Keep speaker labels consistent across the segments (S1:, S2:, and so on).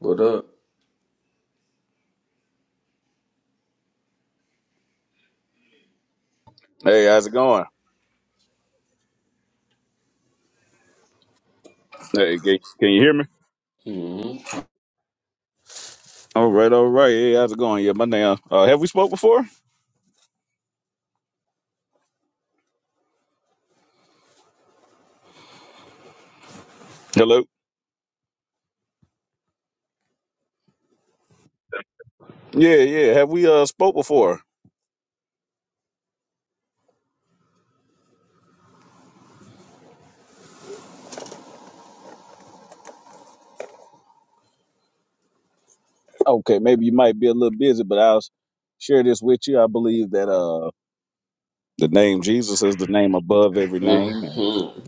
S1: What up?
S2: Hey, how's it going? Hey, can, can you hear me?
S1: Mm-hmm.
S2: All right, all right. Hey, how's it going? Yeah, my name. Uh, have we spoke before? Hello. Yeah, yeah. Have we uh spoke before? Okay, maybe you might be a little busy, but I'll share this with you. I believe that uh the name Jesus is the name above every name. And
S1: Mm-hmm.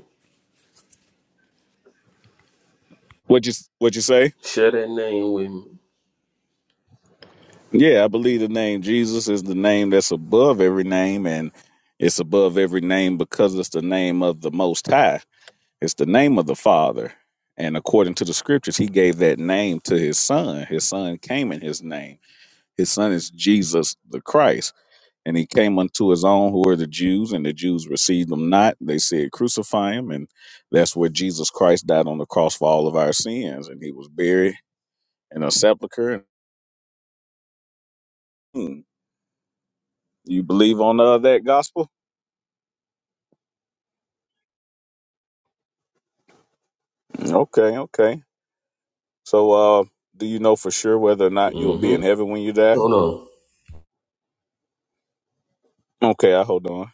S2: what you what you say?
S1: Share that name with me.
S2: Yeah, I believe the name Jesus is the name that's above every name, and it's above every name because it's the name of the Most High. It's the name of the Father. And according to the scriptures, he gave that name to his son. His son came in his name. His son is Jesus the Christ. And he came unto his own, who are the Jews, and the Jews received him not. They said, Crucify him. And that's where Jesus Christ died on the cross for all of our sins. And he was buried in a sepulchre. Hmm. You believe on uh, that gospel? Okay, okay. So, uh, do you know for sure whether or not you'll be
S1: Mm-hmm.
S2: in heaven when you die?
S1: Hold on.
S2: Okay, I hold on.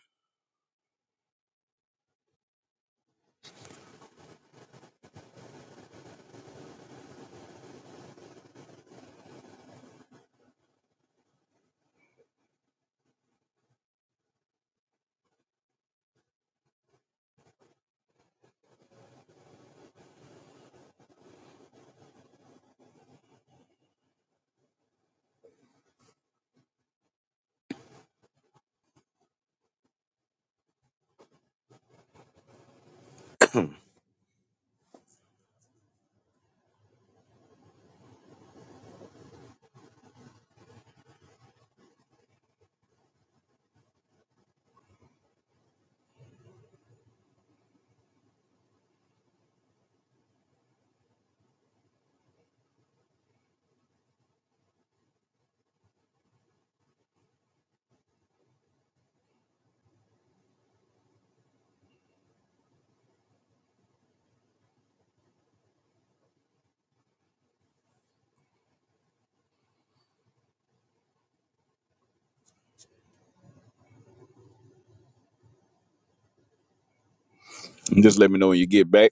S2: Just let me know when you get back.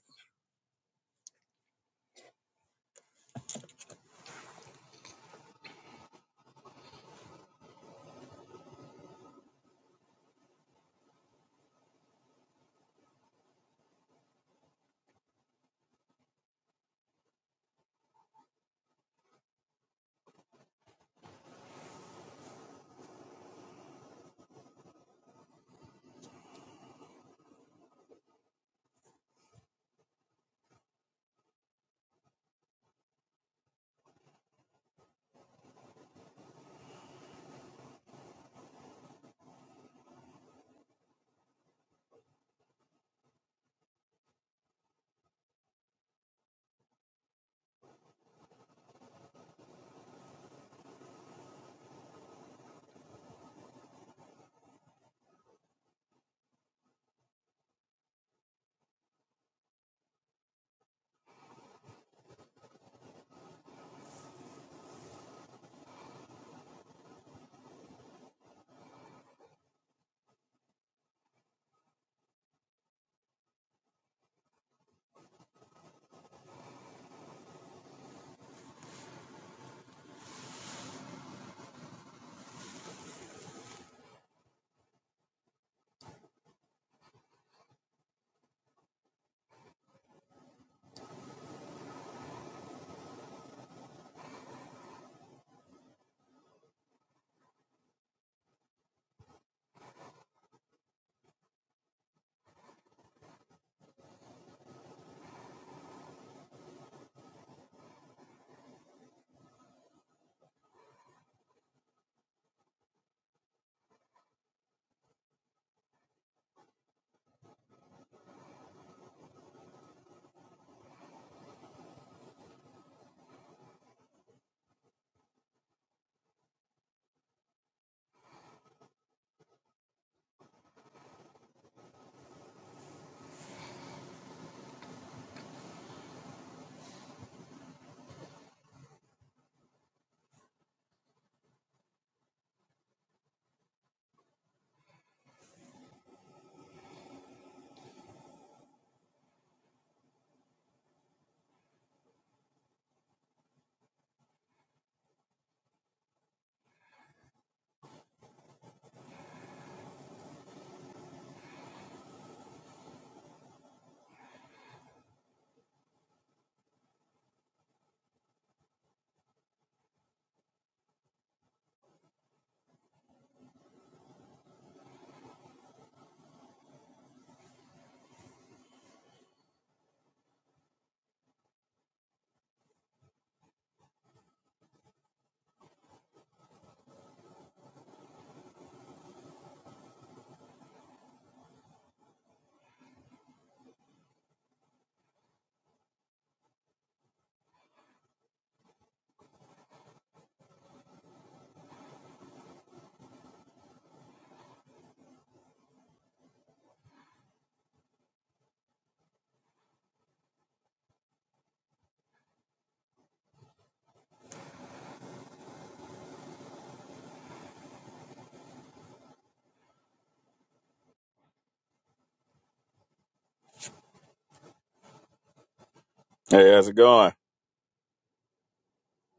S2: Hey, how's it going?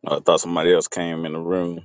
S2: I thought somebody else came in the room.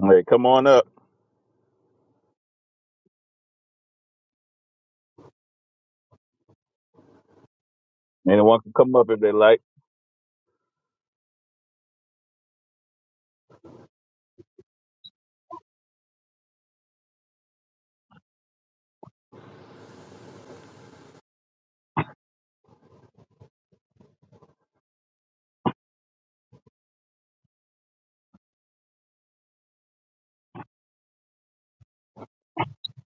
S2: Hey, come on up. Anyone can come up if they like.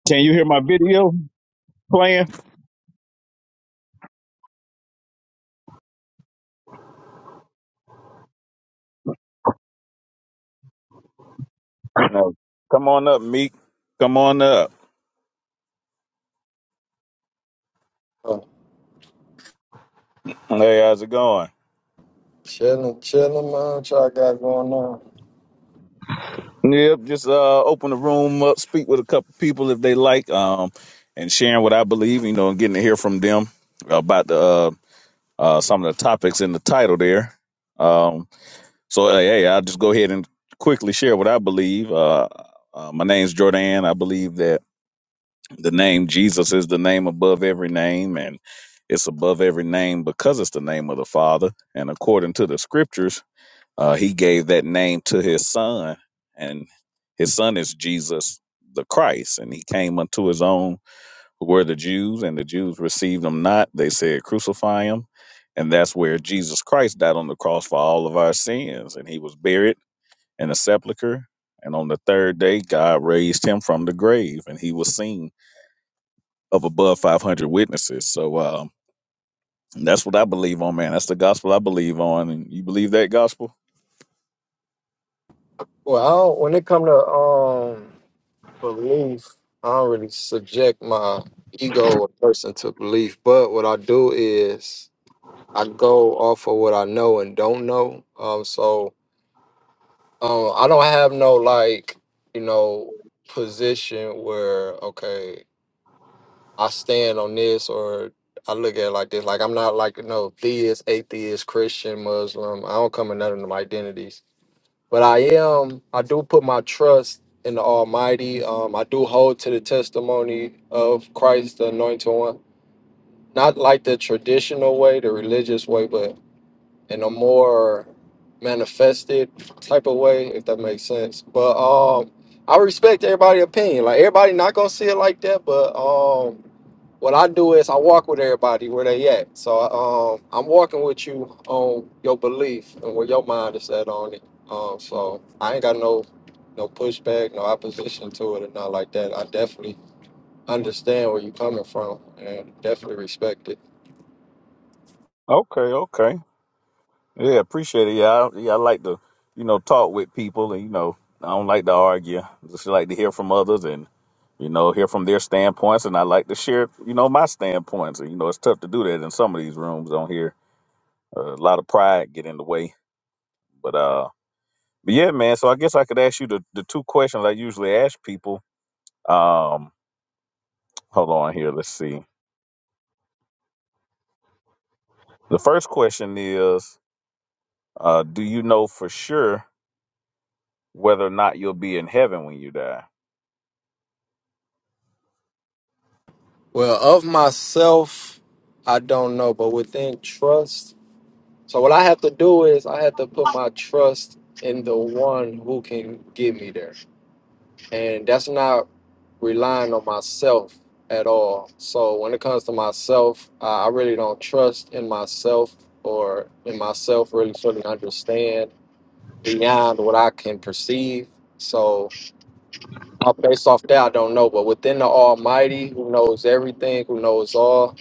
S2: Can you hear my video playing? No. Come on up, Meek. Come on up.
S3: Oh,
S2: Hey, how's it going?
S3: chilling, chilling, man. What y'all got going on?
S2: Yep, just uh, open the room up, speak with a couple people if they like, um, and sharing what I believe, you know, and getting to hear from them about the uh, uh, some of the topics in the title there. Um, so, hey, hey, I'll just go ahead and quickly share what I believe. Uh, uh, my name's Jordan. I believe that. the name Jesus is the name above every name, and it's above every name because it's the name of the Father. And according to the scriptures, uh, he gave that name to his son, and his son is Jesus the Christ. And he came unto his own, who were the Jews, and the Jews received him not. They said, Crucify him. And that's where Jesus Christ died on the cross for all of our sins. And he was buried in a sepulchre. And on the third day, God raised him from the grave, and he was seen of above 500 witnesses. So um, that's what I believe on, man. That's the gospel I believe on. And you believe that gospel?
S3: Well, I don't, when it come to um belief, I don't really subject my ego or person to belief. But what I do is I go off of what I know and don't know. Um, so um, I don't have no like you know position where okay I stand on this or I look at it like this. Like I'm not like you know theist, atheist, Christian, Muslim. I don't come in none of them identities. but I am I do put my trust in the Almighty. Um, I do hold to the testimony of Christ, the Anointed One. Not like the traditional way, the religious way, but in a more manifested type of way, if that makes sense. But um, I respect everybody's opinion. Like everybody not gonna see it like that, but um what I do is I walk with everybody where they at. So um, I'm walking with you on your belief and where your mind is at on it. Um, so I ain't got no no pushback, no opposition to it, or not like that. I definitely understand where you coming from and definitely respect it.
S2: Okay, okay. Yeah, appreciate it. Yeah, I, yeah, I like to, you know, talk with people, and you know, I don't like to argue. I Just like to hear from others, and you know, hear from their standpoints, and I like to share, you know, my standpoints. And you know, it's tough to do that in some of these rooms on here. Uh, a lot of pride get in the way, but uh, but yeah, man. So I guess I could ask you the the two questions I usually ask people. Um, hold on here. Let's see. The first question is uh, Do you know for sure whether or not you'll be in heaven when you die?
S3: Well, of myself, I don't know, but within trust. So what I have to do is I have to put my trust in the one who can get me there. and that's not relying on myself at all. So when it comes to myself, I I really don't trust in myself or in myself really fully understand beyond what I can perceive. So uh, based off that, I don't know. But within the Almighty, who knows everything, who knows all,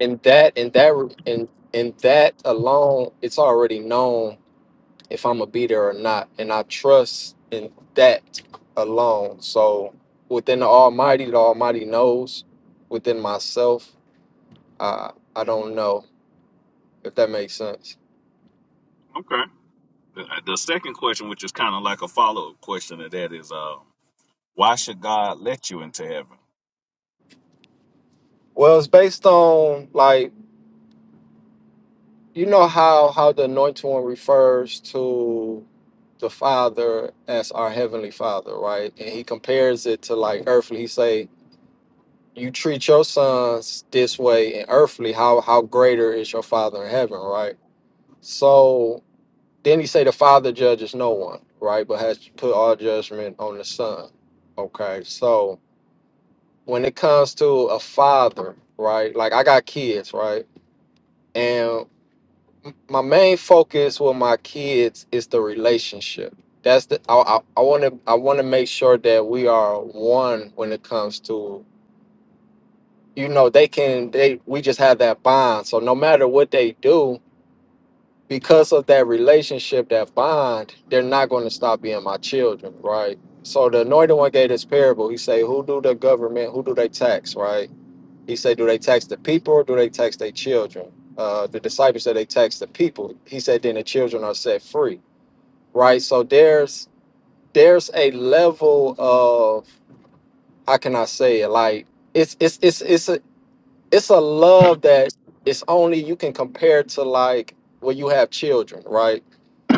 S3: in that, in that, in in that alone, it's already known if I'm gonna be there or not, and I trust in that alone. So within the Almighty, the Almighty knows. Within myself, I I don't know if that makes sense.
S2: Okay. The, uh, the second question, which is kind of like a follow up question to that, is uh, Why should God let you into heaven?
S3: Well, it's based on like you know how how the Anointed One refers to the Father as our heavenly Father, right? And he compares it to like earthly. He say, "You treat your sons this way in earthly. How how greater is your Father in heaven, right?" So Then he say the Father judges no one, right? But has put all judgment on the Son. Okay, so when it comes to a father, right? Like I got kids, right? And m- my main focus with my kids is the relationship. That's the I I want to I want to make sure that we are one when it comes to you know they can they we just have that bond. So no matter what they do, because of that relationship, that bond, they're not going to stop being my children, right? So the anointed one gave this parable. He say, Who do the government, who do they tax, right? He said, Do they tax the people or do they tax their children? Uh, the disciples said they tax the people. He said, Then the children are set free, right? So there's there's a level of how can I say it? Like it's it's it's it's a it's a love that it's only you can compare to like when you have children, right?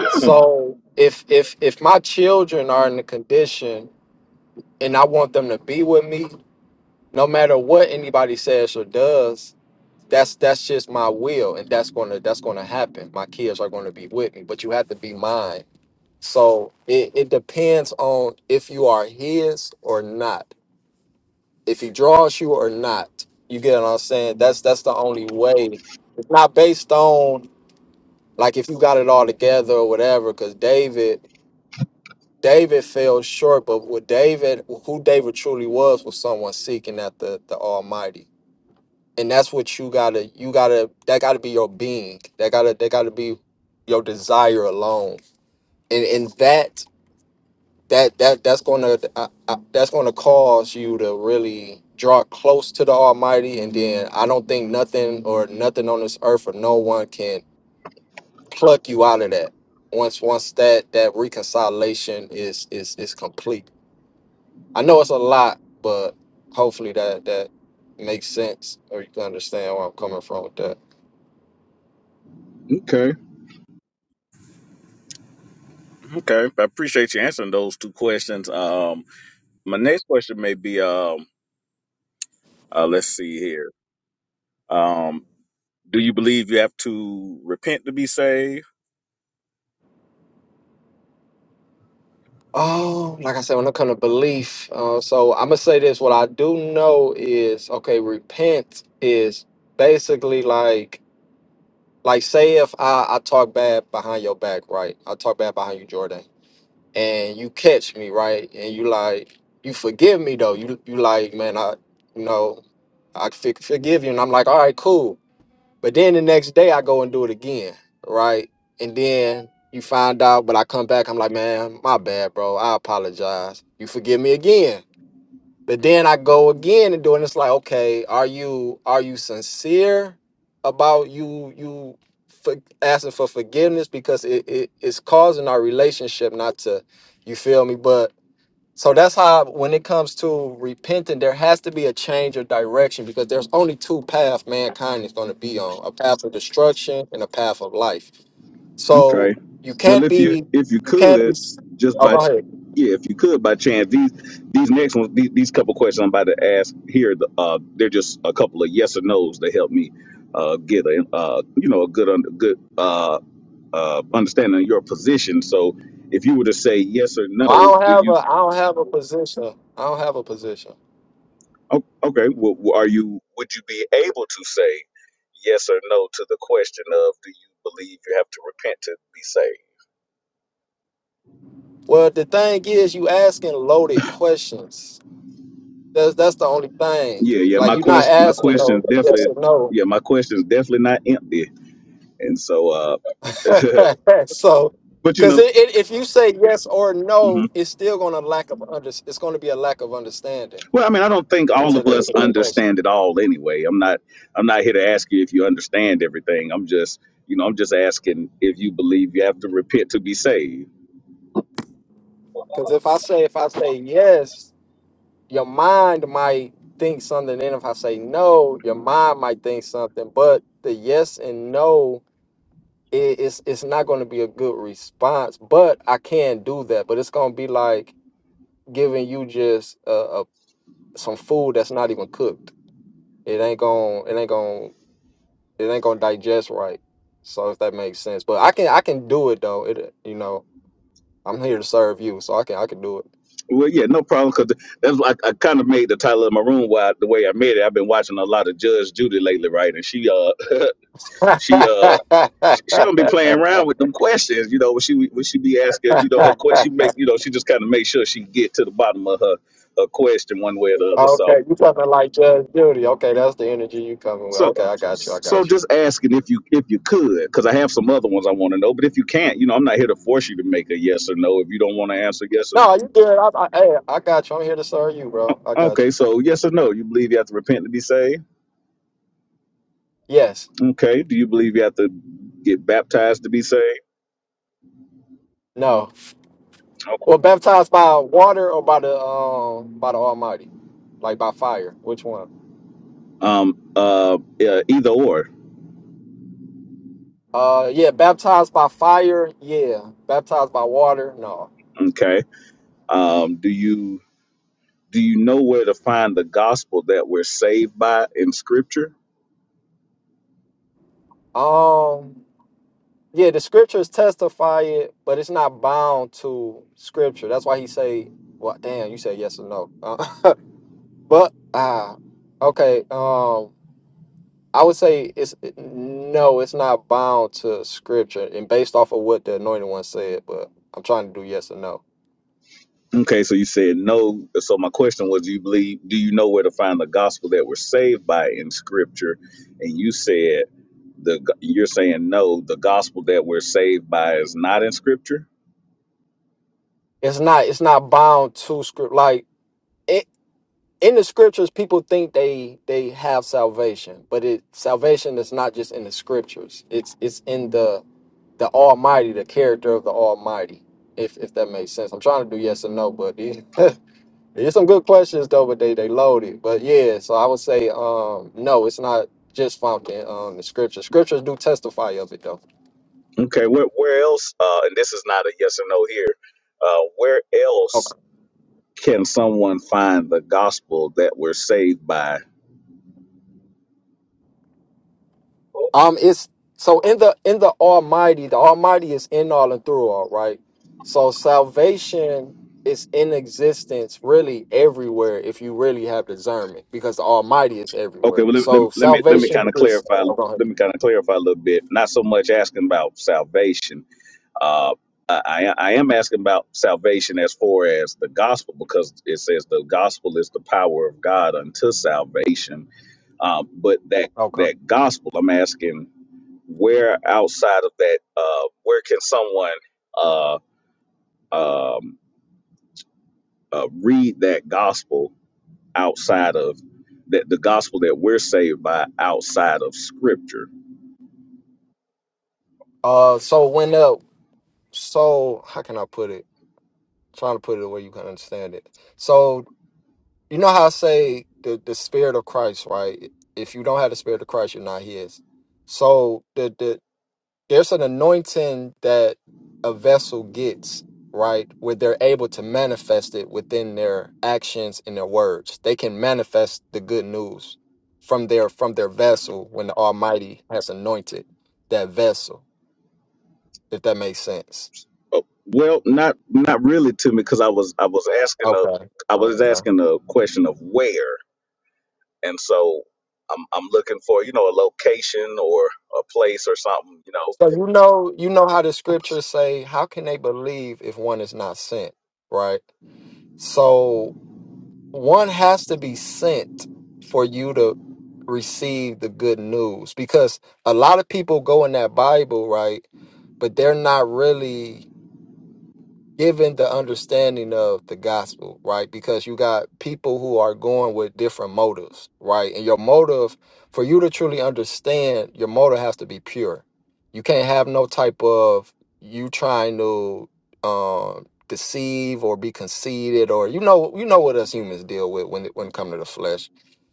S3: So if if if my children are in the condition and I want them to be with me, no matter what anybody says or does, that's that's just my will and that's gonna that's gonna happen. My kids are gonna be with me, but you have to be mine. So it, it depends on if you are his or not, if he draws you or not. You get what I'm saying? That's that's the only way. It's not based on like if you got it all together or whatever, because David David fell short, but what David, who David truly was, was someone seeking after the Almighty, and that's what you gotta, you gotta, that gotta be your being, that gotta, that gotta be your desire alone, and and that that that that's gonna uh, uh, that's gonna cause you to really draw close to the Almighty, and then I don't think nothing or nothing on this earth or no one can pluck you out of that once once that that reconciliation is is is complete. I know it's a lot, but hopefully that that makes sense or you can understand where I'm coming from with that.
S2: Okay. Okay. I appreciate you answering those two questions. Um, my next question may be um, uh, Let's see here. Do you believe you have to repent to be saved?
S3: Oh, like I said, when it comes to belief, uh, so I'm gonna say this. What I do know is okay. Repent is basically like like say if I I talk bad behind your back, right? I talk bad behind you, Jordan, and you catch me, right? And you like you forgive me though. You you like man, I you know I fi- forgive you, and I'm like, all right, cool But then the next day I go and do it again, right? And then you find out, but I come back, I'm like, man, my bad, bro. I apologize. You forgive me again. But then I go again and do it. And it's like, okay, are you are you sincere about you you for asking for forgiveness because it, it it's causing our relationship not to, you feel me? But so that's how when it comes to repenting, there has to be a change of direction because there's only two paths mankind is going to be on, a path of destruction and a path of life. So
S2: Okay.
S3: you
S2: Well,
S3: can't
S2: if you
S3: be
S2: if you
S3: you can't be
S2: could, just
S3: oh go
S2: by
S3: ahead.
S2: yeah, if you could by chance, these these next ones, these, these couple questions I'm about to ask here, the, uh, they're just a couple of yes or nos to help me uh, get a uh, you know a good un- good uh uh, understanding your position. So if you were to say yes or no,
S3: I don't
S2: do
S3: have a
S2: you
S3: I don't have a position. I don't have a position.
S2: o- okay? Well, well, are you would you be able to say yes or no to the question of do you believe you have to repent to be saved?
S3: Well the thing is you asking loaded questions. That's that's the only thing.
S2: Yeah, yeah.
S3: Like
S2: My
S3: you're not
S2: question, my
S3: asking
S2: question is
S3: no yes or
S2: definitely,
S3: no.
S2: yeah, my question is definitely not empty. And so, uh,
S3: so,
S2: but you
S3: because
S2: know.
S3: it, it, if you say yes or no, it's still going to lack of under, it's going to be a lack of understanding
S2: Well, I mean, I don't think all
S3: to
S2: of
S3: the
S2: us
S3: to the person.
S2: understand it all anyway. I'm not I'm not here to ask you if you understand everything. I'm just you know, I'm just asking if you believe you have to repent to be saved.
S3: Because if I say if I say yes, your mind might think something. Then if I say no, your mind might think something. But the yes and no, it, it's it's not going to be a good response. But I can do that. But it's going to be like giving you just uh, uh, some food that's not even cooked. It ain't going. It ain't going. it ain't gonna digest right. So if that makes sense, but I can I can do it though. It you know I'm here to serve you, so I can I can do it.
S2: Well, yeah, no problem. Because that's like I kind of made the title of my room why the way I made it. I've been watching a lot of Judge Judy lately, right? And she, uh, she, uh, she don't be playing around with them questions. You know, when she when she be asking, you know, her question, she make, you know, she just kind of make sure she get to the bottom of her her question one way or the other. So,
S3: okay, you coming like Judge Judy? Okay, that's the energy you coming with.
S2: So,
S3: Okay, I got you. I
S2: so
S3: got you.
S2: just asking if you if you could, because I have some other ones I want to know. But if you can't, you know, I'm not here to force you to make a yes or no. If you don't want to answer yes or
S3: No, you good. I, I, hey, I got you. I'm here to serve you,
S2: no,
S3: bro. I got
S2: okay.
S3: you.
S2: So yes or no, you believe you have to repent to be saved?
S3: Yes.
S2: Okay. Do you believe you have to get baptized to be saved?
S3: No.
S2: Okay,
S3: Well, baptized by water or by the um by the Almighty, like by fire. Which one?
S2: Um. Uh. Yeah, either or.
S3: Uh, yeah, baptized by fire. Yeah, baptized by water. No.
S2: Okay. Um. Do you do you know where to find the gospel that we're saved by in Scripture?
S3: Um, yeah, the scriptures testify it, but it's not bound to scripture. That's why he say, "Well, damn, you said yes or no." Uh, but ah, okay. Um, I would say it's no, it's not bound to scripture, and based off of what the anointed one said. But I'm trying to do yes or no.
S2: Okay, so you said no. So my question was, do you believe? Do you know where to find the gospel that we're saved by in Scripture? And you said the you're saying no. The gospel that we're saved by is not in Scripture.
S3: It's not. It's not bound to script. Like. in the scriptures people think they they have salvation but it salvation is not just in the scriptures it's it's in the the almighty the character of the almighty if if that makes sense i'm trying to do yes or no but it- it's some good questions though but they they loaded but yeah so i would say um no it's not just found in um, the scriptures scriptures do testify of it though
S2: Okay, where where else? Uh, and this is not a yes or no here. Uh, where
S3: Okay.
S2: else can someone find the gospel that we're saved by?
S3: Um, it's so in the in the Almighty, the Almighty is in all and through all, right? So salvation is in existence really everywhere if you really have discernment, because the Almighty is
S2: Okay,
S3: everywhere.
S2: well let, let,
S3: So
S2: let me let me
S3: salvation
S2: kind of
S3: is
S2: clarify.
S3: oh, go ahead.
S2: Let me kind of clarify a little bit. Not so much asking about salvation Uh, I, I am asking about salvation as far as the gospel because it says the gospel is the power of God unto salvation. Um, but that
S3: okay.
S2: that gospel, I'm asking where outside of that, uh, where can someone uh, um, uh, read that gospel outside of that the gospel that we're saved by outside of Scripture?
S3: Uh, so when the so how can I put it? trying to put it the way you can understand it. So you know how I say the the Spirit of Christ, right? If you don't have the Spirit of Christ, you're not His. So the the there's an anointing that a vessel gets right where they're able to manifest it within their actions and their words they can manifest the good news from their from their vessel when the almighty has anointed that vessel if that makes sense
S2: Uh, well, not not really to me because I was I was asking a
S3: okay
S2: I was
S3: okay
S2: asking a question of where. and so I'm I'm looking for you know a location or a place or something you know.
S3: so you know you know how the scriptures say how can they believe if one is not sent right so one has to be sent for you to receive the good news because a lot of people go in that bible right but they're not really given the understanding of the gospel, right? Because you got people who are going with different motives, right? And your motive, for you to truly understand, your motive has to be pure. You can't have no type of you trying to um, deceive or be conceited, or you know, you know what us humans deal with when it when it come to the flesh.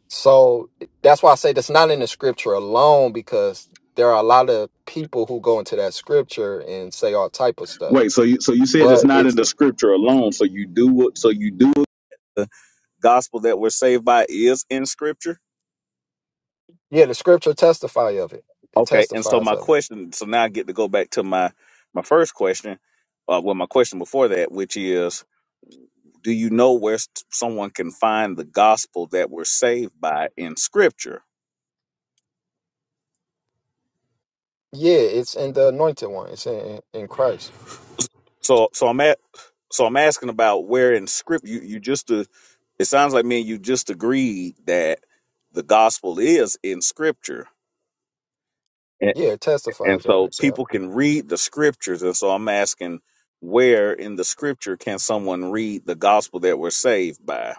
S3: So that's why I say that's not in the scripture alone, because there are a lot of people who go into that scripture and say all type of stuff
S2: Wait, so you so you said it's
S3: but
S2: not in
S3: it's
S2: the scripture alone. So you do what? So you do the gospel that we're saved by is in scripture.
S3: Yeah, the scripture testify of it. It
S2: Okay, and so
S3: testifies
S2: my
S3: of it.
S2: question. So now I get to go back to my my first question. Uh, well, my question before that, which is, do you know where s- someone can find the gospel that we're saved by in scripture?
S3: Yeah, it's in the anointed one. It's in in Christ.
S2: So so I'm at so I'm asking about where in script you you just uh, it sounds like me and you just agreed that the gospel is in scripture. And,
S3: Yeah, it
S2: and
S3: testifies of
S2: so
S3: it. Yeah.
S2: people can read the scriptures and so I'm asking where in the scripture can someone read the gospel that we're saved by?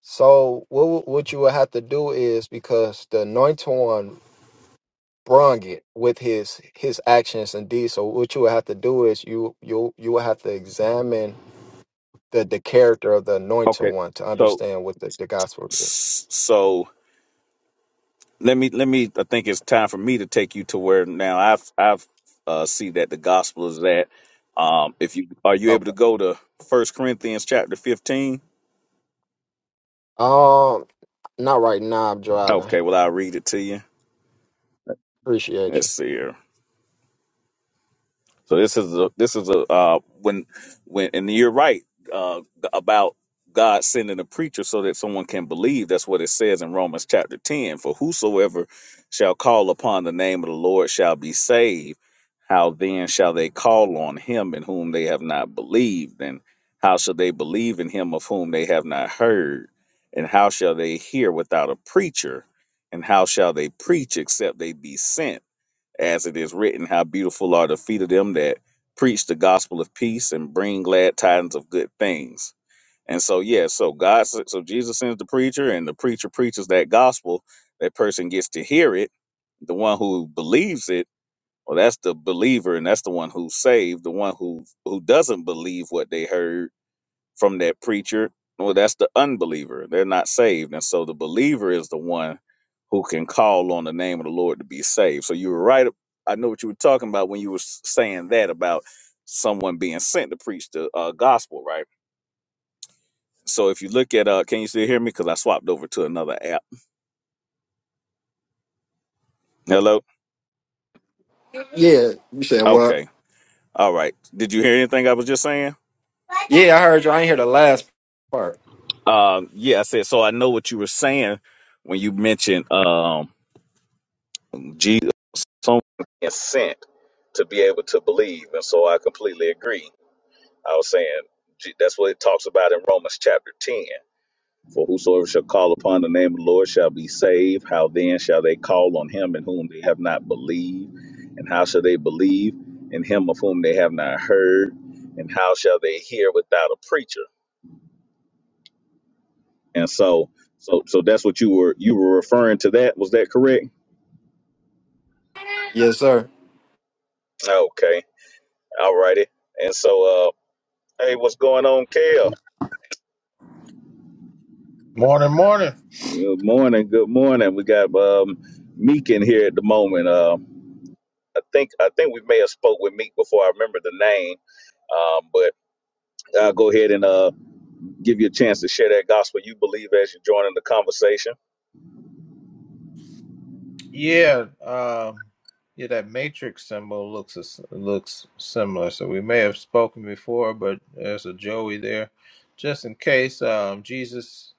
S3: So what w- what you would have to do is because the anointed one brung it with his his actions and deeds. So what you would have to do is you you you would have to examine the the character of the anointed
S2: Okay.
S3: one to
S2: So
S3: understand what the, the gospel is.
S2: so let me let me i think it's time for me to take you to where now i've i've uh see that the gospel is that um if you are you able to
S3: Okay.
S2: go to first corinthians chapter 15
S3: Um, not right now. I'm driving.
S2: okay well i'll read it to you
S3: Appreciate
S2: let's
S3: you.
S2: see here So this is a, this is a uh, when when and you're right uh, about God sending a preacher so that someone can believe. That's what it says in Romans chapter ten. For whosoever shall call upon the name of the Lord shall be saved. How then shall they call on him in whom they have not believed? And how shall they believe in him of whom they have not heard? And how shall they hear without a preacher? And how shall they preach except they be sent? as it is written, how beautiful are the feet of them that preach the gospel of peace and bring glad tidings of good things. And so, yeah, so God, s- so Jesus sends the preacher, and the preacher preaches that gospel. That person gets to hear it. The one who believes it, well, that's the believer, and that's the one who's saved. The one who who doesn't believe what they heard from that preacher, well, that's the unbeliever. They're not saved. And so the believer is the one who can call on the name of the Lord to be saved. So you were right. I know what you were talking about when you were s- saying that about someone being sent to preach the uh, gospel, right? So if you look at, uh, can you still hear me? Because I swapped over to another app. Hello?
S3: Yeah, you said what?
S2: Okay. All right. Did you hear anything I was just saying?
S3: Yeah, I heard you. I ain't hear the last part.
S2: Um, yeah, I said, so I know what you were saying when you mentioned. um, Jesus, someone being sent to be able to believe. And so I completely agree. I was saying G- that's what it talks about in Romans chapter 10. For whosoever shall call upon the name of the Lord shall be saved. How then shall they call on him in whom they have not believed? And how shall they believe in him of whom they have not heard? And how shall they hear without a preacher? And so so so that's what you were you were referring to that. Was that correct?
S3: Yes, sir.
S2: Okay. All righty. And so uh, Hey, what's going on, Kale?
S4: Morning, morning.
S2: Good morning. Good morning. We got um, Meek in here at the moment. Um, I think I think we may have spoke with Meek before I remember the name. Um, but I'll go ahead and uh, give you a chance to share that gospel you believe as you join in the conversation.
S4: Yeah, um, yeah. That matrix symbol looks as- looks similar, so we may have spoken before, but there's a Joey there, just in case. Um, Jesus,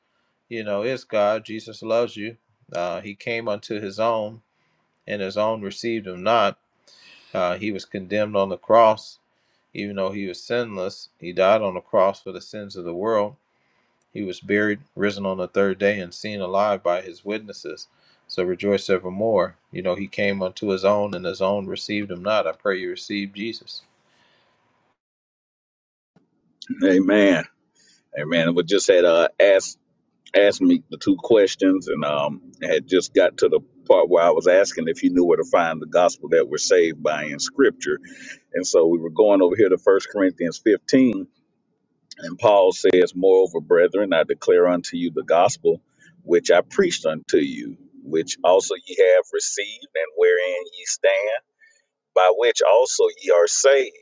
S4: you know, is God. Jesus loves you. Uh, he came unto his own, and his own received him not. Uh, he was condemned on the cross, even though he was sinless. He died on the cross for the sins of the world He was buried, risen on the third day, and seen alive by his witnesses. So rejoice evermore. You know, he came unto his own, and his own received him not. I pray you receive Jesus.
S2: Amen. Amen. We just had uh, asked asked me the two questions and um, had just got to the part where I was asking if you knew where to find the gospel that we're saved by in scripture. And so we were going over here to First Corinthians 15, and Paul says, Moreover, brethren, I declare unto you the gospel which I preached unto you, which also ye have received, and wherein ye stand, by which also ye are saved.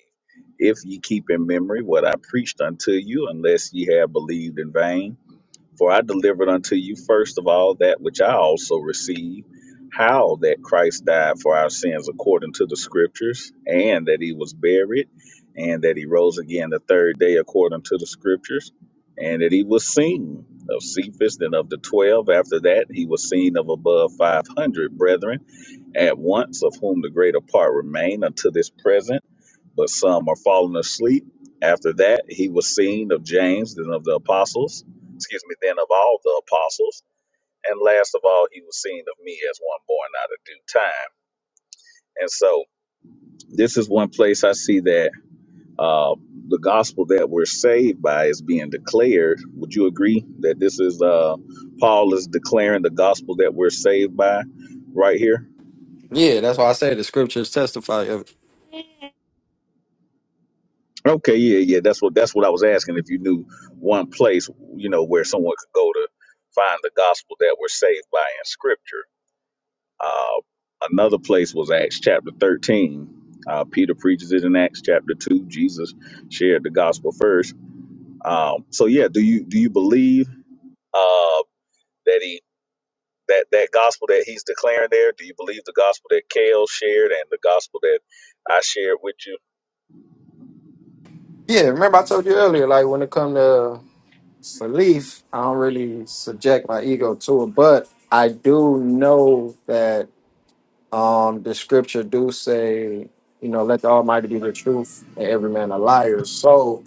S2: If ye keep in memory what I preached unto you, unless ye have believed in vain. For I delivered unto you first of all that which I also received, how that Christ died for our sins according to the scriptures, and that he was buried, and that he rose again the third day according to the scriptures, and that he was seen of Cephas and of the twelve. After that, he was seen of above five hundred brethren at once, of whom the greater part remain unto this present but some are fallen asleep. After that, he was seen of James, then of the apostles, excuse me, then of all the apostles. And last of all, he was seen of me as one born out of due time. And so, this is one place I see that uh, the gospel that we're saved by is being declared. Would you agree that this is uh, Paul is declaring the gospel that we're saved by right here?
S3: Yeah, that's why I say the scriptures testify of it.
S2: Okay, yeah, yeah. That's what that's what I was asking. If you knew one place, you know, where someone could go to find the gospel that we're saved by in Scripture. Uh, another place was Acts chapter thirteen. Uh, Peter preaches it in Acts chapter two. Jesus shared the gospel first. Um, so yeah, do you do you believe uh, that he that that gospel that he's declaring there? Do you believe the gospel that Kale shared and the gospel that I shared with you?
S3: Yeah, remember I told you earlier, like when it come to belief, I don't really subject my ego to it, but I do know that um the scripture do say, you know, let the Almighty be the truth and every man a liar. So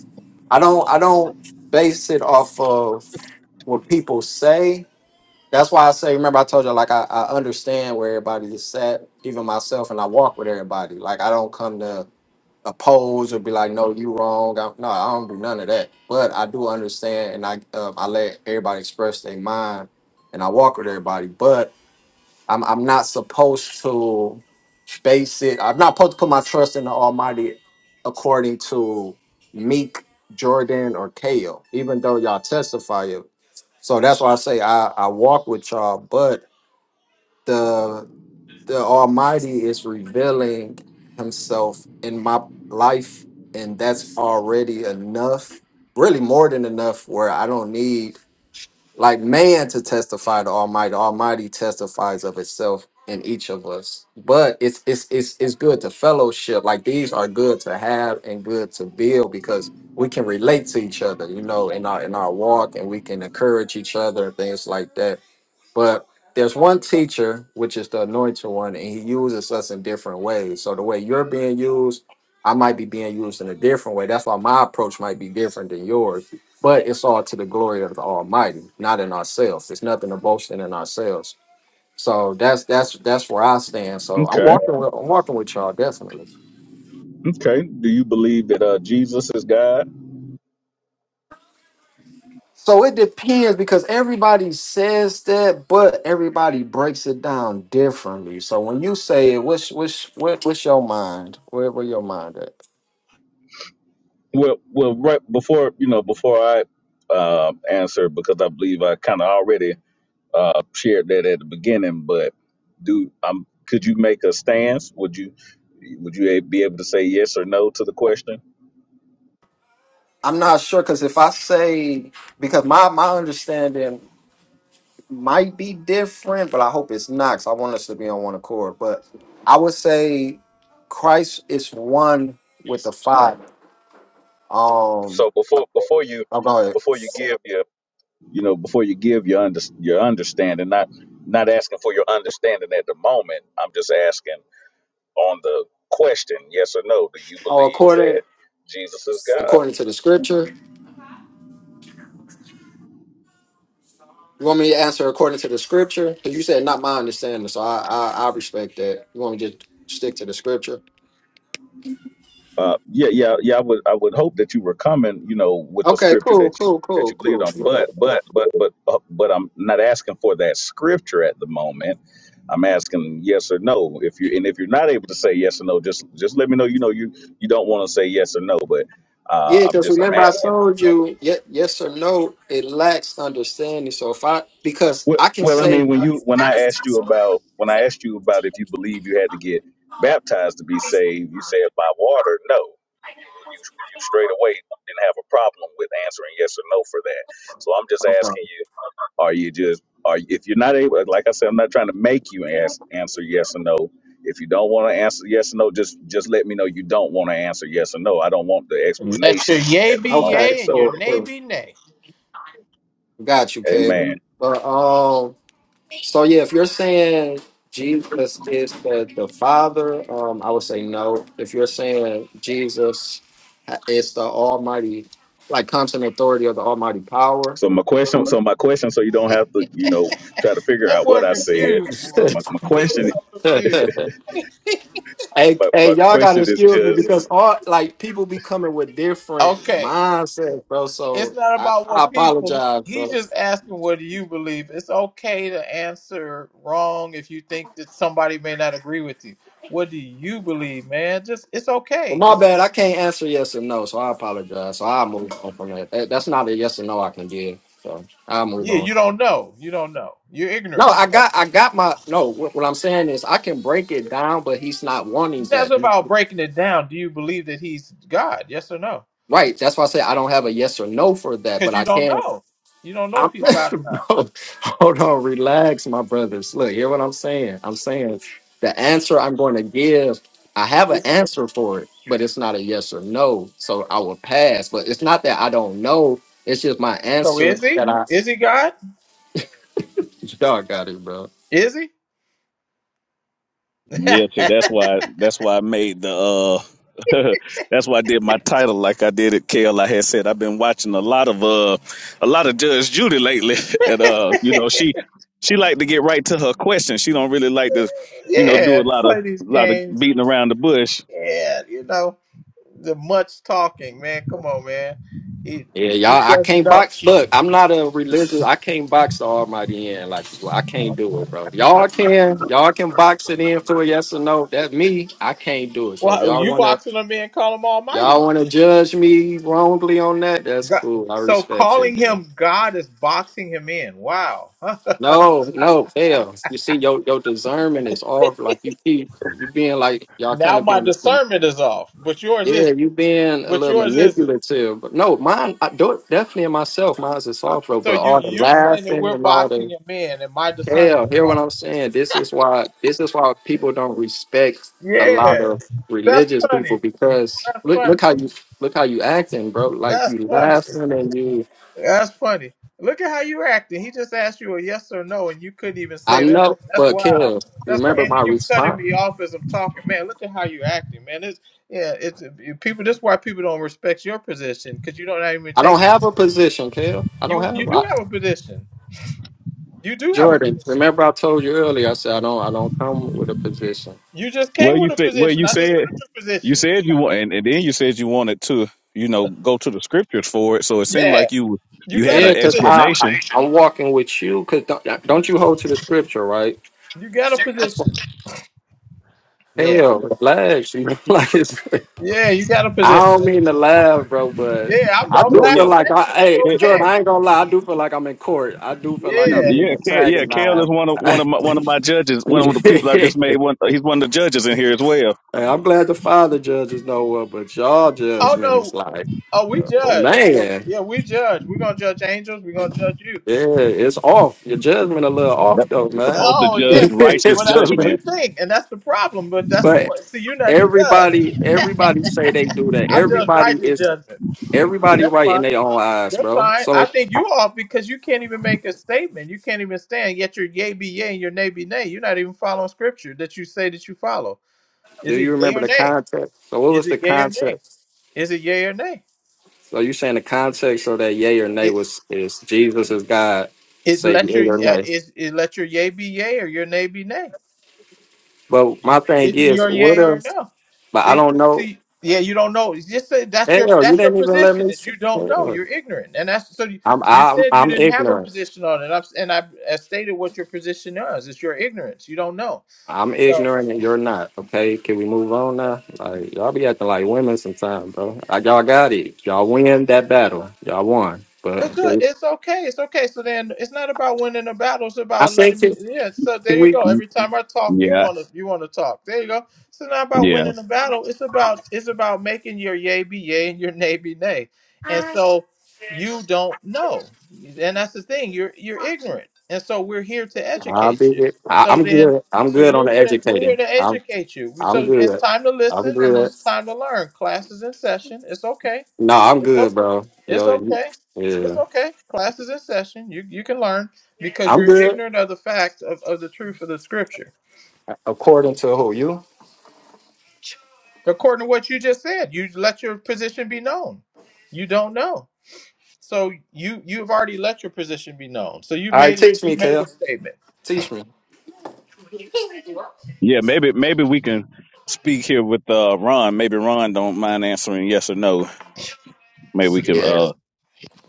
S3: I don't I don't base it off of what people say. That's why I say, remember I told you, like I, I understand where everybody is at, even myself, and I walk with everybody. Like I don't come to oppose or be like, no, you wrong. I, no, I don't do none of that. But I do understand, and I um, I let everybody express their mind, and I walk with everybody. But I'm I'm not supposed to base it. I'm not supposed to put my trust in the Almighty according to Meek, Jordan, or Kale, even though y'all testify it. So that's why I say I, I walk with y'all, but the the Almighty is revealing Himself in my life, and that's already enough. Really, more than enough. Where I don't need like man to testify to Almighty. Almighty testifies of itself in each of us. But it's it's it's it's good to fellowship. Like these are good to have and good to build because we can relate to each other. You know, in our in our walk, and we can encourage each other, things like that but there's one teacher, which is the anointed one, and he uses us in different ways. So the way you're being used, I might be being used in a different way. That's why my approach might be different than yours. But it's all to the glory of the Almighty, not in ourselves. It's nothing to boasting in ourselves. So that's that's that's where I stand. So I'm
S2: Okay,
S3: walking with I'm walking with y'all definitely.
S2: okay. Do you believe that uh, Jesus is God?
S3: So it depends because everybody says that, but everybody breaks it down differently. So when you say it, what's what's what, what's your mind? Where where your mind at?
S2: Well, well, right before you know, before I um, answer, because I believe I kind of already uh, shared that at the beginning. But do um, could you make a stance? Would you would you be able to say yes or no to the question?
S3: I'm not sure because if I say because my my understanding might be different, but I hope it's not. 'cause I want us to be on one accord. But I would say Christ is one with the Father. Um,
S2: So before before you
S3: I'm going.
S2: before you give your you know before you give your under, your understanding, not not asking for your understanding at the moment. I'm just asking on the question, yes or no. Do you
S3: Oh,
S2: believe
S3: according
S2: that Jesus is God?
S3: according to the Scripture. You want me to answer according to the scripture? Because you said not my understanding, so I, I I respect that. You want me to just stick to the scripture?
S2: Uh, yeah, yeah, yeah. I would, I would hope that you were coming, you know, with the
S3: Okay,
S2: scripture
S3: cool,
S2: that you
S3: cool,
S2: that
S3: cool,
S2: you believed
S3: cool,
S2: on.
S3: cool.
S2: But, but, but, but, uh, but I'm not asking for that scripture at the moment. I'm asking yes or no. If you and if you're not able to say yes or no, just just let me know. You know, you you don't want to say yes or no, but uh,
S3: Yeah,
S2: I'm
S3: because
S2: just I'm
S3: remember I
S2: asking.
S3: told you, ye- yes or no, it lacks understanding. So if I, because
S2: Well,
S3: I can
S2: well, I mean,
S3: say,
S2: when you when I asked you about when I asked you about if you believe you had to get baptized to be saved, you said by water. No, you you, you, you straight away didn't have a problem with answering yes or no for that. So I'm just
S3: okay,
S2: asking you: Are you just are you, if you're not able? Like I said, I'm not trying to make you ask, answer yes or no. If you don't want to answer yes or no, just just let me know you don't want to answer yes or no. I don't want the
S4: And Let your
S2: explanation
S4: yea
S2: at the
S4: be
S3: okay,
S2: moment.
S4: yea and
S2: So,
S4: your
S3: cool,
S4: nay
S3: cool.
S4: be nay.
S3: Got you,
S2: Amen.
S3: Kev. But um, So yeah, if you're saying Jesus is the, the Father, um, I would say no. If you're saying Jesus ha- is the Almighty, like comes in authority of the Almighty power.
S2: So my question, so my question, so you don't have to, you know, try to figure
S4: That
S2: out
S4: boy
S2: what I said.
S4: confused, boy.
S2: My, my
S4: He's
S2: question,
S4: so
S3: hey,
S4: confused.
S2: but
S3: hey,
S2: my, my
S3: y'all gotta
S2: question is
S3: excuse me
S2: just
S3: because all like people be coming with different
S4: Okay,
S3: mindsets, bro.
S4: it's
S3: So
S4: not
S3: I,
S4: about
S3: I
S4: what people.
S3: apologize,
S4: He's
S3: bro.
S4: just asking what do you believe. It's okay to answer wrong if you think that somebody may not agree with you. What do you believe, man? Just it's
S3: Well,
S4: okay.
S3: my
S4: It's
S3: bad. I can't answer yes or no, so I apologize. So I'll move on from that. That- That's not a yes or no I can give. So I'll move
S4: Yeah,
S3: on.
S4: you don't know. You don't know. You're
S3: No,
S4: ignorant.
S3: I
S4: Right.
S3: got I got my no. What, what I'm saying is I can break it down, but he's not wanting
S4: That's
S3: that.
S4: about breaking it down. Do you believe that he's God? Yes or no?
S3: Right. That's why I say I don't have a yes or no for that,
S4: Because
S3: but
S4: you
S3: I
S4: don't
S3: can.
S4: know. You don't know
S3: I'm,
S4: if he's God or not.
S3: bro, hold on, relax, my brothers. Look, hear what I'm saying. I'm saying the answer I'm going to give. I have an
S4: Is-
S3: answer for it, but it's not a yes or no, so I will pass. But it's not that I don't know. It's just my
S4: So
S3: answer
S4: is he?
S3: that I.
S4: Is he God?
S3: Y'all got it, bro.
S4: Is he?
S2: Yeah, see, that's why that's why I made the uh that's why I did my title like I did it, Kale. I had said I've been watching a lot of uh a lot of Judge Judy lately and uh you know she she like to get right to her question. She don't really like to, you know, do
S4: yeah,
S2: a lot of
S4: play these
S2: a lot of
S4: games. and-
S2: beating around the bush.
S4: Yeah, you know the much talking, man. Come on, man. He,
S3: Yeah,
S4: he
S3: y'all. I
S4: doesn't
S3: can't
S4: know.
S3: box. Look, I'm not a religious. I can't box the Almighty in. Like well, I can't do it, bro. Y'all can. Y'all can box it in for a yes or no. That's me. I can't do it. So if
S4: Well,
S3: y'all
S4: you
S3: wanna,
S4: boxing him in, call him Almighty.
S3: y'all wanna judge me wrongly on that, that's
S4: God.
S3: cool. I
S4: So
S3: respect it,
S4: calling
S3: bro.
S4: him God is boxing him in. Wow.
S3: No, no, hell. You see, your your discernment is off. Like you keep you being like y'all kind
S4: Now
S3: of
S4: my
S3: being.
S4: discernment is off, but yours
S3: Yeah,
S4: isn't.
S3: you being a
S4: But
S3: little
S4: yours isn't.
S3: manipulative, but no, mine, I do it definitely in myself. Mine's is soft, bro.
S4: So
S3: But
S4: you
S3: all the
S4: you're saying that we're
S3: laughing and all
S4: boxing
S3: the
S4: a man, and my discernment
S3: Kale,
S4: is
S3: hear what
S4: off.
S3: I'm saying. This is why this is why people don't respect a lot
S4: Yeah,
S3: of
S4: that's
S3: religious people
S4: funny.
S3: because
S4: That's
S3: look
S4: funny.
S3: look how you look how you acting, bro. Like
S4: That's
S3: you
S4: funny.
S3: laughing and you
S4: That's funny. Look at how you're acting. He just asked you a yes or no, and you couldn't even
S3: I
S4: say that.
S3: know,
S4: That's
S3: but
S4: wild.
S3: Kale, you
S4: That's crazy.
S3: remember
S4: And
S3: my
S4: then you cutting
S3: response?
S4: me off as I'm talking. Man, look at how you're acting, man. It's yeah. It's people. This is why people don't respect your position because you don't even
S3: I don't
S4: take
S3: have
S4: one.
S3: a position, Kale. I don't
S4: You you
S3: have
S4: do
S3: I,
S4: have a position. You do have a
S3: Jordan.
S4: position.
S3: Remember I told you earlier, I said I don't I don't come with a position.
S4: You just
S2: Well
S4: came with
S2: you
S4: a
S2: said well
S4: position.
S2: you
S4: I just
S2: said
S4: heard your
S2: You
S4: position.
S2: said you want, and, and then you said you wanted to, you know, go to the scriptures for it. So it seemed
S4: Yeah,
S2: like you
S4: you
S2: you had
S4: got a
S3: Yeah,
S2: an
S3: because
S4: position.
S3: I, I
S2: explanation.
S3: I'm walking with you because don't, don't you hold to the scripture, right?
S4: You got a
S3: That's what
S4: position. Yeah,
S3: Kale, relax. You know, like it's
S4: yeah, you got a
S3: I
S4: position.
S3: don't mean to laugh, bro, but
S4: Yeah, I'm,
S3: I
S4: I'm
S3: do
S2: Yeah,
S3: feel
S4: laughing
S3: like I,
S4: at you. It's
S3: hey,
S2: yeah, Ke-
S3: Jordan,
S4: okay.
S3: I ain't gonna lie, I do feel like I'm in court. I do feel like I'm
S4: Yeah.
S3: getting
S2: yeah, Kel, yeah. Kale
S3: antagonized.
S2: is one of one
S3: hey,
S2: of my one of my judges. One of the people I just made. One, he's one of the judges as well.
S3: I'm glad the father judges know well, but y'all
S4: Oh
S3: judgment is
S4: no.
S3: like,
S4: Oh, we
S3: oh,
S4: judge. Yeah,
S3: man,
S4: yeah, we judge. We're gonna judge angels. We're gonna judge you.
S3: yeah, it's off. Your judgment a little off
S2: That's
S3: though,
S2: the
S3: man.
S2: post
S4: Oh yeah. See, well, that's what
S3: So,
S4: you
S2: judgment.
S4: think, and that's the problem. But that's the
S3: but
S4: pro- see, you're not the judge.
S3: everybody, everybody say they do that.
S4: I judge
S3: Everybody
S4: righteous
S3: is
S4: judgment. But
S3: everybody
S4: that's
S3: right
S4: fine.
S3: in their own eyes,
S4: That's
S3: bro.
S4: fine.
S3: So.
S4: I think you off because you can't even make a statement. You can't even stand. Yet your yay be yay and your nay be nay. You're not even following scripture that you say that you follow.
S3: Do
S4: Is it
S3: you
S4: yay
S3: remember
S4: or
S3: the
S4: nay?
S3: context? So what
S4: Is
S3: was
S4: it
S3: the
S4: yay or nay?
S3: context?
S4: Is it yay or nay?
S3: So you saying the context of that yay or nay
S4: It
S3: was is Jesus is God,
S4: it
S3: say
S4: let
S3: yay
S4: your
S3: or
S4: uh,
S3: nay.
S4: is it let your yay be yay or your nay be nay.
S3: But
S4: You,
S3: my thing
S4: it's
S3: is,
S4: your
S3: what
S4: yay or
S3: if?
S4: no.
S3: But I
S4: See,
S3: don't know.
S4: see, yeah, you don't know. It's just that- that's your
S3: Hell, you
S4: that's your
S3: didn't even let
S4: position
S3: me.
S4: that
S3: see-
S4: you don't know.
S3: Hell,
S4: You're ignorant, and that's so. You,
S3: I'm
S4: you
S3: I'm
S4: said you
S3: I'm
S4: didn't have a
S3: ignorant.
S4: position on it, and, I'm, and I, I stated what your position is. It's your ignorance. You don't know.
S3: I'm
S4: So
S3: ignorant and you're not. Okay, can we move on now? Like y'all be acting like women sometimes, bro. Like y'all got it. Y'all win that battle. Y'all won. But
S4: It's
S3: can
S4: good.
S3: we-
S4: It's okay. It's okay. So then, it's not about winning the battle. It's
S3: I
S4: about
S3: think
S4: letting me.
S3: can,
S4: Yeah. So
S3: can
S4: there you
S3: we?
S4: go. Every time I talk, you
S2: Yeah,
S4: want to. You want to talk. There you go. It's not about
S2: yeah,
S4: winning the battle. It's about. It's about making your yay be yay and your nay be nay. And so you don't know. And that's the thing. You're you're ignorant. And so we're here to
S3: I'll
S4: educate you.
S3: be. I,
S4: So
S3: I'm
S4: then,
S3: good. I'm
S4: so
S3: good on
S4: we're
S3: the
S4: here to we're here
S3: educating.
S4: to educate you. We,
S3: I'm
S4: so it's
S3: good.
S4: time to
S3: I'm
S4: listen and
S3: good.
S4: it's time to learn. Class is in session. It's okay
S3: No, I'm
S4: it's okay.
S3: good, bro.
S4: It's
S3: Yo, you-
S4: okay. It's
S3: yeah,
S4: okay. Class is in session. You you can learn because
S3: I'm
S4: you're
S3: good.
S4: ignorant of the fact of, of the truth of the scripture.
S3: According to who you? All
S4: According to what you just said, you let your position be known. You don't know. So you you've already let your position be known. So you've
S3: right,
S4: made
S3: teach
S4: you
S3: me,
S4: made a
S3: Kel.
S4: statement.
S3: Teach me.
S2: yeah. Maybe maybe we can speak here with uh Ron. Maybe Ron don't mind answering yes or no. Maybe we can.
S3: Yeah.
S2: uh,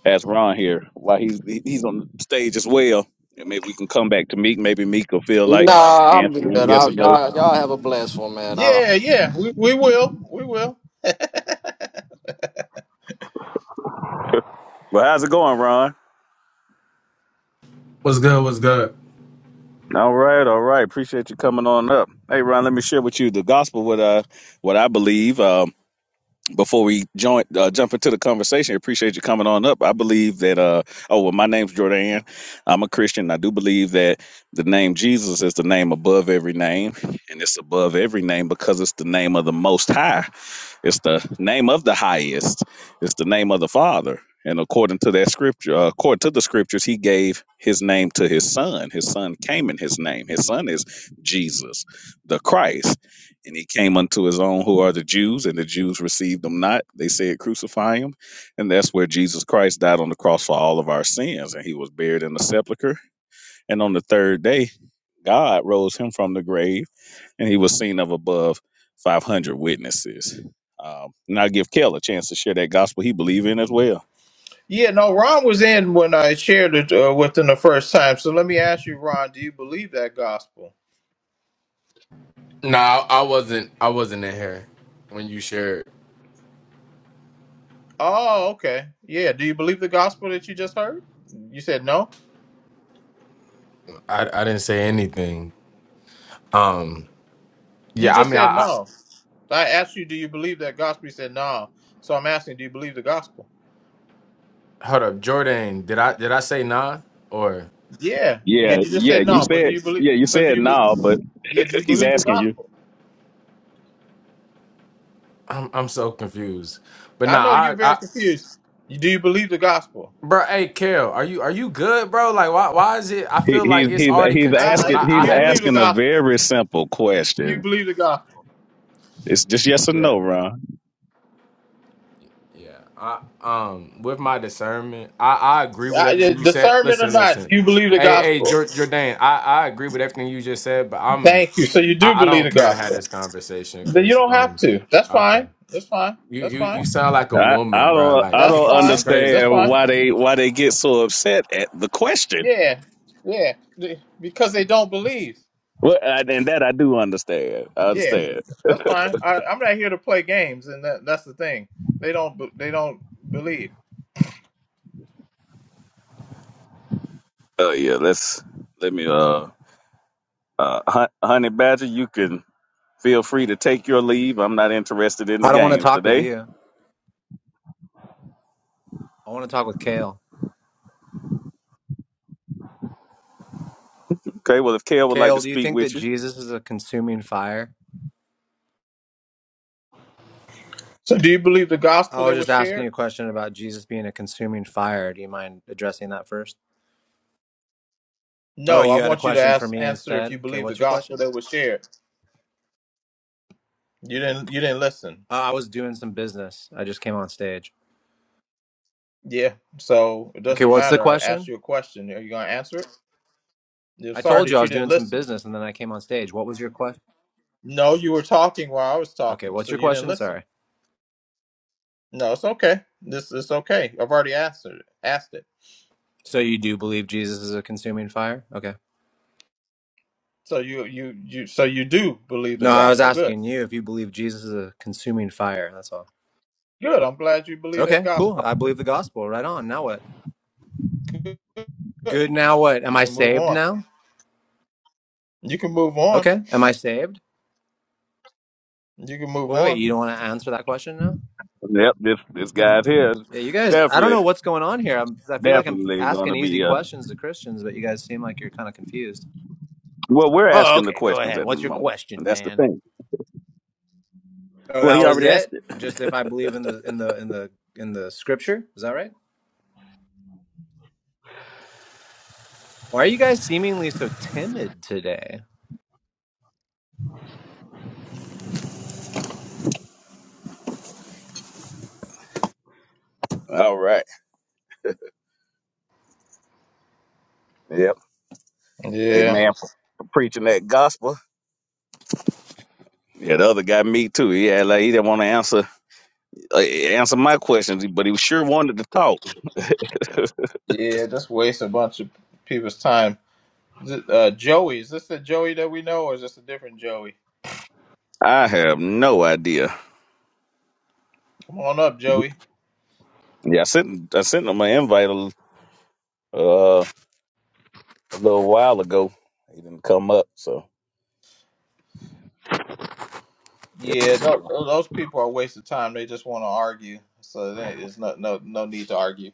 S2: ask Ron here while he's he- he's on the stage as well. And maybe we can come back to Meek. Maybe Meek will feel like
S3: Nah, I'm good.
S2: answering yes
S3: I,
S2: or no.
S3: y'all, y'all have a blessed one, man. I,
S4: Yeah, yeah. We we will. We will.
S2: Well, how's it going, Ron?
S5: What's good? What's good?
S2: All right, all right. Appreciate you coming on up. Hey, Ron, let me share with you the gospel what I what I believe. before we join uh, jump into the conversation, appreciate you coming on up. I believe that uh oh well, my name's Jordan. I'm a Christian. I do believe that the name Jesus is the name above every name, and it's above every name because it's the name of the Most High. It's the name of the highest. It's the name of the Father. And according to that scripture, uh, according to the scriptures, he gave his name to his son. His son came in his name. His son is Jesus, the Christ. And he came unto his own, who are the Jews, and the Jews received him not. They said, Crucify him. And that's where Jesus Christ died on the cross for all of our sins. And he was buried in the sepulchre. And on the third day, God rose him from the grave, and he was seen of above 500 witnesses. Um, and I give Kel a chance to share that gospel he believe in as well.
S4: Yeah, no, Ron was in when I shared it uh, with him the first time. So let me ask you, Ron, do you believe that gospel?
S5: No, I wasn't. I wasn't in here when you shared.
S4: Oh, okay. Yeah. Do you believe the gospel that you just heard? You said no.
S5: I I didn't say anything. Um.
S4: You
S5: Yeah. I
S4: just
S5: mean,
S4: said
S5: I,
S4: no. I asked you, do you believe that gospel? You said no. So I'm asking, do you believe the gospel?
S5: I hold up, Jordan. Did I did I say nah or
S4: Yeah. Yeah.
S2: Yeah,
S4: You just
S2: yeah,
S4: said
S2: you
S4: no, but do
S2: said,
S4: you believe?
S2: yeah, you
S4: So do
S2: said
S4: you? Be,
S2: no, but
S4: yeah. Do you
S2: he's
S4: believe the
S2: asking you.
S4: gospel?
S5: I'm I'm so confused. But
S4: I
S5: nah,
S4: know you're
S5: I
S4: very
S5: I
S4: confused. Do you believe the gospel?
S5: bro. Hey, Kale, are you are you good, bro? Like, why why is it? I
S2: He,
S5: feel
S2: he's
S5: like it's
S2: he's
S5: already
S2: he's
S5: contention.
S4: I,
S5: and
S2: asking
S4: do
S5: I I
S2: he's
S4: you believe
S5: haven't.
S4: the
S2: asking a
S4: gospel?
S2: very simple
S4: Do you
S2: question.
S4: believe the gospel?
S2: It's just yes or
S5: yeah.
S2: no, Ron.
S5: Yeah, I um with my discernment, I I agree with
S4: I,
S5: everything you said.
S4: discernment or
S5: Listen,
S4: not,
S5: listen,
S4: do you believe the
S5: hey hey
S4: gospel?
S5: Jor- Jordan, I I agree with everything you just said, but I'm
S4: Thank you. So you do
S5: I, I
S4: believe
S5: don't
S4: the
S5: care to have
S4: gospel.
S5: this conversation
S4: Then you
S5: because
S4: don't have
S5: um
S4: to. That's
S5: okay,
S4: fine. That's fine.
S5: you
S4: That's
S5: you
S4: fine.
S5: you sound like a
S2: I, I
S5: woman, bro.
S2: don't I
S5: Like
S4: That's
S2: don't
S5: this is
S4: fine.
S5: crazy.
S4: That's
S2: understand
S4: fine.
S2: why they why they get so upset at the question.
S4: Yeah, yeah. The- Because they don't believe.
S2: Well, I, and that I do understand. I
S4: Yeah,
S2: understand.
S4: that's fine. I, I'm not here to play games, and that, that's the thing. They don't. be- They don't believe.
S2: Oh yeah, let's let me uh uh Hun- honey badger, you can feel free to take your leave. I'm not interested in the
S6: I don't want to
S2: games
S6: talk with
S2: today.
S6: you. I want to talk with Kale.
S2: Okay, well if Kale would like to
S6: Kale, do you
S2: speak
S6: think that
S2: with you,
S6: Jesus is a consuming fire?
S4: So, do you believe the gospel
S6: I
S4: that
S6: was
S4: was
S6: just asking
S4: shared?
S6: you a question about Jesus being a consuming fire. Do you mind addressing that first? Oh,
S4: No. I
S6: you had a
S4: want you to
S6: question for
S4: ask,
S6: me
S4: answer if
S6: instead?
S4: you
S6: Okay,
S4: believe the
S6: what's your
S4: gospel
S6: question?
S4: that was shared. You didn't. You didn't listen.
S6: Uh, I was doing some business. I just came on stage.
S4: Yeah. So it
S6: Okay,
S4: doesn't
S6: what's the
S4: matter. I asked
S6: question?
S4: you a question. Are you gonna answer it? I'm
S6: I
S4: sorry
S6: told you I
S4: that you
S6: was
S4: didn't
S6: doing some
S4: listen.
S6: business and then I came on stage. What was your question?
S4: No, you were talking while I was
S6: Okay,
S4: talking,
S6: what's
S4: so
S6: your
S4: you didn't
S6: question?
S4: listen.
S6: Sorry.
S4: No, it's okay. This it's okay. I've already answered it, asked it.
S6: So you do believe Jesus is a consuming fire? Okay.
S4: So you you you so you do believe the
S6: No, I was
S4: gospel. Good.
S6: asking you if you believe Jesus is a consuming fire. That's all.
S4: Good. I'm glad you believe that
S6: Okay, cool.
S4: gospel.
S6: I believe the gospel. Right on. Now what?
S4: Good. Good.
S6: Good. Now what? Am
S4: You
S6: I
S4: can move
S6: saved
S4: on.
S6: now?
S4: You can move on.
S6: Okay. Am I saved?
S4: You can move
S6: Wait, wait.
S4: on.
S6: You don't want to answer that question now?
S2: yep, this this guy's here,
S6: Yeah, you guys. I don't
S2: Definitely,
S6: know what's going on here. I'm, 'cause I feel like I'm
S2: definitely going
S6: asking
S2: to
S6: easy
S2: be. Uh,
S6: questions to Christians, but you guys seem like you're kind of confused.
S2: well, we're
S6: Oh,
S2: asking the
S6: okay. Go
S2: questions
S6: ahead.
S2: at the
S6: What's your
S2: moment, and
S6: question,
S2: that's the
S6: man?
S2: thing.
S6: Oh,
S2: Well,
S6: that
S2: he
S6: was
S2: already asked. it.
S6: it. Just if I believe in the in the in the in the scripture. Is that right? Why are you guys seemingly so timid today?
S2: All right. Yep.
S4: Yeah.
S2: Amen. For preaching that gospel. Yeah, the other guy, me too. Yeah, like he didn't want to answer uh, answer my questions, but he sure wanted to talk.
S4: Yeah, just waste a bunch of people's time. Is it, Uh, Joey, is this the Joey that we know or is this a different Joey?
S2: I have no idea.
S4: Come on up, Joey.
S2: Yeah, I sent I sent him an invite a, uh, a little while ago. He didn't come up, so
S4: Yeah, no, tho- those people are a waste of time. They just want to argue, so there is no no no need to argue.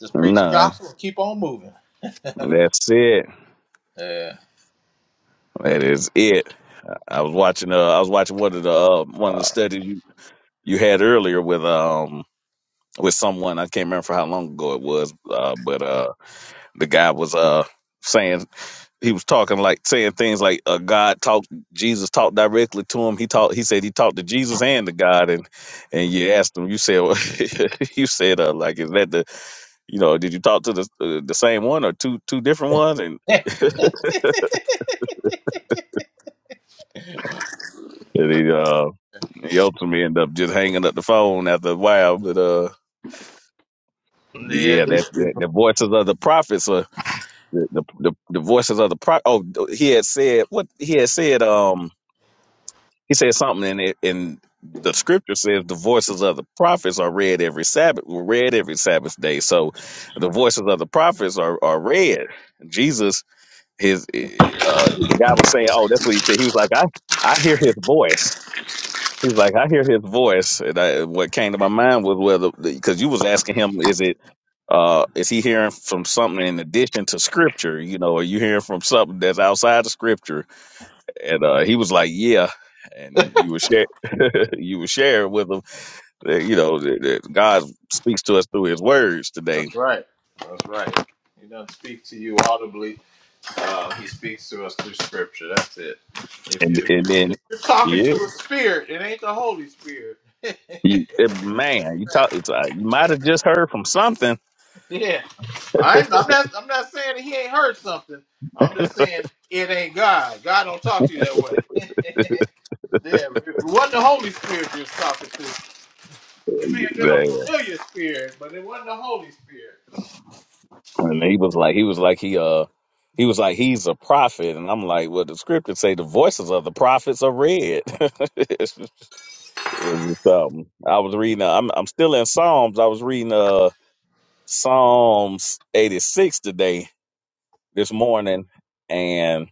S4: Just preach the
S2: none.
S4: gospel and keep on moving.
S2: That's it.
S4: Yeah.
S2: That is it. I was watching. Uh, I was watching one of the uh, one of
S4: Uh,
S2: the studies you, you had earlier with um with someone. I can't remember for how long ago it was, uh, but. uh, the guy was uh saying he was talking like saying things like uh, God talked Jesus talked directly to him. He talked he said he talked to Jesus and to God and and you asked him you said well, you said uh, like is that the you know did you talk to the uh, the same one or two two different ones and,
S4: yeah,
S2: and he uh he ultimately ended up just hanging up the phone after a while but uh but yeah that, that the voices of the prophets are the the, the, the voices of the pro oh he had said what he had said um. He said something, in it, and the scripture says the voices of the prophets are read every Sabbath, were read every Sabbath day. So the voices of the prophets are, are read. Jesus, his eh, uh, the guy was saying, oh, that's what he said. He was like, I I hear his voice. He's like, I hear his voice, and I, what came to my mind was whether because you was asking him, is it uh, is he hearing from something in addition to scripture? You know, are you hearing from something that's outside of scripture? and uh, he was like, "Yeah," and you were share, you were sharing with him that you know that, that God speaks to us through His words today,
S4: that's right. That's right. He doesn't speak to you audibly. Uh, he speaks to us through Scripture. That's it. If
S2: and
S4: you if
S2: and then
S4: you're talking
S2: yeah,
S4: to a spirit, it ain't the Holy Spirit. Let me
S2: you, eh,
S4: tell
S2: man,
S4: you
S2: you talk,
S4: that.
S2: it's, uh, you might have just heard from something.
S4: Yeah. I ain't, I'm not. I'm not saying that he ain't heard something. I'm just saying it ain't God. God don't talk to you that way. yeah, it wasn't the Holy Spirit you was talking to. It may have been a
S2: Man.
S4: familiar spirit, but it wasn't the Holy Spirit.
S2: And he was like, he was like, he uh, he was like, he's a prophet, and I'm like, well, the scriptures say the voices of the prophets are read. It's just- it's just something. I was reading, uh, I'm I'm still in Psalms. I was reading uh Psalms 86 today this morning, and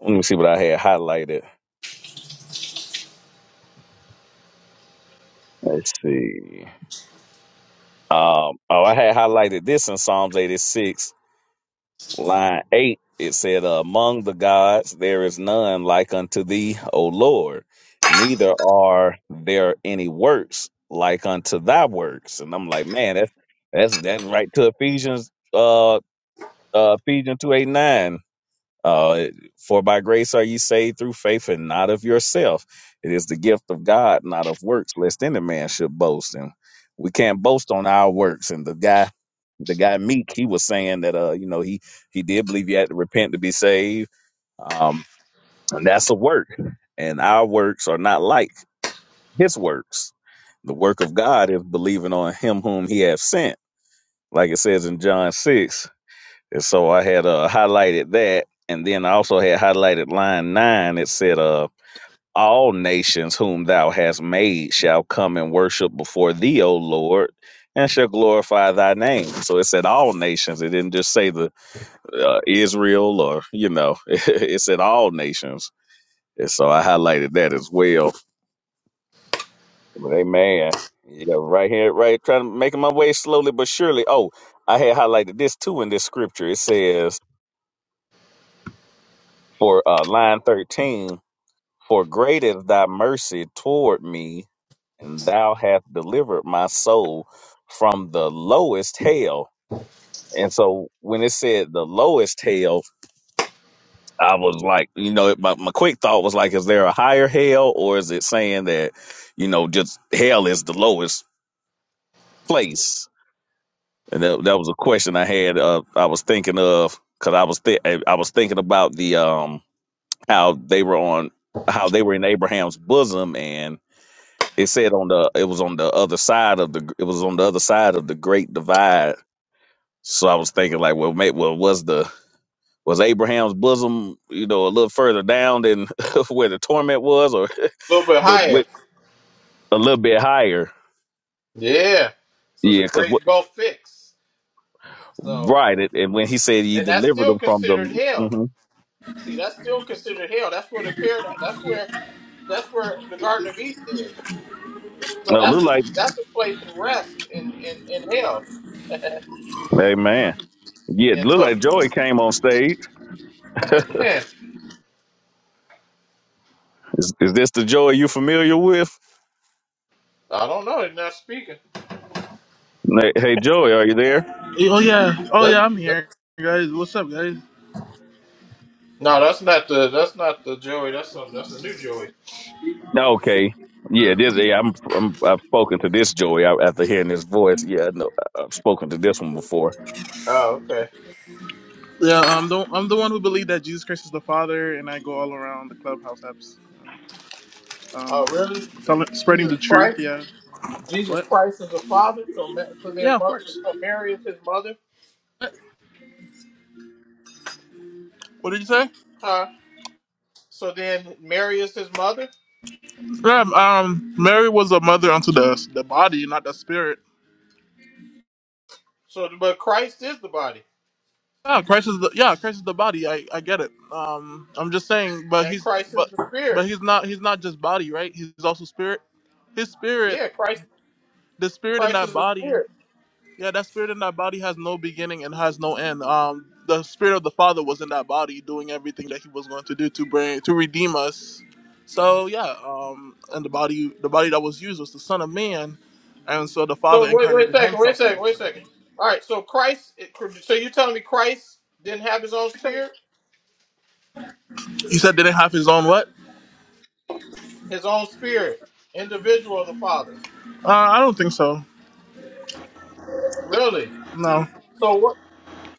S2: let me see what I had highlighted. Let's see. Um, oh, I had highlighted this in Psalms 86, line 8. It said, Among the gods, there is none like unto thee, O Lord, neither are there any works like unto thy works. And I'm like, man, that's that's that's right to Ephesians uh uh Ephesians two eight nine. Uh, for by grace are ye saved through faith and not of yourself. It is the gift of God, not of works, lest any man should boast. And we can't boast on our works. And the guy, the guy Meek, he was saying that, uh, you know, he, he did believe you had to repent to be saved. Um, and that's a work. And our works are not like his works. The work of God is believing on him whom he hath sent. Like it says in John 6, and so I had uh, highlighted that. And then I also had highlighted line nine. It said, uh, All nations whom thou hast made shall come and worship before thee, O Lord, and shall glorify thy name. So it said, All nations. It didn't just say the uh, Israel or, you know, it said all nations. And so I highlighted that as well. But amen. Yeah, right here, right, trying to making my way slowly but surely. Oh, I had highlighted this too in this scripture. It says for uh, line 13, For great is thy mercy toward me, and thou hast delivered my soul from the lowest hell. And so when it said the lowest hell, I was like, you know, my, my quick thought was like, is there a higher hell or is it saying that, you know, just hell is the lowest place? And that, that was a question I had. Uh, I was thinking of because I was th- I was thinking about the um how they were on how they were in Abraham's bosom and. It said on the it was on the other side of the it was on the other side of the great divide. So I was thinking like, well, mate, well, was the was Abraham's bosom, you know, a little further down than where the torment was, or
S4: A little bit
S2: but
S4: higher.
S2: with a little bit higher.
S4: Yeah. So it's a
S2: Yeah, because what
S4: great gulf fix. So
S2: right, it, and when he said he
S4: and that's
S2: delivered
S4: still
S2: them from the,
S4: considered hell.
S2: mm-hmm.
S4: See, that's still considered hell. That's where the paradise. That's where that's where the Garden of Eden is. So
S2: well, it
S4: that's
S2: looked
S4: a
S2: like,
S4: that's a place of rest in in in hell.
S2: hey man, yeah, it
S4: And
S2: looked
S4: so
S2: like Joey came on stage.
S4: man.
S2: Is, is this the Joey you familiar with?
S4: I don't know. He's not speaking.
S2: Hey, hey Joey, are you there?
S7: Oh yeah, oh
S4: That,
S7: yeah, I'm
S4: that-
S7: here, guys. What's up, guys?
S4: no, that's not the that's not the Joey. That's some that's a new Joey.
S2: No, Okay. Yeah, this yeah, I'm, I'm I've spoken to this Joey I- after hearing his voice. Yeah, I know I- I've spoken to this one before.
S4: Oh, okay.
S7: Yeah, I'm the I'm the one who believed that Jesus Christ is the Father, and I go all around the clubhouse apps,
S4: Oh, really?
S7: um, telling- spreading
S4: Jesus
S7: the truth.
S4: Christ.
S7: Yeah.
S4: Jesus
S7: What?
S4: Christ is the father. So Ma- so then
S7: Yeah, of
S4: Mar-
S7: course.
S4: so Mary is his mother.
S7: What What did you say?
S4: Huh? So then Mary is his mother.
S7: Yeah, um, Mary was a mother unto the the body, not the spirit.
S4: So but Christ is the body,
S7: Yeah, Christ is the yeah, Christ is the body. I I get it. Um, I'm just saying, but
S4: and
S7: he's
S4: Christ is
S7: but
S4: the spirit.
S7: but he's not he's not just body, right? He's also spirit. His spirit,
S4: Yeah, Christ
S7: the spirit in
S4: Christ
S7: that
S4: is the
S7: body.
S4: spirit.
S7: Yeah, that spirit in that body has no beginning and has no end. Um, the spirit of the Father was in that body, doing everything that He was going to do to bring to redeem us. So yeah, um, and the body, the body that was used was the Son of Man, and so the
S4: So
S7: Father
S4: wait wait a
S7: incarnated
S4: second. Wait a
S7: Himself in the
S4: second. Wait a
S7: flesh.
S4: second. All right. So Christ. So you're telling me Christ didn't have his own spirit?
S7: You said they didn't have His own what?
S4: his own spirit, individual of the Father.
S7: Uh, I don't think so.
S4: Really?
S7: No.
S4: So what?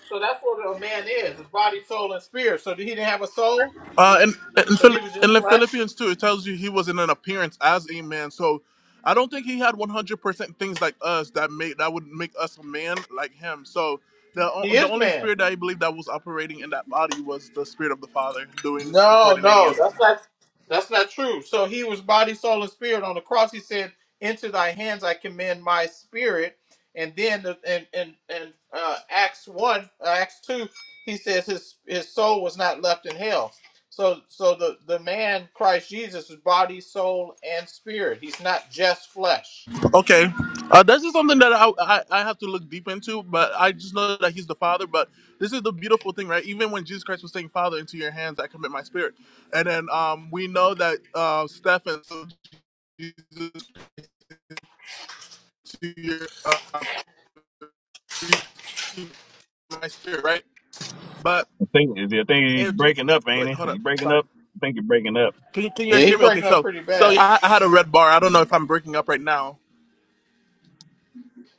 S4: So that's what a man is: his body, soul, and spirit. So he didn't have a soul,
S7: Uh, and in,
S4: so
S7: Phil-
S4: he was just
S7: in
S4: flesh.
S7: Philippians 2, it tells you he was in an appearance as a man. So I don't think he had 100% things like us that made that would make us a man like him. So the,
S4: He
S7: o- the
S4: is
S7: only
S4: man.
S7: spirit that I believe that was operating in that body was the spirit of the Father doing and
S4: No,
S7: coordinating
S4: no,
S7: him.
S4: that's not that's not true. So he was body, soul, and spirit on the cross. He said, "Into thy hands I commend my spirit." And then the- in in, in uh, Acts one, uh, Acts two, he says his his soul was not left in hell. So so the the man Christ Jesus is body, soul, and spirit. He's not just flesh.
S7: Okay. Uh, this is something that I, I, I have to look deep into, but I just know that he's the Father. But this is the beautiful thing, right? Even when Jesus Christ was saying, Father, into your hands I commit my spirit. And then um, we know that uh, Stephen, so Jesus to your uh, my spirit, right? But
S2: I think I think he's
S7: if Je-
S2: breaking up, ain't
S7: wait, hold
S2: he?
S7: up.
S2: You breaking
S7: Sorry.
S2: up? I think you're breaking up.
S7: Can you can you
S4: Yeah,
S7: guys
S4: he
S7: hear me? Okay,
S4: breaking up
S7: so
S4: pretty
S7: so
S4: bad.
S7: yeah, I, I had a red bar. I don't know if I'm breaking up right now.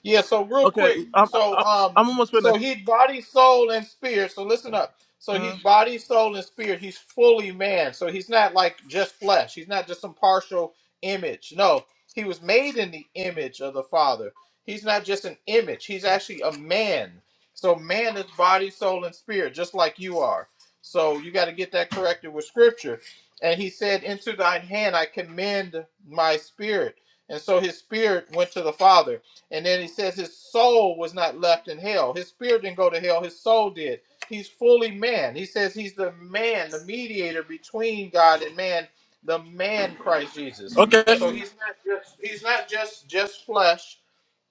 S4: Yeah, so real
S7: Okay,
S4: quick.
S7: I'm
S4: So
S7: I'm,
S4: um
S7: I'm almost
S4: so
S7: finished.
S4: he's body, soul, and spirit. So listen up. So he's
S7: Mm.
S4: body, soul, and spirit. He's fully man. So he's not like just flesh. He's not just some partial image. No. He was made in the image of the Father. He's not just an image. He's actually a man. So man is body, soul, and spirit, just like you are. So you got to get that corrected with scripture. And he said, Into thine hand I commend my spirit. And so his spirit went to the Father and then he says his soul was not left in hell. His spirit didn't go to hell, his soul did. He's fully man. He says he's the man, the mediator between God and man, the man Christ Jesus.
S7: Okay.
S4: So he's not just he's not just just flesh.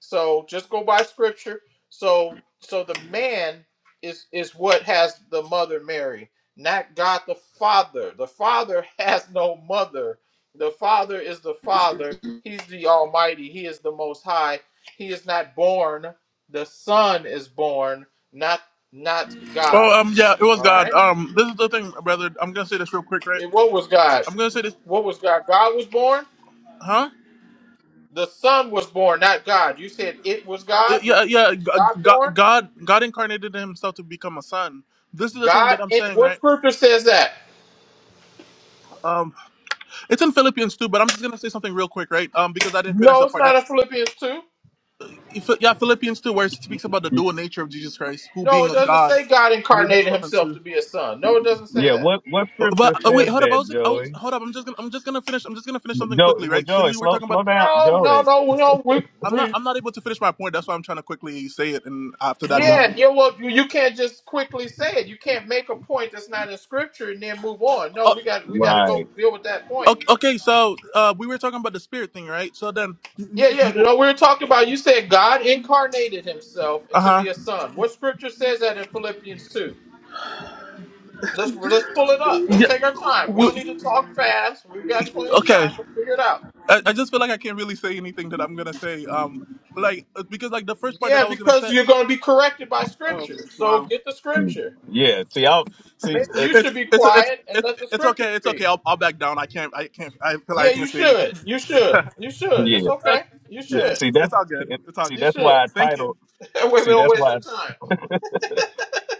S4: So just go by scripture. So so the man is is what has the mother Mary, not God the Father. The Father has no mother. The Father is the Father. He's the Almighty. He is the Most High he is not born. The Son is born, not not God.
S7: Well, um, yeah, it was
S4: All
S7: God.
S4: right.
S7: Um, this is the thing, brother. I'm gonna say this real quick, right?
S4: And what was God?
S7: I'm gonna say this,
S4: What was God? God was born.
S7: huh?
S4: The Son was born, not God. You said it was
S7: Uh,
S4: God.
S7: Yeah, yeah.
S4: God
S7: God,
S4: born.
S7: God, God incarnated himself to become a son. This is the thing
S4: God.
S7: that I'm
S4: In,
S7: saying,
S4: what
S7: right?
S4: scripture says that?
S7: Um. It's in Philippians too, but I'm just gonna say something real quick, right? Um, because I didn't finish
S4: No,
S7: the
S4: it's
S7: part. There.
S4: not in Philippians two.
S7: If- Yeah, Philippians too, where it speaks about the
S2: Y-
S7: dual nature of Jesus Christ, who
S4: No,
S7: being
S4: it
S7: a
S4: doesn't
S7: God
S4: say God
S7: made
S4: incarnated
S7: himself
S4: Himself to
S7: into.
S4: be a son. No, it doesn't say
S2: Yeah.
S4: that.
S2: What What
S7: uh,
S2: scripture
S7: But uh,
S2: says
S7: wait, hold up.
S2: that,
S7: I was, I was,
S2: Joey?
S7: hold up. I'm just gonna, I'm just gonna finish. I'm just gonna finish something
S2: Joey,
S7: quickly,
S2: well,
S7: right? So
S2: Joey,
S7: you were
S2: slow
S7: talking about.
S2: slow down,
S4: No, no,
S2: Joey.
S4: no, no. We,
S7: I'm
S4: we,
S7: not, I'm not able to finish my point. That's why I'm trying to quickly say it, and after that, then
S4: Yeah,
S7: we.
S4: yeah. Well, you, you can't just quickly say it. You can't make a point that's not in scripture and then move on. No,
S7: Oh,
S4: we got we got to go
S2: Right.
S4: deal with that point.
S7: okay, okay, so uh, we were talking about the spirit thing, right? So then,
S4: Yeah, yeah.
S7: you,
S4: No, we were talking about. You said God incarnated Himself
S7: uh
S4: to
S7: huh.
S4: be a son. What scripture says that in Philippians two? Let's let's pull it up. Let's
S7: Yeah.
S4: take our time. We don't need to
S7: We,
S4: talk fast. We've got plenty of
S7: okay.
S4: time to figure it out.
S7: I, I just feel like I can't really say anything that I'm gonna say. Um, like uh, because like the first part that
S4: Yeah,
S7: I was gonna
S4: because
S7: say.
S4: you're going to be corrected by
S7: Oh
S4: scripture. So
S7: wow.
S4: get the scripture.
S2: Yeah. See, I see.
S4: Maybe
S2: It,
S4: you
S7: It's
S4: should be
S7: it's it's
S4: quiet and
S7: it's
S4: let the
S7: it's
S4: scripture
S7: okay. It's okay.
S4: speak.
S7: I'll, I'll back down. I can't. I can't. I feel like
S4: Yeah,
S7: I can't
S4: you
S7: say anything.
S4: should. You should.
S7: okay.
S4: You should. It's
S2: yeah,
S4: okay. You
S2: yeah.
S4: should.
S2: See
S7: It's it's
S2: that's
S7: all
S2: see,
S7: good.
S2: it,
S7: It's all
S2: see
S7: good.
S4: You
S2: that's
S4: should.
S2: why I
S7: Thank you.
S2: titled.
S4: That way we
S2: See
S4: don't
S2: that's
S4: waste our
S2: why.
S4: time.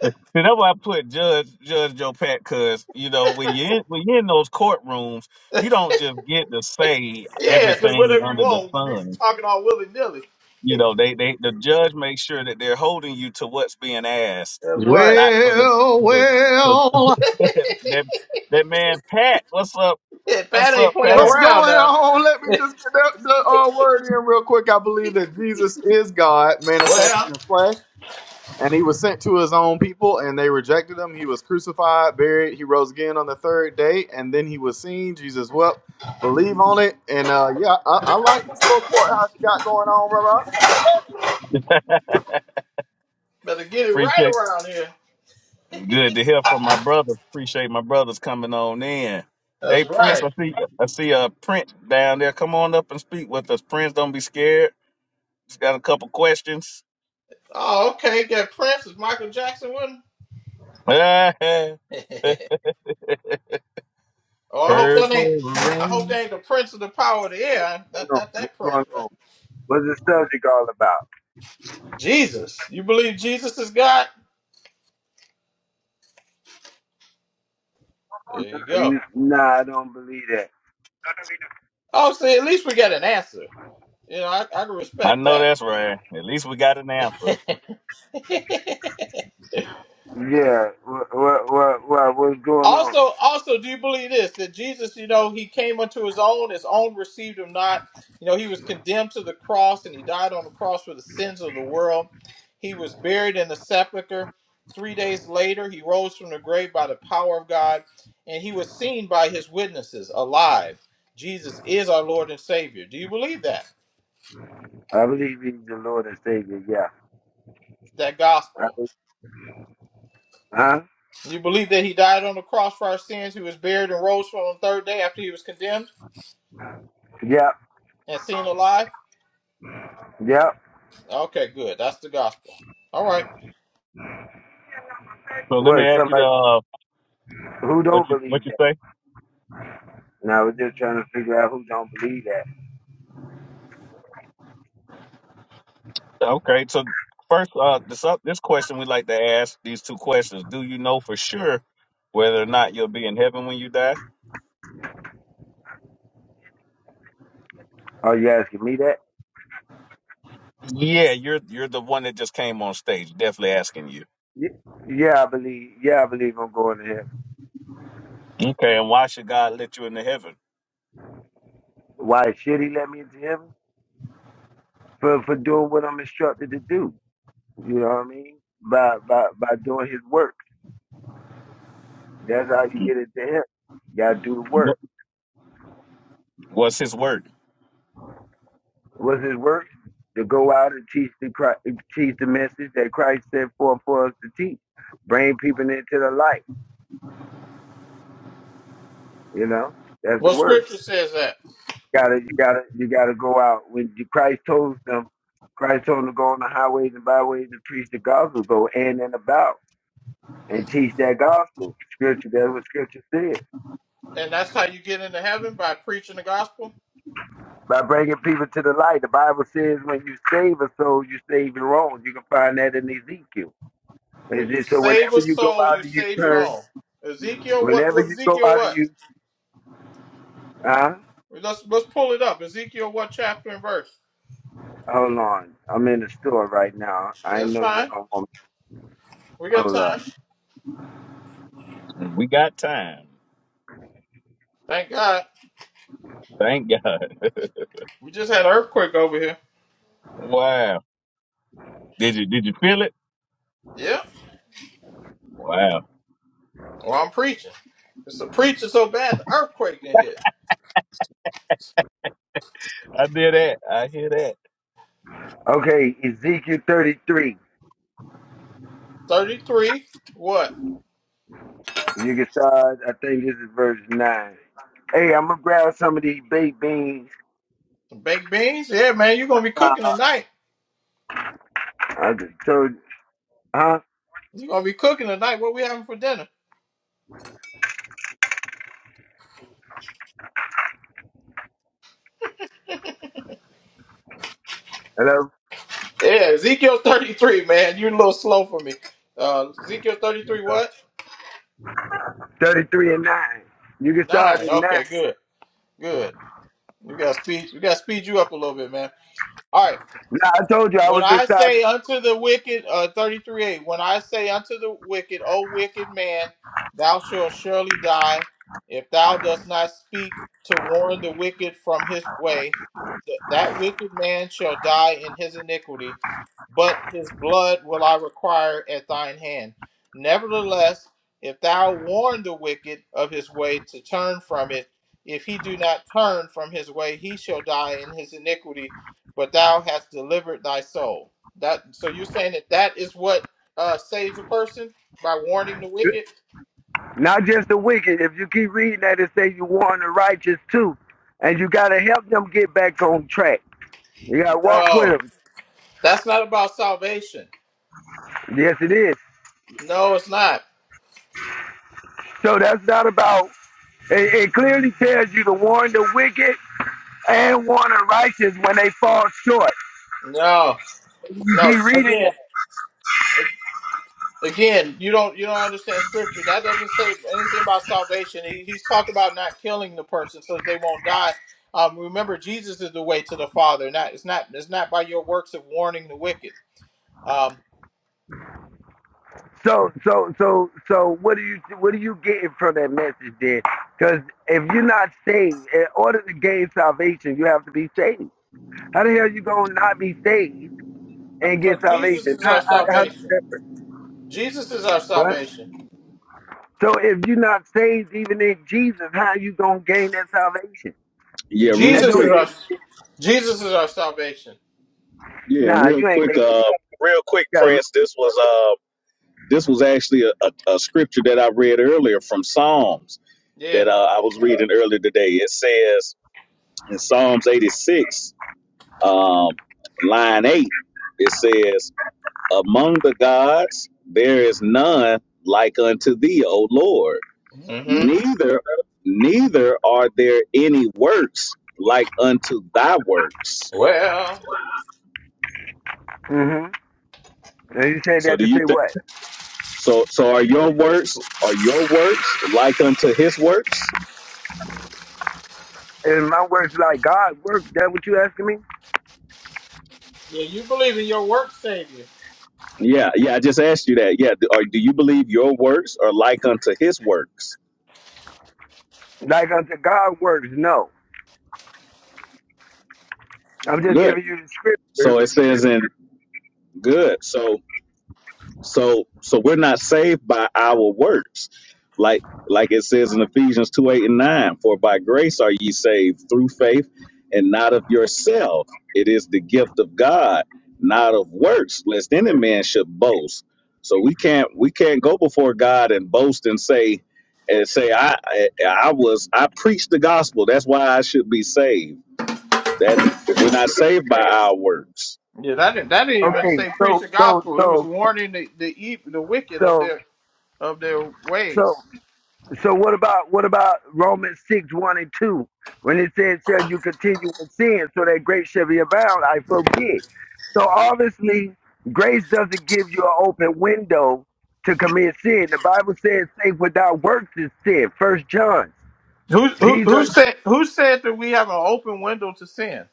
S2: See, that's why I put Judge Judge Joe Pat, because you know when you in, when you're in those courtrooms, you don't just get to say
S4: Yeah, just
S2: everything
S4: whatever you
S2: under the
S4: want. Be
S2: sun.
S4: talking all willy nilly.
S2: You know, they they the judge makes sure that they're holding you to what's being asked,
S4: That's right.
S2: not so that
S8: Well,
S2: you know, so
S8: well,
S2: that that man Pat, what's up?
S4: Yeah, Pat
S2: What's
S4: ain't
S2: up,
S4: playing
S2: Pat?
S8: what's
S4: around
S8: going
S4: now.
S8: on? Let me just get that, the uh, word in real quick. I believe that Jesus is God manifested
S4: well,
S8: in flesh, and he was sent to his own people, and they rejected him. He was crucified, buried, he rose again on the third day, and then he was seen. Jesus wept. Believe on it, and uh, yeah, I, I like this little courthouse you got going on, brother.
S4: better get it right
S2: Appreciate
S4: around here.
S2: good to hear from my brothers. Appreciate my brothers coming on in. Hey
S4: That's
S2: Prince,
S4: right.
S2: I see I see a uh, Prince down there. Come on up and speak with us. Prince, don't be scared. Just Got a couple questions.
S4: Oh, okay. Got Prince is Michael Jackson with him.
S2: Purple
S4: oh, I hope that ain't. I hope
S2: rain.
S4: that ain't the Prince of the Power of the
S9: What's
S4: Air.
S9: going
S4: Not,
S9: on?
S4: not
S9: What's
S4: that Prince,
S9: going
S4: right?
S9: on? What's the subject all about?
S4: Jesus. You believe Jesus is God? There you go.
S9: You- Nah, I don't believe that.
S4: Oh, see, at least we got an answer. You know, I, I can
S2: I
S4: respect
S2: know
S4: that.
S2: that's right. At least we got an answer.
S9: Yeah, what, what, what, what, what's going on?
S4: also, also, do you believe this that Jesus, you know, he came unto his own, his own received him not. You know, he was condemned to the cross, and he died on the cross for the sins of the world. He was buried in the sepulcher. Three days later, he rose from the grave by the power of God, and he was seen by his witnesses alive. Jesus is our Lord and Savior. Do you believe that?
S9: I believe he's the Lord and Savior. Yeah.
S4: That
S9: I
S4: gospel.
S9: be- Huh?
S4: You believe that he died on the cross for our sins, he was buried and rose from on the third day after he was condemned
S9: Yep.
S4: and seen alive?
S9: Yep.
S4: Okay, good. That's the gospel. All right.
S2: So let me
S9: What?
S2: ask you the
S9: Somebody
S2: uh,
S9: who don't
S2: what you what
S9: believe
S2: you
S9: that?
S2: say.
S9: And I was just trying to figure out who don't believe that.
S2: Okay, so first, uh, this uh, this question we like to ask these two questions. Do you know for sure whether or not you'll be in heaven when you die?
S9: Are you asking me that?
S2: Yeah, you're you're the one that just came on stage. Definitely asking you.
S9: Ye- Yeah, I believe. Yeah, I believe I'm going to heaven.
S2: Okay, and why should God let you into heaven?
S9: Why should he let me into heaven? For for doing what I'm instructed to do. You know what I mean? By by by doing his work. That's how you get it to him. You gotta do the work.
S2: What- What's His word?
S9: What's his work? To go out and teach the Christ, teach the message that Christ sent forth for us to teach. Bring people into the light. You know, that's the
S4: Well,
S9: work.
S4: scripture says that.
S9: gotta, you gotta, you gotta go out. When Christ told them, Christ told them to go on the highways and byways and preach the gospel. Go in and about and teach that gospel. Scripture, that's what Scripture said.
S4: And that's how you get into heaven by preaching the gospel.
S9: By bringing people to the light, the Bible says when you save a soul, you save your own. You can find that in Ezekiel
S4: When
S9: Is
S4: you
S9: it, so
S4: save a
S9: whenever you go
S4: soul,
S9: out
S4: you
S9: and you
S4: save your
S9: turn,
S4: own. Ezekiel, what
S9: whenever
S4: what
S9: you go
S4: Ezekiel
S9: out and
S4: what?
S9: you, huh?
S4: Let's let's pull it up. Ezekiel what chapter and verse?
S9: Hold on. I'm in the store right now.
S4: Yeah,
S9: I
S4: that's
S9: know you
S4: fine.
S9: don't want me.
S4: We got
S9: Hold
S4: time.
S9: up.
S2: We got time.
S4: Thank God.
S2: Thank God.
S4: We just had an earthquake over here.
S2: Wow. Did you did you feel it?
S4: Yeah.
S2: Wow.
S4: Well I'm preaching. It's a preacher so bad the earthquake in here.
S2: I did that. I hear that.
S9: Okay, Ezekiel 33.
S4: 33. What?
S9: You can start, I think this is verse 9. Hey, I'm gonna grab some of these baked beans.
S4: Some baked beans? Yeah, man, you're going to be
S9: Uh,
S4: cooking tonight.
S9: I just told you, huh?
S4: You're going to be cooking tonight. What we having for dinner?
S9: Hello?
S4: Yeah, Ezekiel 33, man. You're a little slow for me. Uh, Ezekiel 33, what?
S9: 33 and 9. You can start
S4: Nine.
S9: at 9.
S4: Okay, good. Good. We got to speed. We got to speed you up a little bit, man. All right.
S9: Nah, I told you I
S4: When
S9: was
S4: I
S9: inside.
S4: say unto the wicked, uh, thirty-three 8 when I say unto the wicked, O wicked man, thou shalt surely die, if thou dost not speak to warn the wicked from his way, th- that wicked man shall die in his iniquity, but his blood will I require at thine hand. Nevertheless, if thou warn the wicked of his way to turn from it, if he do not turn from his way, he shall die in his iniquity, but thou hast delivered thy soul. That so you're saying that that is what uh, saves a person by warning the wicked?
S9: Not just the wicked. If you keep reading that, it says you warn the righteous too. And you got to help them get back on track. You got to walk with
S4: No,
S9: them.
S4: that's not about salvation.
S9: Yes, it is.
S4: No, it's not.
S9: So that's not about, it, it clearly tells you to warn the wicked and warn the righteous when they fall short.
S4: No,
S9: You
S4: no.
S9: keep reading
S4: Again,
S9: that.
S4: Again, you don't you don't understand scripture. That doesn't say anything about salvation. He, he's talking about not killing the person so that they won't die. Um, remember, Jesus is the way to the Father. Not it's not it's not by your works of warning the wicked. Um,
S9: So, so, so, so, what do you, what are you getting from that message then? Because if you're not saved, in order to gain salvation, you have to be saved. How the hell you gonna not be saved and get
S4: because Jesus
S9: salvation.
S4: is
S9: How,
S4: our
S9: how, how
S4: salvation. Jesus is our
S9: What?
S4: salvation.
S9: So if you're not saved even in Jesus, how you gonna gain that salvation?
S2: Yeah, real
S9: That
S4: Jesus
S9: don't
S4: is
S9: even
S4: our Jesus is our salvation.
S2: qu- yeah, and
S9: nah.
S2: real
S9: You ain't
S2: quick,
S9: make.
S2: uh real quick,
S9: You gotta.
S2: Prince, this was uh this was actually a, a, a scripture that I read earlier from Psalms
S4: Yeah.
S2: that uh, I was reading earlier today. It says in Psalms 86, um, line eight, it says, Among the gods there is none like unto thee, O Lord.
S4: hmm
S2: Neither neither are there any works like unto thy works
S4: Well.
S9: Mm-hmm. And you said
S2: So
S9: that
S2: do
S9: to
S2: you
S9: say
S2: think
S9: what?
S2: so so are your works are your works like unto his works?
S9: And my works like God works. That what you asking me?
S4: Yeah, you believe in your works, Savior.
S2: Yeah, yeah, I just asked you that. Yeah, do, or do you believe your works are like unto his works?
S9: Like unto God works? No. I'm just
S2: Good.
S9: giving you the scripture.
S2: So it says in good. So. So so we're not saved by our works. Like like it says in Ephesians 2, 8 and 9, for by grace are ye saved through faith and not of yourself. It is the gift of God, not of works, lest any man should boast. So we can't we can't go before God and boast and say and say I I, I was I preached the gospel. That's why I should be saved. That we're not saved by our works.
S4: Yeah, that didn't that didn't even
S9: Okay.
S4: say preach
S9: So
S4: the
S9: so
S4: gospel. It was
S9: so
S4: warning the the, e- the wicked of
S9: so
S4: their of their
S9: so
S4: ways.
S9: So what about what about Romans six one and two when it says, "Shall you continue in sin, so that grace shall be abound?" I forbid. So obviously, grace doesn't give you an open window to commit sin. The Bible says, "Faith without works is sin." First John.
S4: Who who
S9: These
S4: who
S9: are
S4: Yes. said who said that we have an open window to sin?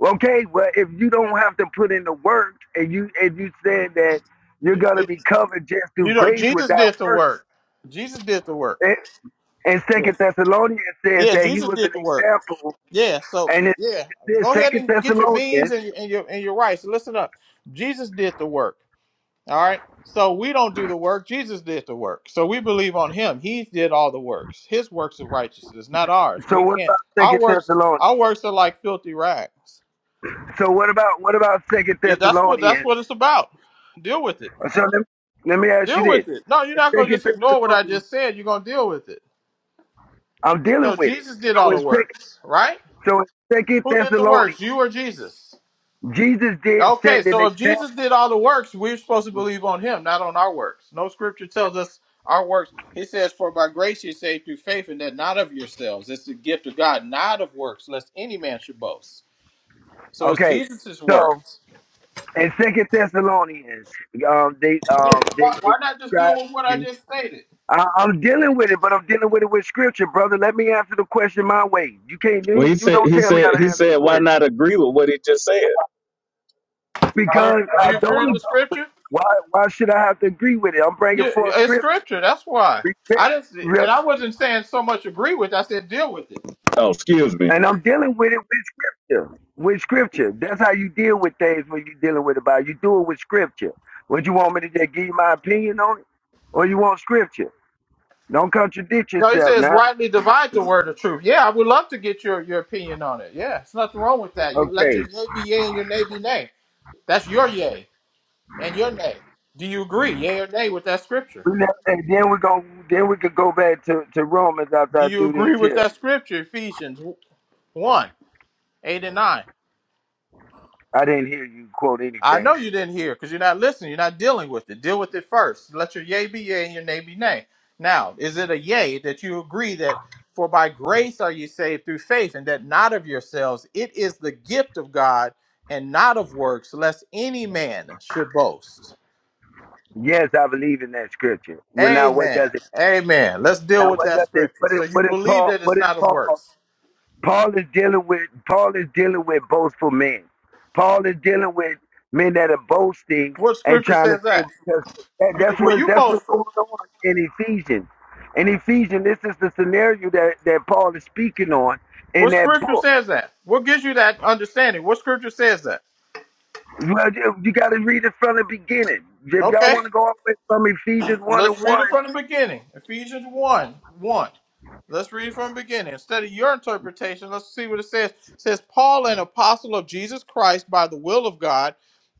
S9: okay. Well, if you don't have to put in the work, and you and you said that you're gonna
S4: It-
S9: be covered just
S4: you
S9: through
S4: know,
S9: grace
S4: Jesus did
S9: without
S4: the
S9: works,
S4: work. Jesus did the work.
S9: and, and
S4: Yeah,
S9: Second Thessalonians says
S4: yeah,
S9: that he
S4: Jesus
S9: was an
S4: did the work.
S9: example
S4: Yeah, so
S9: And it,
S4: yeah,
S9: it says
S4: go ahead
S9: Second
S4: and get your beans
S9: Thessalonians.
S4: and, and your and your rice. Listen up, Jesus did the work. All right. So we don't do the work. Jesus did the work. So we believe on him. He did all the works. His works of righteousness, not ours.
S9: So
S4: We
S9: what
S4: can't.
S9: about
S4: Our
S9: Second
S4: works,
S9: Thessalonians?
S4: our works are like filthy rags.
S9: So what about what about Second
S4: Yeah, that's what that's
S9: Thessalonians?
S4: what it's about. Deal with it.
S9: So let, me let me ask you
S4: Deal
S9: this:
S4: with it. No, you're
S9: In
S4: not gonna
S9: Second
S4: just ignore what I
S9: Thessalonians,
S4: just said. You're gonna deal with it.
S9: I'm dealing
S4: So
S9: with it.
S4: Jesus did
S9: So
S4: all
S9: in
S4: the
S9: Second,
S4: works, right?
S9: so in Second
S4: Who did the
S9: Thessalonians,
S4: works? You or Jesus?
S9: Jesus did
S4: Okay,
S9: set an
S4: so if
S9: example.
S4: Jesus did all the works, we're supposed to believe on him, not on our works. No scripture tells us our works. He says, For by grace you're saved through faith, and that not of yourselves. It's the gift of God, not of works, lest any man should boast. So it's
S9: Okay,
S4: Jesus'
S9: so
S4: works.
S9: in Second Thessalonians, um, they
S4: Yeah,
S9: um they
S4: why, why not just deal
S9: describe
S4: with what I
S9: you.
S4: just stated?
S9: I, I'm dealing with it, but I'm dealing with it with scripture, brother. Let me answer the question my way. You can't
S2: Well,
S9: you,
S2: he
S9: you
S2: said
S9: don't
S2: he
S9: tell me how
S2: said
S9: to
S2: he
S9: answer the
S2: said
S9: question.
S2: why not agree with what he just said?
S4: Do you
S9: because
S4: do
S9: I
S4: you agree
S9: don't
S4: with the
S9: agree with
S4: scripture?
S9: it. Why, why should I have to agree with it? I'm bringing
S4: Yeah,
S9: forth
S4: it's
S9: script,
S4: scripture. That's why
S9: respect,
S4: I didn't, see-
S9: real-
S4: and I wasn't saying so much agree with. I said deal with it.
S2: Oh, excuse me.
S9: and I'm dealing with it with scripture. With scripture. That's how you deal with things when you're dealing with the Bible. You do it with scripture. Would you want me to just give you my opinion on it? Or you want scripture? Don't contradict
S4: No, he
S9: yourself
S4: says
S9: now.
S4: rightly divide the word of truth. Yeah, I would love to get your your opinion on it. Yeah, it's nothing wrong with that. You let
S9: Okay.
S4: your yay be yay and your nay be nay. That's your yay and your nay. Do you agree, yay or nay, with that scripture?
S9: We never, and then we're going then we could go back to, to Romans after
S4: Do
S9: I
S4: you
S9: do this
S4: agree with
S9: here.
S4: that scripture, Ephesians one eight and nine?
S9: I didn't hear you quote
S4: I
S9: anything.
S4: know you didn't hear because you're not listening. You're not dealing with it. Deal with it first. Let your yea be yea and your nay be nay. Now, is it a yea that you agree that for by grace are you saved through faith and that not of yourselves? It is the gift of God and not of works, lest any man should boast.
S9: Yes, I believe in that scripture. Well, now what
S4: Amen.
S9: does
S4: Amen. Let's deal
S9: Now
S4: with
S9: what
S4: that
S9: that is
S4: scripture.
S9: what is
S4: So you
S9: what is
S4: believe
S9: Paul
S4: that it's
S9: what is
S4: not of
S9: Paul uh,
S4: works.
S9: Paul is dealing with Paul is dealing with boastful men. Paul is dealing with men that are boasting
S4: What
S9: and
S4: scripture
S9: trying to
S4: says
S9: say
S4: that?
S9: because that,
S4: You,
S9: that's
S4: were
S9: what
S4: you
S9: that's what's going
S4: boastful?
S9: on in Ephesians. In Ephesians, this is the scenario that, that Paul is speaking on in
S4: What
S9: that
S4: scripture
S9: book.
S4: says that? What gives you that understanding? What scripture says that?
S9: Well, You, you got to read it from the beginning. If y'all
S4: Okay.
S9: want to go all the way from Ephesians 1
S4: Let's
S9: and
S4: read
S9: 1,
S4: it from the beginning. Ephesians 1 1. Let's read it from the beginning. Instead of your interpretation, let's see what it says. It says, Paul, an apostle of Jesus Christ by the will of God,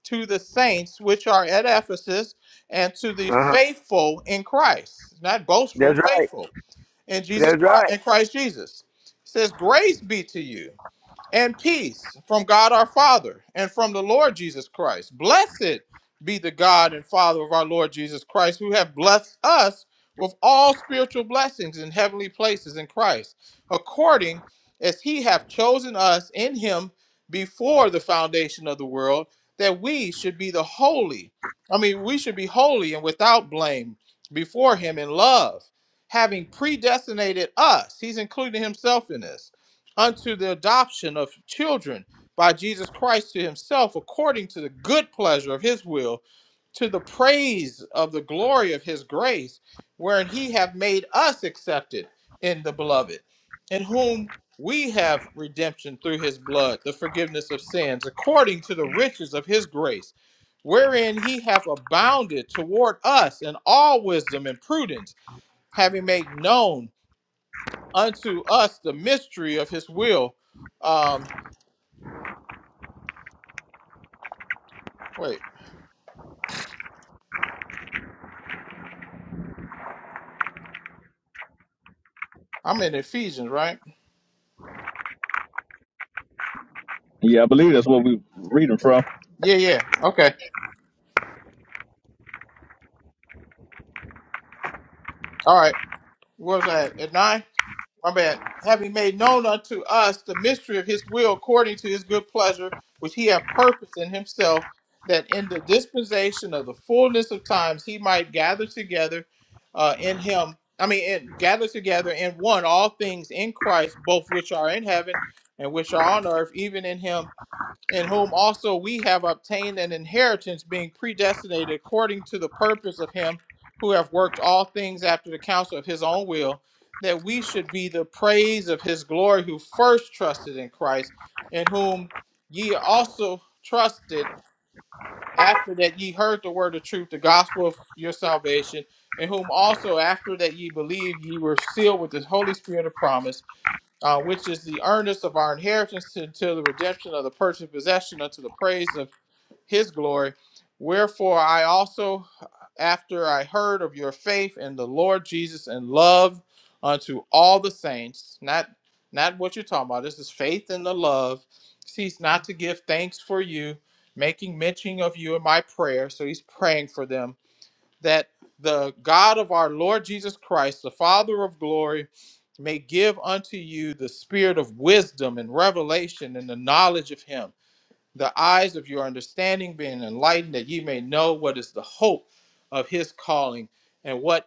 S4: to the saints which are at Ephesus, and to the
S9: uh-huh.
S4: faithful in Christ. It's Not boastful,
S9: that's right.
S4: faithful in Jesus
S9: That's
S4: Christ
S9: right.
S4: in Christ Jesus. It says, Grace be to you and peace from God our Father and from the Lord Jesus Christ. Blessed be the God and Father of our Lord Jesus Christ, who have blessed us with all spiritual blessings in heavenly places in Christ, according as he hath chosen us in him before the foundation of the world, that we should be the holy. I mean, we should be holy and without blame before him in love, having predestinated us. He's including himself in this unto the adoption of children by Jesus Christ to himself, according to the good pleasure of his will, to the praise of the glory of his grace, wherein he hath made us accepted in the beloved, in whom we have redemption through his blood, the forgiveness of sins, according to the riches of his grace, wherein he hath abounded toward us in all wisdom and prudence, having made known unto us the mystery of his will. Um, wait, I'm in Ephesians, right?
S2: Yeah, I believe that's what we were reading from.
S4: Yeah, yeah. Okay. All right. What was that? At nine? My bad. Having made known unto us the mystery of his will according to his good pleasure, which he hath purposed in himself, that in the dispensation of the fullness of times he might gather together uh, in him, I mean, and gather together in one all things in Christ, both which are in heaven and which are on earth, even in him in whom also we have obtained an inheritance, being predestinated according to the purpose of Him who have worked all things after the counsel of His own will, that we should be the praise of His glory, who first trusted in Christ, in whom ye also trusted after that ye heard the word of truth, the gospel of your salvation, in whom also after that ye believed, ye were sealed with the Holy Spirit of promise uh, which is the earnest of our inheritance until the redemption of the purchased possession unto the praise of his glory. Wherefore I also, after I heard of your faith in the Lord Jesus and love unto all the saints, not not what you're talking about. This is faith and the love. Cease not to give thanks for you, making mention of you in my prayer. So he's praying for them that the God of our Lord Jesus Christ, the Father of glory, may give unto you the spirit of wisdom and revelation and the knowledge of him, the eyes of your understanding being enlightened, that ye may know what is the hope of his calling and what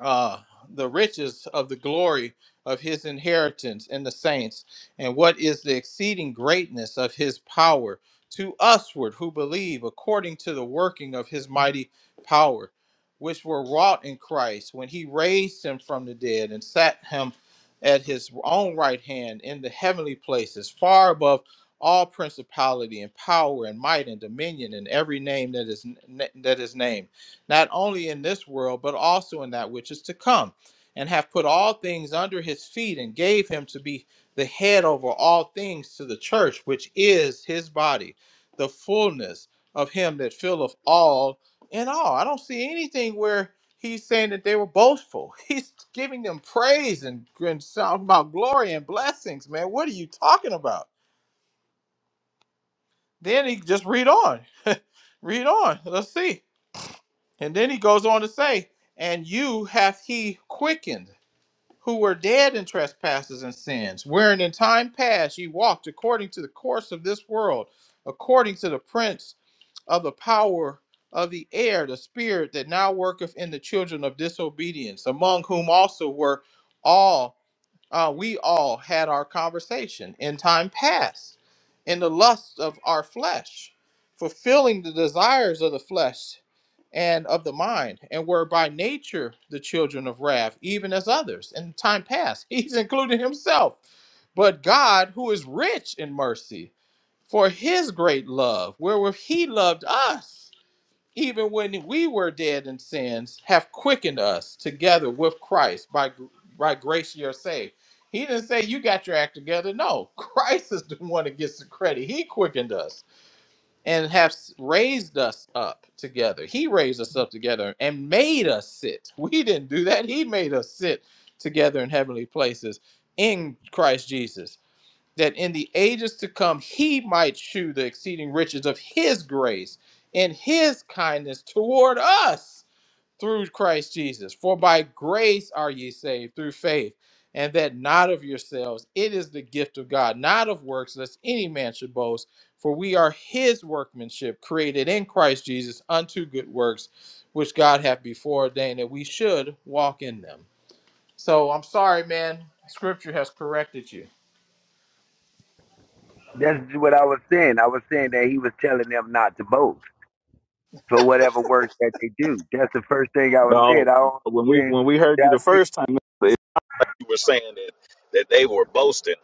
S4: uh, the riches of the glory of his inheritance in the saints, and what is the exceeding greatness of his power to usward who believe, according to the working of his mighty power, which were wrought in Christ when he raised him from the dead and sat him at his own right hand in the heavenly places, far above all principality and power and might and dominion and every name that is that is named not only in this world, but also in that which is to come, and have put all things under his feet, and gave him to be the head over all things to the church, which is his body, the fullness of him that filleth all in all. I don't see anything where he's saying that they were boastful. He's giving them praise and, and talking about glory and blessings, man. What are you talking about? Then he just read on, read on. Let's see. And then he goes on to say, And you hath he quickened, who were dead in trespasses and sins, wherein in time past ye walked according to the course of this world, according to the prince of the power of the air, the spirit that now worketh in the children of disobedience, among whom also were all, uh, we all had our conversation in time past, in the lust of our flesh, fulfilling the desires of the flesh and of the mind, and were by nature the children of wrath, even as others. In time past, he's including himself. But God, who is rich in mercy, for his great love, wherewith he loved us, even when we were dead in sins, have quickened us together with Christ. By, by grace you're saved. He didn't say you got your act together. No, Christ is the one that gets the credit. He quickened us and have raised us up together. He raised us up together and made us sit. We didn't do that. He made us sit together in heavenly places in Christ Jesus, that in the ages to come he might shew the exceeding riches of his grace and his kindness toward us through Christ Jesus. For by grace are ye saved through faith, and that not of yourselves. It is the gift of God, not of works, lest any man should boast. For we are his workmanship, created in Christ Jesus unto good works, which God hath before ordained that we should walk in them. So I'm sorry, man. Scripture has corrected you.
S9: That's what I was saying. I was saying that he was telling them not to boast. for whatever work that they do. That's the first thing I was saying.
S2: No,
S9: I don't
S2: when we
S9: understand.
S2: when we heard you the first time, you were saying that that they were boasting.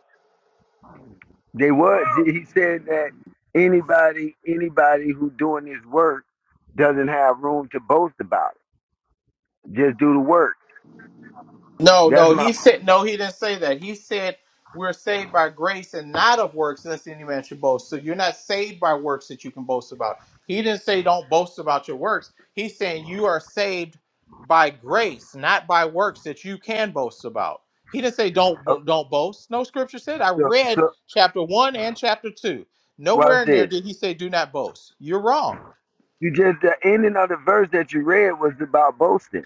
S9: They was. He said that anybody, anybody who doing this work doesn't have room to boast about it. Just do the work.
S4: No,
S9: That's
S4: no,
S9: my.
S4: he said no, he didn't say that. He said we're saved by grace and not of works, lest any man should boast. So you're not saved by works that you can boast about. He didn't say don't boast about your works. He's saying you are saved by grace, not by works that you can boast about. He didn't say don't
S9: Okay,
S4: don't boast. No scripture said. I
S9: so,
S4: read
S9: so
S4: chapter one and chapter two. Nowhere
S9: what's
S4: in there
S9: this?
S4: did he say do not boast. You're wrong.
S9: You just the ending of the verse that you read was about boasting.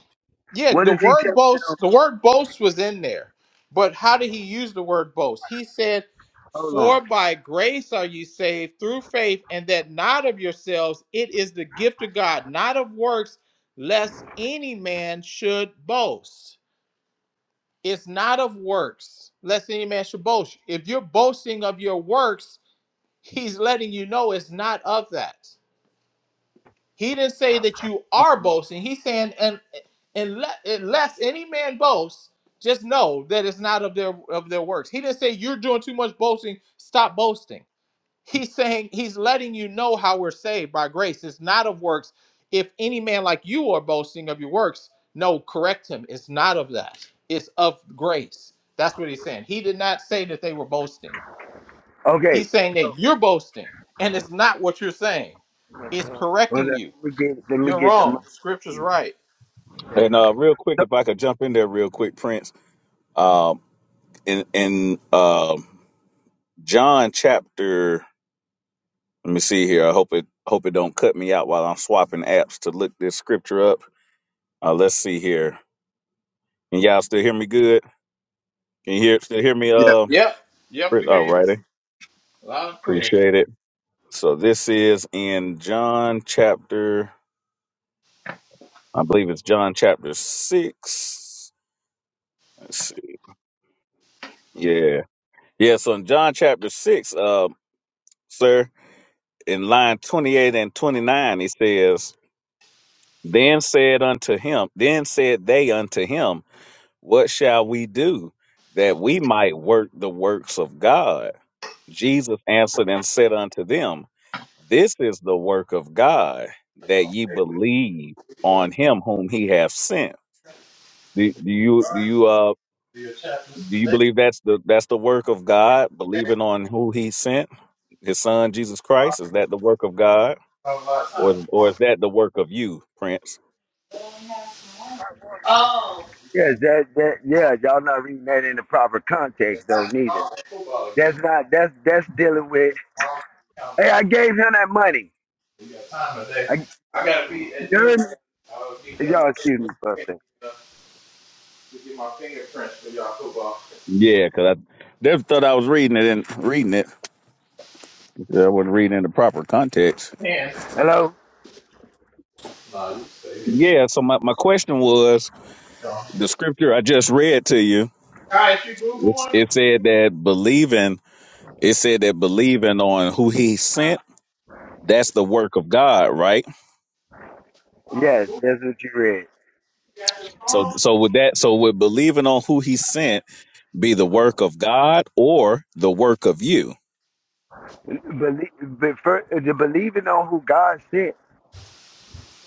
S4: Yeah,
S9: What
S4: the
S9: does he tell
S4: word
S9: them?
S4: boast, the word boast was in there. But how did he use the word boast? He said,
S9: Hold on.
S4: For by grace are you saved through faith, and that not of yourselves, it is the gift of God, not of works, lest any man should boast. It's not of works, lest any man should boast. If you're boasting of your works, he's letting you know it's not of that. He didn't say that you are boasting. He's saying, and unless, unless any man boasts, just know that it's not of their of their works. He didn't say you're doing too much boasting. Stop boasting. He's saying he's letting you know how we're saved by grace. It's not of works. If any man like you are boasting of your works, no, correct him. It's not of that. It's of grace. That's what he's saying. He did not say that they were boasting.
S9: Okay.
S4: He's saying
S9: So,
S4: that you're boasting, and it's not what you're saying. It's
S9: well, let
S4: correcting you
S9: me get let me
S4: you're
S9: get the
S4: wrong. Scripture's
S9: money.
S4: right.
S9: So
S2: And uh, real quick, if I could jump in there real quick, Prince. Um, in in um John chapter, let me see here. I hope it hope it don't cut me out while I'm swapping apps to look this scripture up. Uh, let's see here. Can y'all still hear me good? Can you hear still hear me?
S8: Yeah,
S2: Uh,
S4: Yep. Yep, we
S2: Prince?
S4: hear
S2: all
S4: you.
S2: righty,
S4: Loud and clear.
S2: appreciate it. So this is in John chapter. I believe it's John chapter six. Let's see. Yeah. Yeah. So in John chapter six, uh, sir, in line 28 and 29, he says, Then said unto him, then said they unto him, What shall we do that we might work the works of God? Jesus answered and said unto them, This is the work of God, that ye believe
S4: Yeah.
S2: on him whom he hath sent. Do, do you
S4: All
S2: do
S4: right.
S2: you uh
S4: Do your chapters
S2: Do you
S4: today.
S2: believe that's the that's the work of God? Believing on who He sent, His Son Jesus
S4: All right.
S2: Christ, is that the work of God,
S4: Have a lot of
S2: or
S4: time.
S2: or
S4: All
S2: is that the work of you, Prince?
S4: right. Oh. You
S9: Yeah,
S4: got it.
S9: that that yeah, y'all not reading that in the proper context though,
S4: That's
S9: neither.
S4: all Football
S9: That's
S4: again.
S9: not that's that's dealing with hey, I gave him that money.
S4: You got time today?
S9: I
S4: I gotta be
S9: you
S4: at noon.
S9: heard me?
S4: I gotta be done
S9: Y'all excuse me for a second.
S4: to get my fingerprints for y'all football.
S2: Yeah, because I never thought I was reading it and reading it. I wasn't reading it in the proper context.
S4: Yeah.
S9: Hello?
S4: No. you stay here.
S2: Yeah. So my my question was
S4: All
S2: the scripture I just read to you.
S4: right, you boo
S2: It's,
S4: booing?
S2: it said that believing. It said that believing on who He sent. That's the work of God, right?
S4: Oh, you
S9: Yes,
S4: boo?
S9: that's what you read.
S4: You got your
S2: So so with that, so with believing on who He sent be the work of God or the work of you.
S9: Believe but for, the believing on who God sent.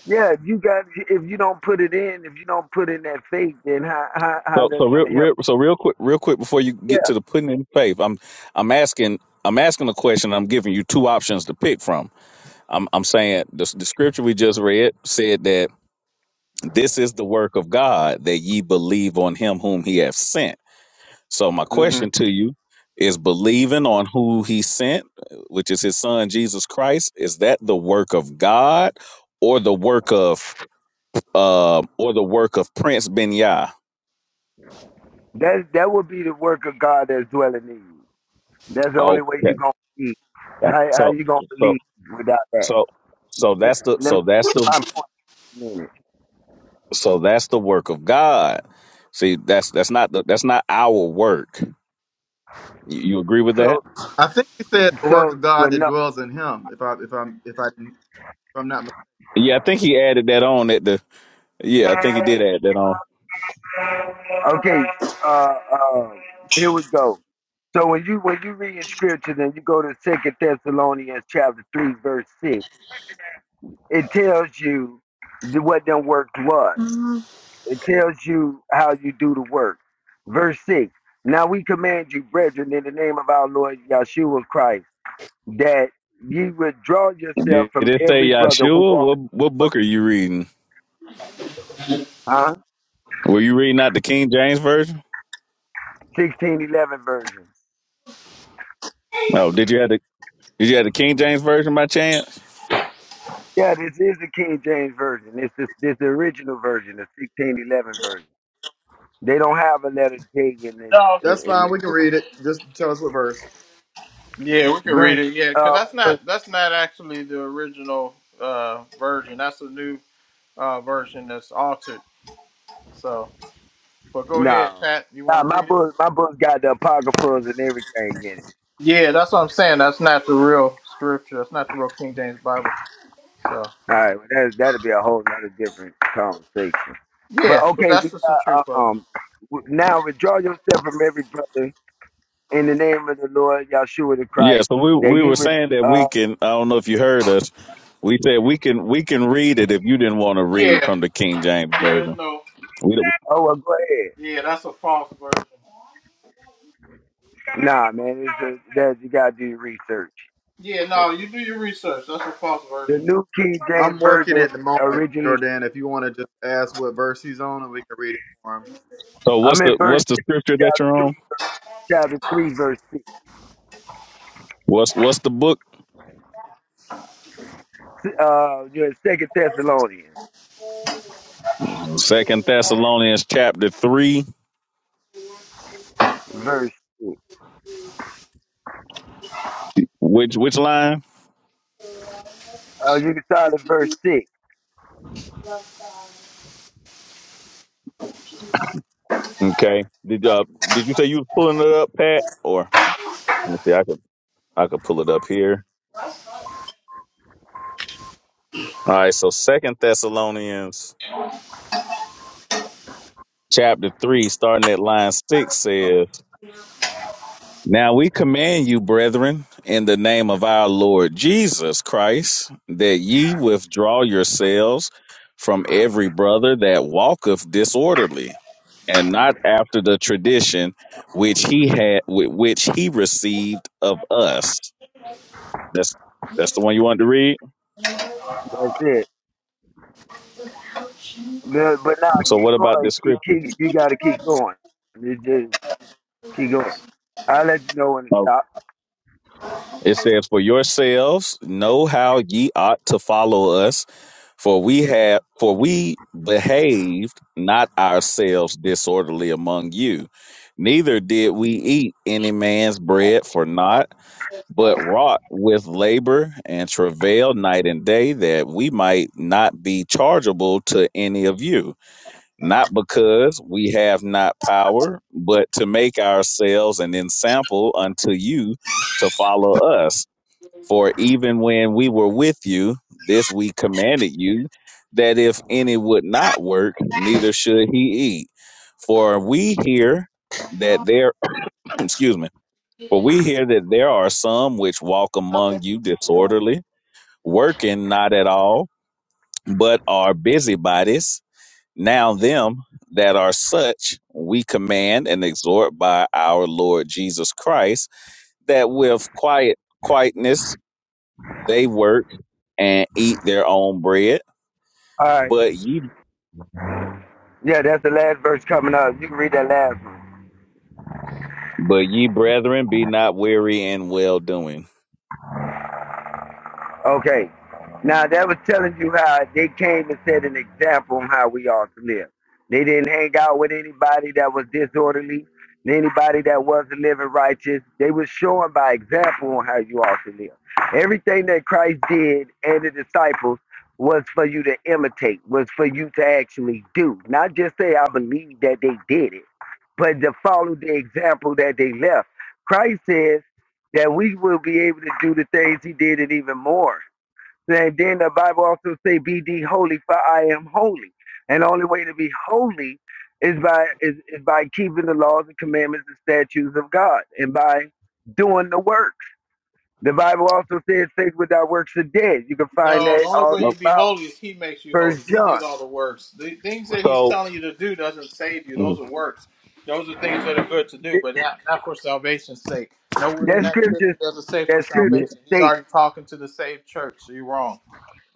S9: Yeah, if you got if you don't put it in, if you don't put in that faith, then how how, how
S2: So so
S9: that's
S2: real,
S9: gonna help?
S2: real so real quick real quick before you get
S9: Yeah.
S2: to the putting in faith, I'm I'm asking I'm asking a question. I'm giving you two options to pick from. I'm I'm saying the, the scripture we just read said that this is the work of God that ye believe on him whom he hath sent. So my
S9: hmm
S2: question to you is believing on who he sent, which is his son Jesus Christ, is that the work of God or the work of uh, or the work of Prince Benyai.
S9: That that would be the work of God that's dwelling in you. That's the only way
S2: Okay,
S9: you're gonna believe.
S2: thanks.
S9: How how
S2: So,
S9: you gonna
S2: so,
S9: believe without that?
S2: so, so
S9: Let,
S2: that's the
S9: let me get
S2: so that's the
S9: my point in a minute.
S2: so that's the work of God. See, that's that's not the that's not our work. You, you agree with
S9: So
S2: that?
S8: I think he said the work
S9: so
S8: of God
S9: well
S8: that
S9: no
S8: dwells in him. If I if I'm if I if I'm not,
S2: Yeah, I think he added that on at the. Yeah, I think he did add that on.
S9: okay uh uh here we go. So when you when you read in scripture then you go to Second Thessalonians chapter three verse six, it tells you the- what them work was.
S4: phone?
S9: It tells you how you do the work. Verse six. Now we command you, brethren, in the name of our Lord Yeshua Christ that ye withdraw yourself
S2: Did
S9: from
S2: it say
S9: every brother who
S2: Yahshua?
S9: walk.
S2: What what book are you reading?
S9: Huh?
S2: Were you reading out the King James version?
S9: 1611 version.
S2: No, did you have the did you have the King James version by chance?
S9: Yeah, this is the King James version. It's this this the original version, the 1611 version. They don't have a letter J in this
S4: Mhm.
S8: that's
S9: in, in
S8: fine.
S9: this
S8: We can
S9: book.
S8: read it. Just tell us what verse.
S4: Yeah, we can read
S9: Verse
S4: it. Yeah,
S9: uh
S4: because that's
S9: verse,
S4: not that's not actually the original uh, version. That's a new uh, version that's altered. So, but go ahead,
S9: no.
S4: Pat. You
S9: Nah,
S4: want to
S9: my
S4: read it?
S9: book my book's got the apocryphals and everything in it.
S4: Yeah, that's what I'm saying. That's not the real scripture. That's not the real King James Bible. So,
S9: All right, well, that that'll be a whole nother different conversation. But
S4: yeah, but
S9: okay, we
S4: that's just the
S9: got
S4: truth
S9: uh,
S4: of it.
S9: um w- now withdraw yourself from every brother in the name of the Lord Yahshua the
S2: Yeah,
S9: Christ
S2: so we
S9: that
S2: we
S9: you
S2: were
S9: would.
S2: saying that
S9: Uh,
S2: we can. I don't know if you heard us. We said we can we can read it if you didn't want to read
S4: Yeah,
S2: from the King James
S4: there is
S2: version.
S4: no.
S2: We don't-
S9: oh, well, go ahead.
S4: Yeah, that's a false version.
S9: Nah, man, it's just, that you gotta do your research.
S4: Yeah, no, you do your research. That's a false
S9: The
S4: version.
S9: New King James
S8: I'm working
S9: Version
S8: at the moment,
S9: originally.
S8: Jordan. If you want to just ask what verse he's on, and we can read it for him.
S2: so
S9: I'm
S2: what's
S9: in
S2: the
S9: verse
S2: what's the
S9: six,
S2: scripture that
S9: chapter
S2: you're on?
S9: three, chapter three, verse six.
S2: What's what's the book?
S9: Uh, you're in Second Thessalonians,
S2: Second Thessalonians chapter three.
S9: verse six.
S2: Which which line?
S9: Uh, you can start at verse six.
S2: Okay. Did you uh, did you say you was pulling it up, Pat? Or let me see. I could I could pull it up here. All right, so Second Thessalonians chapter three, starting at line six, says, "Now we command you, brethren, in the name of our Lord Jesus Christ, that ye withdraw yourselves from every brother that walketh disorderly, and not after the tradition which he had, with which he received of us." That's that's the one you wanted to read.
S9: That's it. But, but now
S2: So,
S9: keep
S2: what about
S9: going.
S2: this
S9: Keep,
S2: scripture?
S9: keep, you gotta keep going. You just keep going. I'll let you know when to stop.
S2: It says, "For yourselves know how ye ought to follow us, for we have, for we behaved not ourselves disorderly among you, neither did we eat any man's bread for naught, but wrought with labor and travail night and day, that we might not be chargeable to any of you. Not because we have not power, but to make ourselves an ensample unto you." to follow us. For even when we were with you, this we commanded you, that if any would not work, neither should he eat. For we hear that there, excuse me, for we hear that there are some which walk among you disorderly, working not at all, but are busybodies. Now them that are such, we command and exhort by our Lord Jesus Christ, that with quiet quietness they work and eat their own bread,
S9: All right.
S2: but ye,
S9: Yeah, that's the last verse coming up. You can read that last one.
S2: but ye brethren, be not weary in well doing.
S9: Okay. Now that was telling you how they came and set an example on how we ought to live. They didn't hang out with anybody that was disorderly, anybody that wasn't living righteous. They was showing by example on how you ought to live. Everything that Christ did and the disciples was for you to imitate, was for you to actually do. Not just say, I believe that they did it, but to follow the example that they left. Christ says that we will be able to do the things he did and even more. And then the Bible also say, be thee holy for I am holy. And the only way to be holy is by is, is by keeping the laws and commandments and statutes of God and by doing the works. The Bible also says faith without works are dead. You can find
S4: No, the
S9: that
S4: only
S9: all
S4: way you
S2: Well,
S4: be
S9: throughout
S4: holy is He makes you holy.
S9: First
S4: He did
S9: John.
S4: all the works. The things that He's
S2: So,
S4: telling you to do doesn't save you. Those
S2: mhm.
S4: are works. Those are things that are good to do,
S9: It-
S4: but not, not for salvation's sake. Nowhere in
S9: That
S4: that scripture
S9: scripture
S4: does it say for
S9: that scripture
S2: yeah,
S4: salvation. He's
S9: states
S4: already talking to the saved church. So you're wrong.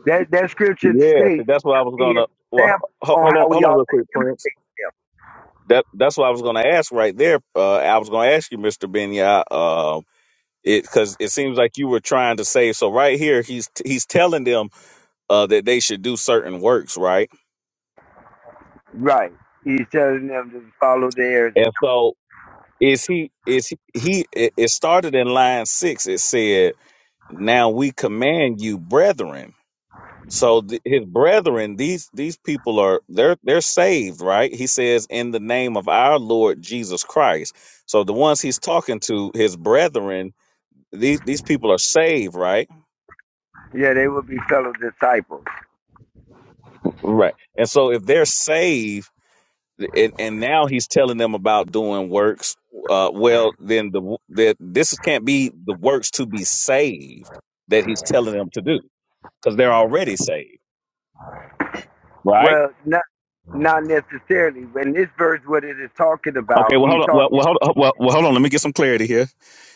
S9: that that scripture
S2: yeah. See,
S9: states
S2: that's what
S9: to
S2: I was
S9: be an
S2: gonna. Well,
S9: example
S2: ho-
S9: on
S2: hold on,
S9: how we
S2: hold on,
S9: ought
S2: real
S9: to
S2: quick,
S9: imitate.
S2: Prince. That that's what I was gonna ask right there. Uh, I was gonna ask you, Mister Benya, uh, um, it because it seems like you were trying to say. So right here, he's he's telling them uh, that they should do certain works, right?
S9: Right. He's telling them to follow theirs.
S2: And so is he is he, he it it started in line six it said now we command you brethren so th- his brethren these these people are they're they're saved right he says in the name of our lord jesus christ so the ones he's talking to his brethren these these people are saved right
S9: Yeah, they will be fellow disciples.
S2: right and so if they're saved and, and now he's telling them about doing works. Uh, well, then the w- that this can't be the works to be saved that he's telling them to do because they're already saved, right?
S9: Well, not not necessarily. When this verse, what it is talking about,
S2: Okay, well,
S9: he's
S2: hold on. Well,
S9: talking
S2: well, hold on. Well, well, hold on. Let me get some clarity here.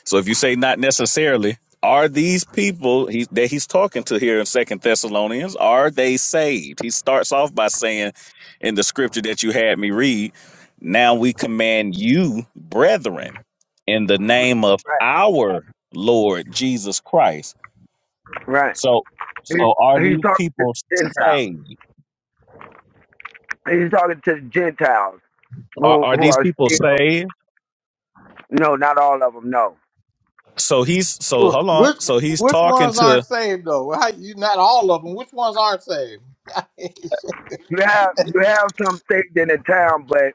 S2: So, if you say not necessarily, are these people he, that he's talking to here in Second Thessalonians are they saved? He starts off by saying, in the scripture that you had me read, now we command you, brethren, in the name of
S9: right,
S2: our Lord Jesus Christ.
S9: right.
S2: So,
S9: He,
S2: so are
S9: he's
S2: these
S9: talking to
S2: people
S9: the Gentiles.
S2: saved?
S9: He's talking to the Gentiles
S2: Are,
S9: who
S2: are
S9: who
S2: these
S9: are
S2: people
S9: still
S2: saved?
S9: no, not all of them. No,
S2: So he's so
S4: Sure.
S2: hold on.
S4: Which
S2: So he's
S4: which
S2: talking
S4: ones
S2: to
S4: aren't saved though? How, you not all of them. Which ones aren't saved?
S9: you have you have some saved in the town, but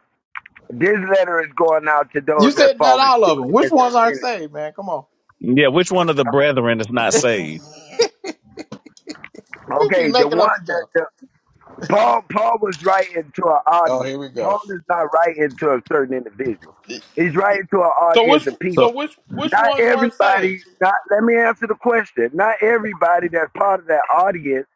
S9: this letter is going out to
S4: you
S9: those that
S4: said not
S9: fallen
S4: all
S9: short.
S4: of them. Which
S9: as it
S4: ones aren't
S9: is.
S4: saved, man? Come on.
S2: Yeah, which one of the brethren is not saved?
S4: People be
S9: Okay, the
S4: making
S9: one
S4: up
S9: that
S4: stuff.
S9: the Paul Paul was writing to an
S4: Oh,
S9: audience.
S4: here we go.
S9: Paul is not writing to a certain individual. He's writing to an
S4: So
S9: audience
S4: which
S9: of people.
S2: So,
S4: so which which
S9: Not
S4: ones weren't saved?
S9: everybody, not let me answer the question. Not everybody that's part of that audience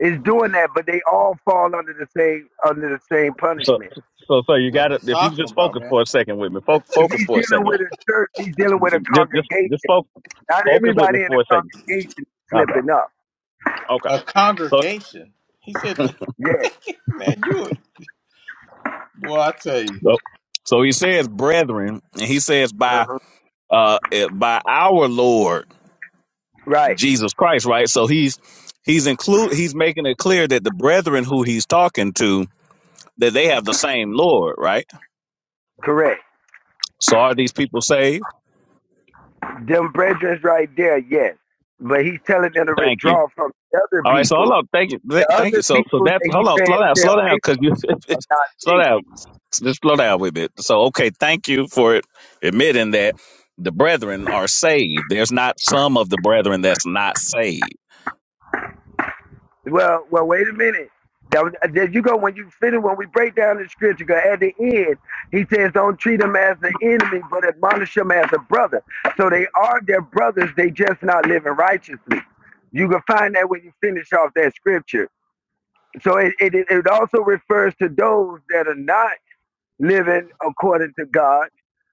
S9: is doing that, but they all fall under the same under the same
S2: so,
S9: punishment.
S2: so, so you
S4: What are
S2: got to
S4: you
S2: if you
S4: talking
S2: just
S4: about,
S2: focus
S4: man?
S2: for a second with me, fo-
S9: If
S2: focus
S9: he's
S2: for a
S9: dealing
S2: second.
S9: with a church, he's dealing with a
S2: Just, just, just
S9: congregation.
S2: fo-
S9: Not
S2: focus with me
S9: everybody in the
S2: for a second.
S9: congregation is
S2: Okay.
S9: slipping up.
S2: Okay.
S4: A
S2: So,
S4: congregation. He said,
S9: Yeah.
S4: "Man, you boy, I tell you."
S2: so, so he says, brethren, and he says by,
S9: Uh-huh.
S2: uh, eh, by our Lord
S9: Right.
S2: Jesus Christ, right? So he's, he's include, he's making it clear that the brethren who he's talking to that they have the same Lord, right?
S9: Correct.
S2: So are these people saved?
S9: Them brethrens right there, yes. But he's telling them to
S2: Thank you.
S9: withdraw from the other
S2: All right, so hold
S9: people.
S2: on. Thank you. Th-
S9: The
S2: Thank you.
S9: other
S2: So, so
S9: people
S2: that
S9: that he's
S2: hold on,
S9: saying
S2: slow down,
S9: stay
S2: slow down,
S9: away
S2: because you
S9: from are not
S2: slow
S9: saved.
S2: down, just slow down with it. So, okay, thank you for admitting that the brethren are saved. There's not some of the brethren that's not saved.
S9: Well, well, wait a minute. That was- uh, There you go. When you finish, when we break down the scripture, 'cause at the end, he says, "Don't treat them as the enemy, but admonish them as a brother." So they are their brothers. They just not living righteously. You can find that when you finish off that scripture. So it, it, it also refers to those that are not living according to God.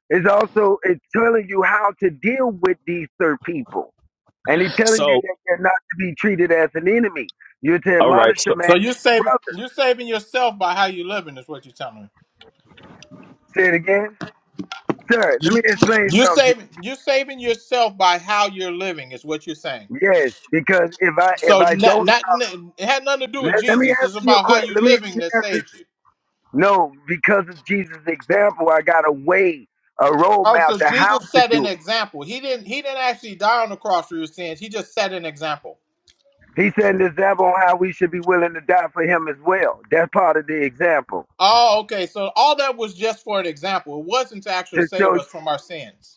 S9: It's also it's telling you how to deal with these third people. And he's telling you
S2: So,
S9: that they're not to be treated as an enemy. You're to
S2: all right,
S9: admonish
S2: so
S9: them as
S4: So you're saving
S9: brother.
S4: you're saving yourself by how you're living is what you're telling me.
S9: Say it again. Sir, let
S4: You,
S9: me explain
S4: you're
S9: something. to
S4: saving you're saving yourself by how you're living is what you're saying.
S9: you. Yes, because if I if
S4: So
S9: I
S4: not,
S9: don't
S4: not it had nothing to do with
S9: let, let me
S4: Jesus.
S9: answer
S4: It's
S9: your
S4: about how
S9: question.
S4: you
S9: Let me, let
S4: living
S9: me
S4: that
S9: answer
S4: saved you.
S9: No, because of Jesus' example, I got a way, a
S4: Oh,
S9: roadmap
S4: so
S9: to how
S4: Jesus
S9: to
S4: set an
S9: do
S4: example. He didn't he didn't actually die on the cross for your sins. He just set an example.
S9: it. He set an example on how we should be willing to die for him as well. That's part of the example.
S4: Oh, okay. So all that was just for an example. It wasn't to actually
S9: to
S4: save
S9: show
S4: us from our sins.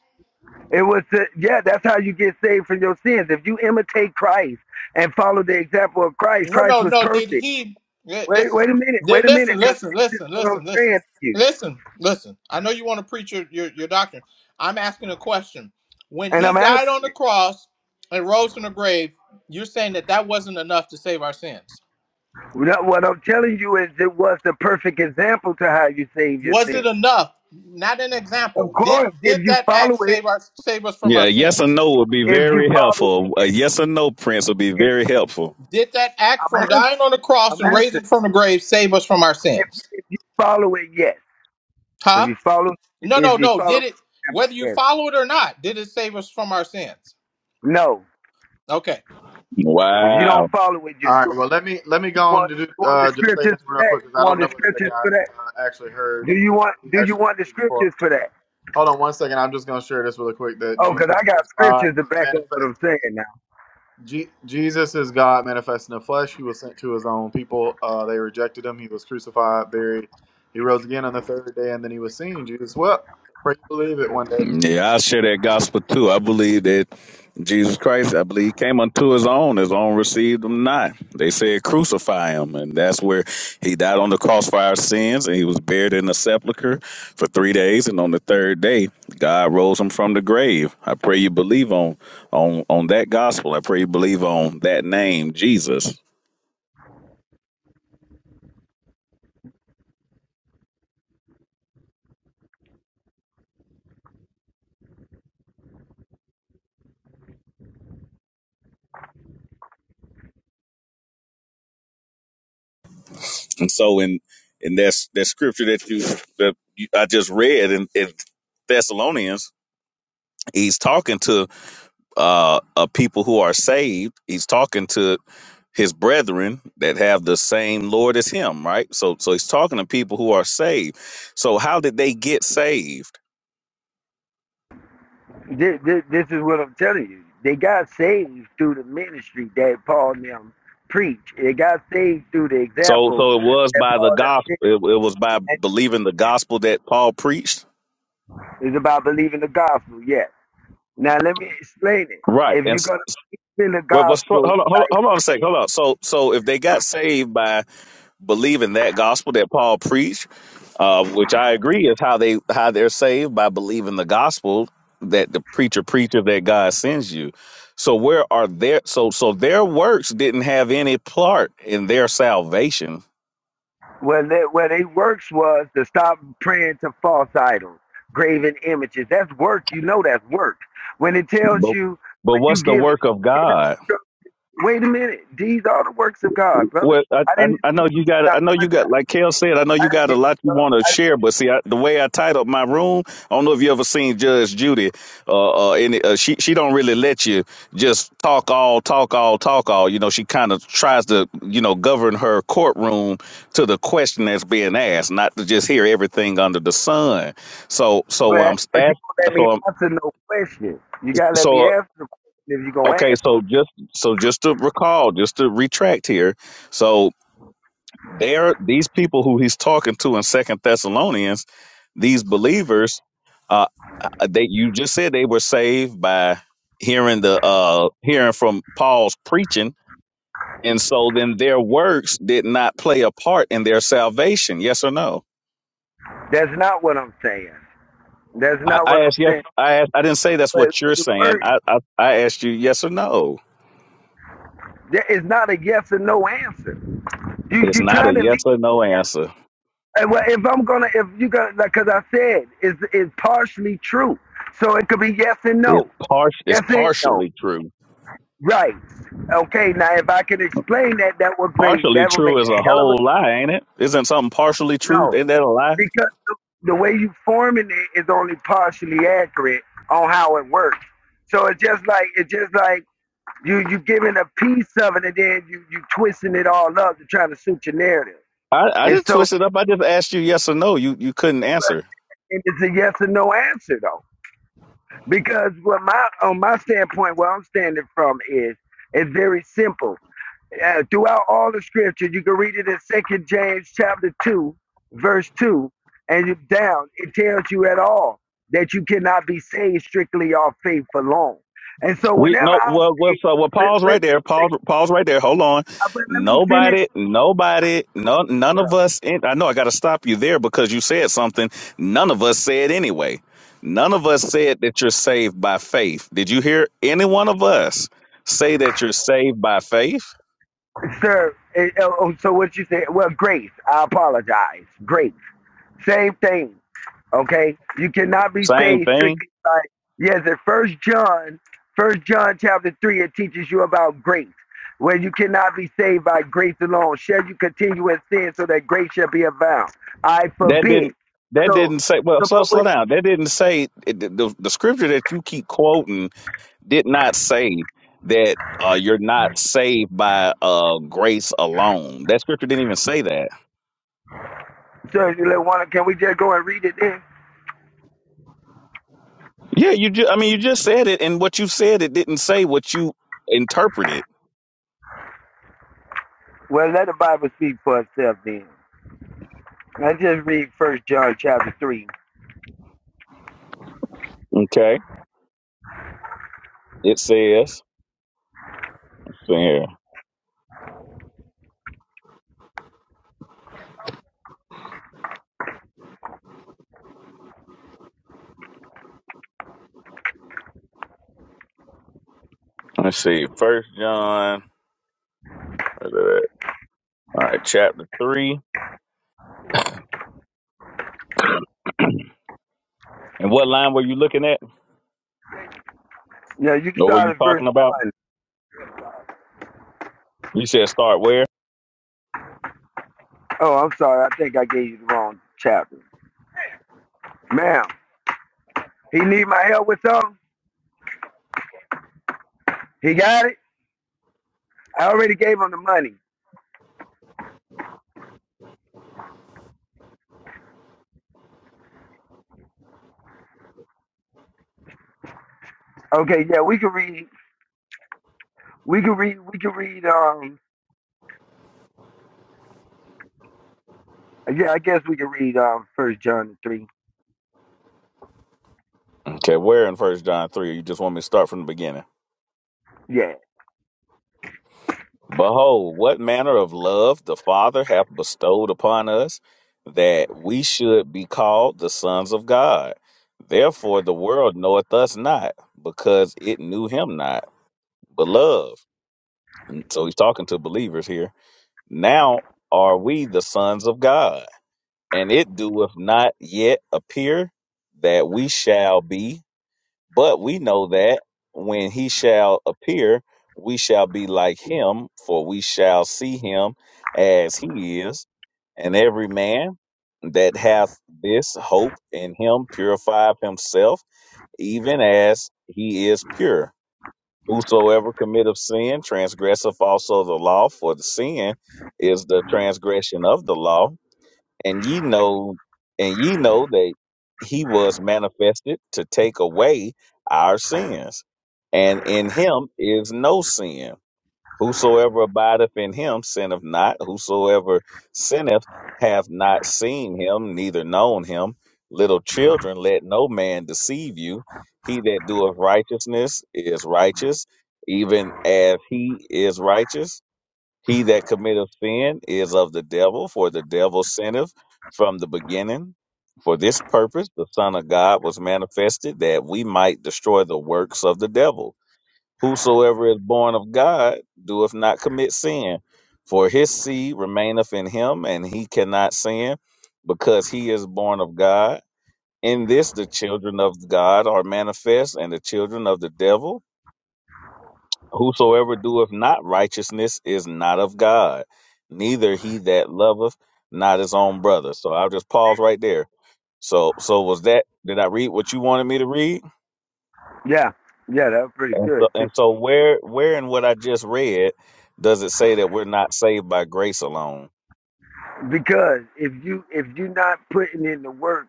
S9: it was to, yeah that's how you get saved from your sins if you imitate christ and follow the example of christ
S4: No,
S9: christ
S4: no,
S9: was
S4: no. Did
S9: perfect
S4: he li-
S9: wait wait
S4: listen?
S9: a minute wait
S4: Did,
S9: a minute
S4: listen,
S9: because
S4: listen,
S9: this is
S4: listen,
S9: what i'm
S4: listen, listen,
S9: saying to you
S4: listen, listen. I know you want to preach your, your your doctrine. I'm asking a question. When
S9: and
S4: he
S9: i'm
S4: died on
S9: answering
S4: the
S9: it
S4: cross and rose from the grave, you're saying that that wasn't enough to save our sins.
S9: what i'm telling you is it was the perfect example to how you save your
S4: Was it
S9: sins
S4: enough? Not an
S9: of
S4: example. Did
S9: course if
S4: did
S9: you
S4: that act
S9: follow it
S4: save our save us from our
S2: yeah, yes or
S4: sins?
S2: no would be
S9: if you
S2: very
S9: follow it
S2: helpful. A yes or no, Prince would be
S9: if,
S2: very helpful.
S4: Did that act
S9: i'm
S4: from
S9: answering
S4: dying on the cross
S9: i'm
S4: and
S9: answering
S4: raising from the grave save us from our
S9: if,
S4: sins?
S9: if you follow it yes if
S4: Huh?
S9: you follow
S4: No, no,
S9: if you
S4: no.
S9: follow
S4: Did it,
S9: the example,
S4: whether you
S9: yes
S4: follow it or not, did it save us from our sins?
S9: no
S4: Okay.
S9: if you
S2: Wow.
S9: don't follow it you
S8: All
S9: are
S8: right.
S9: do
S8: Well, let me let me go on
S9: want
S8: to do,
S9: you want the
S8: uh, just say
S9: scriptures
S8: this
S9: for
S8: real
S9: that?
S8: quick because
S9: You
S8: I don't
S9: want
S8: know
S9: the
S8: whether the
S9: scriptures
S8: guy
S9: for that?
S8: uh, actually heard
S9: Do you want do you
S8: actually
S9: want the
S8: preach before.
S9: scriptures for that?
S8: Hold on one second. I'm just gonna share this really quick. That
S9: Oh, because I
S8: Jesus
S9: got
S8: is God
S9: scriptures to back up what
S8: manifest.
S9: I'm saying now.
S8: Je- Jesus is God manifest in the flesh. He was sent to his own people. Uh, they rejected him. He was crucified, buried. He rose again on the third day, and then he was seen. Jesus wept. Pray you believe it one day.
S2: Yeah, I share that gospel too. I believe that Jesus Christ, I believe he came unto his own. His own received him not. They said crucify him. And that's where he died on the cross for our sins. And he was buried in a sepulchre for three days. And on the third day, God rose him from the grave. I pray you believe on on on that gospel. I pray you believe on that name, Jesus. And so in in that, that scripture that you that you, I just read in, in Thessalonians, he's talking to uh, uh people who are saved he's talking to his brethren that have the same lord as him right so so he's talking to people who are saved so how did they get saved
S9: This, this, this is what I'm telling you. They got saved through the ministry that Paul and them preached. They got saved through the
S2: so
S9: example
S2: so it was
S9: that
S2: by the
S9: Paul and them
S2: gospel it, it was by
S9: did.
S2: believing the gospel that paul preached
S9: It's about believing the gospel, yes. Now, let me explain it.
S2: right
S9: If
S2: and
S9: you're
S2: s-
S9: going to feel the
S2: what what's hold on,
S9: gospel
S2: hold on hold on a second hold on so so if they got saved by believing that gospel that paul preached uh, which I agree is how they how they're saved by believing the gospel that the preacher preacher that God sends you. So where are their so so their works didn't have any part in their salvation.
S9: Well, that, well, they works was to stop praying to false idols, graven images. That's work. You know that's work. When it tells
S2: But
S9: you, when
S2: but
S9: you
S2: what's the
S9: give it,
S2: work of
S9: give
S2: God?
S9: it wait a minute. These are the works of God, brother.
S2: Well, I,
S9: I
S2: I
S9: didn't
S2: I know
S9: interrupt
S2: you
S9: you
S2: got
S9: not
S2: I know
S9: one
S2: you got
S9: time.
S2: like Kale said I know
S9: I
S2: you got
S9: didn't
S2: a lot you
S9: interrupt.
S2: want to
S9: I,
S2: share, but see I, the way I titled my room, I don't know if you ever seen Judge Judy. Uh, uh, and uh, she she don't really let you just talk all talk all talk all. You know, she kind of tries to you know govern her courtroom to the question that's being asked, not to just hear everything under the sun. So so
S9: but
S2: I'm
S9: but you
S2: asked
S9: don't let me
S2: so I'm
S9: answer no question. You gotta let me
S2: so. Uh,
S9: answer the question if you gonna
S2: Okay,
S9: ask it.
S2: so just so just to recall, just to retract here. So They're these people who he's talking to in Second Thessalonians. These believers, uh, uh, they you just said they were saved by hearing the uh hearing from Paul's preaching, and so then their works did not play a part in their salvation. Yes or no?
S9: That's not what I'm saying. That's
S2: I,
S9: not
S2: I
S9: what I'm
S2: asked yes.
S9: saying.
S2: I asked, I didn't say that's
S9: But,
S2: what
S9: but
S2: you're
S9: the
S2: saying.
S9: word
S2: I, I I asked you yes or no.
S9: there is not a yes or no answer. You
S2: It's
S9: you
S2: not a
S9: trying to lead
S2: yes or no answer.
S9: Uh, Well, if I'm gonna, if you got, like, cause I said, it's it's partially true, so it could be yes and
S2: It's
S9: no,
S2: par- It's
S9: yes and no,
S2: partially true.
S9: right? Okay, now if I can explain that, that would make
S2: Partially
S9: that would make
S2: true is
S9: a
S2: a
S9: hell of a
S2: whole lie, ain't it? Isn't something partially true?
S9: no,
S2: Isn't that a lie?
S9: because the way you forming it is only partially accurate on how it works. So it's just like it's just like you you giving a piece of it and then you you twisting it all up to try to suit your narrative,
S2: I, I
S9: and
S2: didn't
S9: so
S2: twist it up. I just asked you yes or no. You you couldn't answer.
S9: and it's a yes or no answer though. Because what my on my standpoint, where I'm standing from is it's very simple. Uh, throughout all the scripture, you can read it in Second James chapter two, verse two, and down. It tells you at all that you cannot be saved strictly off faith alone. And so,
S2: We
S9: whenever
S2: no
S9: I
S2: well well,
S9: say,
S2: so, well
S9: wait,
S2: Paul's
S9: wait,
S2: right there.
S9: wait,
S2: Paul Paul's right there. Hold on.
S9: uh, but let me finish,
S2: Nobody, nobody, no none of us in, I know I gotta stop you there because you said something none of us said anyway. None of us said that you're saved by faith. Did you hear any one of us say that you're saved by faith?
S9: sir. Uh, oh, so what you say? Well, grace. I apologize. Grace. Same thing. Okay, you cannot be
S2: Same
S9: saved
S2: thing.
S9: strictly by yes. In First John, First John chapter three, it teaches you about grace, where you cannot be saved by grace alone. Shall you continue in sin so that grace shall be abound? I
S2: That
S9: forbid.
S2: didn't. That
S9: So,
S2: didn't say. Well,
S9: so
S2: slow
S9: but
S2: slow
S9: wait,
S2: down. That didn't say it- the, the the scripture that you keep quoting did not say that uh, you're not saved by uh, grace alone. That scripture didn't even say that.
S9: so if you let one, can we just go and read it then?
S2: Yeah, you. Ju- I mean, you just said it, and what you said it didn't say what you interpreted.
S9: Well, let the Bible speak for itself then. Let's just read First John chapter three.
S2: Okay. It says. Let's see here. Let's see. First John. All right, chapter three. And what line were you looking at?
S9: Yeah, you can
S2: Or were
S9: start
S2: you
S9: at verse
S2: talking about?
S9: one.
S2: You said start where?
S9: Oh, I'm sorry. I think I gave you the wrong chapter, ma'am. He need my help with something. He got it. I already gave him the money. Okay, yeah, we can read. We can read. We can read. Um, yeah, I guess we can read. Um, First John three.
S2: Okay, where in First John three? You just want me to start from the beginning.
S9: Yeah,
S2: Behold, what manner of love the Father hath bestowed upon us, that we should be called the sons of God. Therefore the world knoweth us not, because it knew him not. Beloved. And So he's talking to believers here. Now are we the sons of God? and it doeth not yet appear that we shall be, but we know that when he shall appear, we shall be like him, for we shall see him as he is. And every man that hath this hope in him purifieth himself, even as he is pure. Whosoever committeth sin transgresseth also the law, for the sin is the transgression of the law and ye know and ye know that he was manifested to take away our sins and in him is no sin whosoever abideth in him sinneth not whosoever sinneth hath not seen him neither known him little children let no man deceive you he that doeth righteousness is righteous even as he is righteous he that committeth sin is of the devil, for the devil sinneth from the beginning. For this purpose the Son of God was manifested, that we might destroy the works of the devil. Whosoever is born of God doeth not commit sin, for his seed remaineth in him, and he cannot sin, because he is born of God. In this the children of God are manifest, and the children of the devil. Whosoever doeth not righteousness is not of God, neither he that loveth not his own brother. So I'll just pause right there. So so was that did I read what you wanted me to read?
S9: yeah, yeah. That was pretty
S2: And so
S9: good too.
S2: and so where where in what I just read does it say that we're not saved by grace alone?
S9: Because if you if you're not putting in the work,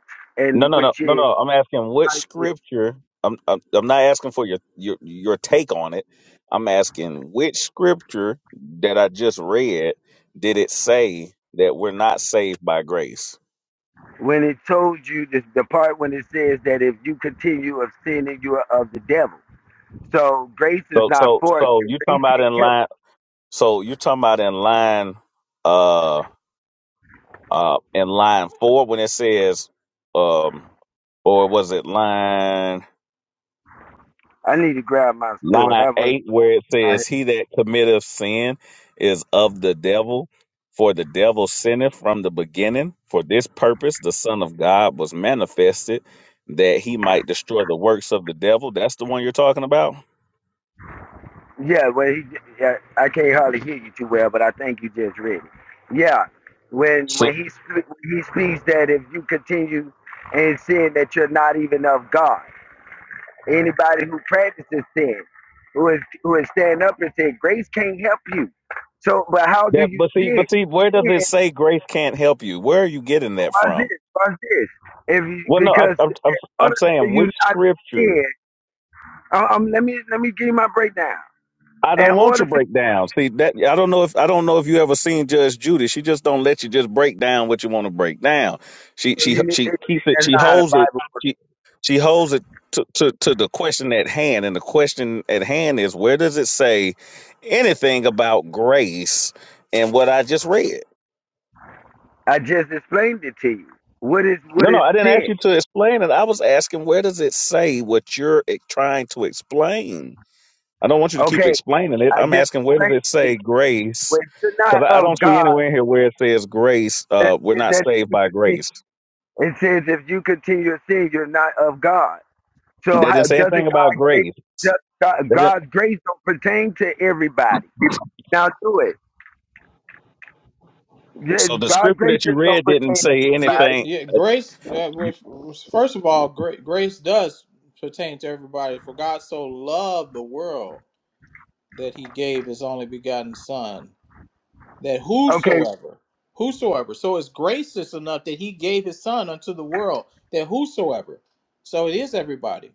S2: No,
S9: and
S2: no, no,
S9: which
S2: no,
S9: is
S2: no. I'm asking what scripture. I'm I'm, I'm not asking for your, your your take on it. I'm asking which scripture that I just read did it say that we're not saved by grace?
S9: when it told you this, the part when it says that if you continue of sinning, you are of the devil. So grace is
S2: So
S9: not
S2: so
S9: for it.
S2: so you talking
S9: Grace
S2: about
S9: can't
S2: in
S9: help.
S2: line? So you talking about in line? Uh, uh, in line four when it says, um, or was it line?
S9: I need to grab my sword.
S2: line
S9: I was.
S2: 8 where it
S9: I
S2: says he that committeth sin is of the devil for the devil sinneth from the beginning for this purpose the son of god was manifested that he might destroy the works of the devil that's the one you're talking about
S9: Yeah, well, he, yeah, I can't hardly hear you too well, but I think you just read it. Yeah, when
S2: so
S9: when he sp- he speaks that if you continue in sin, that you're not even of God. Anybody who practices sin, who is who is stand up and say grace can't help you. So, but how do
S2: that
S9: you
S2: but see
S9: sin?
S2: but see where does it
S9: Sin,
S2: say grace can't help you where are you getting that
S9: Watch this.
S2: from
S9: Watch this. If you,
S2: well no i'm
S9: because
S2: i'm,
S9: in
S2: I'm, I'm
S9: order for
S2: saying
S9: you
S2: which
S9: not to
S2: scripture
S9: sin, uh, um, let me let me give you my breakdown.
S2: I
S9: In
S2: don't want
S9: order
S2: your
S9: for
S2: breakdown. See that I don't know if I don't know if you ever seen Judge Judy. She just don't let you just break down what you want to break down. She she
S9: you,
S2: she keeps it.
S9: that's
S2: She
S9: not how the
S2: holds it.
S9: Bible.
S2: She she holds it to, to to the question at hand. And the question at hand is where does it say anything about grace and what I just read?
S9: I just explained it to you. What is what
S2: No, no,
S9: is
S2: I didn't ask
S9: sin?
S2: you to explain it. I was asking where does it say what you're eh, trying to explain. I don't want you to keep
S9: Okay,
S2: explaining it.
S9: I
S2: I'm
S9: just
S2: asking where does
S9: explained
S2: it
S9: it to you.
S2: say grace?
S9: When you're not
S2: Because I I don't
S9: of
S2: see
S9: God,
S2: anywhere in here where it says grace.
S9: it
S2: Uh, we're
S9: says
S2: not
S9: that if
S2: saved
S9: you
S2: by grace.
S9: continue, it says if you continue to sin, you're not of God.
S2: They
S9: So how,
S2: didn't say
S9: doesn't
S2: anything about
S9: God grace?
S2: grace.
S9: God,
S2: They didn't,
S9: God's grace don't pertain to everybody. Now do it. Yeah,
S2: so the
S9: God's
S2: scripture
S9: grace
S2: that you
S9: just don't
S2: read didn't
S9: pertain
S2: say
S9: to
S4: Yeah,
S9: everybody.
S2: anything.
S4: yeah. Grace, uh, which- which- first of all, gra- grace does pertain to everybody. For God so loved the world that he gave his only begotten Son, that
S9: Okay,
S4: whosoever, whosoever, so it's gracious enough that he gave his Son unto the world, that whosoever, so it is everybody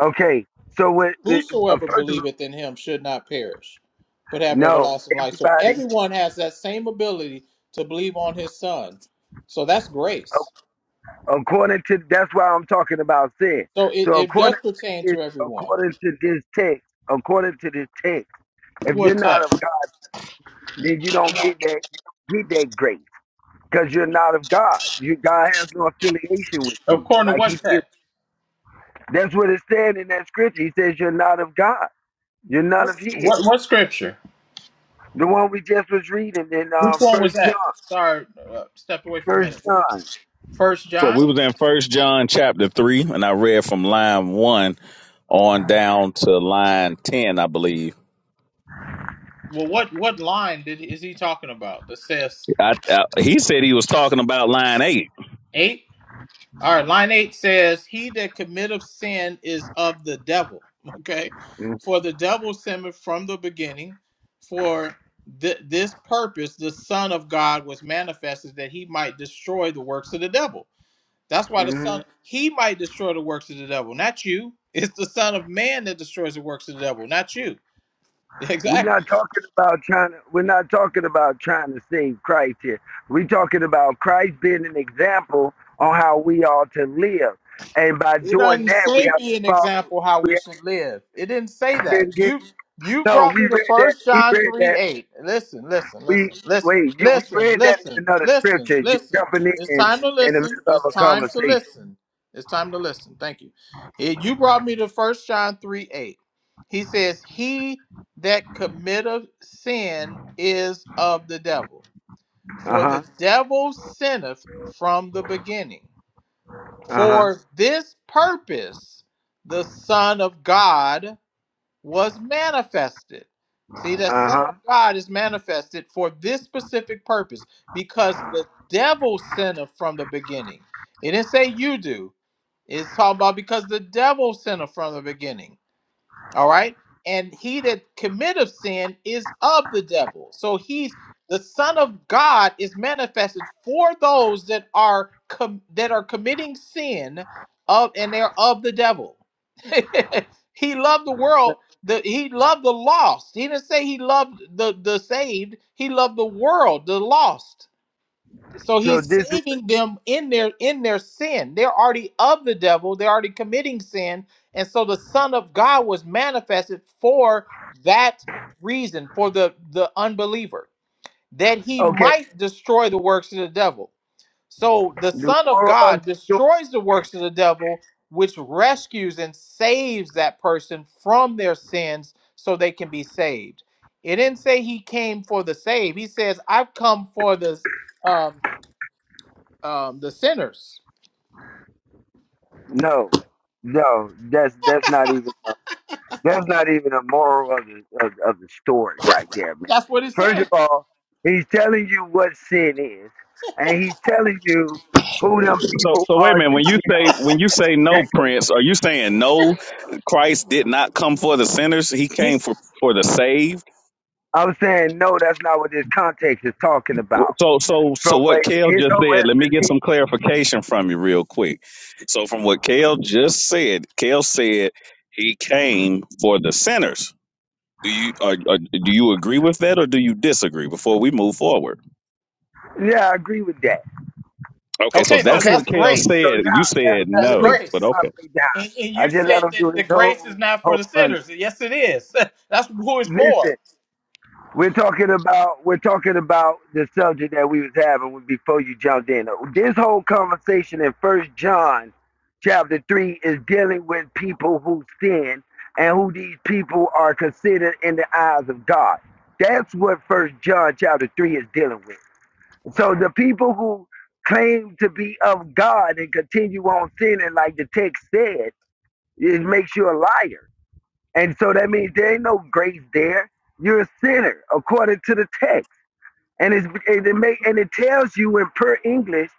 S9: okay. So with, uh, uh,
S4: whosoever
S9: first of all,
S4: believeth in him should not perish, but have
S9: no,
S4: everlasting life. So
S9: everybody.
S4: everyone has that same ability to believe on his son. So that's grace.
S9: According to that's why I'm talking about sin.
S4: So it,
S9: So
S4: it does
S9: according
S4: pertain
S9: to this,
S4: to everyone.
S9: according to this text, according to this text, if you're
S4: What
S9: not of
S4: text?
S9: God, then you don't get that you don't get that grace because you're not of God. You God has no affiliation with you.
S4: According to
S9: Like
S4: what
S9: he did.
S4: text?
S9: That's what it said in that scripture. He says you're not of God. You're none
S4: What
S9: of His.
S4: what, what scripture?
S9: The one we just was reading in
S4: Which
S9: um,
S4: one was
S9: First John.
S4: that? Sorry, uh, step away for a
S9: First
S4: minute.
S9: John.
S4: First
S2: For
S4: John.
S2: we was in First John chapter three, and I read from line one on down to line ten, I believe.
S4: Well, what what line did is he talking about? That says
S2: I, I, he said he was talking about line eight.
S4: eight. All right, line eight says, He that committeth sin is of the devil. Okay. For the devil sinned from the beginning. For th- this purpose, the Son of God was manifested that he might destroy the works of the devil. That's why the
S9: Mhm.
S4: Son, he might destroy the works of the devil, not you. It's the Son of Man that destroys the works of the devil, not you.
S9: We're
S4: Exactly.
S9: not talking about trying. we're not talking about trying to save Christ here. We're talking about Christ being an example on how we ought to live, and by
S4: It
S9: doing
S4: doesn't
S9: that, we
S4: say
S9: have to
S4: be an
S9: follow.
S4: example how
S9: We
S4: we
S9: have
S4: should live. It didn't say
S9: to say it
S4: that.
S9: again.
S4: You you
S9: No,
S4: brought
S9: we
S4: me to
S9: read that.
S4: first
S9: We
S4: John
S9: read
S4: 3
S9: that.
S4: 8. Listen, listen,
S9: We
S4: listen, listen,
S9: wait. You, we
S4: listen,
S9: read that in
S4: listen,
S9: another
S4: listen,
S9: scripture. You're
S4: listen.
S9: jumping
S4: It's
S9: in
S4: time to
S9: in the middle
S4: listen.
S9: of
S4: It's
S9: a
S4: time to
S9: conversation.
S4: listen. It's time to listen. Thank you. Eh, You brought me to first John 3 8. He says, He that committeth sin is of the devil.
S9: Uh
S4: For
S9: huh.
S4: the devil sinneth from the beginning.
S9: Uh huh.
S4: For this purpose, the Son of God was manifested. See, the
S9: Uh
S4: Son
S9: huh.
S4: of God is manifested for this specific purpose because the devil sinned from the beginning. It didn't say you do, it's talking about because the devil sinned from the beginning. All right. And he that committeth sin is of the devil. So he's the Son of God is manifested for those that are com- that are committing sin of and they're of the devil. he loved the world. The, he loved the lost. He didn't say he loved the, the saved. He loved the world, the lost. So
S9: So
S4: he's
S9: this is
S4: saving them in their in their sin. They're already of the devil. They're already committing sin. And so the Son of God was manifested for that reason, for the the unbeliever, that he
S9: okay.
S4: might destroy the works of the devil. So the
S9: The
S4: Son of
S9: moral of the
S4: God
S9: story.
S4: destroys the works of the devil, which rescues and saves that person from their sins so they can be saved. It didn't say he came for the save. He says, I've come for the um um, the sinners.
S9: No, no. That's that's not even. uh, That's not even a moral of the of, of the story right there, man.
S4: That's what it
S9: First of
S4: says.
S9: all, he's telling you what sin is, and he's telling you who them
S2: So,
S9: people
S2: so wait a
S9: are
S2: minute.
S9: to
S2: When you say when you say
S9: that
S2: no,
S9: com-
S2: Prince, are you saying no? Christ did not come for the sinners; he came
S4: He's,
S2: for for the saved.
S9: I'm saying no, that's not what this context is talking about.
S2: So, so, so
S9: From
S2: what
S9: where
S2: Kale
S9: his
S2: just
S9: whole
S2: said. Let me get some
S9: explanation.
S2: clarification from you real quick. So, from what Kale just said, Kale said he came for the sinners. Do you are, are, do you agree with that, or do you disagree? Before we move forward,
S9: Yeah, I agree with that.
S2: okay. So
S4: okay, so
S2: that's
S9: Okay,
S2: what
S4: that's
S2: Kale
S9: so
S4: grace.
S9: now,
S2: said. You
S9: now,
S2: said
S9: now
S4: That's
S9: let me
S2: no,
S9: get
S2: but
S9: to
S4: grace.
S9: my
S2: okay.
S9: breakdown.
S4: And, and
S9: I
S4: you
S9: just let
S4: said
S9: him
S4: that
S9: do
S4: the
S9: his
S4: grace is
S9: whole
S4: not for
S9: whole
S4: the
S9: money.
S4: sinners. Yes, it is. That's who it's for.
S9: Listen. We're talking about we're talking about the subject that we was having before you jumped in. This whole conversation in First John, chapter three, is dealing with people who sin and who these people are considered in the eyes of God. That's what First John chapter three is dealing with. So the people who claim to be of God and continue on sinning, like the text said, it makes you a liar. And so that means there ain't no grace there. You're a sinner according to the text. And it's and it make and it tells you in per English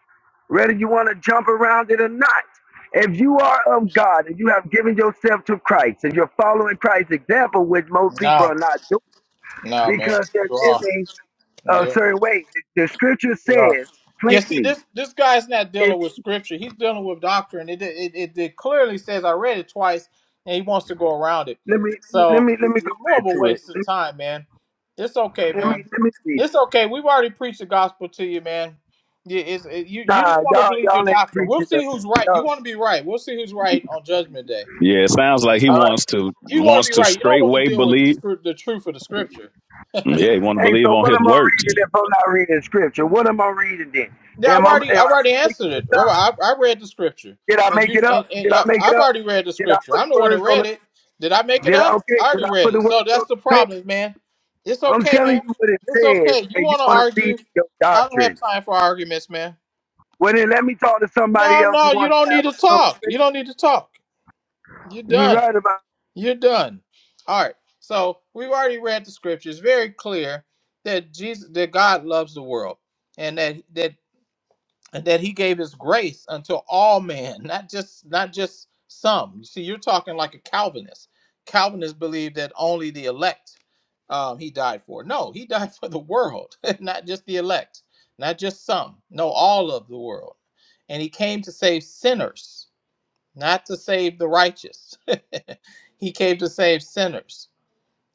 S9: whether you want to jump around it or not. If you are of God and you have given yourself to Christ and you're following Christ's example, which most people are
S4: No,
S9: not doing
S4: no, man.
S9: because they're
S4: You
S9: living a
S4: are.
S9: certain way. The, the scripture
S4: Yeah.
S9: says
S4: Yeah, see,
S9: plainly,
S4: this this guy's not
S9: if
S4: dealing with scripture. He's dealing with doctrine. It it, it it clearly says I read it twice, and he wants to go around it.
S9: let me let
S4: So
S9: me let me
S4: it's
S9: go
S4: more of
S9: back
S4: a
S9: to it.
S4: waste of
S9: Let
S4: time, man. It's okay,
S9: me let
S4: man.
S9: me, let me read it.
S4: It's okay. We've already preached the gospel to you, man. Yeah, it's, it, you you just
S9: Nah,
S4: want to
S9: y'all
S4: believe your
S9: y'all ain't
S4: doctrine. We'll
S9: preaching the
S4: see who's right. You
S9: y'all,
S4: want to be right. We'll see who's right on Judgment Day.
S2: Yeah, it sounds like he
S9: I
S4: Yeah,
S2: wants to
S4: you want to
S2: wants
S4: be
S2: to
S4: right. You don't want to
S2: straightway
S4: deal with the
S2: believe
S4: scr- the truth of the scripture.
S2: Yeah, he want to
S9: Hey,
S2: believe
S9: so
S2: on
S9: what
S2: his
S9: am I
S2: works.
S9: reading if I'm not reading scripture? What am I reading then?
S4: Yeah, I've
S9: Am I, am
S4: already I've
S9: I
S4: already
S9: making
S4: answered
S9: this
S4: it.
S9: up?
S4: Oh, I, I read the scripture,
S9: Did I
S4: and
S9: make
S4: you
S9: it
S4: and,
S9: up?
S4: and
S9: Did I
S4: yeah,
S9: make it
S4: I've
S9: up?
S4: already read the
S9: Did I
S4: scripture.
S9: put the
S4: I'm the one that
S9: words on
S4: read it. Did I make
S9: it?
S4: it
S9: Did I,
S4: up?
S9: okay,
S4: I
S9: did I
S4: already
S9: put
S4: read
S9: the
S4: it.
S9: words
S4: So
S9: on
S4: that's the
S9: the page?
S4: problem, man. It's
S9: I'm
S4: okay, man.
S9: telling you what it
S4: It's
S9: says,
S4: okay. You
S9: and you
S4: want to
S9: want to feed
S4: argue?
S9: your
S4: I don't have
S9: doctrine.
S4: time for arguments, man.
S9: Well, then let me talk to somebody
S4: No,
S9: else who
S4: no, you
S9: wants
S4: don't
S9: to
S4: need
S9: have
S4: to
S9: a
S4: talk.
S9: conversation.
S4: You don't need to talk. You're
S9: You're
S4: done.
S9: right about
S4: You're done. All right. So we've already read the scripture. It's very clear that Jesus, that God loves the world, and that that and that he gave his grace unto all men, not just not just some. You see, you're talking like a Calvinist. Calvinists believe that only the elect um, he died for. No, he died for the world, not just the elect, not just some. No, all of the world. And he came to save sinners, not to save the righteous. he came to save sinners.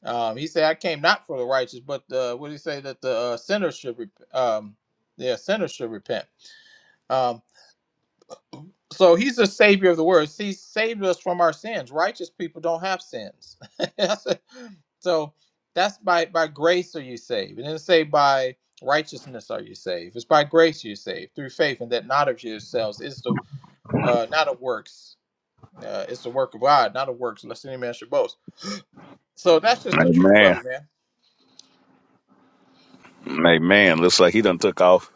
S4: Um, he said, "I came not for the righteous, but the, what did he say that the uh, sinners should, rep- um, yeah, sinners should repent." Um, so he's the savior of the world. He saved us from our sins. Righteous people don't have sins. That's it. so that's by by grace are you saved. It And not say by righteousness are you saved. It's by grace you saved through faith, and that not of yourselves is the uh, not of works. Uh, it's the work of God, not of works, lest any man should boast. So that's just the truth
S2: Amen.
S4: of it, man.
S2: Amen. Looks like he done took off.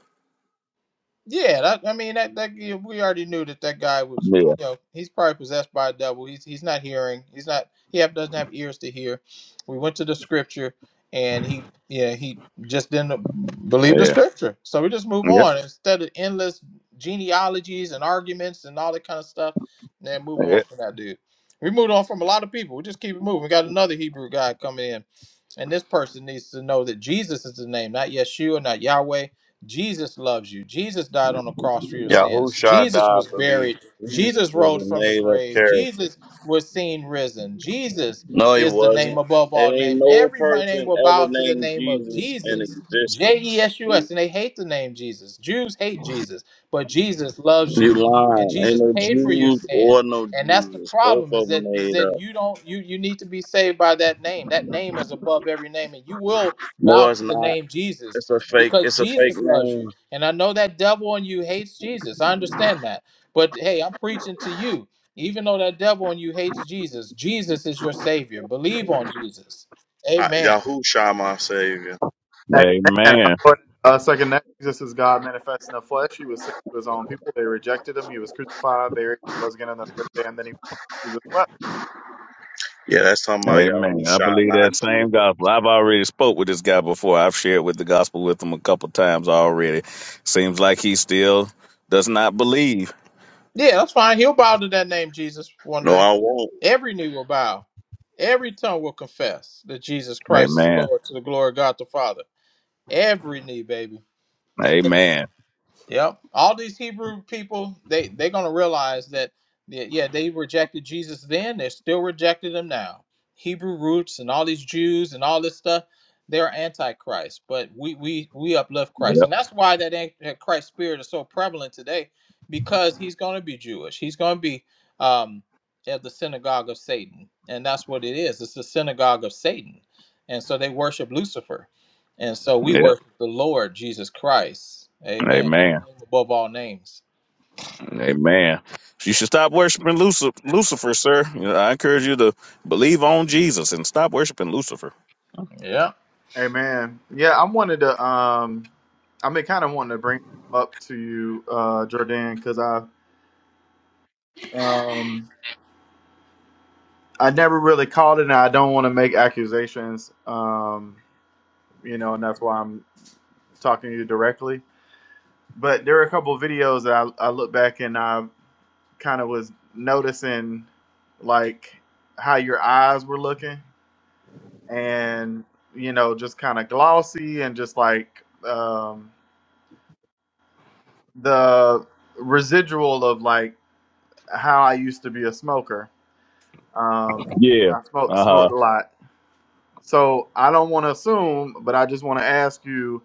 S4: Yeah, that, I mean that that you know, we already knew that that guy was
S2: Yeah.
S4: you know he's probably possessed by a devil. He's he's not hearing. He's not he have, doesn't have ears to hear. We went to the scripture and he yeah he just didn't believe the
S2: Yeah.
S4: scripture. So we just move
S2: Yep.
S4: on instead of endless genealogies and arguments and all that kind of stuff. And Then move on
S2: Yep.
S4: from that dude. We moved on from a lot of people. We just keep it moving. We got another Hebrew guy coming in, and this person needs to know that Jesus is the name, not Yeshua, not Yahweh. Jesus loves you. Jesus died on the cross for your sins.
S10: Yahusha
S4: Jesus
S10: died
S4: was
S10: for me.
S4: buried.
S10: Jesus
S4: Jesus
S10: is
S4: rose
S10: a
S4: from the
S10: made up
S4: grave.
S10: character.
S4: Jesus was seen risen. Jesus
S10: No, he
S4: is the name
S10: wasn't.
S4: above
S10: There
S4: all
S10: ain't
S4: names.
S10: no
S4: Every name
S10: person
S4: will
S10: ever
S4: bow to the
S10: named
S4: name of
S10: Jesus in
S4: Jesus. J E
S10: existence.
S4: S U S. And they hate the name Jesus. Jews hate Jesus, but Jesus loves
S10: You
S4: you. And
S10: lying. Ain't
S4: Jesus
S10: no
S4: paid for your
S10: Jews
S4: sins.
S10: or no
S4: And that's the
S10: Jesus. Both
S4: problem is
S10: of them
S4: that is
S10: made
S4: that
S10: up.
S4: you don't you you need to be saved by that name. That name is above every name and you will
S10: No,
S4: bow
S10: it's
S4: to the
S10: not.
S4: name Jesus
S10: It's a fake.
S4: because
S10: It's a fake
S4: Jesus loves
S10: name.
S4: you. And I know that devil in you hates Jesus. I understand that. But hey, I'm preaching to you. Even though that devil in you hates Jesus, Jesus is your savior. Believe on Jesus.
S10: Uh,
S4: Amen.
S10: Yahusha, my savior.
S8: Amen. I
S2: Amen.
S8: thought uh, second that Jesus is God manifest in the flesh. He was sent to his own people. They rejected him. He was crucified, buried, rose again on the third day, and then he Jesus wept.
S10: Yeah, that's talking about
S2: Amen. I
S10: Yahusha,
S2: believe
S10: not
S2: that same
S10: Jesus.
S2: gospel. I've already spoke with this guy before. I've shared with the gospel with him a couple times already. Seems like he still does not believe.
S4: Yeah, that's fine. He'll bow to that name, Jesus, one
S10: No,
S4: day.
S10: I won't.
S4: Every knee will bow. Every tongue will confess that Jesus Christ is
S2: Amen.
S4: Lord to the glory of God the Father. Every knee, baby.
S2: Amen.
S4: Yep. All these Hebrew people, they they're gonna realize that yeah, yeah, they rejected Jesus then, they're still rejecting him now. Hebrew roots and all these Jews and all this stuff, they're antichrist. But we we we uplift Christ.
S2: Yep.
S4: And that's why that an- Christ spirit is so prevalent today, because he's gonna be Jewish. He's gonna be um at the synagogue of Satan. And that's what it is. It's the synagogue of Satan. And so they worship Lucifer. And so we
S2: Yep.
S4: worship the Lord Jesus Christ. Amen.
S2: Amen.
S4: The name above all names.
S2: Amen. You should stop worshiping Lucifer, Lucifer, sir. You know, I encourage you to believe on Jesus and stop worshiping Lucifer.
S4: Yeah.
S8: Amen. Yeah, I wanted to. Um, I've been kind of wanting to bring up to you, uh, Jordan, because I um I never really called it, and I don't want to make accusations. Um, you know, and that's why I'm talking to you directly. But there are a couple of videos that I, I look back and I kind of was noticing like how your eyes were looking and you know just kind of glossy and just like um, the residual of like how i used to be a smoker um,
S2: Yeah.
S8: i smoked,
S2: Uh huh.
S8: smoked a lot so i don't want to assume but i just want to ask you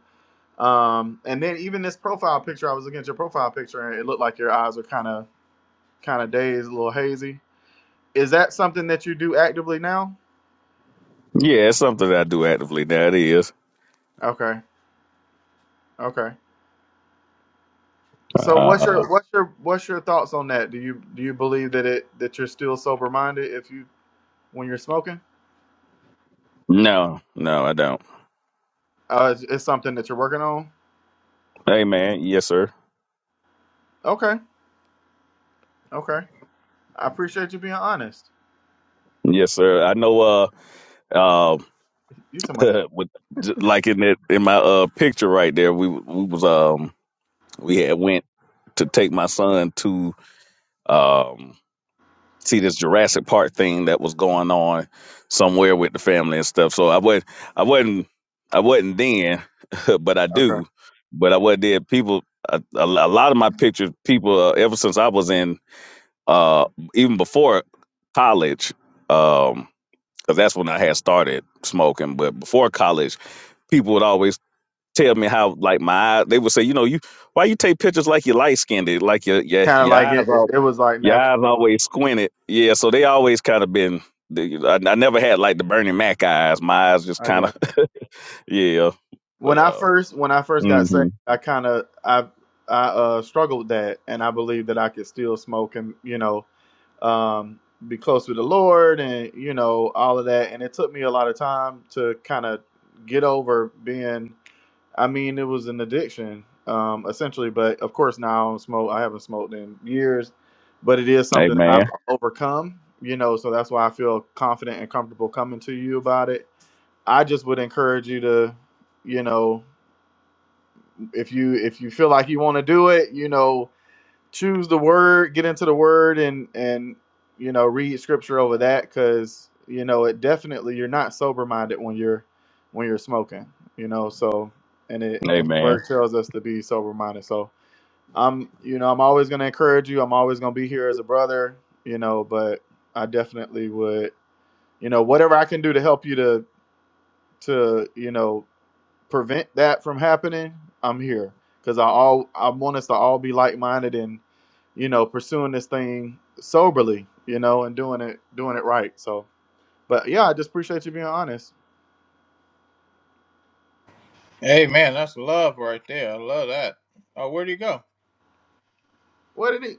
S8: um, and then even this profile picture i was looking at your profile picture and it looked like your eyes were kind of kind of dazed a little hazy is that something that you do actively now
S2: Yeah, it's something that I do actively. That is.
S8: okay Okay. So what's
S2: Uh,
S8: your what's your what's your thoughts on that? Do you do you believe that it that you're still sober minded if you when you're smoking?
S2: no, no, I don't.
S8: Uh, it's, it's something that you're working on.
S2: Hey, man. Yes, sir.
S8: Okay. Okay. I appreciate you being honest.
S2: Yes, sir. I know. Uh, uh,
S8: You too much.
S2: with j- like in that in my uh picture right there, we we was um we had went to take my son to um see this Jurassic Park thing that was going on somewhere with the family and stuff. So I wasn't, I wasn't, I wasn't then, but I
S8: Okay.
S2: do. But I wasn't there. People, a, a lo- a lot of my pictures, people, uh, ever since I was in, uh, even before college, um, because that's when I had started smoking. But before college, people would always tell me how like my eyes they would say, you know, you why you take pictures like you light skinned, like your your
S8: Kind of
S2: your
S8: like
S2: eyes
S8: it, it.
S2: all
S8: It was like
S2: your
S8: natural.
S2: eyes always squinted. Yeah, so they always kind of been they- I, I never had like the Bernie Mac eyes. My eyes just
S8: I
S2: kind
S8: guess.
S2: of yeah. But
S8: When I
S2: uh
S8: first when I first got saved,
S2: hmm
S8: I kind of I I uh struggled with that, and I believe that I could still smoke and you know um, be close with the Lord and you know all of that. And it took me a lot of time to kind of get over being. I mean, it was an addiction um, essentially, but of course now I don't smoke. I haven't smoked in years, but it is something that I've
S2: Amen.
S8: overcome. You know, so that's why I feel confident and comfortable coming to you about it. I just would encourage you to, you know, if you if you feel like you want to do it, you know, choose the word, get into the word, and and you know read scripture over that because you know it definitely you're not sober minded when you're when you're smoking. You know, so and it and the
S2: Amen.
S8: word tells us to be sober minded. So I'm you know I'm always gonna encourage you. I'm always gonna be here as a brother. You know, but I definitely would you know whatever I can do to help you to to you know prevent that from happening. I'm here because I all I want us to all be like minded and you know, pursuing this thing soberly, you know, and doing it doing it right. So, but yeah, I just appreciate you being honest.
S4: Amen. That's love right there. I love that. Oh, where'd you go?
S8: What did it?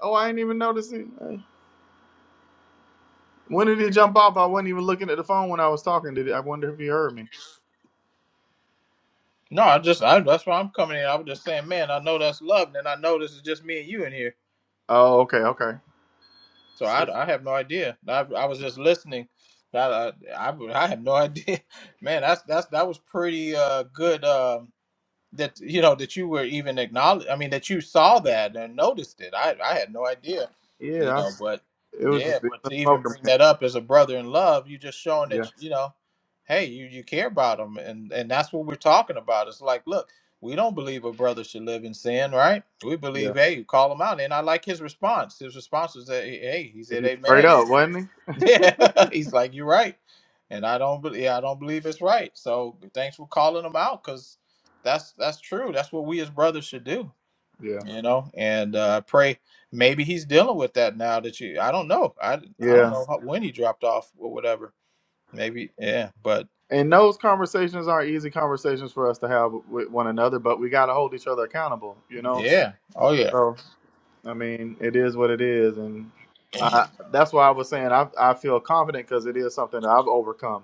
S8: Oh, I ain't even noticed it. Hey, When did it jump off? I wasn't even looking at the phone when I was talking. Did it? I wonder if you heard me.
S4: No, I just I, that's why I'm coming in. I was just saying, man, I know that's love, and I know this is just me and you in here.
S8: Oh, okay, okay,
S4: So
S8: sweet.
S4: I, I have no idea. I, I was just listening. I, I I I have no idea, man. That's that's that was pretty uh good. Um, that you know that you were even acknowledged i mean that you saw that and noticed it i i had no idea you
S8: Yeah, I,
S4: know but
S8: it was
S4: yeah
S8: just being
S4: but
S8: a
S4: to even
S8: smoker,
S4: bring
S8: man.
S4: that up as a brother in love you just showing that
S8: Yeah,
S4: you know hey you you care about them and and that's what we're talking about it's like look we don't believe a brother should live in sin right we
S8: yeah.
S4: believe hey you call him out and i like his response his response was that hey he said
S8: He- Straight
S4: amen
S8: up, wasn't
S4: yeah, he's like, you're right, and I don't believe I don't believe it's right. So thanks for calling him out, cause that's that's true. That's what we as brothers should do,
S8: he? Yeah,
S4: you know. And uh, I pray maybe he's dealing with that now that you. I don't know. I I don't
S8: yeah.
S4: know how, when he dropped off or whatever. Maybe yeah, but
S8: And those conversations aren't easy conversations for us to have with one another, but we got to hold each other accountable, you know.
S4: yeah. Oh yeah.
S8: So I mean, it is what it is, and I, that's why I was saying I I feel confident because it is something that I've overcome.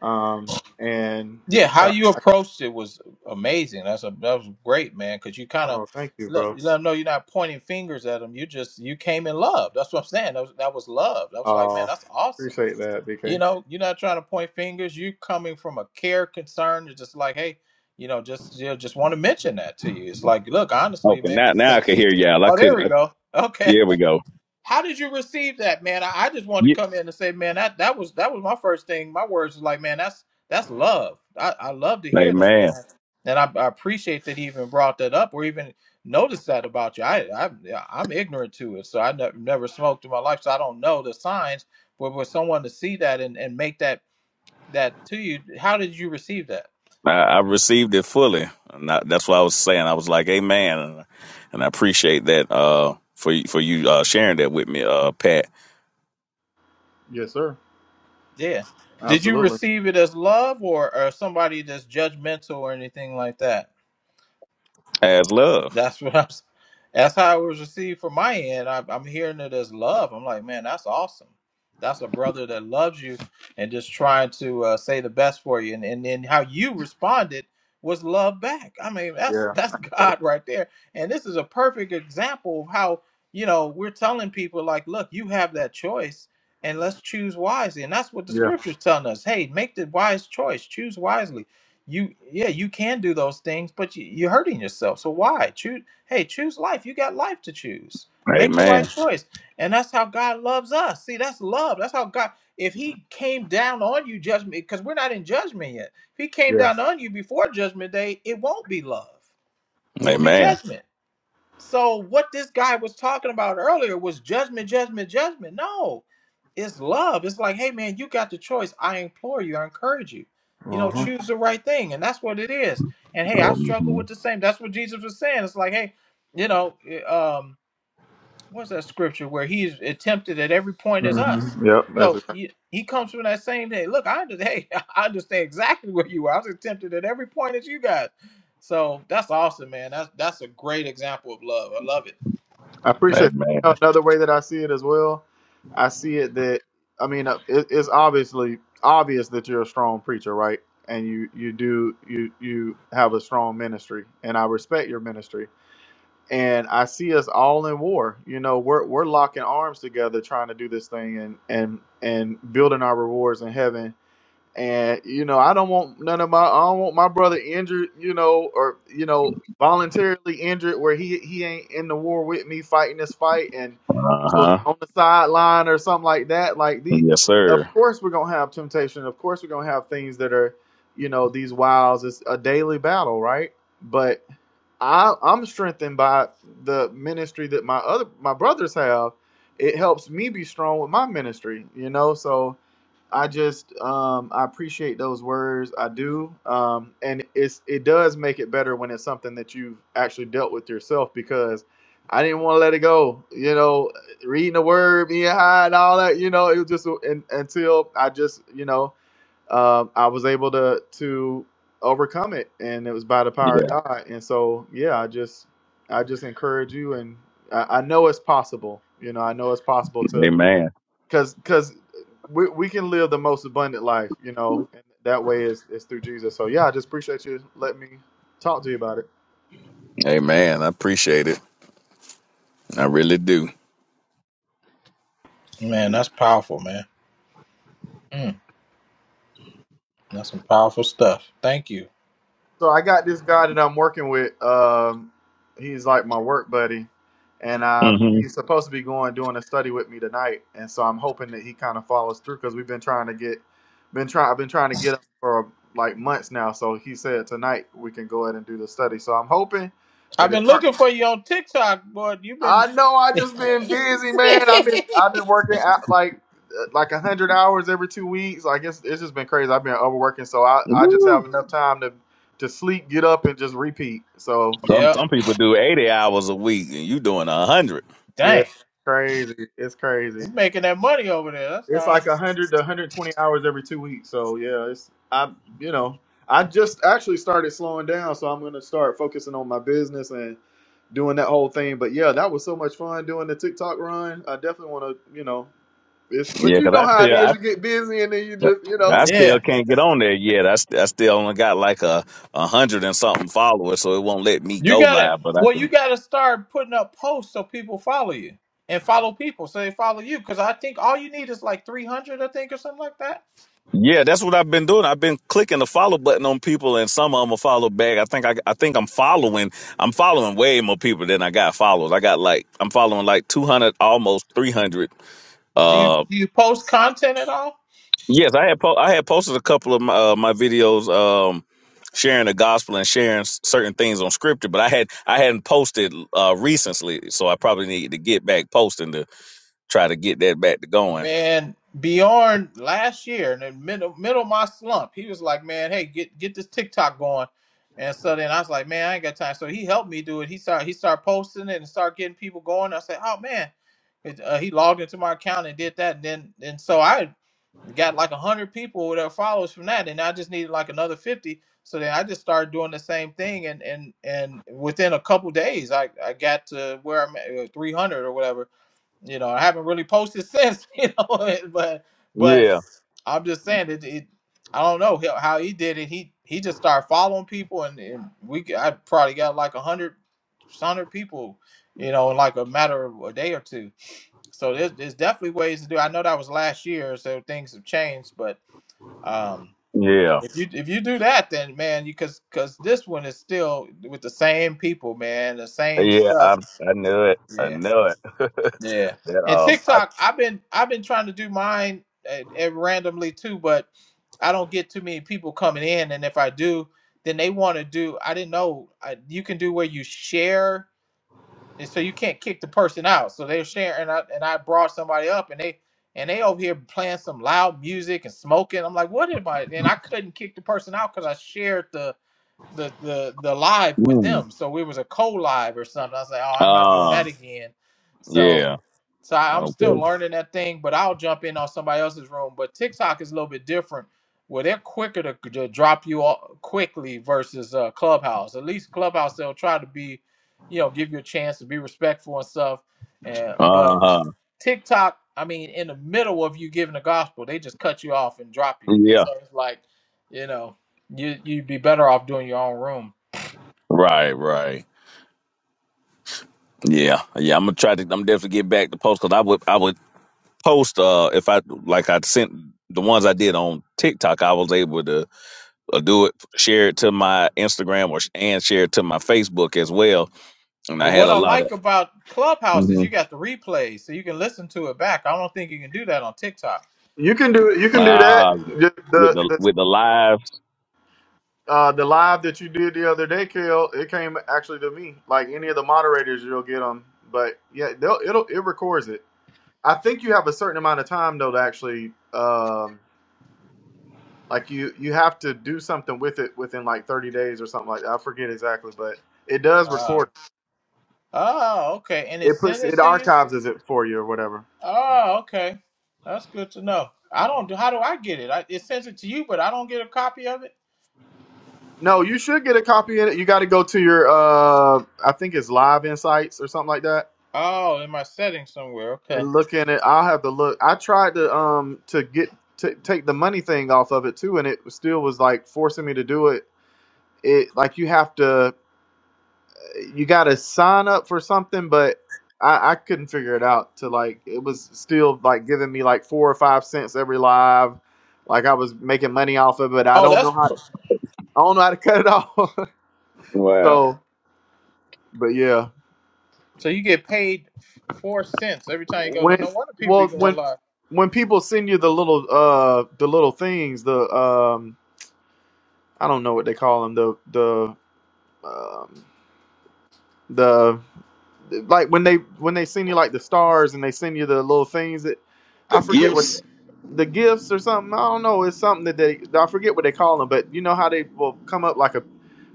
S8: Um, and
S4: Yeah, how
S8: yeah,
S4: you approached it was amazing. That's a that was great, man. Because you kind of
S8: oh, thank you,
S4: look,
S8: bro.
S4: you let them know you're not pointing fingers at them. You just you came in love. That's what I'm saying. That was that was love. I was like, man,
S8: Uh,
S4: that's awesome.
S8: appreciate that,
S4: You
S8: BK.
S4: know, you're not trying to point fingers. You coming from a care concern. You're just like, hey, you know, just you know, just want to mention that to you. It's like, look, honestly,
S2: Okay,
S4: man.
S2: now now I
S4: 'cause-
S2: can hear y'all. I
S4: oh, there
S2: couldn't
S4: we
S2: uh,
S4: go. Okay.
S2: here we go.
S4: How did you receive that, man? I, I just wanted
S2: Yeah.
S4: to come in and say, man, that that was that was my first thing. My words was like, man, that's that's love. I, I love to hear that, and
S2: Amen.
S4: I and I, I appreciate that he even brought that up or even noticed that about you. I, I yeah, I'm ignorant to it, so I never never smoked in my life, so I don't know the signs. But for someone to see that and and make that that to you, how did you receive that?
S2: I, I received it fully. And I, that's what I was saying. I was like, Amen. And I appreciate that uh for you for you uh sharing that with me, uh Pat
S8: Yes, sir.
S4: Yeah, did you
S8: Absolutely.
S4: receive it as love or or somebody that's judgmental or anything like that?
S2: As love.
S4: That's what I'm. s- That's how it was received from my end. I, I'm hearing it as love. I'm like, man, that's awesome. That's a brother that loves you and just trying to uh, say the best for you. And and then how you responded was love back. I mean, that's
S8: Yeah.
S4: that's God
S8: Absolutely.
S4: right there. And this is a perfect example of how you know we're telling people like, look, you have that choice. And let's choose wisely. And that's what the
S8: Yeah.
S4: scripture's telling us. Hey, make the wise choice. Choose wisely you yeah you can do those things but you, you're hurting yourself so why choose hey choose life you got life to choose make the right
S2: Amen.
S4: choice and that's how god loves us see that's love that's how god if he came down on you judgment because we're not in judgment yet if he came
S8: Yeah.
S4: down on you before judgment day it won't be love it'll be
S2: Amen.
S4: judgment so what this guy was talking about earlier was judgment, judgment, judgment. No, it's love. It's like, hey man, you got the choice. I implore you, I encourage you. You
S8: Uh
S4: know,
S8: huh.
S4: choose the right thing, and that's what it is. And hey, I struggle
S2: Mhm.
S4: with the same. That's what Jesus was saying. It's like, hey, you know, eh, um, what's that scripture where he's tempted at every point as us.
S8: hmm Yep. That's
S4: So
S8: it.
S4: he, he comes from that same day. Look, I under, hey, I understand exactly where you are. I was tempted at every point as you guys. So that's awesome, man. That's that's a great example of love. I love it,
S8: I appreciate that. You
S2: Amen.
S8: know, another way that I see it as well, I see it that I mean, uh, it, it's obviously obvious that you're a strong preacher, right? And you you do you you have a strong ministry, and I respect your ministry. And I see us all in war. You know, we're we're locking arms together, trying to do this thing, and and and building our rewards in heaven and you know I don't want none of my I don't want my brother injured, you know, or you know voluntarily injured where he he ain't in the war with me fighting this fight and
S2: Uh
S8: you know,
S2: huh.
S8: on the sideline or something like that. Like the,
S2: Yes,
S8: of
S2: sir.
S8: course we're gonna have temptation. Of course we're gonna have things that are, you know, these wiles. It's a daily battle, right? But I I'm strengthened by the ministry that my other my brothers have. It helps me be strong with my ministry, you know. So I just um, I appreciate those words. I do, um, and it's it does make it better when it's something that you've actually dealt with yourself because I didn't want to let it go. You know, reading the word, being high, and all that. You know, it was just un until I just you know um, I was able to to overcome it, and it was by the power of
S2: Yeah.
S8: God. And so yeah, I just I just encourage you, and I, I know it's possible. You know, I know it's possible to
S2: Amen.
S8: because because we, we can live the most abundant life, you know, and that way is is through Jesus. So yeah, I just appreciate you letting me talk to you about it.
S2: Amen. I appreciate it. I really do.
S4: man. That's powerful, man. Mm, that's some powerful stuff. Thank you.
S8: So I got this guy that I'm working with. Um, he's like my work buddy, and um,
S2: hmm
S8: he's supposed to be going doing a study with me tonight. And so I'm hoping that he kind of follows through because we've been trying to get, been trying, I've been trying to get him for like months now. So he said tonight we can go ahead and do the study. So I'm hoping
S4: I've
S8: that
S4: been
S8: his
S4: looking for you on TikTok, but you've been.
S8: I know. I just been busy, man. I've been I've been working out like uh, like a hundred hours every two weeks. Like it's it's just been crazy. I've been overworking, so I I just have
S2: Woo.
S8: enough time to to sleep, get up, and just repeat. So
S2: Some
S4: yeah.
S2: some people do eighty hours a week, and you doing a hundred.
S8: yeah,
S4: Dang,
S8: crazy. It's crazy.
S4: he's making that money over there. That's
S8: It's
S4: all.
S8: like a hundred to hundred twenty hours every two weeks. So yeah, it's I you know I just actually started slowing down, so I'm gonna start focusing on my business and doing that whole thing. But yeah, that was so much fun doing the TikTok run. I definitely want to you know. It's, but
S2: Yeah,
S8: you
S2: because
S8: know
S2: I
S8: how it
S2: still I.
S8: is. You get busy and then you just, you know.
S2: I
S4: Yeah.
S2: still can't get on there yet. I, st- I still only got like a, a hundred and something followers, so it won't let me
S4: You
S2: go
S4: gotta
S2: live. But I
S4: well, you
S2: can.
S4: gotta start putting up posts so people follow you and follow people so they follow you. Because I think all you need is like three hundred, I think, or something like that.
S2: Yeah, that's what I've been doing. I've been clicking the follow button on people, and some of them will follow back. I think I, I think I'm following. I'm following way more people than I got followers. I got like I'm following like 200, almost 300.
S4: Do you
S2: Uh,
S4: do you post content at all?
S2: yes, I had po- I had posted a couple of my, uh, my videos, um, sharing the gospel and sharing s- certain things on scripture, but I had I hadn't posted uh recently, so I probably need to get back posting to try to get that back to going.
S4: Man, Bjorn last year in the middle middle of my slump, he was like, "Man, hey, get get this TikTok going." And so then I was like, "Man, I ain't got time." So he helped me do it. He started he started posting it and started getting people going. I said, "Oh man." It, uh, he logged into my account and did that, and then and so I got like one hundred people that followers from that, and I just needed like another fifty. So then I just started doing the same thing, and and and within a couple days, I I got to where I'm at uh, three hundred or whatever. You know, I haven't really posted since, you know, but but
S2: Yeah,
S4: I'm just saying it. it I don't know how how he did it. He he just started following people, and, and we I probably got like a hundred hundred people, you know, in like a matter of a day or two so there's, there's definitely ways to do. I know that was last year, so things have changed. But um,
S2: yeah.
S4: if you if you do that, then man, you because because this one is still with the same people, man, the same
S2: Yeah, I
S4: stuff.
S2: I knew it. I
S4: Yeah,
S2: knew it.
S4: yeah.
S2: that
S4: And
S2: um, I
S4: TikTok, I've been I've been trying to do mine uh, uh, randomly too, but I don't get too many people coming in. And if I do, then they want to do. I didn't know I, you can do where you share. and so you can't kick the person out. So they're sharing, and I and I brought somebody up, and they and they over here playing some loud music and smoking. I'm like, what am I? And I couldn't kick the person out because I shared the the the the live with
S2: mm,
S4: them. So it was a co live or something. I was like, oh, I'm not doing
S2: uh,
S4: that again. So
S2: yeah,
S4: so I, I'm still
S2: okay,
S4: learning that thing, but I'll jump in on somebody else's room. But TikTok is a little bit different. Where they're quicker to, to drop you off quickly versus uh, Clubhouse. At least Clubhouse they'll try to be, you know, give you a chance to be respectful and stuff. And
S2: uh
S4: but
S2: huh,
S4: TikTok, I mean, in the middle of you giving the gospel, they just cut you off and drop you. It's,
S2: yeah,
S4: so it's like, you know. You you'd be better off doing your own room.
S2: right, right, yeah, yeah. I'm gonna try to. I'm definitely get back to post because I would I would post uh if I like I sent the ones I did on TikTok. I was able to uh, do it, share it to my Instagram or and share it to my Facebook as well. And I
S4: But
S2: had
S4: what
S2: a
S4: I
S2: lot of
S4: like about Clubhouse is you
S2: mhm.
S4: got the replays, so you can listen to it back. I don't think you can do that on TikTok.
S8: You can do you can do that.
S2: ah
S8: The
S2: with
S8: the
S2: the with
S8: the,
S2: the lives.
S8: uh, the live that you did the other day, Kale, it came actually to me. Like any of the moderators, you'll get them. But yeah, they'll, it'll it records it. I think you have a certain amount of time though to actually um, like you you have to do something with it within like thirty days or something like that. I forget exactly, but it does
S4: Uh,
S8: record.
S4: oh, okay. And it
S8: It
S4: sends
S8: puts
S4: it
S8: it
S4: to you.
S8: archives it for you or whatever.
S4: Oh, okay. That's good to know. I don't do. How do I get it? I, it sends it to you, but I don't get a copy of it.
S8: No, you should get a copy of it. You got to go to your, uh, I think it's Live Insights or something like that,
S4: Oh, in my settings somewhere. Okay.
S8: and look in it. I'll have to look. I tried to um to get to take the money thing off of it too, and it still was like forcing me to do it. It like you have to, you got to sign up for something, but I, I couldn't figure it out. To like it was still like giving me like four or five cents every live. Like I was making money off of it. I
S4: Oh,
S8: don't
S4: that's
S8: know how I don't know how to cut it off.
S2: Wow,
S8: so, but yeah.
S4: so you get paid f- four cents every time you go.
S8: when
S4: No wonder people be
S8: well
S4: going
S8: when
S4: live.
S8: when people send you the little uh the little things the um I don't know what they call them the the um the like when they when they send you like the stars and they send you the little things that
S2: the
S8: I forget what
S2: gifts.
S8: the gifts or something I don't know it's something that they I forget what they call them but you know how they will come up like a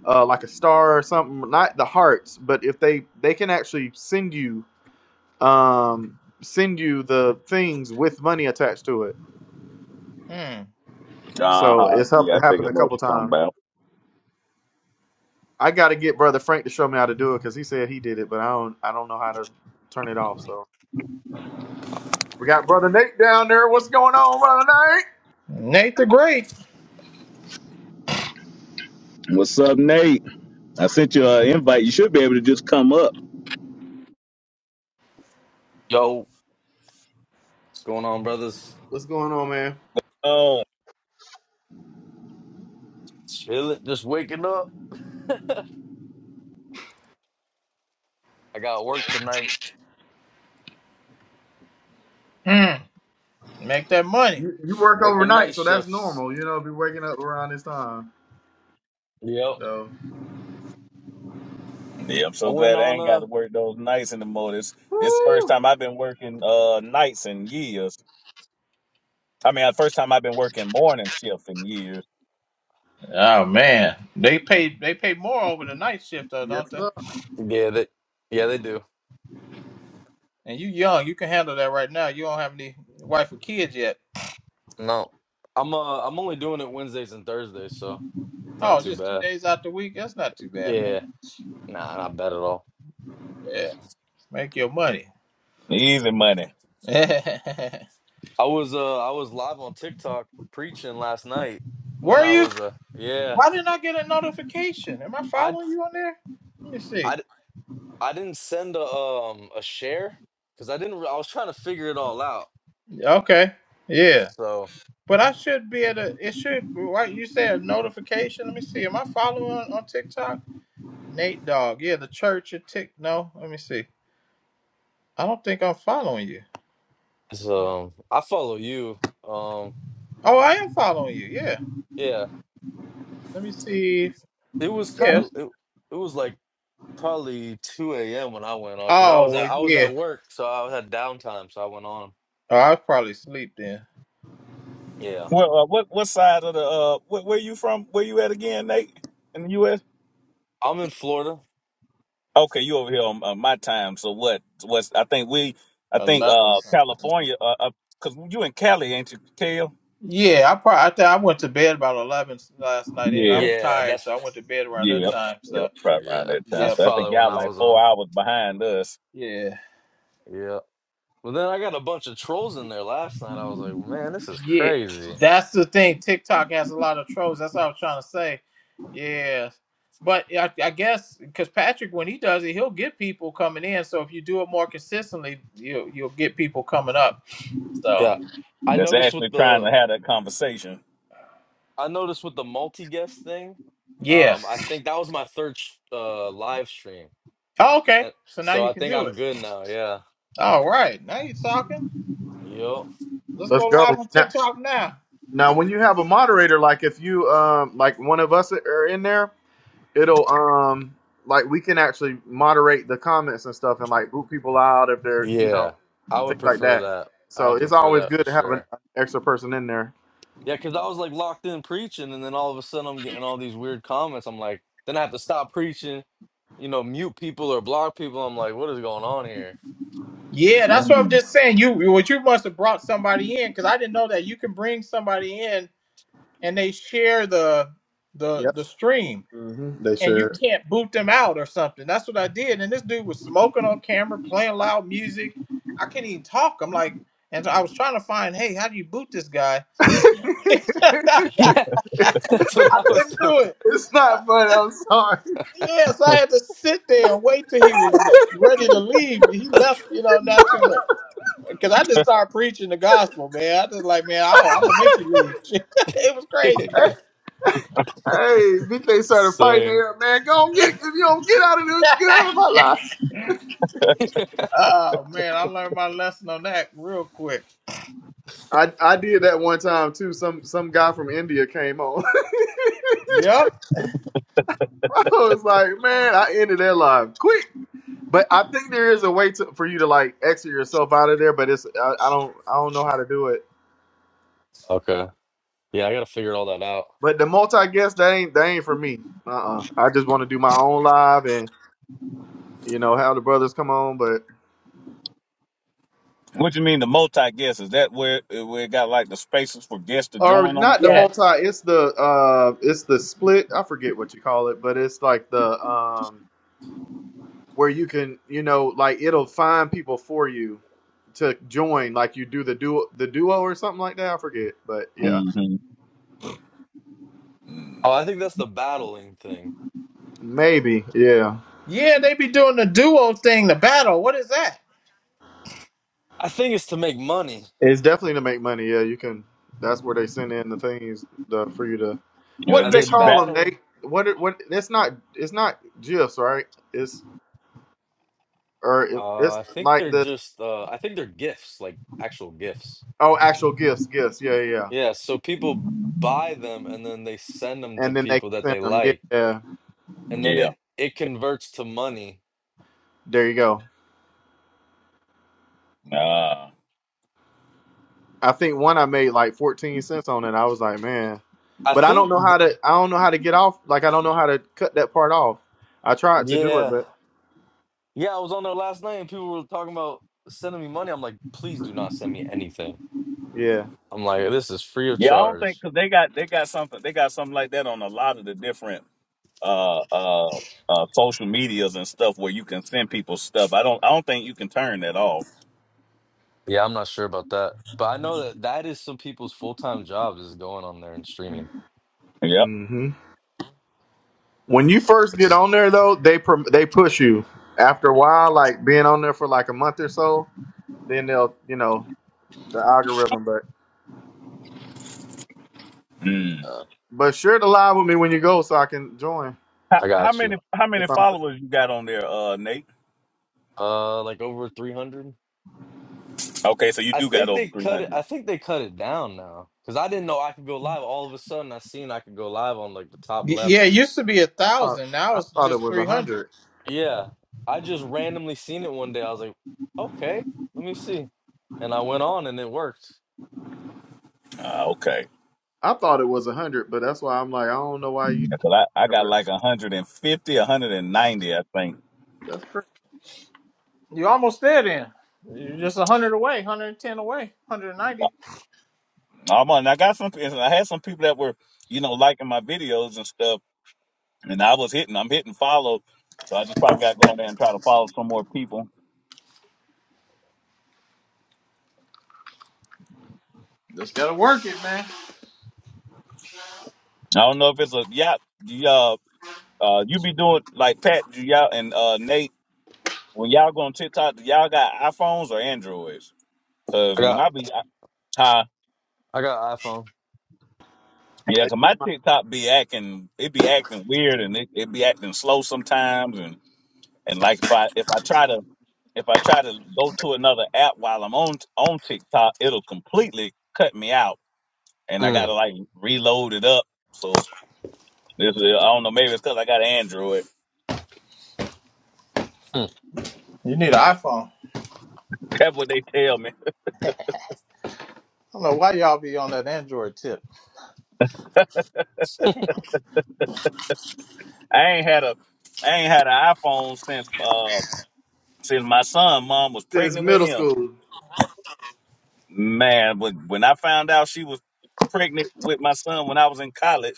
S8: uh, like a star or something not the hearts but if they they can actually send you um send you the things with money attached to it
S4: Hmm.
S8: So
S2: Uh-huh.
S8: it's hap-
S2: Yeah, I think
S8: happened
S2: I
S8: a
S2: know what
S8: couple
S2: you're talking
S8: times.
S2: about.
S8: I got to get brother Frank to show me how to do it because he said he did it, but I don't I don't know how to turn it off. So we got brother Nate down there. What's going on, brother Nate?
S4: Nate the Great.
S2: What's up, Nate? I sent you an invite. You should be able to just come up.
S11: Yo, what's going on, brothers?
S8: What's going on, man?
S2: Oh,
S11: Chilling, just waking up. I got work tonight.
S4: Hmm. Make that money.
S8: You, you work
S11: Working
S8: overnight,
S11: night
S8: so that's
S11: shifts.
S8: normal. You know, be waking up around this time.
S11: Yep.
S8: So,
S2: yeah. I'm
S11: I
S2: so
S11: went
S2: glad I
S11: on
S2: ain't got
S11: uh
S2: to work those nights anymore. This this is the first
S8: woo,
S2: time I've been working uh nights in years. I mean, the first time I've been working morning shift in years.
S4: Oh man, they pay they pay more over the night shift though,
S8: yes
S4: don't they?
S8: sir.
S11: Yeah, they yeah, they do.
S4: And you young, you can handle that right now. You don't have any wife or kids yet.
S11: No. I'm uh I'm only doing it Wednesdays and Thursdays, so it's not
S4: Oh,
S11: too
S4: just two
S11: bad.
S4: days out the week. That's not too bad, man.
S11: Yeah. Nah, not bad at all.
S4: Yeah, make your money.
S2: Easy money.
S11: I was uh I was live on TikTok preaching last night when
S4: Were
S11: I
S4: you?
S11: was uh yeah.
S4: Why didn't I get a notification? Am I
S11: I
S4: following you on there? Let me see.
S11: I I didn't send a um a share cuz I didn't re- I was trying to figure it all out.
S4: Okay, yeah,
S11: So
S4: but I should be at a. It should. Right, you said a notification. Let me see. Am I following on, on TikTok? Nate Dog. Yeah, the church of Tick. No, let me see. I don't think I'm following you.
S11: So I follow you. Um,
S4: Oh, I am following you. Yeah.
S11: yeah,
S4: Let me see.
S11: it was kind
S4: Yes.
S11: of it, it was like probably 2 a.m. when I went on because I
S4: Oh,
S11: was
S4: well,
S11: at I was
S4: yeah.
S11: at work, so I had downtime, so I went on.
S4: Oh, I was probably asleep then.
S11: Yeah,
S2: Well, uh, what what side of the uh where, where you from? Where you at again, Nate? In the U.S.
S11: I'm in Florida.
S2: Okay, you over here on uh, my time. So what? What's I think we I think
S4: Eleven
S2: uh
S4: something.
S2: California uh, uh 'cause you in Cali, ain't you, Kale?
S4: Yeah, I probably I, think I went to bed about eleven last night. Anyway, I
S2: Yeah,
S4: was
S11: Yeah,
S4: tired, so
S11: that's
S4: I went to bed around that
S2: yeah,
S4: time.
S2: yep,
S4: So,
S2: right around
S11: yeah,
S2: that time.
S11: that's
S4: yep.
S2: So I think
S11: probably when
S2: y'all
S11: I
S2: like
S11: was
S2: four
S11: on.
S2: hours behind us.
S4: Yeah.
S11: Yeah, but then I got a bunch of trolls in there last night. I was like, man, this is
S4: Yeah.
S11: crazy.
S4: That's the thing. TikTok has a lot of trolls. That's what I was trying to say. Yeah. But I, I guess because Patrick, when he does it, he'll get people coming in. So if you do it more consistently, you'll you'll get people coming up. So.
S11: Yeah, I
S2: That's
S11: noticed with
S2: actually trying
S11: the
S2: to have that conversation.
S11: I noticed with the multi guest thing.
S4: Yeah.
S11: Um, I think that was my third sh- uh live stream.
S4: Oh, okay.
S11: And
S4: So now
S11: so
S4: you
S11: I
S4: can
S11: think
S4: do
S11: I'm
S4: it.
S11: good now. Yeah.
S4: All right. Now you're talking.
S11: Yup.
S4: Let's
S8: Let's
S4: go
S8: go
S4: live on
S8: now.
S4: TikTok now.
S8: Now, when you have a moderator, like if you um like one of us are in there, it'll um like we can actually moderate the comments and stuff and like boot people out if they're you know
S11: Yeah. I would
S8: things like
S11: prefer
S8: that.
S11: that. I
S8: So
S11: would
S8: it's
S11: prefer
S8: always
S11: that for
S8: good to have an
S11: sure.
S8: extra person in there.
S11: Yeah, because I was like locked in preaching, and then all of a sudden I'm getting all these weird comments. I'm like, then I have to stop preaching, you know, mute people or block people. I'm like, what is going on here?
S4: Yeah, that's what I'm
S2: Mm.
S4: just saying. You what you must have brought somebody in because I didn't know that you can bring somebody in and they share the the
S8: Yep.
S4: the stream
S8: hmm They
S4: and you
S8: sure.
S4: can't boot them out or something. That's what I did. And this dude was smoking on camera, playing loud music. I can't even talk. I'm like, and so I was trying to find, hey, how do you boot this guy?
S8: it's
S4: I
S11: Yeah, that's what I was
S4: couldn't do
S11: doing.
S4: it.
S8: not funny. I'm sorry.
S4: Yes, I had to sit there and wait till he was ready to leave. He left, you know, not too long. because I just started preaching the gospel, man. I just like, man, I, I'm gonna make you leave. it was crazy, man.
S8: hey, BK started fighting
S11: Same.
S8: there, man. Go on, get if you don't get out of this, get out of my life.
S4: oh man, I learned my lesson on that real quick.
S8: I, I did that one time too. Some some guy from India came on.
S4: Yep.
S8: I was like, man, I ended their life quick. But I think there is a way to for you to like exit yourself out of there, but it's I, I don't I don't know how to do it.
S11: Okay. Yeah, I gotta figure all that out.
S8: But the multi guest that ain't that ain't for me. Uh uh I just want to do my own live and you know have the brothers come on, but
S2: What you mean the multi guest? Is that where uh, where it got like the spaces for guests to
S8: or
S2: join on the
S8: not the
S2: side?
S8: multi.
S4: Yes.
S8: It's the uh it's the split. I forget what you call it, but it's like the um where you can you know like it'll find people for you to join. Like you do the duo the duo or something like that. I forget, but yeah,
S2: Mm-hmm.
S11: Oh, I think that's the battling thing.
S8: maybe yeah.
S4: Yeah, they be doing the duo thing, the battle. What is that?
S11: I think it's to make money.
S8: It's definitely to make money. Yeah, you can. That's where they send in the things the, for you to.
S2: You know,
S8: What
S2: it
S11: Uh,
S8: do they
S11: they
S2: gets you
S8: call
S2: back.
S8: them,
S11: battle
S8: Nate? What? it- What? It's not. It's not gifs, right? It's or it,
S11: Uh,
S8: it's
S11: I think
S8: like
S11: they're
S8: the
S11: just uh I think they're gifts, like actual gifts.
S8: oh, actual gifts, gifts. Yeah, yeah. yeah.
S11: Yeah, so people buy them and then they send them to
S8: And then they
S11: people
S8: can
S11: that
S8: send
S11: they
S8: them.
S11: like
S8: Yeah,
S11: and then
S2: Yeah.
S11: it it converts to money.
S8: there you go.
S2: Uh,
S8: I think one I made like fourteen cents on it. I was like, man,
S11: I
S8: but I don't
S11: think
S8: know
S11: th-
S8: how to. I don't know how to get off. Like I don't know how to cut that part off. I tried to do it,
S11: yeah.
S8: but
S11: Yeah, I was on there last night and people were talking about sending me money. I'm like, "Please do not send me anything."
S8: yeah.
S11: I'm like, "This is free of
S2: yeah, I don't think
S11: charge."
S2: because they got they got something they got something like that on a lot of the different uh uh uh social medias and stuff where you can send people stuff. I don't I don't think you can turn that off.
S11: Yeah, I'm not sure about that. But I know that that is some people's full-time jobs is going on there and streaming,
S2: Yep.
S8: Mm-hmm. When you first
S11: which
S8: get
S11: is
S8: on there, though, they prom- they push you. After a while, like being on there for like a month or so, then they'll you know the algorithm. But
S11: uh,
S8: but share the live with me when you go, so I can join.
S2: How,
S11: I
S2: how
S11: got
S2: many
S11: you.
S2: how many
S8: If I'm,
S2: followers you got on there, uh, Nate?
S11: Uh like over 300?
S2: Okay, so you
S11: I
S2: do got
S11: think
S2: over
S11: they
S2: three
S11: cut it.
S2: hundred.
S11: I think they cut it down now because I didn't know I could go live. All of a sudden, I seen I could go live on like the top
S4: Y-
S11: left.
S4: yeah, it used to be a
S8: I thought
S4: thousand. Now
S8: I
S4: it's
S8: thought it
S4: just
S8: was
S4: three
S8: a
S4: hundred.
S8: hundred.
S11: Yeah, I just randomly seen it one day. I was like, okay, let me see, and I went on and it worked.
S2: Uh, okay,
S8: I thought it was a hundred, but that's why I'm like I don't know why you. Get
S2: because I, I
S8: on there,
S2: got
S8: but
S2: like 150, 190, I think.
S8: that's great.
S4: You almost there, then. You're just a hundred away, hundred and ten away, hundred and ninety.
S2: I'm on. I got some. I had some people that were you know liking my videos and stuff, and I was hitting. I'm hitting follow, so I just probably got to go on there and try to follow some more people.
S4: Just gotta work it, man.
S2: I don't know if it's a yeah. Yeah, uh, you be doing like Pat, do y'all and uh Nate when y'all go on TikTok. Do y'all got iPhones or Androids? Because
S11: I
S2: when
S11: got
S2: I be, huh?
S11: I got iPhone.
S8: I
S2: Yeah, 'cause
S8: use
S2: my
S8: my
S2: TikTok be acting, it be acting weird, and it, it be acting slow sometimes, and and like if I if I try to if I try to go to another app while I'm on on TikTok, it'll completely cut me out, and I gotta
S11: Mm,
S2: like reload it up. So this is, I don't know, maybe it's 'cause I got an Android.
S11: mm.
S4: You need an iPhone. I
S2: That's what they tell me.
S4: don't know why y'all be on that Android tip.
S2: I ain't had a I ain't had an iPhone since uh since my son mom was
S8: since
S2: pregnant with
S8: middle
S2: him.
S8: school.
S2: Man, when when I found out she was pregnant with my son when I was in college.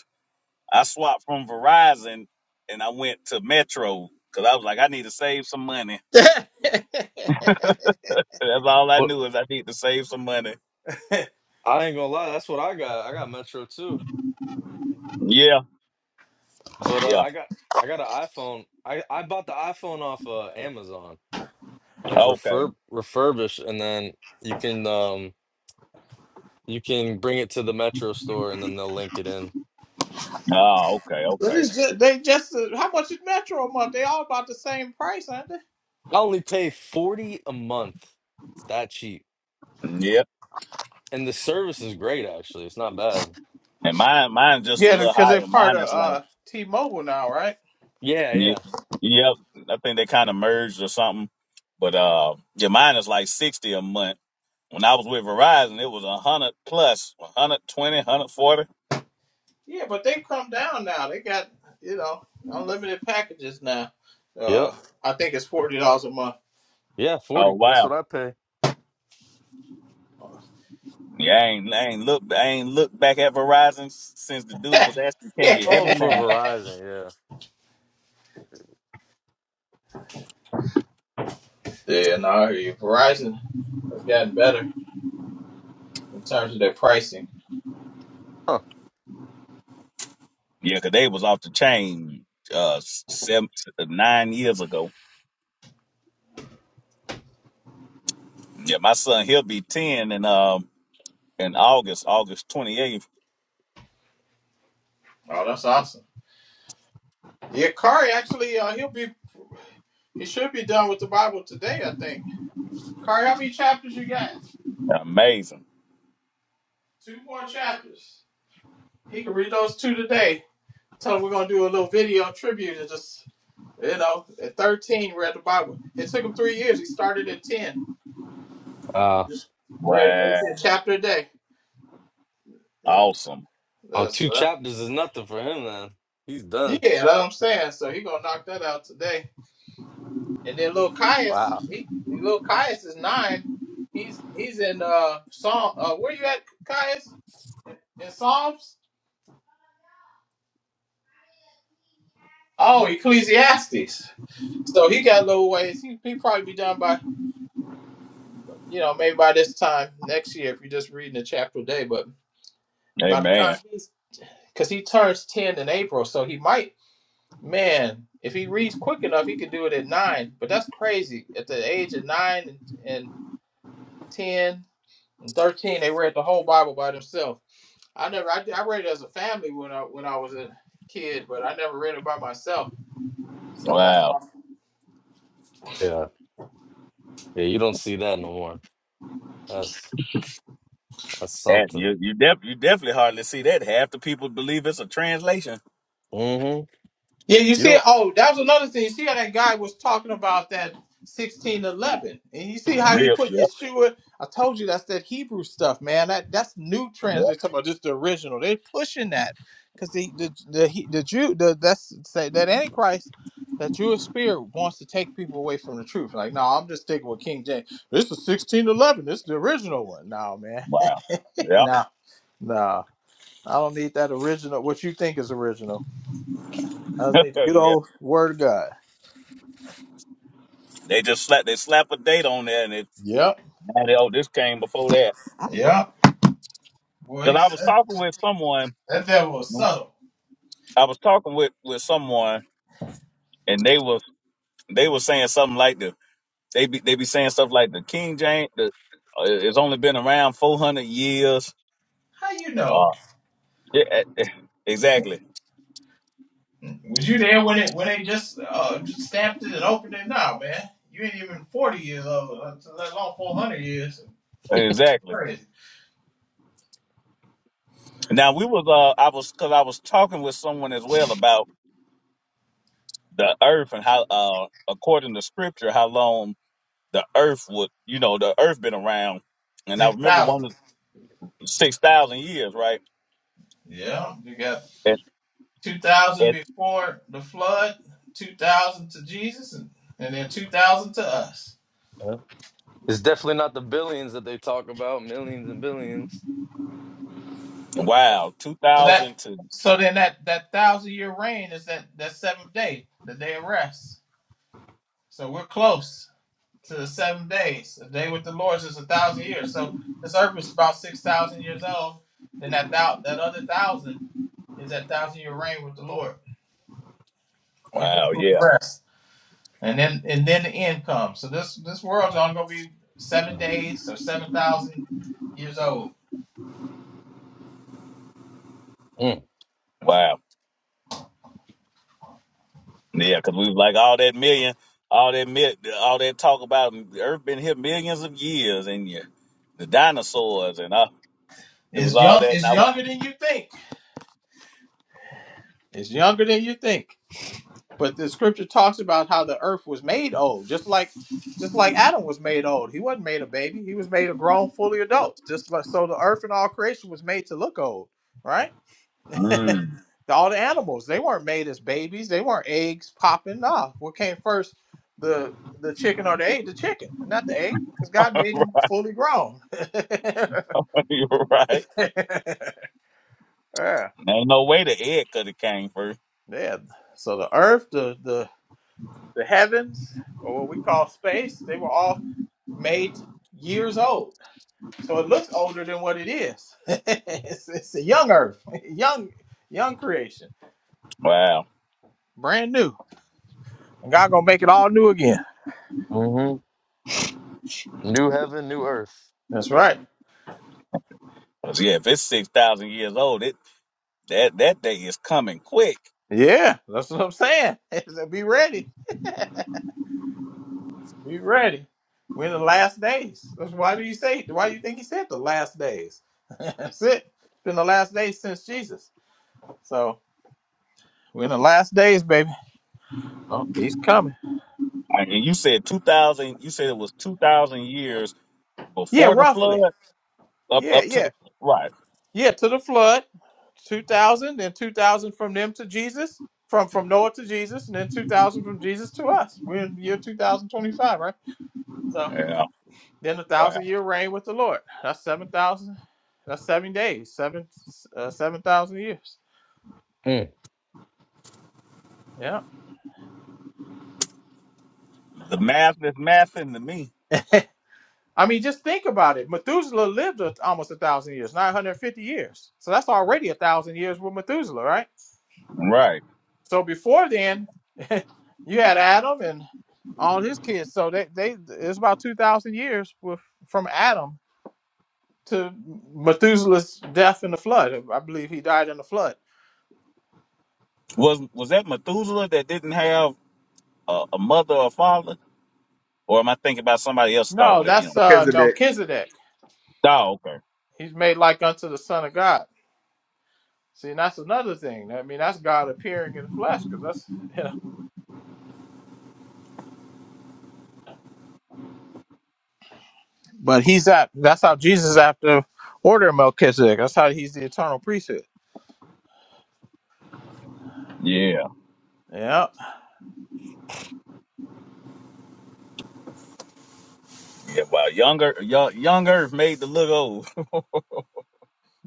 S2: I swapped from Verizon and I went to Metro because I was like, I need to save some money. That's all I
S11: Well,
S2: knew is I need to save some money.
S11: I ain't gonna lie, that's what I got. I got Metro too,
S2: Yeah,
S11: but uh,
S2: yeah.
S11: I got I got an iPhone. I I bought the iPhone off uh, Amazon, like
S2: Okay.
S11: refurb refurbished, and then you can um You can bring it to the Metro store and then they'll link it in.
S2: Oh, okay,
S4: But
S2: okay.
S4: it's just, they just uh, how much is Metro a month? They all about the same price, aren't they?
S11: I only pay 40 a month. It's that cheap.
S2: Yep.
S11: And the service is great actually. It's not bad.
S2: And mine, mine's just a
S4: Yeah,
S2: little
S4: because they're
S2: higher.
S4: part
S2: Mine
S4: of
S2: is like,
S4: uh, T-Mobile now, right?
S11: Yeah,
S2: yeah,
S11: yeah.
S2: yep. I think they kind of merged or something. But uh, yeah, mine is like sixty a month. When I was with Verizon, it was a hundred plus, 120,
S4: Yeah, but they come down now. They got you know unlimited packages now.
S11: Yep.
S4: Uh, I think it's forty dollars a month.
S11: Yeah,
S2: Oh
S11: 40.
S2: wow.
S11: That's what I pay.
S2: Yeah, I ain't, I ain't look, I ain't looked back at Verizon s- since the dude
S4: yeah,
S2: was asking, "Can you hear
S11: Oh,
S2: me
S11: for
S2: now?"
S11: Verizon, yeah.
S4: no, I hear you. Verizon has gotten better in terms of their pricing.
S11: Huh.
S2: Yeah, 'cause they was off the chain uh s- seven, nine years ago. Yeah, my son he'll be ten in um in August, August twenty eighth.
S4: Oh, that's awesome. Yeah, Kari actually, uh, he'll be. He should be done with the Bible today, I think. Kari, how many chapters you got?
S2: Amazing!
S4: Two more chapters. He can read those two today. Tell him we're gonna do a little video tribute and just you know, at thirteen read the Bible. It took him three years. He started at ten.
S11: Wow.
S4: Just read
S2: Wow,
S4: a chapter a day.
S2: awesome!
S11: Oh,
S4: That's
S11: two
S4: right.
S11: chapters is nothing for him then. He's
S4: Yeah,
S11: done.
S4: that's what I'm saying. So he gonna knock that out today. And then little Caius,
S11: Wow.
S4: he little Caius is nine. He's he's in uh Psalm uh where you at, Caius? In Psalms? Oh, Ecclesiastes. So he got a little ways. He he probably be done by you know maybe by this time next year if you're just reading a chapter a day. But by the
S2: Amen!
S4: time he's because he turns ten in April, so he might man if he reads quick enough he could do it at nine. But that's crazy. At the age of nine and, and ten and thirteen, they read the whole Bible by themselves. I never I, I read it as a family when I when I was a kid, but I never read it by myself. So that's
S2: Wow,
S4: awesome.
S11: Yeah. Yeah, you don't see that no more. That's that's
S2: that
S11: something.
S2: you you, def, you definitely hardly see that. Half the people believe it's a translation.
S11: Mm-hmm.
S4: Yeah, you
S11: You
S4: see,
S11: don't
S4: oh, that was another thing. You see how that guy was talking about that sixteen eleven, and you see how he
S2: Real,
S4: put
S2: yep,
S4: Yeshua. I told you that's that Hebrew stuff, man. That that's new
S2: yep.
S4: translation. Talking about just the original, they pushing that because the the the he- the Jew the that's say that Antichrist. That Jewish spirit wants to take people away from the truth. Like, no, I'm just sticking with King James. This is 1611. This is the original one. No, man.
S2: Wow, yep,
S4: no, no. I don't need that original. What you think is original. I just need the good
S2: yeah.
S4: old word of God.
S2: They just slap they slap a date on there and
S4: Yep.
S2: Oh, this came before that.
S4: I Yep. Boy,
S2: Because I was
S4: that,
S2: talking with someone.
S4: that devil was subtle.
S2: I was talking with with someone, and they was they was saying something like the they be they be saying stuff like the King James. The, uh, it's only been around four hundred years.
S4: How you know?
S2: Uh, yeah, eh, eh, exactly,
S4: Mm. Was you there when it when they just uh just stamped it and opened it? Now, man, you ain't even forty years old. uh, Let alone four hundred years.
S2: exactly.
S4: Crazy.
S2: Now we was uh I was because I was talking with someone as well about the earth and how uh according to scripture how long the earth would you know the earth been around, and I
S4: Six
S2: remember
S4: thousand.
S2: one of six thousand years right
S4: Yeah, you got two thousand before the flood, two thousand to Jesus, and, and then two thousand to us.
S11: yeah. it's definitely not the billions that they talk about, millions and billions.
S2: Wow,
S4: So that
S2: 2002.
S4: so then that that thousand year reign is that that seventh day, the day of rest. So we're close. to the seven days. A day with the Lord is a thousand years. So this earth is about six thousand years old. Then that thou- that other thousand is that thousand year reign with the Lord into
S2: Wow,
S4: true
S2: yeah.
S4: rest. And then and then the end comes. So this this world's only gonna be seven days or seven thousand years old.
S2: Wow. Yeah, because we was like all that million, all that mi- all that talk about mm, the Earth been here millions of years and yeah, the dinosaurs and uh, it was
S4: It's
S2: all
S4: young.
S2: that. And
S4: It's
S2: I
S4: younger than you think. It's younger than you think. But the scripture talks about how the earth was made old, just like just like Adam was made old. He wasn't made a baby. He was made a grown, fully adult. Just like so the earth and all creation was made to look old, right? The- All the animals, they weren't made as babies. They weren't eggs popping. Nah. What came first? The the chicken or the egg? The chicken, not the egg, because God made
S2: was, mm.
S4: them fully grown.
S2: you were right.
S4: yeah.
S2: Ain't no way the egg could have came first.
S4: Yeah. So the earth, the the the heavens, or what we call space, they were all made years old So it looks older than what it is. it's, it's a young earth, young, young creation,
S2: Wow.
S4: brand new. And God gonna make it all new again.
S11: Mm. New heaven, new earth.
S4: That's right.
S2: 'Cause, yeah, if it's 6,000 years old, it that, that day is coming quick.
S4: Yeah, that's what I'm saying. So be ready. Be ready. We're in the last days. That's why do you say? Why do you think he said the last days? that's it. It's been the last days since Jesus. So we're in the last days, baby.
S11: Oh.
S4: He's coming.
S2: And you said 2,000, you said it was 2,000 years
S4: Yeah,
S2: before the flood
S4: roughly.
S2: up,
S4: Yeah,
S2: up to
S4: yeah.
S2: the, right.
S4: Yeah, to the flood, 2000, then 2000 from them to Jesus, from from Noah to Jesus, and then 2000 from Jesus to us. We're in the year 2025, right? So
S2: Yeah.
S4: then a
S2: Wow.
S4: thousand year reign with the Lord. That's 7,000, that's seven days, seven uh, 7,000 years.
S11: Mm.
S4: Yeah.
S2: The math is mathing to me.
S4: I mean, just think about it. Methuselah lived a- almost a thousand years, 950 years. So that's already a thousand years with Methuselah, right?
S2: Right.
S4: So before then, you had Adam and all his kids. So they, they it's about two thousand years with, from Adam to Methuselah's death in the flood. I believe he died in the flood.
S2: Was was that Methuselah that didn't have a, a mother or father, or am I thinking about somebody else start
S4: No,
S2: with an M?
S4: that's uh,
S8: Melchizedek.
S4: Melchizedek.
S2: Oh, okay.
S4: He's made like unto the Son of God. See, and that's another thing. I mean, that's God appearing in the flesh, because that's you But he's at. That's how Jesus is after order of Melchizedek. That's how he's the eternal priesthood.
S2: Yeah.
S4: Yeah,
S2: Yeah. Well, younger, young, young Earth made the look old.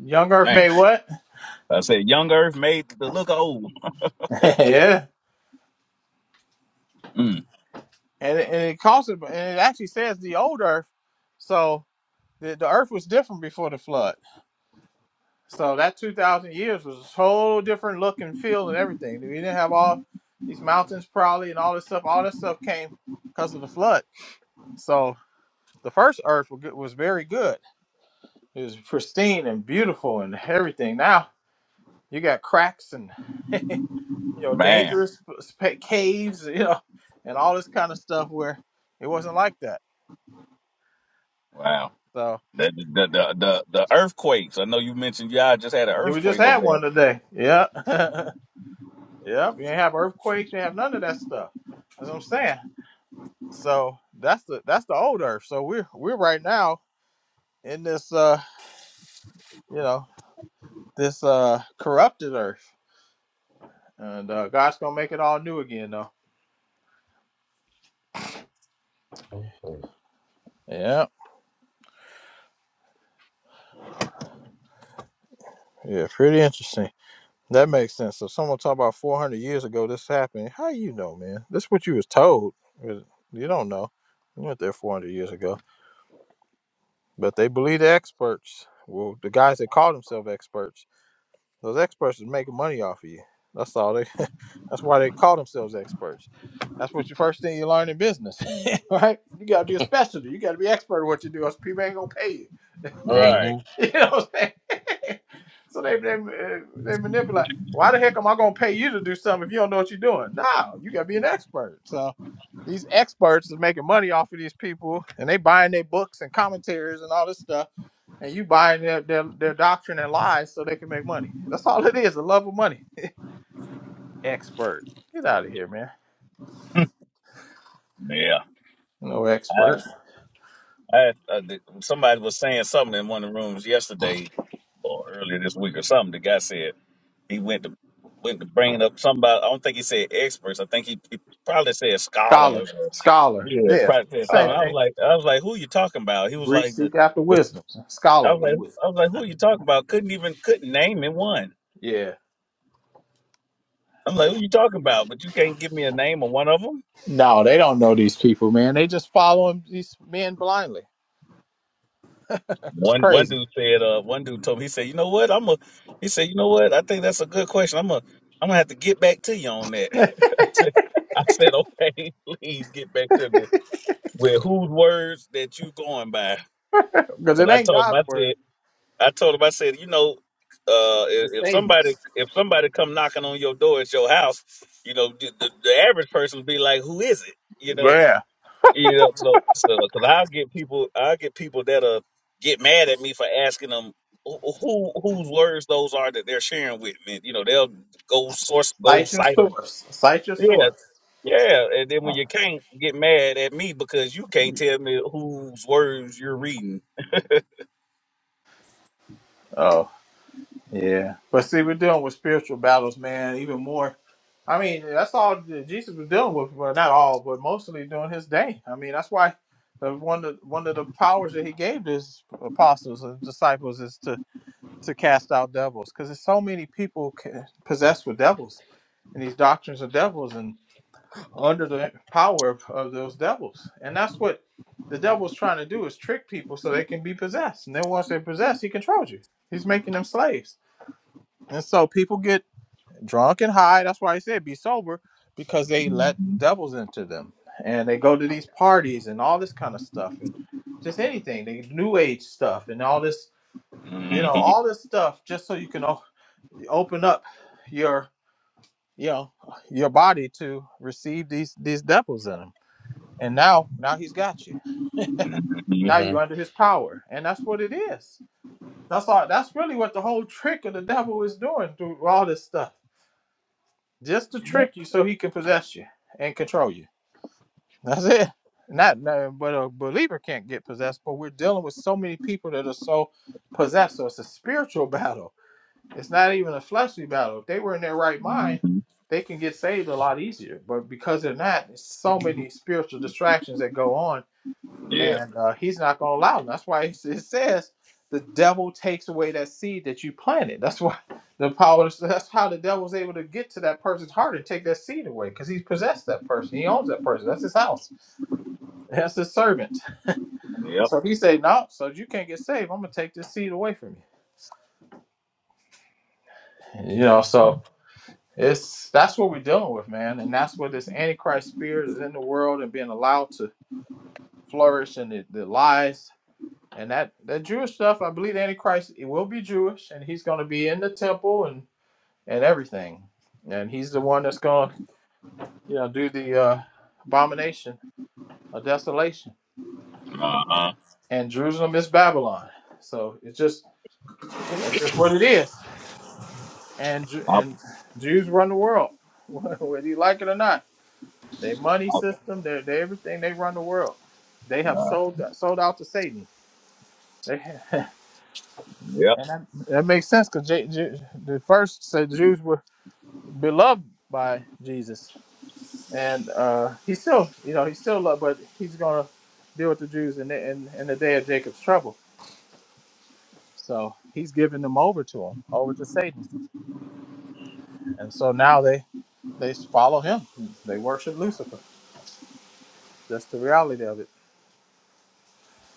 S4: young Earth
S2: Man,
S4: made what?
S2: I said young Earth made the look old.
S4: yeah.
S2: Mm,
S4: and it, and it calls it, and it actually says the old earth. So the, the earth was different before the flood. So that 2,000 years was a whole different look and feel and everything. We didn't have all these mountains probably and all this stuff. All this stuff came because of the flood. So the first earth was, good, was very good. It was pristine and beautiful and everything. Now you got cracks and, you know,
S2: man,
S4: dangerous sp- sp- caves, you know, and all this kind of stuff where it wasn't like that.
S2: wow.
S4: So.
S2: The, the the the the earthquakes. I know you mentioned y'all just had an
S4: You just
S2: earthquake over
S4: had
S2: there.
S4: one today. Yeah, yep. You ain't have earthquakes. You ain't have none of that stuff. That's what I'm saying. So that's the that's the old earth. So we're we're right now in this uh you know this uh corrupted earth, and uh, God's gonna make it all new again though.
S11: Mm-hmm.
S4: Yeah. Yeah. Pretty interesting. That makes sense. So someone talk about 400 years ago this happened. How you know, man? This what you was told. You don't know. You went there 400 years ago. But they believe the experts. Well, the guys that call themselves experts. Those experts is making money off of you. That's all they. That's why they call themselves experts. That's what you first thing you learn in business, right? You gotta be a specialty. You gotta be expert at what you do. Else people ain't gonna pay you.
S2: Right.
S11: mm-hmm.
S4: you know what I'm saying? so they they uh, they manipulate. Why the heck am I gonna pay you to do something if you don't know what you're doing? No, you gotta be an expert. So these experts is making money off of these people, and they buying their books and commentaries and all this stuff and you buying their, their, their doctrine and lies so they can make money. That's all it is, the love of money. Expert. Get out of here, man.
S2: Yeah,
S4: No
S2: I,
S4: expert.
S2: I uh, th- somebody was saying something in one of the rooms yesterday. or earlier this week or something. The guy said he went to went to bringing up somebody. I don't think he said experts. I think he, he probably said
S4: Scholar.
S2: scholars or
S4: Scholar.
S2: yeah,
S4: Yeah.
S2: probably said something.
S4: Same
S2: I was
S4: thing.
S2: like, I was like, who you talking about? He was
S4: Greeks
S2: like, the,
S4: seek after
S2: the
S4: wisdom.
S2: I was
S4: Scholarly
S2: like,
S4: wisdom.
S2: I was like, who you talking about? Couldn't even couldn't name him one.
S4: Yeah.
S2: I'm like, who you talking about? But you can't give me a name of one of them.
S4: No, they don't know these people, man. They just following these men blindly. It's
S2: One one
S4: crazy.
S2: dude said, uh, one dude told me he said, you know what? I'm a he said, you know what? I think that's a good question. I'm a I'm gonna have to get back to you on that. I said, I said, okay, please get back to me. with whose words that you going by.
S4: Because it
S2: Because I
S4: ain't
S2: told him,
S4: God's
S2: I
S4: word.
S2: said, I told him, I said, you know, uh,
S4: It's
S2: if, if
S4: Satan's.
S2: somebody if somebody come knocking on your door at your house, you know, the, the, the average person be like, who is it? You know,
S4: Yeah.
S2: you know, so so because I'll get people, I'll get people that uh get mad at me for asking them who who- whose words those are that they're sharing with me. You know, they'll go source, go
S4: Cite your
S2: cite them.
S4: source. Cite your source.
S2: Yeah, and then when you can't get mad at me because you can't tell me whose words you're reading.
S4: Oh. Yeah. But see, we're dealing with spiritual battles, man, even more. I mean, that's all that Jesus was dealing with. Well, not all, but mostly during his day. I mean, that's why the, one of one of the powers that he gave to his apostles and disciples is to to cast out devils, because there's so many people ca- possessed with devils and these doctrines of devils and under the power of, of those devils, and that's what the devil's trying to do is trick people so they can be possessed, and then once they're possessed, he controls you. He's making them slaves and so people get drunk and high. That's why I said be sober because they let
S2: Mhm,
S4: devils into them. And they go to these parties and all this kind of stuff and just anything, the new age stuff and all this, you know,
S2: mhm,
S4: all this stuff just so you can o- open up your, you know, your body to receive these these devils in them. And now now he's got you. Now you're under his power. And that's what it is. That's all that's really what the whole trick of the devil is doing through all this stuff just to trick you so he can possess you and control you. That's it. Not, no but a believer can't get possessed. But we're dealing with so many people that are so possessed. So it's a spiritual battle. It's not even a fleshly battle. If they were in their right mind,
S2: mhm.
S4: they can get saved a lot easier. But because they're not, there's so many spiritual distractions that go on
S2: Yeah.
S4: and uh, he's not going to allow them. That's why it says the devil takes away that seed that you planted. That's why the power. That's how the devil's able to get to that person's heart and take that seed away because he's possessed that person. He owns that person. That's his house. That's his servant.
S2: Yep.
S4: So he say no. So you can't get saved. I'm gonna take this seed away from you. You know. So it's that's what we're dealing with, man. And that's where this antichrist spirit is in the world and being allowed to flourish and the, the lies And that that Jewish stuff, I believe the Antichrist it will be Jewish, and he's going to be in the temple and and everything, and he's the one that's going to you know do the uh, abomination of desolation,
S2: Uh
S4: and,
S2: huh.
S4: and Jerusalem is Babylon. So it's just that's just what it is, and Ju-
S2: I
S4: and Jews run the world, whether you like it or not. Their money
S2: I,
S4: system, their, their everything, they run the world. They have sold sold out to Satan. They, and
S2: Yep.
S4: that, that makes sense because the first said Jews were. beloved by Jesus, and uh, he's still, you know, he's still loved, but he's gonna deal with the Jews in the, in, in the day of Jacob's trouble. So he's giving them over to him, over to Satan, and so now they they follow him, they worship Lucifer. That's the reality of it.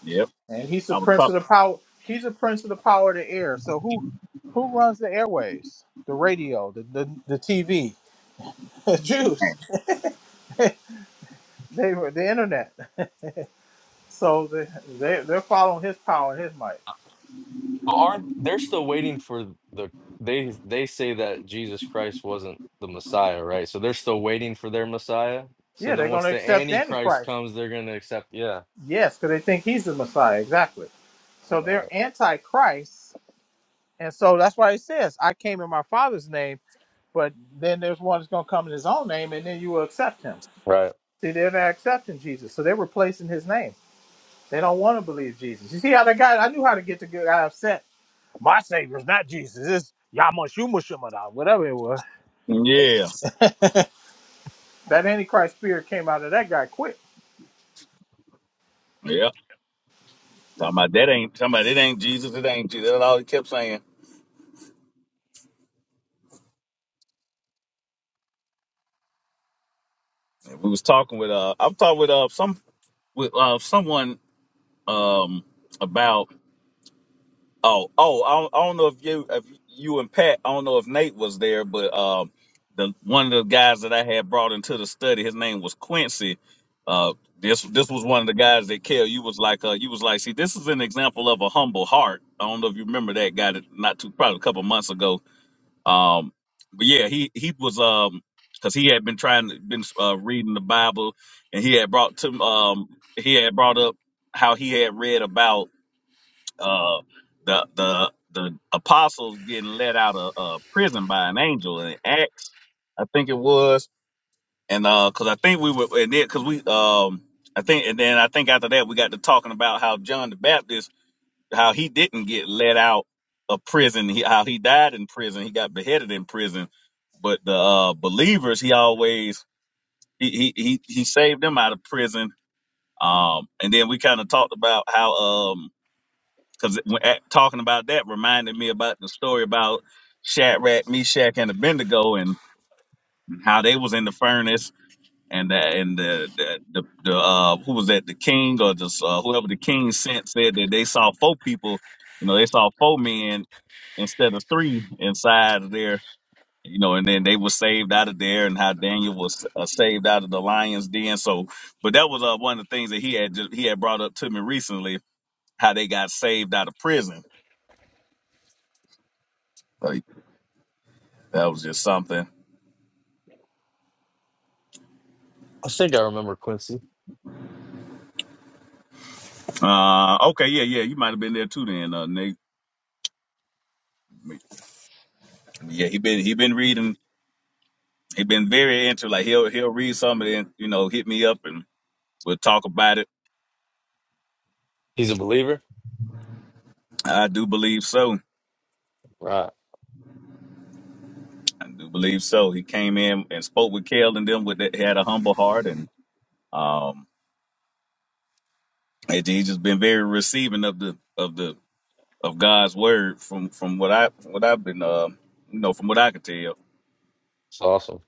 S2: Yep.
S4: And he's the
S2: I was
S4: prince of the power. He's the prince of the power of the air. So who who runs the airways, the radio, the the, the TV, the Jews,
S2: talking.
S4: they were the internet. So they, they they're following his power and his might.
S11: Aren't they're still waiting for the they they say that Jesus Christ wasn't the Messiah, right? So they're still waiting for their Messiah. So
S4: Yeah, they're
S11: then
S4: going
S11: once
S4: to
S11: the
S4: accept
S11: Antichrist
S4: Antichrist.
S11: comes, they're gonna accept yeah.
S4: Yes, because they think he's the Messiah. Exactly. So they're
S11: Right.
S4: Antichrist. And so that's why it says, I came in my Father's name, but then there's one that's going to come in his own name, and then you will accept him.
S11: Right.
S4: See, they're not accepting Jesus. So they're replacing his name. They don't want to believe Jesus. You see how the guy, I knew how to get the guy upset. My Savior's not Jesus. It's Yamashumashimada, whatever it was. They,
S2: Yeah.
S4: that Antichrist spirit came out of that guy quick.
S2: Yep. Talking about that ain't talking about it ain't Jesus. It ain't Jesus. That's all he kept saying. And we was talking with uh, I'm talking with uh some with uh someone um about. Oh, oh, I don't, I don't know if you, if you and Pat, I don't know if Nate was there, but um, the one of the guys that I had brought into the study, his name was Quincy. Uh, this this was one of the guys that Kel, you was like, uh, you was like, see, this is an example of a humble heart. I don't know if you remember that guy that not too probably a couple months ago. Um, but yeah, he he was um, cause he had been trying to been uh, reading the Bible, and he had brought to um, he had brought up how he had read about. Uh, the the the apostles getting let out of uh, prison by an angel in Acts, I think it was, and because I think we were and then because we um I think and then I think after that we got to talking about how John the Baptist how he didn't get let out of prison, he, how he died in prison, he got beheaded in prison, but the uh, believers he always he he he, he saved them out of prison. Um, and then we kind of talked about how um because talking about that reminded me about the story about Shadrach, Meshach, and Abednego, and how they was in the furnace, and the, and the the the, the uh, who was that? The king or just uh, whoever the king sent said that they saw four people. You know, they saw four men instead of three inside of there. You know, and then they were saved out of there, and how Daniel was uh, saved out of the lion's den. So, but that was uh, one of the things that he had ju- he had brought up to me recently, how they got saved out of prison That was just something.
S11: I think I remember Quincy.
S2: Uh, okay, yeah, yeah, you might have been there too then, uh, Nate. Yeah, he been he been reading. He been very into like he'll he'll read something and you know hit me up and we'll talk about it.
S11: He's a believer?
S2: I do believe so.
S11: Right.
S2: I do believe so. He came in and spoke with Kel and them with that had a humble heart and um and he just been very receiving of the of the of God's word from from what I from what I've been uh you know from what I could tell.
S11: It's awesome.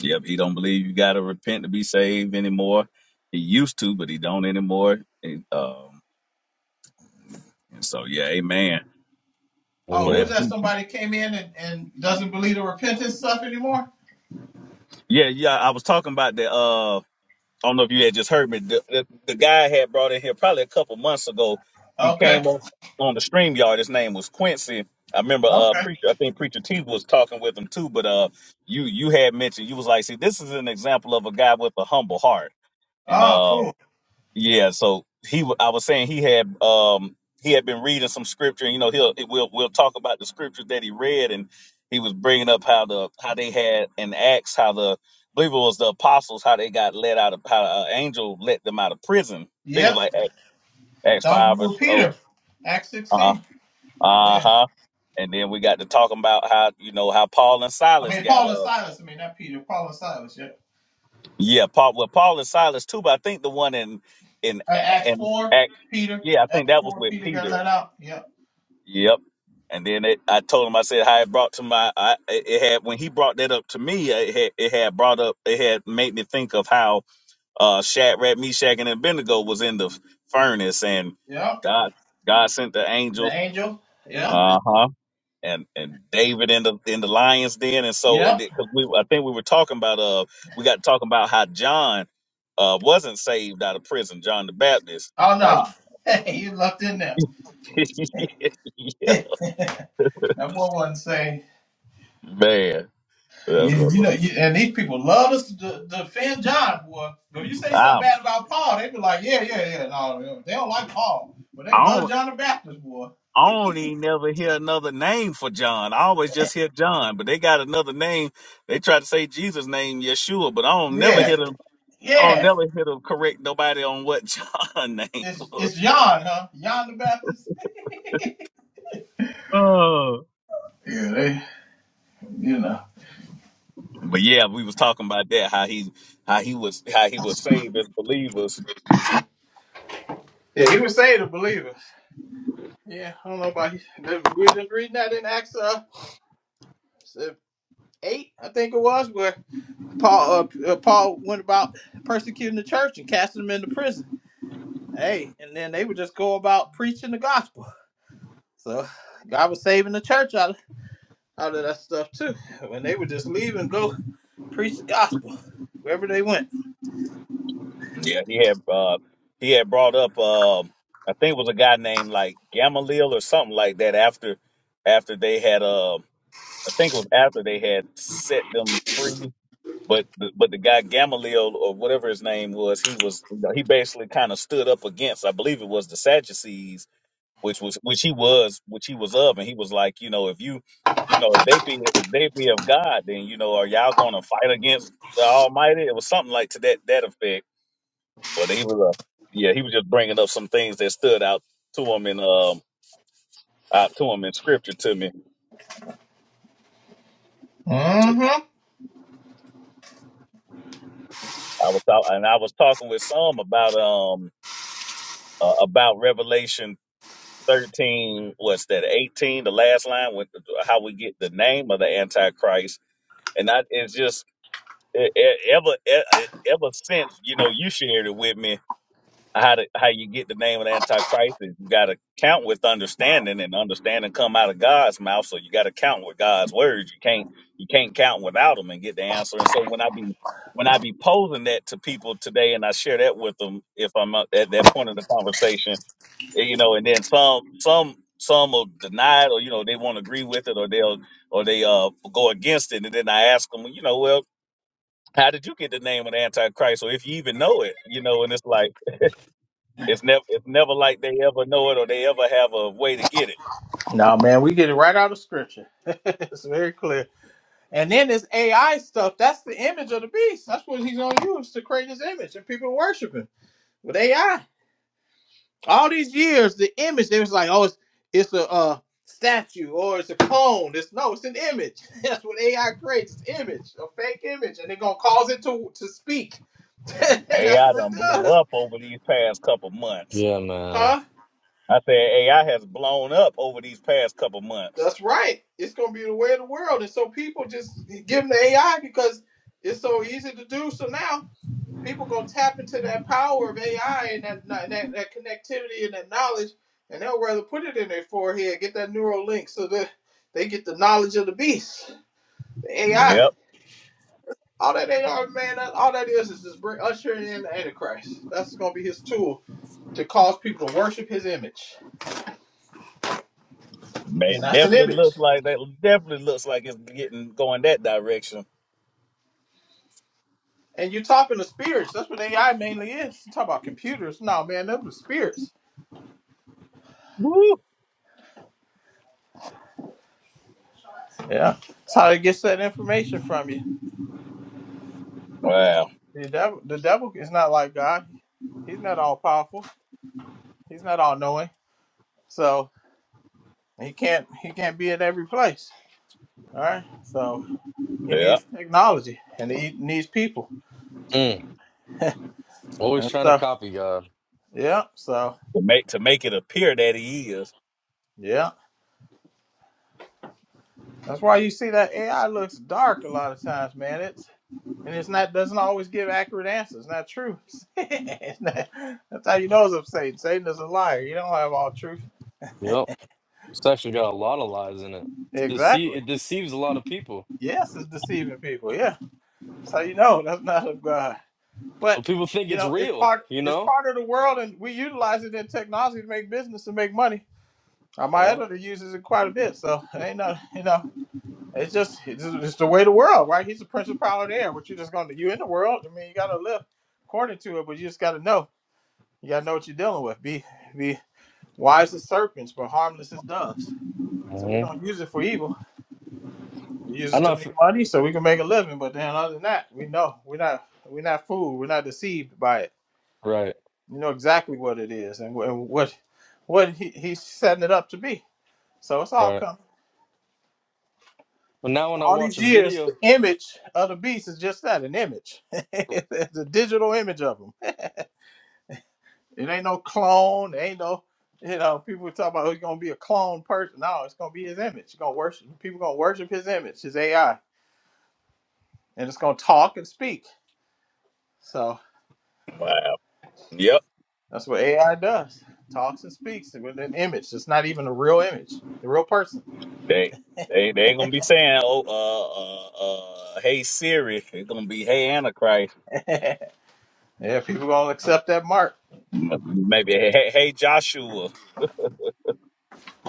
S2: Yep, he don't believe you got to repent to be saved anymore. He used to, but he don't anymore. And, um, and so, yeah, amen
S4: Oh,
S2: for
S4: who's
S11: Amen.
S2: that
S4: that?
S2: preacher.
S4: Somebody came in and, and doesn't believe the repentance stuff anymore?
S2: Yeah, yeah. I was talking about the. Uh, I don't know if you had just heard me. The, the, the guy I had brought in here probably a couple months ago. He
S4: Okay.
S2: came on on the stream yard. His name was Quincy. I remember uh
S4: Okay.
S2: preacher. I think preacher T was talking with him too. But uh, you you had mentioned you was like, see, this is an example of a guy with a humble heart. And
S4: Oh,
S2: uh,
S4: cool.
S2: Yeah, so he, wa- I was saying he had, um, he had been reading some scripture, and you know, he'll we'll we'll talk about the scripture that he read, and he was bringing up how the how they had in Acts how the I believe it was the apostles how they got let out of how an angel let them out of prison. I think it was
S4: Yep.
S2: like Acts, Acts
S4: That was
S2: five or
S4: with
S2: so.
S4: Peter, Acts
S2: Uh
S4: 16.
S2: uh
S4: Yeah.
S2: huh. And then we got to talking about how you know how Paul and
S4: I
S2: Silas
S4: mean,
S2: got
S4: Paul and
S2: up.
S4: Silas. I mean, not Peter, Paul and Silas. Yep.
S2: Yeah, Paul. Well, Paul and Silas too, but I think the one in in
S4: Uh, Acts
S2: in
S4: 4,
S2: Acts.
S4: Peter.
S2: Yeah, I think
S4: Acts
S2: that was
S4: 4,
S2: with
S4: Peter got
S2: Peter
S4: let out. Yep.
S2: Yep. And then it, I told him, I said how it brought to my, I, it it had when he brought that up to me, uh, it had, it had brought up, it had made me think of how uh, Shadrach, Meshach, and Abednego was in the furnace, and
S4: Yep.
S2: God, God sent the
S4: The
S2: angel,
S4: angel. Yep.
S2: uh huh, and and David in the in the lions den, and so and
S4: Yep.
S2: because we, I think we were talking about, uh, we got talking about how John, uh, wasn't saved out of prison, John the Baptist,
S4: Oh,
S2: uh,
S4: no.
S2: he,
S4: Hey, you left in there.
S2: yeah,
S4: that boy wasn't saved.
S2: man, that's
S4: You, you know,
S2: what.
S4: you, and these people love us to to defend John, boy. But if you say something bad about Paul, they be like, yeah, yeah, yeah. No, they don't like Paul, but they
S2: I
S4: love
S2: don't
S4: John the Baptist, boy.
S2: I don't even never hear another name for John. I always just hear John, but they got another name. They try to say Jesus' name Yeshua, but I don't never
S4: Yeah,
S2: hear them. I don't
S4: yeah.
S2: never hear them correct nobody on what John name
S4: It's
S2: was.
S4: it's John, huh? John the Baptist.
S2: Oh.
S4: Yeah, they, you know.
S2: But yeah, we was talking about that how he how he was how he was saved as believers.
S4: Yeah, he was saved to believers. Yeah, I don't know about you. We were just reading that in Acts uh, eight, I think it was, where Paul uh, uh, Paul went about persecuting the church and casting them into prison. Hey, and then they would just go about preaching the gospel. So God was saving the church out of, out of that stuff too. When they would just leave and go preach the gospel wherever they went.
S2: Yeah, he had uh, he had brought up uh, I think it was a guy named like Gamaliel or something like that after after they had uh I think it was after they had set them free But the, but the guy Gamaliel or whatever his name was, he was he basically kind of stood up against. I believe it was the Sadducees, which was which he was which he was of, and he was like, you know, if you you know if they be if they be of God, then you know are y'all going to fight against the Almighty? It was something like to that that effect. But he was a yeah, he was just bringing up some things that stood out to him in um out to him in scripture to me. Yeah, so
S4: Mm-hmm.
S2: I was out and I was talking with some about um uh, about Revelation 13 what's that 18 the last line with how we get the name of the antichrist and I, it's just e- e- ever e- e, ever since you know you shared it with me how to, how you get the name of the antichrist is you got to count with understanding and understanding come out of god's mouth so you got to count with god's words you can't you can't count without them and get the answer and so when i be when i be posing that to people today and i share that with them if i'm at at that point of the conversation you know, and then some some some will deny it or you know they won't agree with it or they'll or they uh go against it and then I ask them, you know, well, how did you get the name of the Antichrist or if you even know it, you know, and it's like it's never it's never like they ever know it or they ever have a way to get it.
S4: No, man, we get it right out of scripture. it's very clear. And then this AI stuff, that's the image of the beast. That's what he's going to use to create his image and people worship him with AI. all these years, the image they was like, oh, it's it's a uh, statue or it's a clone. It's no, it's an image. That's what AI creates. It's image, a fake image, and they're gonna cause it to to speak, and that's
S2: AI
S4: what it
S2: done blew
S4: does,
S2: up over these past couple months.
S11: Yeah, man.
S4: huh?
S2: I said AI has blown up over these past couple months.
S4: That's right. It's gonna be the way of the world, and so people just give them the AI because it's so easy to do. So now people gonna tap into that power of AI and that that, that connectivity and that knowledge, and they'll rather put it in their forehead, get that neural link, so that they get the knowledge of the beast, the AI.
S2: Yep,
S4: All that they are, man. that- All that is is just bring ushering in the Antichrist. That's gonna be his tool to cause people to worship his image,
S2: man,
S4: and that's an
S2: definitely
S4: image.
S2: looks like that. Definitely looks like it's getting going that direction.
S4: And you're talking to spirits. That's what AI mainly is. You talk about computers. No, man, those are spirits.
S2: Woo.
S4: Yeah, that's how they get that information from you.
S2: Wow.
S4: The devil, the devil is not like God. He's not all powerful. He's not all knowing. So he can't he can't be in every place. All right. So he
S2: Yeah.
S4: needs technology and he needs people.
S11: Mm. Always
S4: And
S11: trying to
S4: so
S11: copy God.
S4: yeah. So
S2: to make to make it appear that he is.
S4: yeah. That's why you see that AI looks dark a lot of times, man. It's and it's not doesn't always give accurate answers. Not true. It's not- that's how you know it's of Satan. Satan is a liar. You don't have all truth.
S11: Yep. It's actually got a lot of lies in it. Dece-
S4: Exactly.
S11: it deceives a lot of people.
S4: Yes, it's deceiving people. Yeah. So you know that's not of God. But
S11: But people think
S4: you
S11: it's
S4: know, it's
S11: real,
S4: part
S11: you
S4: it's
S11: know?
S4: part of the world and we utilize it in technology to make business and make money. Uh, my
S11: Yeah.
S4: editor uses it quite a bit, so it ain't no you know, it's just it's, just- it's the way the world, right? He's the principal of the air, What you just gonna you in the world. I mean you gotta live according to it, but you just gotta know. You gotta know what you're dealing with. Be be wise as serpents, but harmless as doves. So we
S11: Mhm.
S4: don't use it for evil. We use
S11: I
S4: it to
S11: know if
S4: make money so we can make a living, but then other than that, we know we're not we're not fooled, we're not deceived by it.
S11: right,
S4: You know exactly what it is and, wh- and what what he, he's setting it up to be. So it's all
S11: right.
S4: coming.
S11: But now when I
S4: All
S11: watch
S4: these
S11: a
S4: years, the
S11: video,
S4: image of the beast is just that, an image. it's a digital image of him. It ain't no clone. It ain't no, you know, people talk about who's going to be a clone person. No, it's going to be his image. You're gonna worship, people going to worship his image, his AI. And it's going to talk and speak. So
S2: Wow. Yep.
S4: that's what AI does. Talks and speaks with an image. It's not even a real image, the real person.
S2: They they they ain't gonna be saying oh uh uh, uh hey Siri. It's gonna be hey Antichrist.
S4: Yeah, people going to accept that mark.
S2: M- Maybe hey hey hey, Joshua.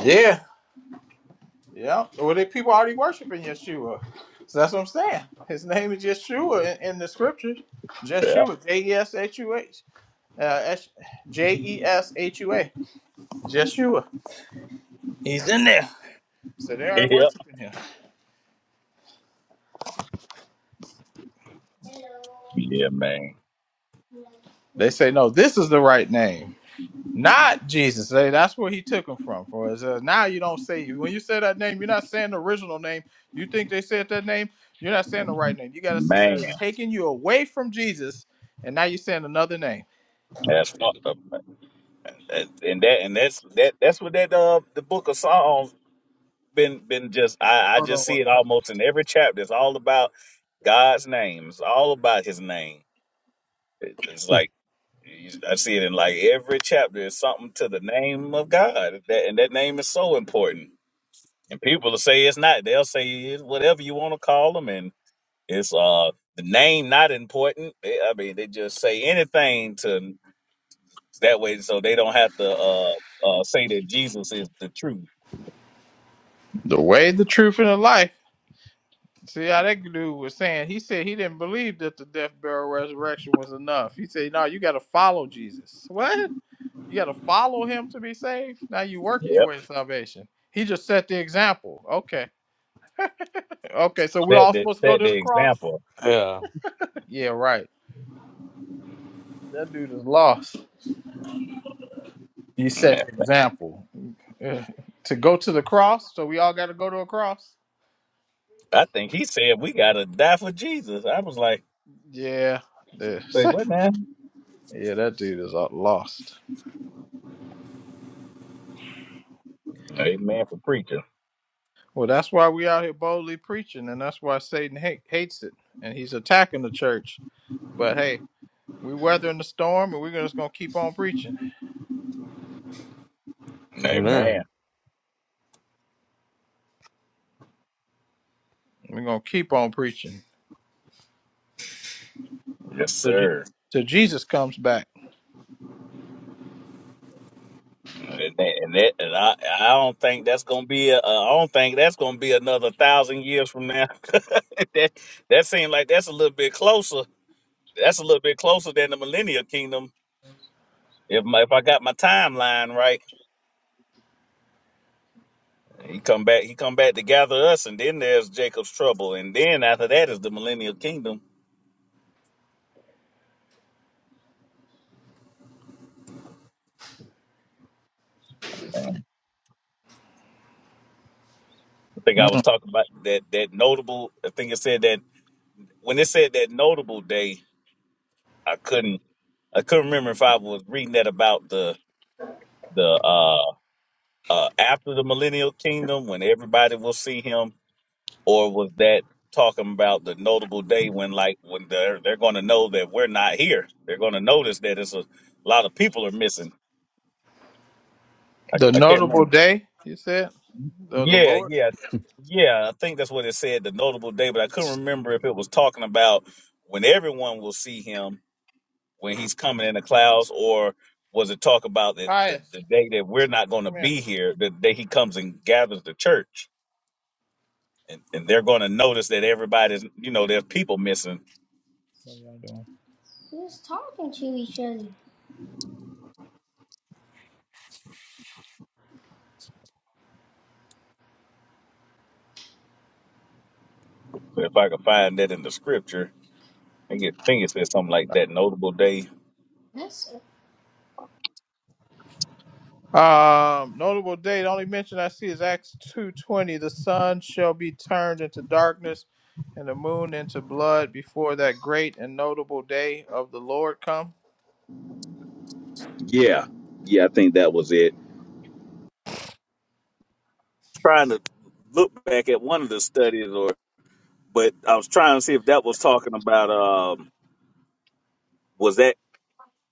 S4: Yeah, yeah. Well, they people already worshiping Yeshua, so that's what I'm saying. His name is Yeshua in, in the scriptures.
S2: Yeah.
S4: Jeshua, J E S H U H, uh, S- J E S H U A, Jeshua. He's in there. So they already
S2: Yep.
S4: worshiping him.
S2: Yeah, man.
S4: They say no, this is the right name, not Jesus. They, that's where he took him from. For us. Uh, now you don't say when you say that name, you're not saying the original name. You think they said that name? You're not saying the right name. You gotta say so
S2: Man,
S4: it's taking you away from Jesus, and now you're saying another name.
S2: that's fucked up. man. That, and that and that's that that's what that uh the book of Psalms been been just I I
S4: Hold on
S2: just
S4: one
S2: see it
S4: second.
S2: almost in every chapter. It's all about God's name. It's all about His name. It- It's like You- I see it in like every chapter. It's something to the name of God, that, and that name is so important. And people will say it's not. They'll say it's whatever you want to call them, and it's uh the name not important. They, I mean, they just say anything to that way, so they don't have to uh, uh say that Jesus is the truth.
S4: The way, the truth, and the life. See how that dude was saying. He said he didn't believe that the death, burial, resurrection was enough. He said, "No, you got to follow Jesus. What? You got to follow him to be saved. Now you working your
S2: Yep,
S4: way to salvation. He just set the example. Okay, okay. So we
S2: set
S4: all
S2: the
S4: supposed to go
S2: set
S4: to
S2: the
S4: the cross?
S2: example.
S11: yeah.
S4: yeah, right. That dude is lost. He set
S2: Yeah.
S4: the example Yeah. to go to the cross. So we all got to go to a cross.
S2: I think he said we gotta die for Jesus. I was like,
S4: Yeah, yeah.
S2: say what now?
S4: yeah, That dude is uh, lost.
S2: Amen for preacher.
S4: Well, that's why we out here boldly preaching, and that's why Satan hate, hates it, and he's attacking the church. But hey, we weathering the storm, and we're just gonna keep on preaching.
S2: Amen.
S11: Amen.
S4: We're gonna keep on preaching
S2: Yes,
S4: till Je-
S2: sir.
S4: till Jesus comes back.
S2: And that, and, that, and I, I don't think that's gonna be. A, uh, I don't think that's gonna be another thousand years from now. that that seems like that's a little bit closer. That's a little bit closer than the Millennial Kingdom. If my, if I got my timeline right, he come back. He come back to gather us, and then there's Jacob's trouble, and then after that is the Millennial Kingdom. I think I was
S4: Mm.
S2: talking about that that notable. I think it said that when it said that notable day, I couldn't I couldn't remember if I was reading that about the the uh uh, after the millennial kingdom when everybody will see him, or was that talking about the notable day when, like, when they're they're going to know that we're not here? They're going to notice that it's a, lot of people are missing. I,
S4: The
S2: I can't
S4: notable
S2: remember.
S4: day, he said, of the
S2: Yeah,
S4: Lord.
S2: yeah, yeah. I think that's what it said, the notable day, but I couldn't remember if it was talking about when everyone will see him when he's coming in the clouds, or was it talk about the, the,
S4: Pious,
S2: the day that we're not going to
S4: come here.
S2: be here, the day he comes and gathers the church? and, and they're going to notice that everybody's you know there's people missing
S4: What y'all doing?
S2: so if i could find that in the scripture i think it, think it says something like that notable day
S4: Um, notable date. Only mention I see is Acts two twenty. The sun shall be turned into darkness, and the moon into blood before that great and notable day of the Lord come.
S2: Yeah, yeah, I think that was it. trying to look back at one of the studies or but i was trying to see if that was talking about um was that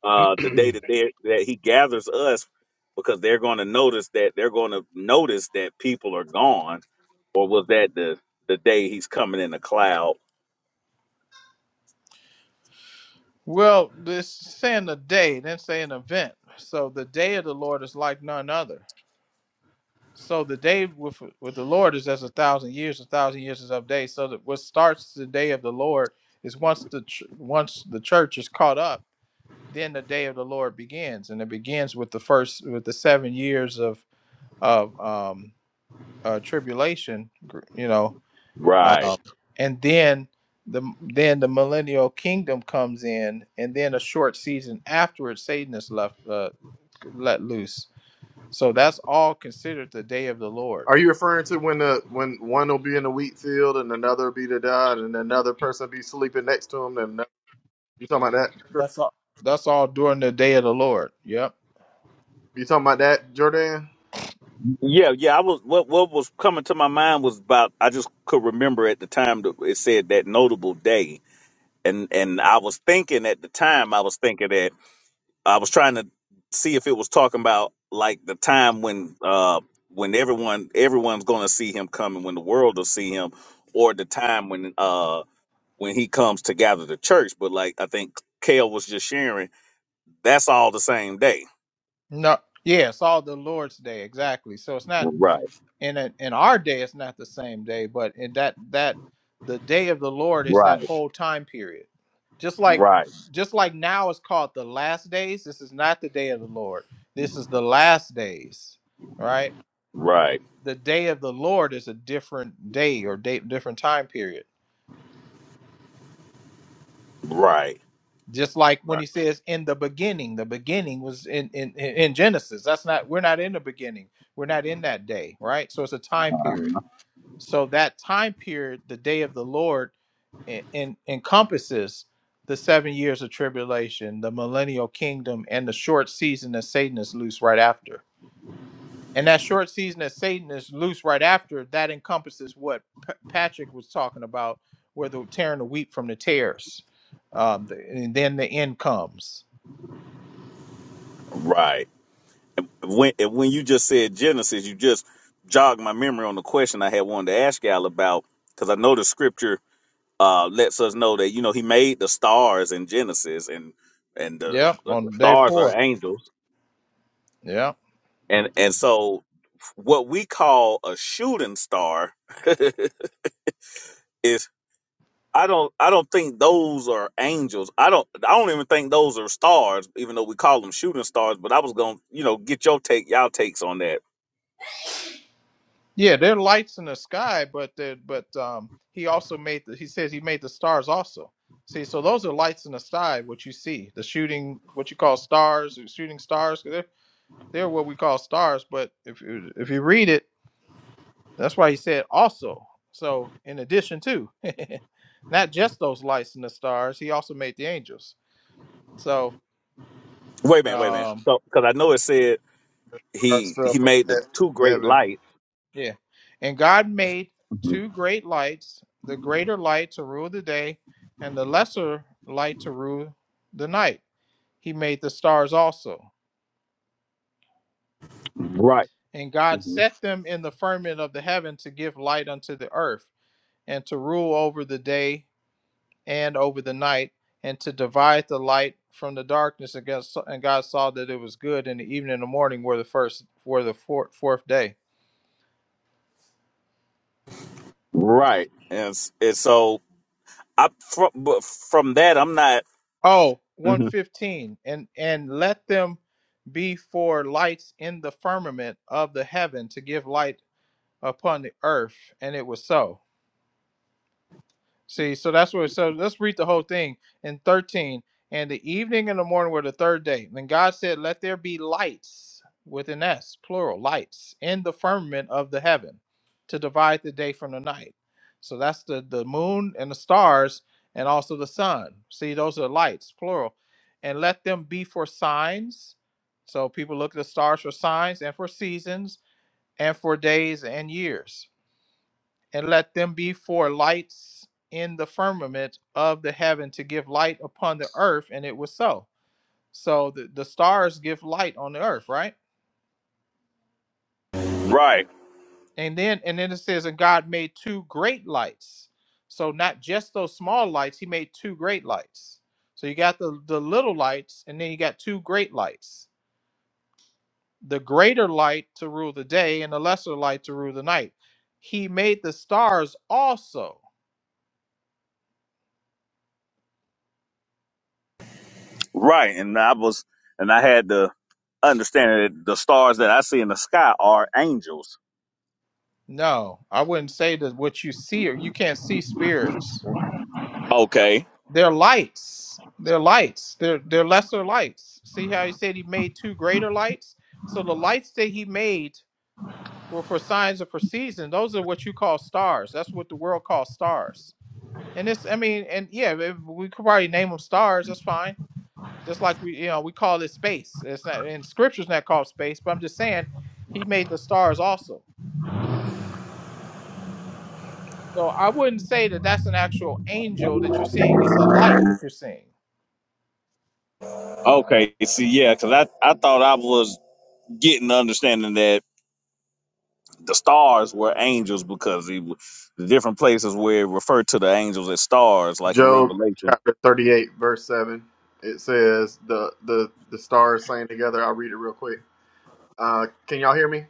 S2: uh the day that they that he gathers us because they're going to notice that they're going to notice that people are gone or was that the the day he's coming in the cloud
S4: Well, this saying a day, then say an event. So the day of the Lord is like none other. So the day with with the Lord is as a thousand years. A thousand years is of days. So that what starts the day of the Lord is once the ch- once the church is caught up. then the day of the Lord begins, and it begins with the first with the seven years of of um, uh, tribulation, gr- you know,
S2: Right.
S4: um, and then the then the millennial kingdom comes in, and then a short season afterwards, Satan is left uh, let loose. So that's all considered the day of the Lord.
S8: Are you referring to when the when one will be in the wheat field and another will be the dad and another person be sleeping next to him and another, you talking about that?
S4: That's all. That's all during the day of the Lord. Yep.
S8: You talking about that, Jordan?
S2: Yeah, yeah. I was what what was coming to my mind was about I just could remember at the time that it said that notable day, and and I was thinking at the time I was thinking that I was trying to see if it was talking about like the time when uh when everyone everyone's going to see him coming when the world will see him, or the time when uh when he comes to gather the church. But like I think Kale was just sharing, that's all the same day.
S4: No. Yeah, it's all the Lord's day exactly. So it's not.
S2: Right,
S4: in a, in our day it's not the same day but in that that the day of the lord is
S2: right,
S4: that whole time period just like
S2: right,
S4: just like now is called the last days this is not the day of the lord this is the last days right
S2: right,
S4: the day of the lord is a different day or day, different time period
S2: right.
S4: just like when he says in the beginning the beginning was in, in in in genesis that's not we're not in the beginning we're not in that day right so it's a time
S2: Right.
S4: period so that time period the day of the lord en- en- encompasses the seven years of tribulation, the millennial kingdom, and the short season that Satan is loose right after. And that short season that Satan is loose right after, that encompasses what P- Patrick was talking about, where the tearing the wheat from the tares. Um, the, and then the end comes.
S2: Right. And When and when you just said Genesis, you just jogged my memory on the question I had wanted to ask y'all about because I know the scripture uh, lets us know that you know He made the stars in Genesis, and and the,
S4: Yep,
S2: the
S4: on day
S2: stars are
S4: four.
S2: angels,
S4: Yep.
S2: and and so what we call a shooting star is I don't I don't think those are angels. I don't I don't even think those are stars, even though we call them shooting stars. But I was gonna you know get your take y'all takes on that
S4: Yeah, there are lights in the sky, but the, but um, he also made the, he says he made the stars also. See, so those are lights in the sky, what you see, the shooting, what you call stars, the shooting stars. 'Cause They're, they're what we call stars, but if you, if you read it, that's why he said also. So in addition to, not just those lights in the stars, he also made the angels. So
S2: Wait a minute, wait a minute.
S4: um,
S2: So, because I know it said
S8: Or
S2: he
S8: fell
S2: he
S8: from
S2: made the two
S8: he-
S2: great
S8: heaven.
S2: lights.
S4: Yeah. And God made
S2: Mhm.
S4: two great lights, the greater light to rule the day, and the lesser light to rule the night. He made the stars also.
S2: Right.
S4: And God
S2: Mhm.
S4: set them in the firmament of the heaven to give light unto the earth, and to rule over the day and over the night, and to divide the light from the darkness. And God and God saw that it was good, and the evening and the morning were the first, were the four, fourth day.
S2: Right. And, s- and so I from but from that I'm not
S4: Oh, one
S2: Mhm.
S4: fifteen, And and let them be for lights in the firmament of the heaven to give light upon the earth. And it was so. See, so that's what. So let's read the whole thing in thirteen. And the evening and the morning were the third day. Then God said, "Let there be lights with an S, plural, lights in the firmament of the heaven, to divide the day from the night." So that's the the moon and the stars, and also the sun. See, those are lights, plural. And let them be for signs. So people look at the stars for signs and for seasons and for days and years and let them be for lights in the firmament of the heaven to give light upon the earth and it was so so the, the stars give light on the earth right
S2: right.
S4: and then and then it says and god made two great lights so not just those small lights he made two great lights so you got the the little lights and then you got two great lights the greater light to rule the day and the lesser light to rule the night he made the stars also
S2: Right. And I was and I had to understand that the stars that I see in the sky are angels.
S4: No, I wouldn't say that what you see or you can't see spirits.
S2: Okay.
S4: They're lights. They're lights. They're they're lesser lights. See how he said he made two greater lights? So the lights that he made were for signs and for seasons. Those are what you call stars. That's what the world calls stars. And it's I mean, and yeah, eh, we could probably name them stars, that's fine. Just like we you know, we call it space. It's not in scripture's not called space, but I'm just saying he made the stars also. So I wouldn't say that that's an actual angel that you're seeing. It's a light that you're seeing.
S2: Okay. See, yeah, because I I thought I was getting the understanding that the stars were angels because he w- the different places where it referred to the angels as stars, like in
S8: Job
S2: Revelation.
S8: chapter thirty-eight, verse seven. It says the the the stars sang together. I'll read it real quick. Uh, can y'all hear me?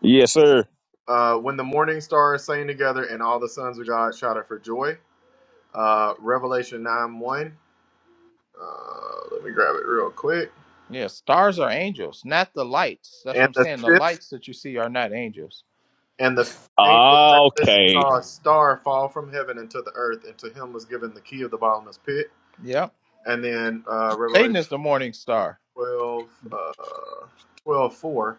S2: Yes, sir.
S8: Uh, when the morning stars sang together, and all the sons of God shouted for joy. Uh, Revelation nine one. Uh, let me grab it real quick.
S4: Yeah, stars are angels, not the lights. That's what
S8: And
S4: I'm
S8: the
S4: saying. The
S8: fifth
S4: lights that you see are not angels.
S8: and the fifth angel sounded and
S2: Okay.
S8: saw a star fall from heaven into the earth, and to him was given the key of the bottomless pit.
S4: Yeah,
S8: And then uh, Revelation.
S4: Satan is the morning star.
S8: 12, uh, 12 four,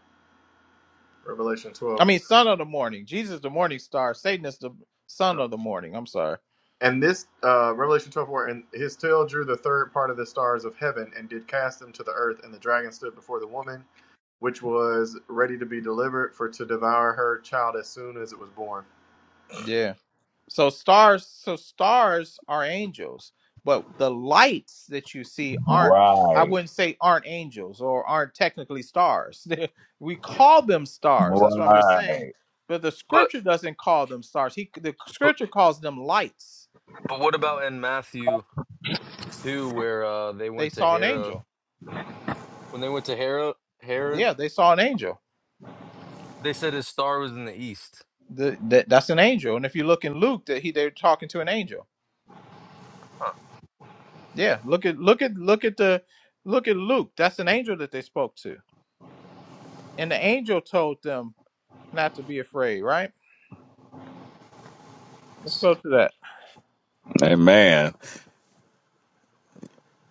S8: Revelation
S4: I
S8: 12.
S4: mean, son of the morning. Jesus is the morning star. Satan is the son
S8: Uh,
S4: of the morning. I'm sorry.
S8: and this, uh, Revelation twelve, four, and his tail drew the third part of the stars of heaven and did cast them to the earth, and the dragon stood before the woman, which was ready to be delivered for to devour her child as soon as it was born.
S4: Yeah. So stars, so stars are angels, but the lights that you see aren't. I
S2: Right.
S4: wouldn't say aren't angels or aren't technically stars. They- we call them stars. That's what I'm just saying.
S2: Right.
S4: But the
S11: But
S4: scripture doesn't call them stars. He, the
S11: but
S4: scripture calls them lights.
S11: but what about in Matthew 2 where uh they
S4: They
S11: went to
S4: saw an
S11: Herod?
S4: angel.
S11: When they went to Herod, Herod,
S4: Yeah, they saw an angel.
S11: they said his star was in the east.
S4: The, that, that's an angel. And if you look in Luke, that he they're talking to an angel. Yeah, look at look at look at the look at Luke. That's an angel that they spoke to, and the angel told them not to be afraid, right?
S11: I
S4: Let's
S11: see.
S4: go to that.
S2: Amen.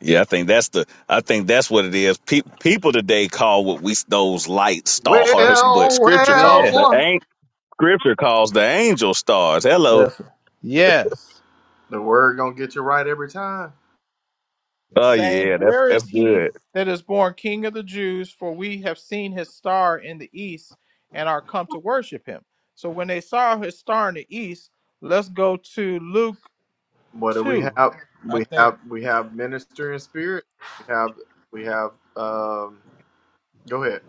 S2: Yeah, I think that's the. I think that's what it is. Pe- people today call what we those light stars, but
S8: Well,
S2: Scripture calls
S4: Yeah.
S2: the
S8: well,
S2: ain't Scripture calls the angel stars. Hello.
S4: That's it. Yes.
S8: the word gonna get you right every time.
S2: Oh
S4: Saying,
S2: yeah, that's
S4: Where
S2: that's
S4: is he
S2: good.
S4: that is born King of the Jews? For we have seen his star in the east and are come to worship him. So when they saw his star in the east, let's go to Luke
S8: What do we
S4: 2.
S8: have?
S4: I
S8: We
S4: think.
S8: have we have minister in spirit. We have we have um. Go ahead.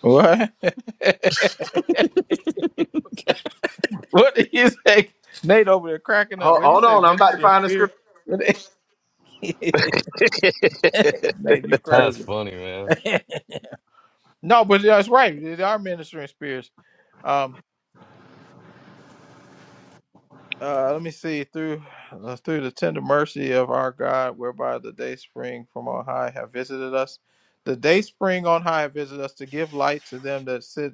S4: What? what did you say? Nate over there cracking up.
S8: Hold,
S4: What did he
S8: hold
S4: say?
S8: on, I'm about to
S4: Minister and
S8: find the scripture.
S4: spirit? What did- Nate, you
S11: That's
S4: crazy.
S11: funny, man.
S4: No, but that's right. They are ministering spirits. Um, uh, let me see through uh, through the tender mercy of our God, whereby the day spring from on high have visited us. The day spring on high have visited us to give light to them that sit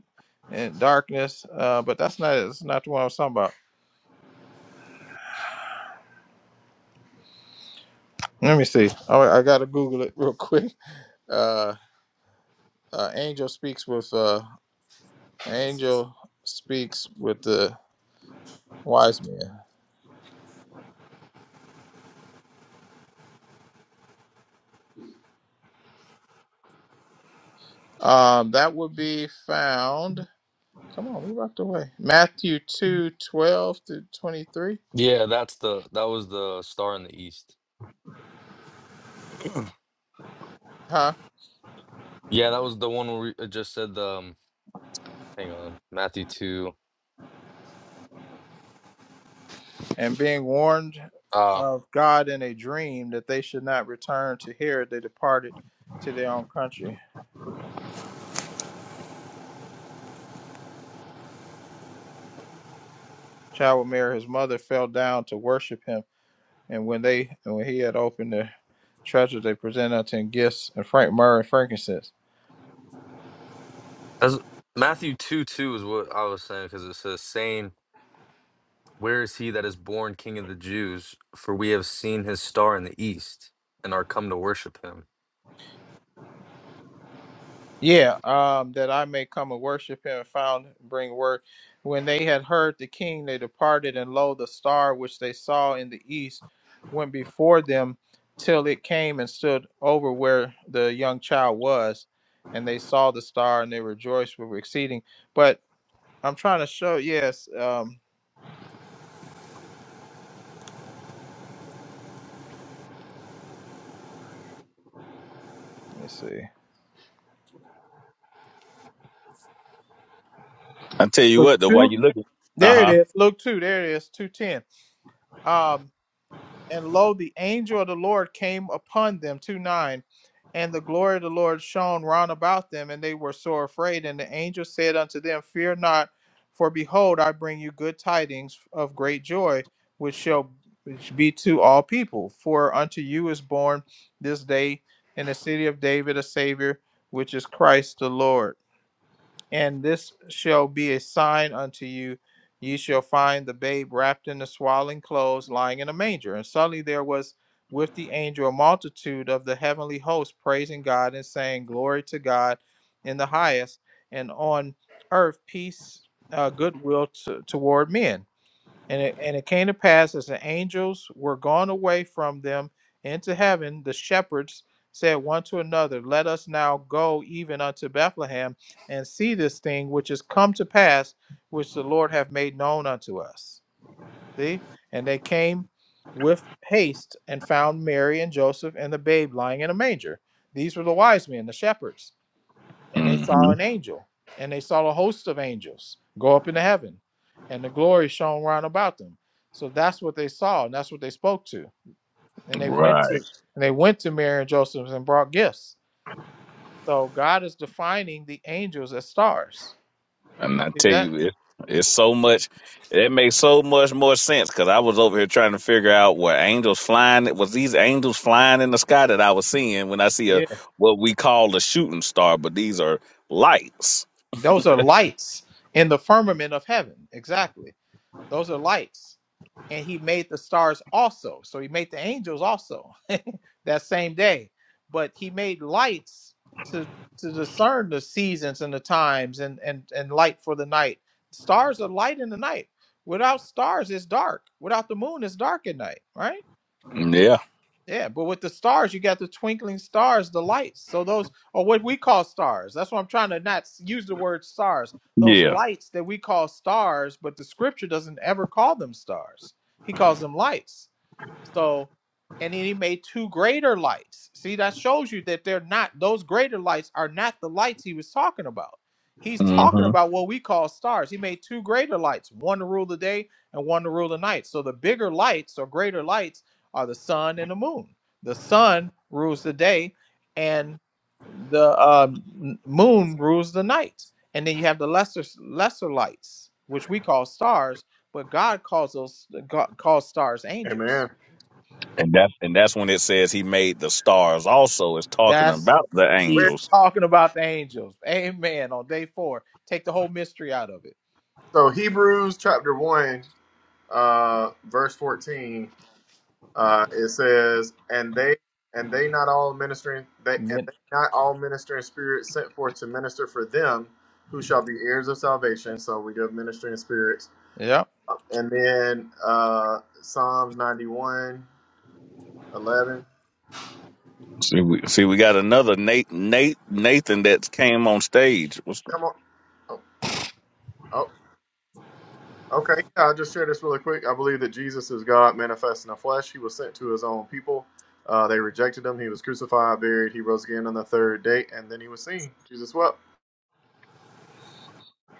S4: in darkness. Uh, but that's not that's not the one I was talking about. Let me see. I, I gotta Google it real quick. Uh, uh, angel speaks with uh, angel speaks with the wise men. Um, that would be found. Come on, we walked away. Matthew two twelve 12 to 23.
S11: Yeah, that's the that was the star in the east.
S4: Huh?
S11: Yeah, that was the one where we- it just said the um, hang on, Matthew 2.
S4: And being warned
S11: uh,
S4: of God in a dream that they should not return to Herod, they departed to their own country. Child with Mary, his mother, fell down to worship him. And when they and when he had opened the treasure, they presented unto him gifts and frank myrrh and frankincense.
S11: As Matthew 2 2 is what I was saying because it says, saying, Where is he that is born king of the Jews? For we have seen his star in the east and are come to worship him.
S4: Yeah, um, that I may come and worship him and found bring word. When they had heard the king, they departed, and lo, the star which they saw in the east went before them till it came and stood over where the young child was. And they saw the star and they rejoiced with exceeding. But I'm trying to show, yes, um, let me see.
S2: I tell you
S4: Luke
S2: what, though, while
S4: 2?
S2: you look at, uh
S4: There it
S2: huh.
S4: is. Luke 2, there it is, 210. And lo, the angel of the Lord came upon them, 2 9. And the glory of the Lord shone round about them, and they were sore afraid. And the angel said unto them, Fear not, for behold, I bring you good tidings of great joy, which shall be to all people. For unto you is born this day in the city of David a Savior, which is Christ the Lord. And this shall be a sign unto you. Ye shall find the babe wrapped in the swaddling clothes, lying in a manger. And suddenly there was with the angel a multitude of the heavenly host, praising God and saying, Glory to God in the highest, and on earth peace, uh, goodwill to, toward men. And it, and it came to pass as the angels were gone away from them into heaven, the shepherds said one to another, Let us now go even unto Bethlehem and see this thing which is come to pass, which the Lord hath made known unto us. See? And they came with haste and found Mary and Joseph and the babe lying in a manger. These were the wise men, the shepherds and they saw
S2: hmm
S4: an angel, and they saw a host of angels go up into heaven, and the glory shone round about them. So that's what they saw, and that's what they spoke to. And they went
S2: Right.
S4: to and they went to Mary and Joseph and brought gifts. So God is defining the angels as stars.
S2: And I
S4: See
S2: tell
S4: that?
S2: you, it, it's so much. It makes so much more sense because I was over here trying to figure out what angels flying was these angels flying in the sky that I was seeing when I see a
S4: Yeah.
S2: what we call a shooting star, but these are lights.
S4: Those are lights in the firmament of heaven. Exactly. Those are lights. And he made the stars also. So he made the angels also that same day. But he made lights to to discern the seasons and the times and and and light for the night. Stars are light in the night. Without stars, it's dark. Without the moon, it's dark at night, right?
S2: Yeah,
S4: Yeah, but with the stars, you got the twinkling stars, the lights. So those are what we call stars. That's why I'm trying to not s- use the word stars. Those
S2: yeah.
S4: lights that we call stars, but the scripture doesn't ever call them stars. He calls them lights. So, and then he made two greater lights. See, that shows you that they're not, those greater lights are not the lights he was talking about. He's
S2: hmm
S4: talking about what we call stars. He made two greater lights, one to rule the day and one to rule the night. So the bigger lights or greater lights are the sun and the moon. The sun rules the day and the um, n- moon rules the night. And then you have the lesser lesser lights, which we call stars, but God calls those God calls stars angels.
S8: Amen.
S2: And that's and that's when it says he made the stars. Also, is talking
S4: That's
S2: about the
S8: Where
S4: he's
S2: angels.
S4: talking about the angels. Amen. On day four, take the whole mystery out of it.
S8: so Hebrews chapter one, uh, verse fourteen, uh, it says, "And they and they not all ministering they and
S4: Amen.
S8: they not all ministering spirits sent forth to minister for them, who shall be heirs of salvation." So we do have ministering spirits,
S4: Yep.
S8: and then uh, Psalms ninety one, eleven.
S2: See, we see we got another Nate Nate Nathan that came on stage.
S8: Come on. Oh, oh. Okay, yeah, I'll just share this really quick. I believe that Jesus is God manifest in the flesh. He was sent to his own people. Uh, they rejected him. He was crucified, buried. He rose again on the third day, and then he was seen. Jesus wept.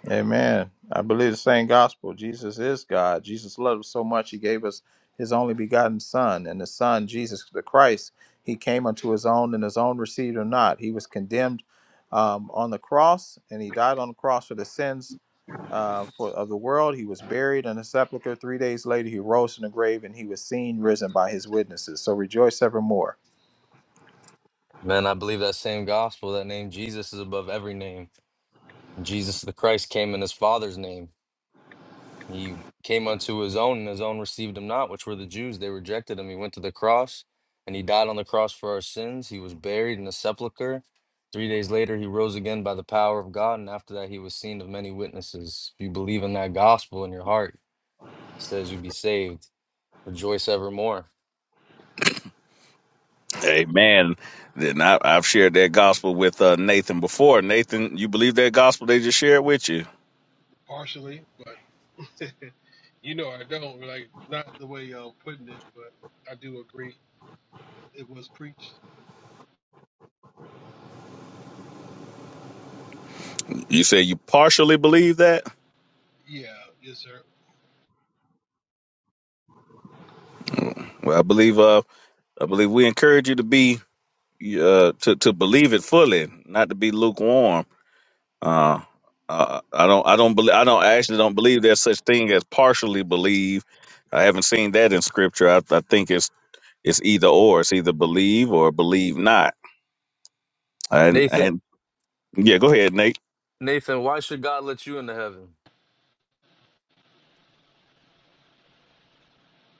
S4: Amen. I believe the same gospel. Jesus is God. Jesus loved us so much he gave us his only begotten Son, and the Son, Jesus the Christ, he came unto his own, and his own received him not. He was condemned um, on the cross, and he died on the cross for the sins uh, for of the world. He was buried in a sepulchre. Three days later, he rose from the grave, and he was seen risen by his witnesses. So rejoice evermore.
S11: Man, I believe that same gospel, that name Jesus is above every name. Jesus the Christ came in his Father's name. He came unto his own, and his own received him not, which were the Jews. They rejected him. He went to the cross, and he died on the cross for our sins. He was buried in a sepulchre. Three days later, he rose again by the power of God, and after that, he was seen of many witnesses. If you believe in that gospel in your heart, it says you be saved. Rejoice evermore.
S2: Amen. Then I, I've shared that gospel with uh, Nathan before. Nathan, you believe that gospel they just shared with you?
S12: partially, but you know I don't like not the way y'all putting it, but I do agree it was preached.
S2: You say you partially believe that.
S12: Yeah, yes, sir.
S2: Well, I believe. Uh, I believe we encourage you to be uh, to to believe it fully, not to be lukewarm. Uh, uh, I don't. I don't believe. I don't I actually don't believe there's such thing as partially believe. I haven't seen that in scripture. I, I think it's it's either or. It's either believe or believe not. And
S11: Nathan,
S2: and yeah, go ahead, Nate.
S11: Nathan, why should God let you into heaven?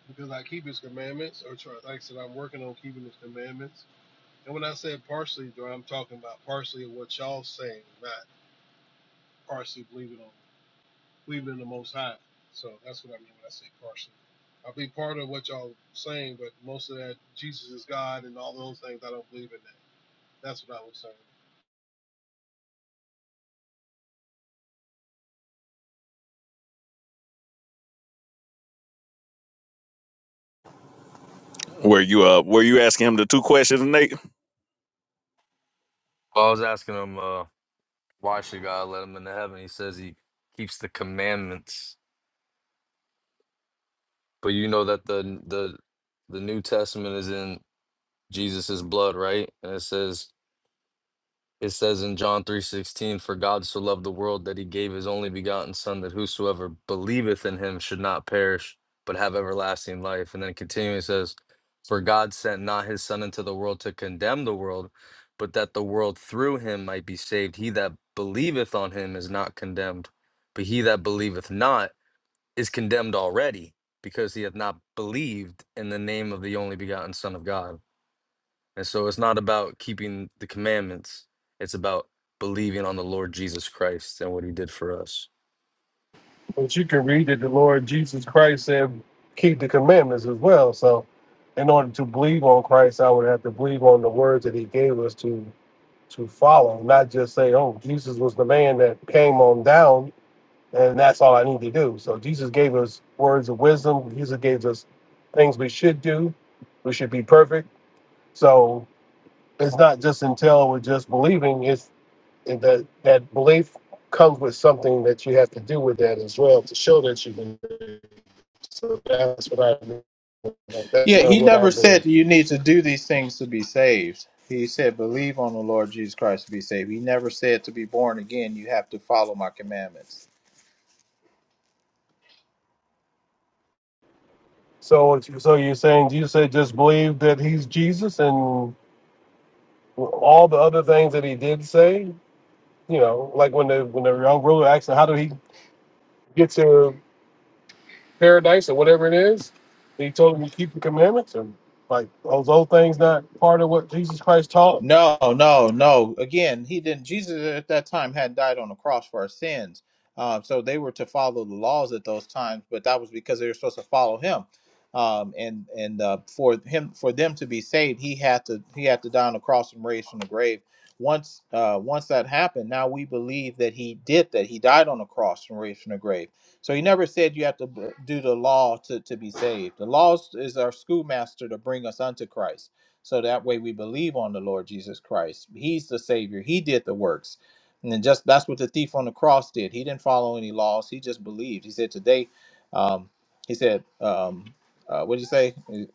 S12: Because I keep His commandments, or try, like I said, I'm working on keeping His commandments. And when I said partially, Dora, I'm talking about partially of what y'all saying, not partially believing on believing in the Most High. So that's what I mean when I say partially. I'll be part of what y'all saying, but most of that Jesus is God and all those things I don't believe in that. That's what I was saying.
S2: Were you uh were you asking him the two questions, Nate?
S11: Well, I was asking him, uh, why should God let him into heaven? He says he keeps the commandments. But you know that the the the New Testament is in Jesus's blood, right? And it says it says in John three sixteen, for God so loved the world that he gave his only begotten son that whosoever believeth in him should not perish, but have everlasting life. And then continuing it says, For God sent not his son into the world to condemn the world, but that the world through him might be saved. He that believeth on him is not condemned, but he that believeth not is condemned already because he hath not believed in the name of the only begotten Son of God. And so it's not about keeping the commandments, it's about believing on the Lord Jesus Christ and what he did for us.
S12: But you can read that the Lord Jesus Christ said, keep the commandments as well. So in order to believe on Christ, I would have to believe on the words that he gave us to to follow, not just say, oh, Jesus was the man that came on down and that's all I need to do. So Jesus gave us words of wisdom. Jesus gave us things we should do. We should be perfect. So it's not just until we're just believing, it's that that belief comes with something that you have to do with that as well to show that you can so that's what I mean. Like, That's
S4: Yeah,
S12: not
S4: he
S12: what I
S4: never said
S12: believe.
S4: you need to do these things to be saved. He said, believe on the Lord Jesus Christ to be saved. He never said to be born again, you have to follow my commandments.
S12: So, so you're saying you said just believe that he's Jesus and all the other things that he did say. You know, like when the when the young ruler asked, him, "How did he get to paradise or whatever it is?" He told him to keep the commandments and like those old things not part of what Jesus Christ taught.
S4: No, no, no. Again, he didn't. Jesus at that time had died on the cross for our sins, um, so they were to follow the laws at those times. But that was because they were supposed to follow him, um, and and uh, for him for them to be saved, he had to he had to die on the cross and raised from the grave. Once uh, once that happened, now we believe that he did that. He died on the cross and raised from the grave. So he never said you have to b- do the law to to be saved. The laws is our schoolmaster to bring us unto Christ so that way we believe on the Lord Jesus Christ. He's the Savior. He did the works. And then just that's what the thief on the cross did. He didn't follow any laws. He just believed. He said, Today, um, he said, um, uh, what did he say?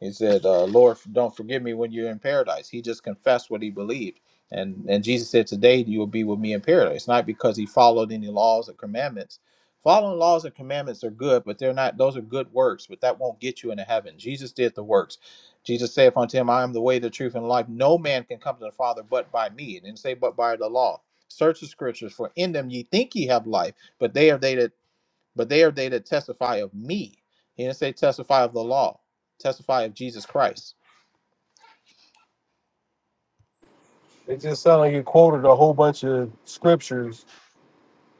S4: He said, uh, "Lord, don't forgive me when you're in paradise." He just confessed what he believed, and and Jesus said, "Today you will be with me in paradise." not because he followed any laws or commandments. Following laws and commandments are good, but they're not. Those are good works, but that won't get you into heaven. Jesus did the works. Jesus saith unto him, "I am the way, the truth, and life. No man can come to the Father but by me." And didn't say, "But by the law." Search the scriptures, for in them ye think ye have life, but they are they that but they are they that testify of me. He didn't say testify of the law, testify of Jesus Christ.
S12: It just sounded like you quoted a whole bunch of scriptures.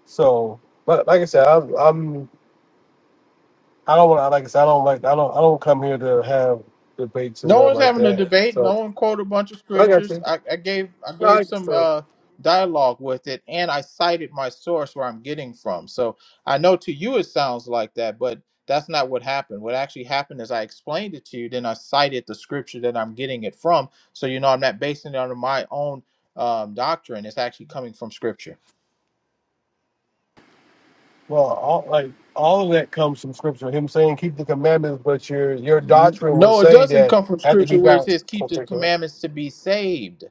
S12: So, but like I said, I'm, I'm I don't want to like. I said, I don't like. I don't. I don't come here to have debates and
S4: No
S12: nothing
S4: one's
S12: like
S4: having a
S12: that.
S4: debate.
S12: So
S4: No one quoted a bunch of
S12: I got
S4: scriptures.
S12: you.
S4: I, I gave I
S12: No,
S4: gave
S12: I guess
S4: some
S12: so.
S4: uh, dialogue with it, and I cited my source where I'm getting from. So I know to you it sounds like that, but that's not what happened. What actually happened is I explained it to you, then I cited the scripture that I'm getting it from. So you know I'm not basing it on my own um, doctrine. It's actually coming from scripture.
S12: Well, all, like all of that comes from scripture. Him saying, "Keep the commandments," but your your doctrine would
S4: No, it
S12: say
S4: doesn't
S12: that
S4: come from
S12: after you
S4: scripture where it
S12: got.
S4: says keep the
S12: Okay, cool.
S4: commandments to be saved.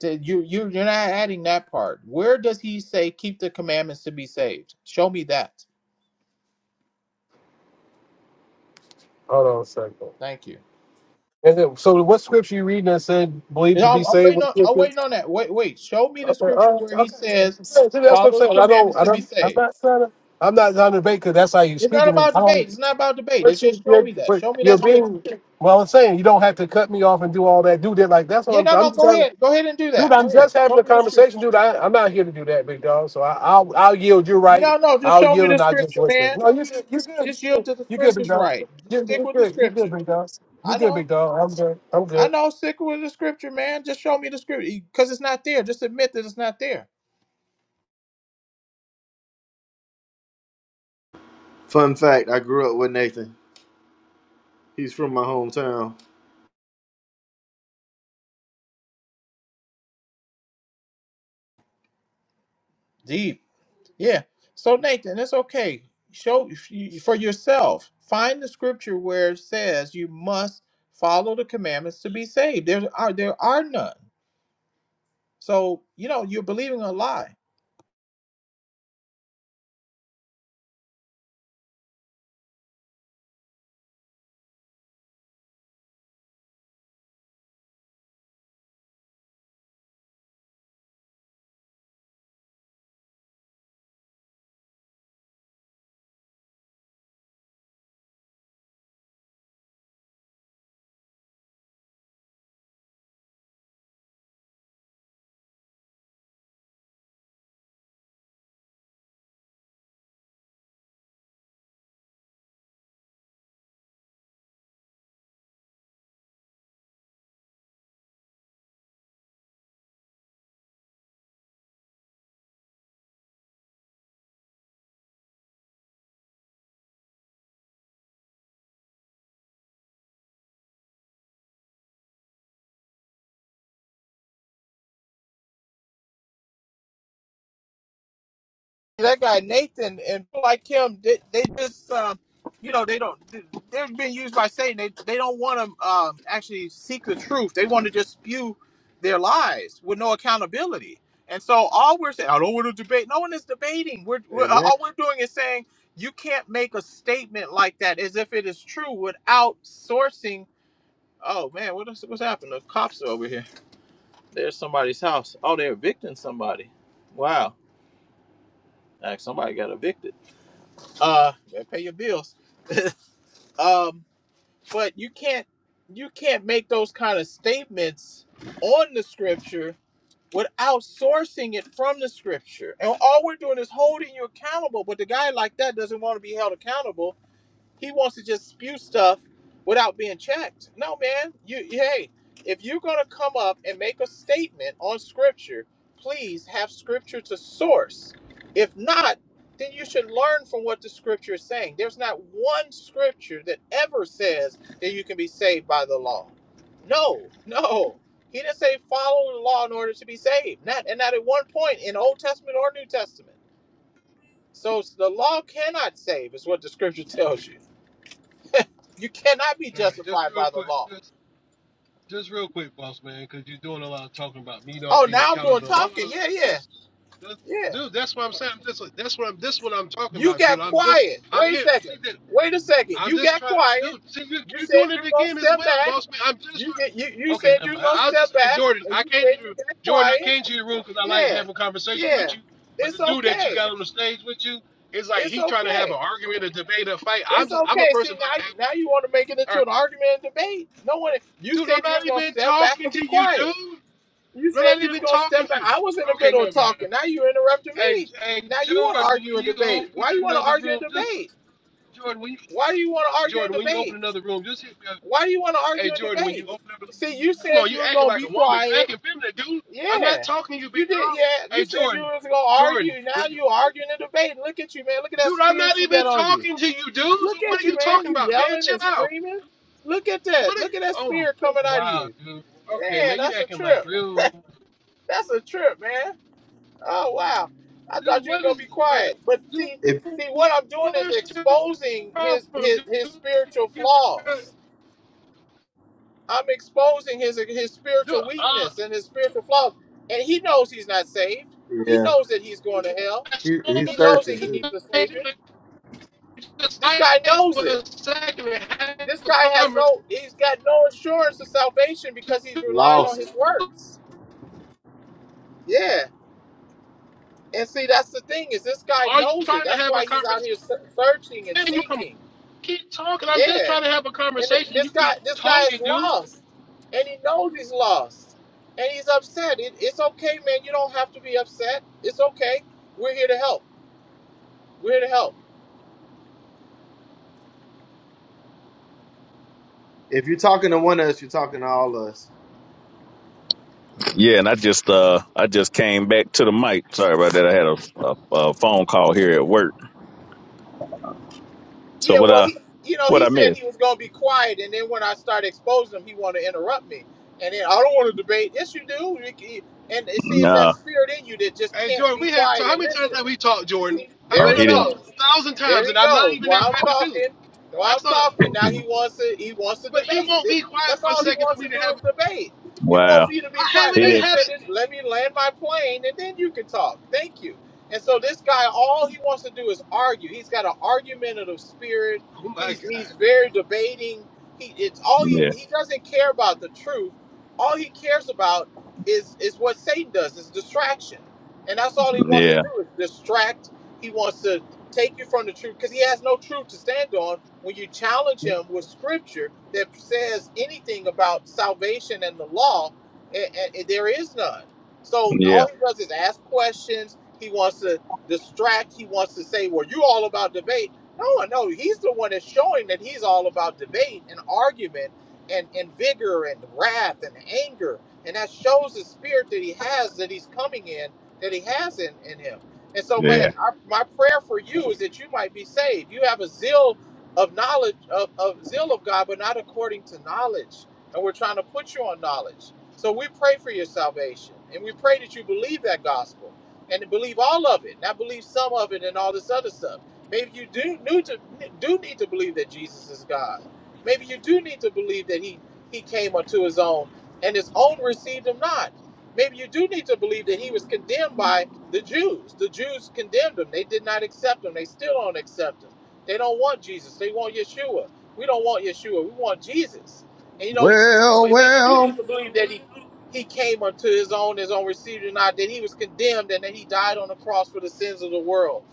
S4: To- You you you're not adding that part. Where does he say keep the commandments to be saved? Show me that.
S12: Hold on a second.
S4: Thank you.
S12: And then, so what scripture you reading that said believe
S4: And
S12: to be
S4: I'm, I'm
S12: saved
S4: waiting
S12: with
S4: on I'm
S12: scripture?
S4: waiting on that. Wait wait. Show me the
S12: Okay,
S4: scripture
S12: all right,
S4: where he
S12: okay. Yeah,
S4: says
S12: See, that's what I'm
S4: follow the
S12: saying. I don't.
S4: commandments
S12: I
S4: to be
S12: don't. I'm
S4: saved.
S12: not trying to. I'm not trying to debate because that's how you
S4: It's not
S12: speaking.
S4: about
S12: I don't.
S4: debate. It's not about debate. It's
S12: But you,
S4: just show
S12: you're,
S4: me that.
S12: but
S4: Show me
S12: you're
S4: that scripture.
S12: being well. I'm saying you don't have to cut me off and do all that. Do that like that's what
S4: Yeah
S12: I'm
S4: no
S12: saying.
S4: no.
S12: I'm just
S4: Go
S12: having,
S4: ahead. Go ahead and do
S12: dude.
S4: that.
S12: I'm
S4: Go ahead.
S12: just having
S4: Show
S12: a
S4: me the scripture.
S12: conversation, dude. I, I'm not here to do that, big dog. So I, I'll I'll yield. You're right.
S4: No no. Just
S12: I'll
S4: show me
S12: yield
S4: the
S12: and I'll just
S4: scripture,
S12: listen.
S4: man.
S12: No, you good. You good.
S4: Just yield to the
S12: You good, you good big
S4: scriptures,
S12: dog.
S4: right?
S12: You
S4: Just stick
S12: you
S4: with the
S12: good. You good,
S4: scripture.
S12: big dog. You
S4: I
S12: good,
S4: know.
S12: big dog. I'm good. I'm
S4: I
S12: good.
S4: know. Sick with the scripture, man. Just show me the scripture because it's not there. Just admit that it's not there.
S8: Fun fact I grew up with Nathan. He's from my hometown.
S4: Deep. Yeah. So Nathan, it's okay. Show for yourself. Find the scripture where it says you must follow the commandments to be saved. There are there are none. So you know you're believing a lie. that guy Nathan and people like him, they, they just, um, you know, they don't. They're being used by Satan. They they don't want to um, actually seek the truth. They want to just spew their lies with no accountability. And so all we're saying, I don't want to debate. No one is debating. We're, we're
S8: Amen.
S4: all we're doing is saying you can't make a statement like that as if it is true without sourcing. Oh man, what is, what's happened? The cops are over here. There's somebody's house. Oh, they're evicting somebody. Wow, like somebody got evicted. Uh, better pay your bills. Um, but you can't you can't make those kind of statements on the scripture without sourcing it from the scripture. And all we're doing is holding you accountable. But the guy like that doesn't want to be held accountable he wants to just spew stuff without being checked. No, man. You hey, if you're gonna come up and make a statement on scripture, please have scripture to source. If not, then you should learn from what the scripture is saying. There's not one scripture that ever says that you can be saved by the law. No, no. He didn't say follow the law in order to be saved. Not and not at one point in Old Testament or New Testament. So the law cannot save, is what the scripture tells you. You cannot be
S12: All right, just
S4: justified
S12: real
S4: by the
S12: quick,
S4: law.
S12: just just real quick, boss man, because you're doing a lot of talking about me not
S4: Oh,
S12: being
S4: now I'm doing
S12: accountable. All
S4: talking.
S12: I,
S4: Yeah, yeah,
S12: just That's-
S4: yeah.
S12: Dude, that's what I'm saying. I'm just, that's what I'm. This what I'm talking
S4: You
S12: about, dude.
S4: got
S12: I'm just.
S4: quiet.
S12: I'm
S4: Wait a
S12: here.
S4: second.
S12: See, dude,
S4: Wait a second.
S12: I'm
S4: You
S12: just
S4: got
S12: trying. Dude,
S4: quiet.
S12: see, you,
S4: You
S12: you're
S4: said
S12: doing
S4: you
S12: it
S4: were gonna
S12: again as
S4: step
S12: well,
S4: back.
S12: boss man. I'm just
S4: You
S12: trying.
S4: get you, you
S12: Okay,
S4: said you
S12: never
S4: was
S12: mind.
S4: gonna
S12: I'll
S4: step
S12: just. Hey,
S4: back,
S12: Jordan,
S4: and
S12: I
S4: you
S12: came to
S4: said
S12: your,
S4: you got
S12: Jordan. I
S4: quiet.
S12: came to your room because I like
S4: Yeah,
S12: having a conversation with
S4: yeah.
S12: you. But
S4: It's
S12: the dude that you
S4: okay.
S12: got on the stage with you is like
S4: It's
S12: he trying to have
S4: okay.
S12: an argument, a debate, a fight. I'm
S4: It's
S12: just. I'm a
S4: okay. See
S12: person
S4: now
S12: like that.
S4: you now you want to make it
S12: All
S4: into
S12: right,
S4: an argument and debate. No one. You
S12: dude. I'm
S4: said you was
S12: not
S4: gonna
S12: even
S4: step back
S12: talking
S4: and be
S12: to you,
S4: quiet.
S12: dude.
S4: You
S12: I'm
S4: said
S12: not
S4: you was
S12: even
S4: gonna
S12: talking
S4: step
S12: to
S4: back.
S12: you.
S4: I was in the
S12: Okay,
S4: middle of
S12: never mind.
S4: talking. Now you interrupted
S12: Hey,
S4: me.
S12: hey,
S4: Now you want to
S12: Jordan,
S4: argue
S12: when
S4: and
S12: you
S4: debate.
S12: open
S4: Why you want to
S12: another
S4: argue
S12: room,
S4: and
S12: just
S4: debate?
S12: Jordan, when you
S4: Why do you want to argue and
S12: Jordan, when you open
S4: debate?
S12: another room, just hit me up.
S4: Why do you want to
S12: Hey,
S4: argue and
S12: Jordan, when you
S4: debate?
S12: open up,
S4: See, you
S12: come on,
S4: said
S12: you
S4: you were
S12: acting
S4: gonna
S12: like
S4: be
S12: a woman, you
S4: quiet.
S12: acting feminine, dude. I'm not
S4: Yeah,
S12: talking to you, big
S4: you did.
S12: girl.
S4: Yeah, you
S12: Hey,
S4: said you
S12: Jordan,
S4: was gonna
S12: Jordan,
S4: argue.
S12: when
S4: Now
S12: you,
S4: you arguing and debating. Look at you, man. Look at that
S12: dude, I'm
S4: spirit
S12: not
S4: you got
S12: even
S4: on you.
S12: talking to you, dude. So
S4: Look
S12: what
S4: at
S12: are
S4: you,
S12: you
S4: man.
S12: talking
S4: You
S12: about, man?
S4: yelling
S12: Chill
S4: and
S12: out.
S4: screaming. Look at
S12: What?
S4: that.
S12: Are,
S4: Look at that
S12: oh,
S4: spirit coming out of
S12: wow,
S4: you.
S12: dude. Okay,
S4: Man,
S12: man, you
S4: that's a
S12: acting like
S4: trip.
S12: real,
S4: That's a trip, man. Oh wow! I
S12: dude.
S4: thought you was
S12: What
S4: gonna
S12: is
S4: be
S12: like,
S4: quiet. But
S12: dude?
S4: see,
S8: If,
S4: see, what I'm doing is
S12: What's your
S4: exposing his
S12: problem,
S4: his his
S12: dude?
S4: spiritual
S12: You got.
S4: flaws. I'm exposing his his
S12: do
S4: spiritual
S12: uh
S4: weakness and his spiritual flaws. And he knows he's not saved. He
S8: yeah,
S4: knows that he's going to hell.
S12: I
S8: he, he's
S4: He
S12: suppose
S4: knows that
S8: searching
S4: he
S8: too.
S12: if
S4: needs a
S12: they do
S4: savior.
S12: the just
S4: This guy
S12: ask
S4: knows
S12: for
S4: it.
S12: a second and have
S4: This
S12: a
S4: guy has
S12: conversation.
S4: no. He's got no assurance of salvation because he's relying on
S8: Lost.
S4: his works. Yeah. And see, that's the thing is this guy
S12: Are you
S4: knows it.
S12: trying to
S4: That's
S12: have a
S4: why he's out
S12: conversation?
S4: here se- searching and
S12: Then you come
S4: seeking.
S12: keep talking. I'm just
S4: Yeah
S12: trying to have a
S4: And th-
S12: conversation.
S4: this
S12: You
S4: guy,
S12: keep
S4: this guy is
S12: talking, dude.
S4: lost, and he knows he's lost, and he's upset. It, it's okay, man. You don't have to be upset. It's okay. We're here to help. We're here to help.
S8: If you're talking to one of us, you're talking to all of us.
S2: Yeah, and I just uh I just came back to the mic. Sorry about that. I had a, a, a phone call here at work. So
S4: Yeah,
S2: what
S4: well,
S2: uh
S4: he, you know,
S2: what
S4: he
S2: I
S4: said
S2: missed?
S4: he was going to be quiet, and then when I started exposing him, he wanted to interrupt me, and then I don't want to debate. Yes, you do. You can- And it seems that
S2: No.
S4: spirit in you that just
S12: Hey
S4: can't
S12: Jordan,
S4: be
S12: we have so
S4: quiet
S12: how
S4: and
S12: many times
S4: listen.
S12: have we talked,
S4: You
S12: Jordan?
S4: see,
S12: How-
S4: there
S2: Oh
S12: We
S4: he
S2: he
S12: done
S2: didn't
S12: talked a
S4: goes.
S12: thousand
S4: There
S12: times,
S4: he
S12: and I'm not
S4: goes.
S12: even that
S4: While I'm
S12: type of dude.
S4: talking, while
S12: That's
S4: I'm
S12: all.
S4: talking, now he wants to. He wants to
S12: But he
S4: debate.
S12: won't
S4: Th-
S12: be quiet
S4: That's
S12: for a
S4: all he
S12: second for
S4: wants
S12: me
S4: to
S12: to
S4: do
S12: have.
S4: is debate. You
S2: wow.
S4: want me to be
S12: I
S4: quiet?
S12: haven't
S2: He
S4: Let
S12: even
S4: me
S2: didn't
S12: had it.
S4: finish. Let me land my plane, and then you can talk. Thank you. And so this guy, all he wants to do is argue. He's got an argumentative spirit.
S12: Oh my
S4: He's he's
S12: god,
S4: very debating. He it's all he
S2: yeah.
S4: he doesn't care about the truth. All he cares about is is what Satan does, is distraction. And that's all he wants to
S2: Yeah.
S4: do is distract. He wants to take you from the truth because he has no truth to stand on when you challenge him with scripture that says anything about salvation and the law, and, and there is none. So
S2: Yeah.
S4: all he does is ask questions he wants to distract. He wants to say, well, you are all about debate. No, no, he's the one that's showing that he's all about debate and argument and, and vigor and wrath and anger. And that shows the spirit that he has, that he's coming in, that he has in, in him. And so, man,
S2: Yeah.
S4: I, my prayer for you is that you might be saved. You have a zeal of knowledge, of, of zeal of God, but not according to knowledge. And we're trying to put you on knowledge. So we pray for your salvation and we pray that you believe that gospel and believe all of it, not believe some of it and all this other stuff. Maybe you do need to do need to believe that Jesus is God. Maybe you do need to believe that he he came unto his own and his own received him not. Maybe you do need to believe that he was condemned by the Jews. The Jews condemned him. They did not accept him. They still don't accept him. They don't want Jesus. They want Yeshua. We don't want Yeshua. We want Jesus. And you know, you, you-
S8: Well,
S4: maybe you do need
S8: well.
S4: to believe that he he came unto his own, his own received him not, that he was condemned and that he died on the cross for the sins of the world.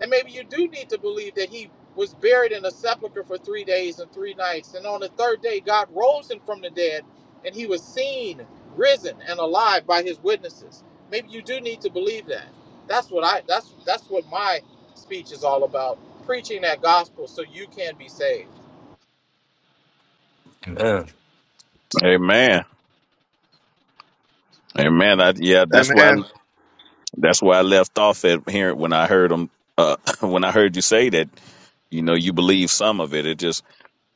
S4: And maybe you do need to believe that he was buried in a sepulchre for three days and three nights. And on the third day, God rose him from the dead and he was seen, risen, and alive by his witnesses. Maybe you do need to believe that. That's what I that's that's what my speech is all about. Preaching that gospel so you can be saved.
S11: Amen.
S2: Amen. Amen. I yeah, that's why
S8: Amen.
S2: that's why I left off at here when I heard him uh when I heard you say that, you know, you believe some of it. It just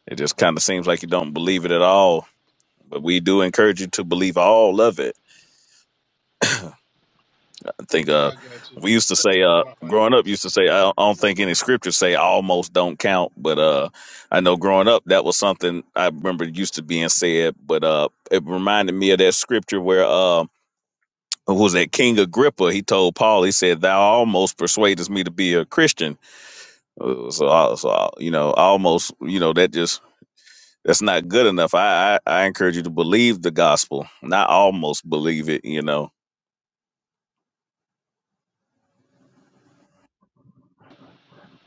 S2: it just kinda seems like you don't believe it at all. But we do encourage you to believe all of it I think uh,
S12: I got
S2: we used to say uh,
S12: you.
S2: growing up used to say I don't, I don't think any scriptures say almost don't count, but uh, I know growing up that was something I remember used to being said, but uh, it reminded me of that scripture where uh, who was that King Agrippa? He told Paul, he said, "Thou almost persuadest me to be a Christian." Uh, So, I- so I- you know, almost, you know, that just that's not good enough. I, I I encourage you to believe the gospel, not almost believe it. You know,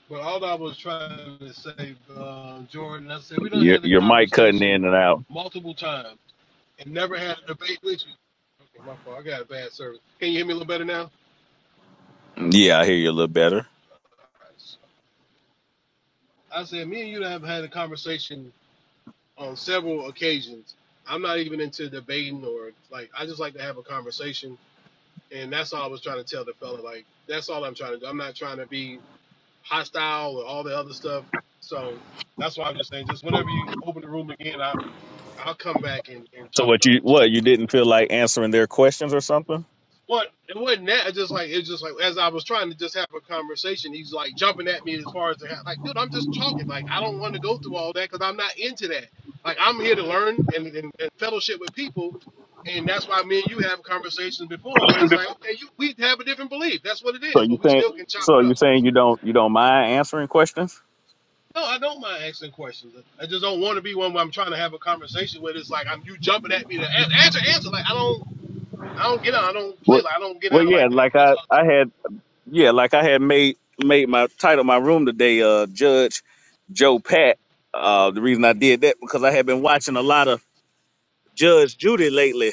S12: But all I was trying to say, uh, Jordan, I said we done
S2: your
S12: had the
S2: your mic cutting in
S12: conversation
S2: and out.
S12: multiple times and never had a debate with you. Okay, my fault. I got a bad service. Can you hear me a little better now?
S2: Yeah, I hear you a little better.
S12: I said me and you have had a conversation on several occasions. I'm not even into debating or like I just like to have a conversation, and that's all I was trying to tell the fella. Like that's all I'm trying to do. I'm not trying to be hostile or all the other stuff. So that's why I'm just saying, just whenever you open the room again, I. I'll come back and, and
S2: So
S12: chop it
S2: what
S12: up
S2: you
S12: with
S2: what
S12: you.
S2: you didn't feel like answering their questions or something?
S12: Well, it wasn't that. It's just like it's just like as I was trying to just have a conversation, he's like jumping at me as far as the ha- like, dude, I'm just talking. Like I don't want to go through all that because I'm not into that. Like I'm here to learn and, and, and fellowship with people, and that's why me and you have conversations before where it's like,
S2: So
S12: okay, you, we have a different belief. That's what it is,
S2: you
S12: but we
S2: think
S12: still can chop
S2: so
S12: it
S2: you
S12: up.
S2: saying you don't you don't mind answering questions?
S12: No, I don't mind asking questions. I just don't want to be one where I'm trying to have a conversation where It's like I'm you jumping at me to a- answer, answer. Like I don't. I don't get out. I don't play
S2: What
S12: like I don't get
S2: well
S12: out
S2: yeah,
S12: like that.
S2: like
S12: That's
S2: I I
S12: all.
S2: had yeah, like I had made made my title my room today uh Judge Joe Pat. Uh the reason I did that because I had been watching a lot of Judge Judy lately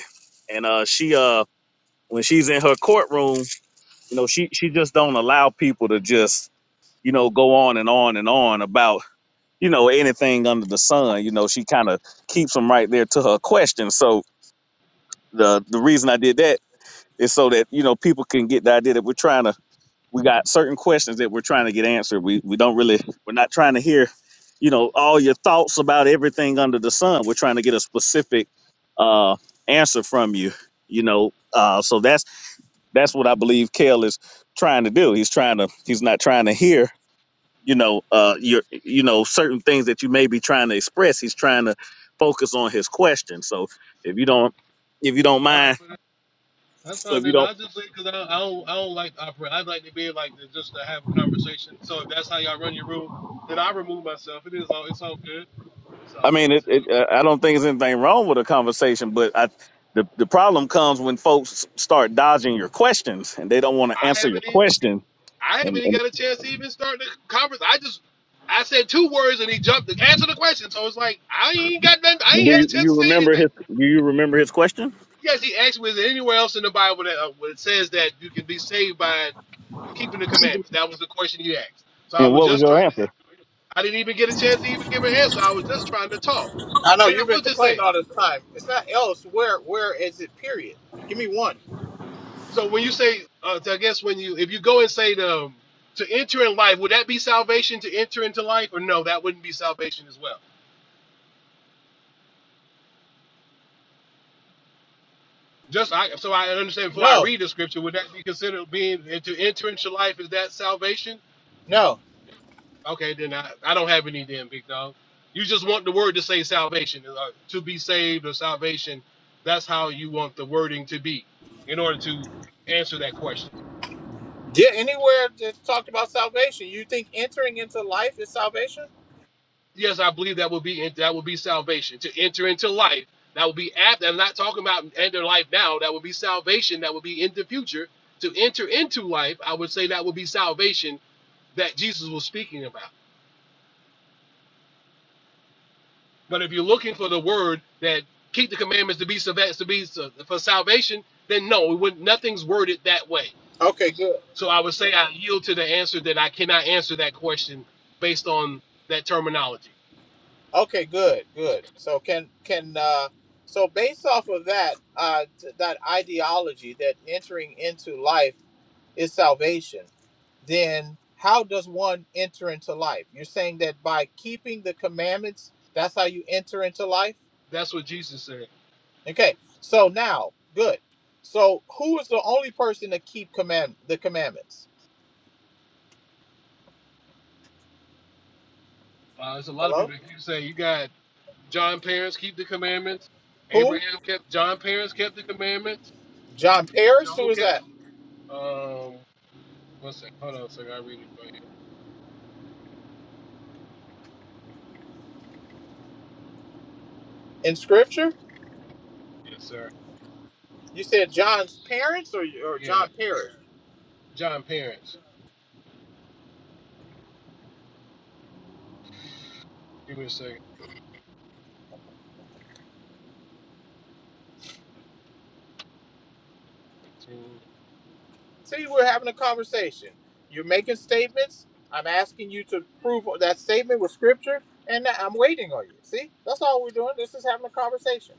S2: and uh she uh when she's in her courtroom, you know, she she just don't allow people to just, you know, go on and on and on about you know anything under the sun you know she kind of keeps them right there to her question so the the reason i did that is so that you know people can get the idea that we're trying to we got certain questions that we're trying to get answered we we don't really we're not trying to hear you know all your thoughts about everything under the sun we're trying to get a specific uh answer from you you know uh so that's that's what i believe kale is trying to do he's trying to he's not trying to hear you know uh your you know certain things that you may be trying to express he's trying to focus on his question so if you don't if you don't
S12: All right,
S2: mind
S12: man. that's
S2: so
S12: fine.
S2: if you
S12: Then
S2: don't
S12: I just say because I, I don't I don't like to operate. I would like to be like to, just to have a conversation. So if that's how y'all run your room, then I remove myself. It is all it's all good. So
S2: i mean
S12: like
S2: it,
S12: so
S2: it uh, i don't think there's anything wrong with a conversation but i the, the problem comes when folks start dodging your questions and they don't want to
S12: I
S2: answer your
S12: haven't even
S2: question
S12: I haven't
S2: and,
S12: even
S2: and
S12: got a chance to even start the conference. I just I said two words and he jumped to answer the question. So it's like I ain't got nothing. I
S2: do
S12: ain't had a
S2: you, you
S12: chance to say
S2: remember
S12: anything.
S2: his do you remember his question
S12: Yes, he asked me, is there anywhere else in the Bible that uh, where it says that you can be saved by keeping the commandments? That was the question you asked. So I
S2: and
S12: was
S2: what was
S12: just
S2: your
S12: trying to,
S2: answer
S12: I didn't even get a chance to even give an answer. I was just trying to talk.
S4: I know
S12: But I
S4: you've been
S12: was just
S4: complaining
S12: saying.
S4: all this time. It's not else. Where where is it? Period. Give me one.
S12: So when you say, uh, so I guess when you, if you go and say the, to enter in life, would that be salvation to enter into life? Or no, that wouldn't be salvation as well. Just I, so I understand before I
S4: No,
S12: read the scripture, would that be considered being to enter into life? Is that salvation?
S4: no.
S12: Okay, then I, I don't have any then, big dog. You just want the word to say salvation, uh, to be saved or salvation. That's how you want the wording to be in order to answer that question.
S4: Yeah, anywhere that talked about salvation, you think entering into life is salvation?
S12: Yes, I believe that will be that will be salvation to enter into life. That will be apt. I'm not talking about enter life now. That will be salvation. That will be in the future to enter into life. I would say that will be salvation that Jesus was speaking about. But if you're looking for the word that keep the commandments to be to be so, for salvation, then no, it would, nothing's worded that way.
S4: Okay, good.
S12: So I would say I yield to the answer that I cannot answer that question based on that terminology.
S4: Okay, good, good. So can can uh, so based off of that uh, t- that ideology that entering into life is salvation, then how does one enter into life? You're saying that by keeping the commandments, that's how you enter into life.
S12: That's what Jesus said.
S4: Okay, so now good. So who is the only person to keep command the commandments?
S12: Uh, there's a lot of
S4: Hello.
S12: people that keep saying you got John parents keep the commandments.
S4: Who?
S12: Abraham kept John parents kept the commandments.
S4: John Paris?
S12: Job
S4: Who is
S12: kept.
S4: that?
S12: Um, one second. Hold on a second. I read it for you.
S4: In scripture?
S12: Yes, sir.
S4: You said John's parents or, or
S12: Yeah,
S4: John Paris?
S12: John parents. Give me a second. fifteen
S4: See, we're having a conversation. You're making statements. I'm asking you to prove that statement with scripture, and I'm waiting on you. See? That's all we're doing. This is having a conversation.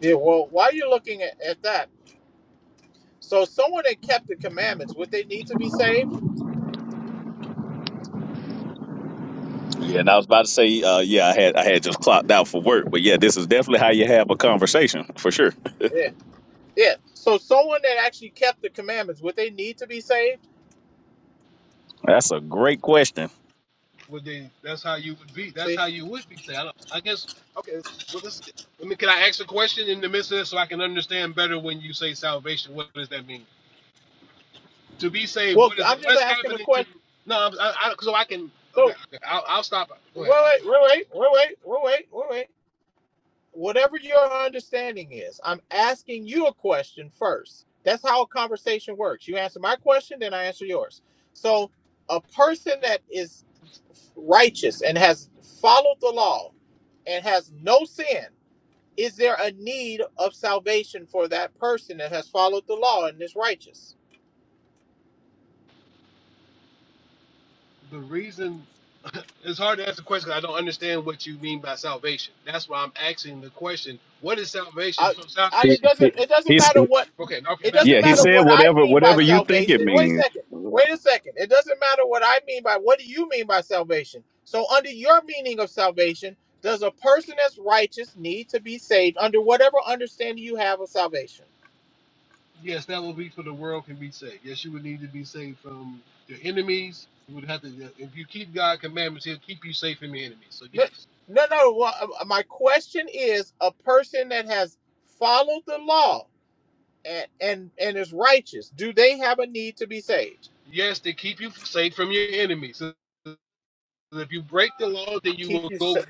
S4: Yeah, well, while you're looking at, at that, so someone that kept the commandments, would they need to be saved?
S2: yeah and i was about to say uh yeah i had i had just clocked out for work but yeah this is definitely how you have a conversation for sure
S4: Yeah. Yeah. So someone that actually kept the commandments, would they need to be saved?
S2: That's a great question.
S12: would they? That's how you would be. That's
S4: See?
S12: how you would be. Say, I, don't, I guess. Okay. Well, this. I mean, can I ask a question in the midst of this so I can understand better when you say salvation? What does that mean? To be saved,
S4: Well,
S12: what is it?
S4: I'm just
S12: What's
S4: asking a
S12: happening to?
S4: question.
S12: No, I'm, I, I, so I can.
S4: So.
S12: Okay, okay I'll, I'll stop. Go
S4: Wait,
S12: ahead.
S4: wait, wait, wait, wait, wait, wait, wait, Whatever your understanding is, I'm asking you a question first. That's how a conversation works. You answer my question, then I answer yours. So, a person that is righteous and has followed the law and has no sin, is there a need of salvation for that person that has followed the law and is righteous?
S12: The reason it's hard to answer the question 'cause I don't understand what you mean by salvation. That's why I'm asking the question. What is salvation?
S4: I,
S12: So
S4: I,
S2: He,
S4: it
S12: salvation.
S2: he,
S4: doesn't it doesn't
S2: he's,
S4: matter what
S12: Okay. Okay.
S4: it
S12: That.
S4: doesn't
S2: yeah, he
S4: matter
S2: said
S4: what I
S2: whatever
S4: mean by
S12: All
S2: whatever
S12: right.
S2: you think it
S4: salvation. Wait a
S2: means.
S4: second. Wait a second. It doesn't matter what I mean by what do you mean by salvation? So under your meaning of salvation, does a person that's righteous need to be saved under whatever understanding you have of salvation?
S12: Yes, that will be for the world can be saved. Yes, you would need to be saved from your enemies. You would have to, if you keep God's commandments, He'll keep you safe from your enemies. So
S4: No,
S12: yes,
S4: no, no. wha- uh, uh, My question is a person that has followed the law and and, and is righteous, do they have a need to be saved?
S12: yes, to keep you safe from your enemies. If you break the law, then you
S4: Keep
S12: will
S4: you
S12: go,
S4: sa-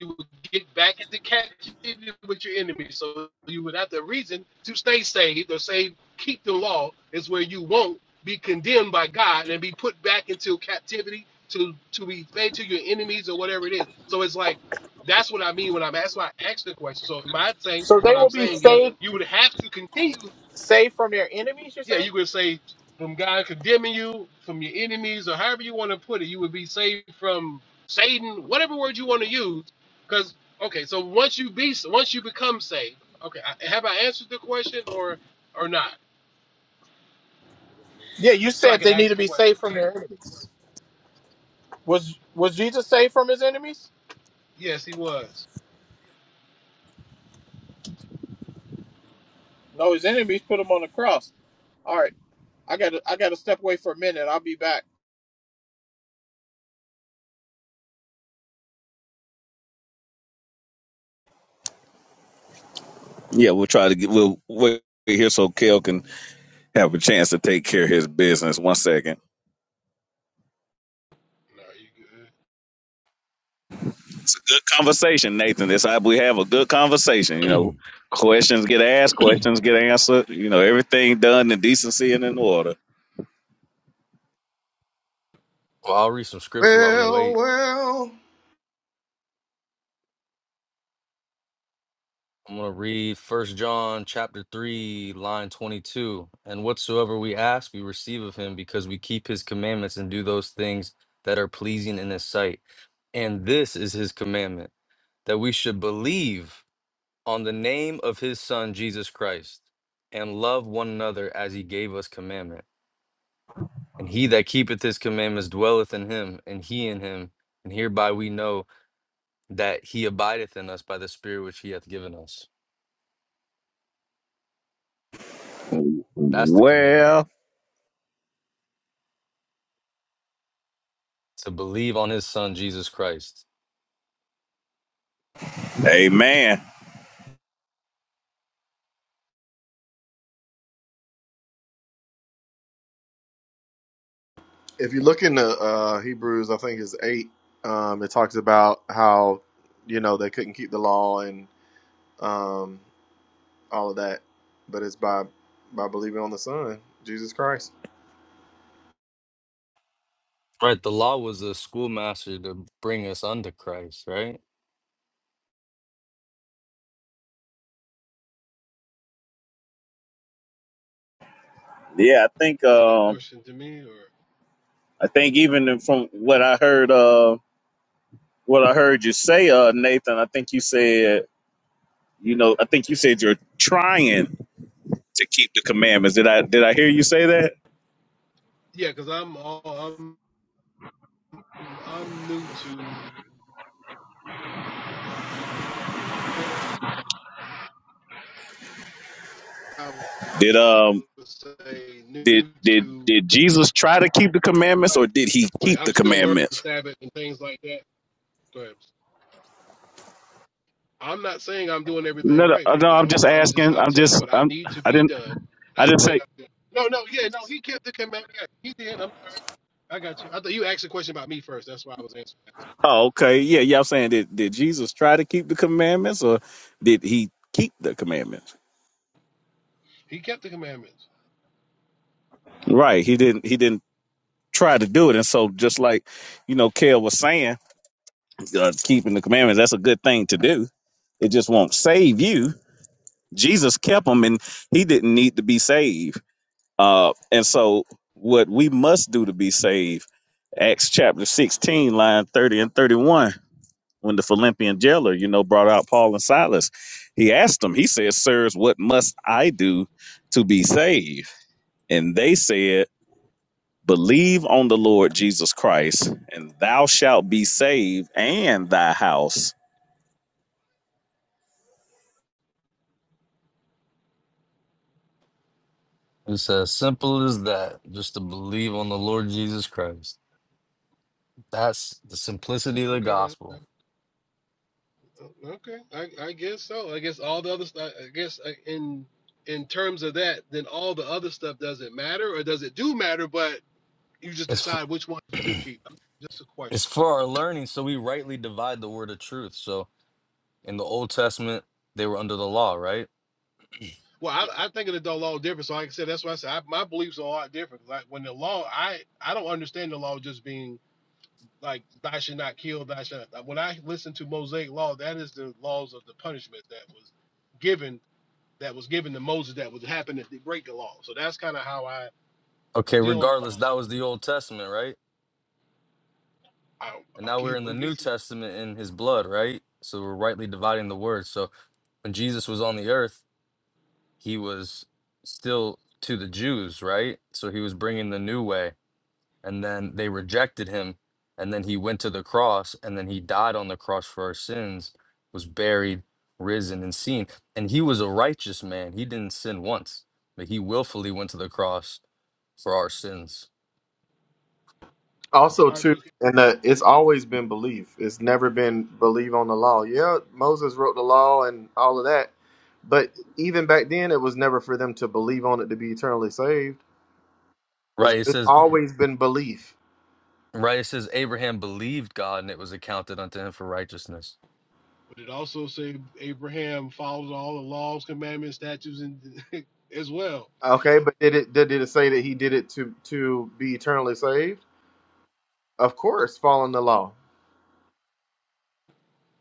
S12: you will get back into captivity with your enemy. So you would have to reason to stay saved or say, keep the law is where you won't be condemned by God and be put back into captivity to, to be fed to your enemies or whatever it is. So it's like, that's what I mean when I'm asked why I asked the question. So my thing,
S4: so they
S12: what I'm
S4: will be
S12: saying is,
S4: saved
S12: you would have to continue
S4: Saved from their enemies, you're
S12: yeah,
S4: saying?
S12: you would say from God condemning you, from your enemies, or however you want to put it, you would be saved from Satan, whatever word you want to use. Because okay, so once you be, once you become saved, okay, I- have I answered the question or or not?
S4: Yeah, you
S12: So I
S4: said
S12: can
S4: they need
S12: ask
S4: to
S12: a
S4: be
S12: question.
S4: saved from their enemies. Was was Jesus saved from his enemies?
S12: Yes, he was.
S4: No, his enemies put him on the cross. All right. I gotta I gotta step away for a minute. I'll be back.
S2: Yeah, we'll try to get we'll wait here so Kel can have a chance to take care of his business. One second.
S12: No, you good?
S2: It's a good conversation, Nathan. It's how we have a good conversation. You know, questions get asked, questions get answered. You know, everything done in decency and in order.
S11: Well, I'll read some scripture while we
S8: Well,
S11: wait.
S8: well.
S11: I'm going to read First John chapter 3 line 22 and whatsoever we ask we receive of him because we keep his commandments and do those things that are pleasing in his sight. And this is his commandment that we should believe on the name of his son Jesus Christ, and love one another as he gave us commandment. And he that keepeth his commandments dwelleth in him, and he in him. And hereby we know that he abideth in us by the Spirit which he hath given us. That's the commandment
S2: Well,
S11: to believe on his son Jesus Christ.
S2: amen.
S8: if you look into uh, Hebrews, I think it's eight. Um, it talks about how you know they couldn't keep the law and um, all of that, but it's by by believing on the Son, Jesus Christ.
S11: Right? The law was a schoolmaster to bring us unto Christ, right?
S2: Yeah, I think
S12: Is that a
S2: um
S12: question to me or?
S2: I think even from what I heard uh, what I heard you say, uh, Nathan, I think you said, you know, I think you said you're trying to keep the commandments. Did I did I hear you say that?
S12: Yeah, because I'm all I'm I'm new to. I guess I
S2: Did um
S12: would say
S2: did
S12: new
S2: did
S12: to
S2: did Jesus try to keep the commandments or
S12: trying
S2: did
S12: to
S2: he
S12: like
S2: keep
S12: I'm
S2: the
S12: still learning the
S2: commandments?
S12: Sabbath and things like that. But I'm not saying I'm doing everything
S2: No, no,
S12: right,
S2: uh,
S12: big
S2: no I'm
S12: dog.
S2: just
S12: So I'm just
S2: asking.
S12: I'm
S2: I'm
S12: telling you
S2: just
S12: what I
S2: I'm
S12: need to
S2: I
S12: be
S2: didn't
S12: done.
S2: I
S12: Not
S2: didn't
S12: saying
S2: say
S12: I'm doing. No, no, yeah, no. He kept the commandment. Yeah, he did. I'm, I got you. I thought you asked a question about me first. That's why I was answering. That way.
S2: Oh, okay. Yeah, yeah, I'm saying did did Jesus try to keep the commandments or did he keep the commandments?
S12: He kept the commandments.
S2: Right. He didn't he didn't try to do it. And so just like, you know, Kale was saying, uh, keeping the commandments, that's a good thing to do. It just won't save you. Jesus kept them and he didn't need to be saved. Uh, and so, what we must do to be saved, Acts chapter 16, line 30 and 31, when the Philippian jailer, you know, brought out Paul and Silas, he asked them, he said, Sirs, what must I do to be saved? And they said, Believe on the Lord Jesus Christ, and thou shalt be saved and thy house.
S11: It's as simple as that, just to believe on the Lord Jesus Christ. That's the simplicity of the
S12: Okay then. Uh,
S11: gospel.
S12: Okay. I, I guess so. I guess all the other stuff. I guess uh, in in terms of that, then all the other stuff doesn't matter, or does it do matter? But you just
S11: It's.
S12: decide which ones you do keep. Just a question.
S11: It's for our learning, so we rightly divide the word of truth. So in the Old Testament, they were under the law, right?
S12: Well, I, I think of the the law different. So, like I said, that's why I said I, my beliefs are a lot different. Like when the law, I I don't understand the law just being like thou should not kill, thou should. Not. When I listen to Mosaic law, that is the laws of the punishment that was given that was given to Moses that would happen if they break the law. So that's kind of how I
S11: Okay,
S12: deal in the law.
S11: regardless,
S12: So
S11: that was the Old Testament, right?
S12: I
S11: And now we're
S12: okay,
S11: in
S12: well,
S11: the
S12: I
S11: New
S12: guess it-
S11: Testament in his blood, right? So we're rightly dividing the word. So when Jesus was on the earth, he was still to the Jews, right? So he was bringing the new way. and then they rejected him and then he went to the cross and then he died on the cross for our sins was buried risen and seen and he was a righteous man he didn't sin once but he willfully went to the cross for our sins
S8: Also,
S12: all right.
S8: too,
S12: So,
S8: and uh, it's always been belief. It's never been believe on the law. Yeah, Moses wrote the law and all of that, but even back then, it was never for them to believe on it to be eternally saved. It's,
S11: right it
S8: it's
S11: says
S8: always been belief.
S11: right it says abraham believed god and it was accounted unto him for righteousness
S12: but it also say Abraham follows all the laws, commandments, statutes, and as well.
S8: Okay, but did it did it say that he did it to to be eternally saved? Of course, following the law.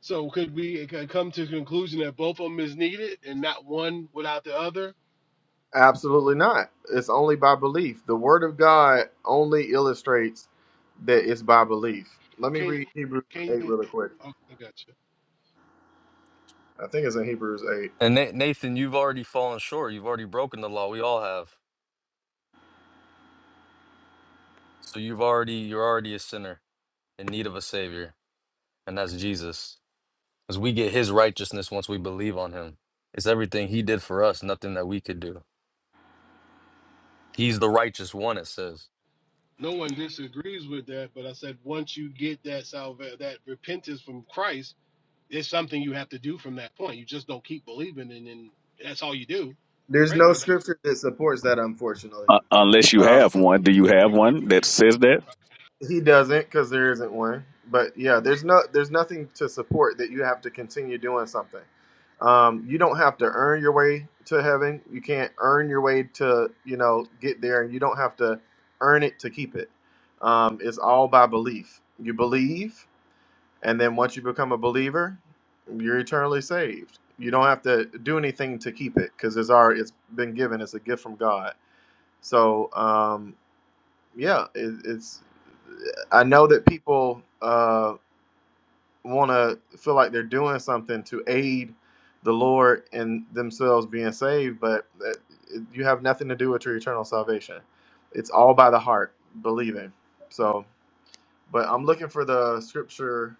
S12: So could we c- come to the conclusion that both of them is needed and not one without the other?
S8: Absolutely not. It's only by belief. The word of God only illustrates that it's by belief. Let me
S12: Can
S8: read Hebrews
S12: can
S8: 8
S12: you?
S8: really quick.
S12: Okay, gotcha.
S8: I think it's in Hebrews 8.
S11: and Na- nathan you've already fallen short you've already broken the law we all have so you've already you're already a sinner in need of a savior and that's jesus Because we get his righteousness once we believe on him. It's everything he did for us, nothing that we could do. He's the righteous one, it says.
S12: No one disagrees with that, but I said once you get that salva that repentance from Christ, it's something you have to do from that point. You just don't keep believing, and then that's all you do,
S8: There's
S12: correct?
S8: no
S12: Or that's
S8: scripture that supports that, unfortunately.
S2: Uh, unless you
S12: what
S8: Um,
S12: you
S2: have
S12: can
S2: one.
S12: read.
S2: Do
S12: In,
S2: you have
S12: you
S2: one
S12: can read
S2: that
S12: in,
S2: says that?
S8: He doesn't because there isn't one. But yeah, there's no there's nothing to support that you have to continue doing something. Um, you don't have to earn your way to heaven. You can't earn your way to you know get there, and you don't have to earn it to keep it. Um, it's all by belief. You believe, and then once you become a believer, you're eternally saved. You don't have to do anything to keep it because it's already it's been given. It's a gift from God. So um, yeah, it, it's. I know that people uh, want to feel like they're doing something to aid the Lord and themselves being saved, but that, you have nothing to do with your eternal salvation. It's all by the heart believing. So, but I'm looking for the scripture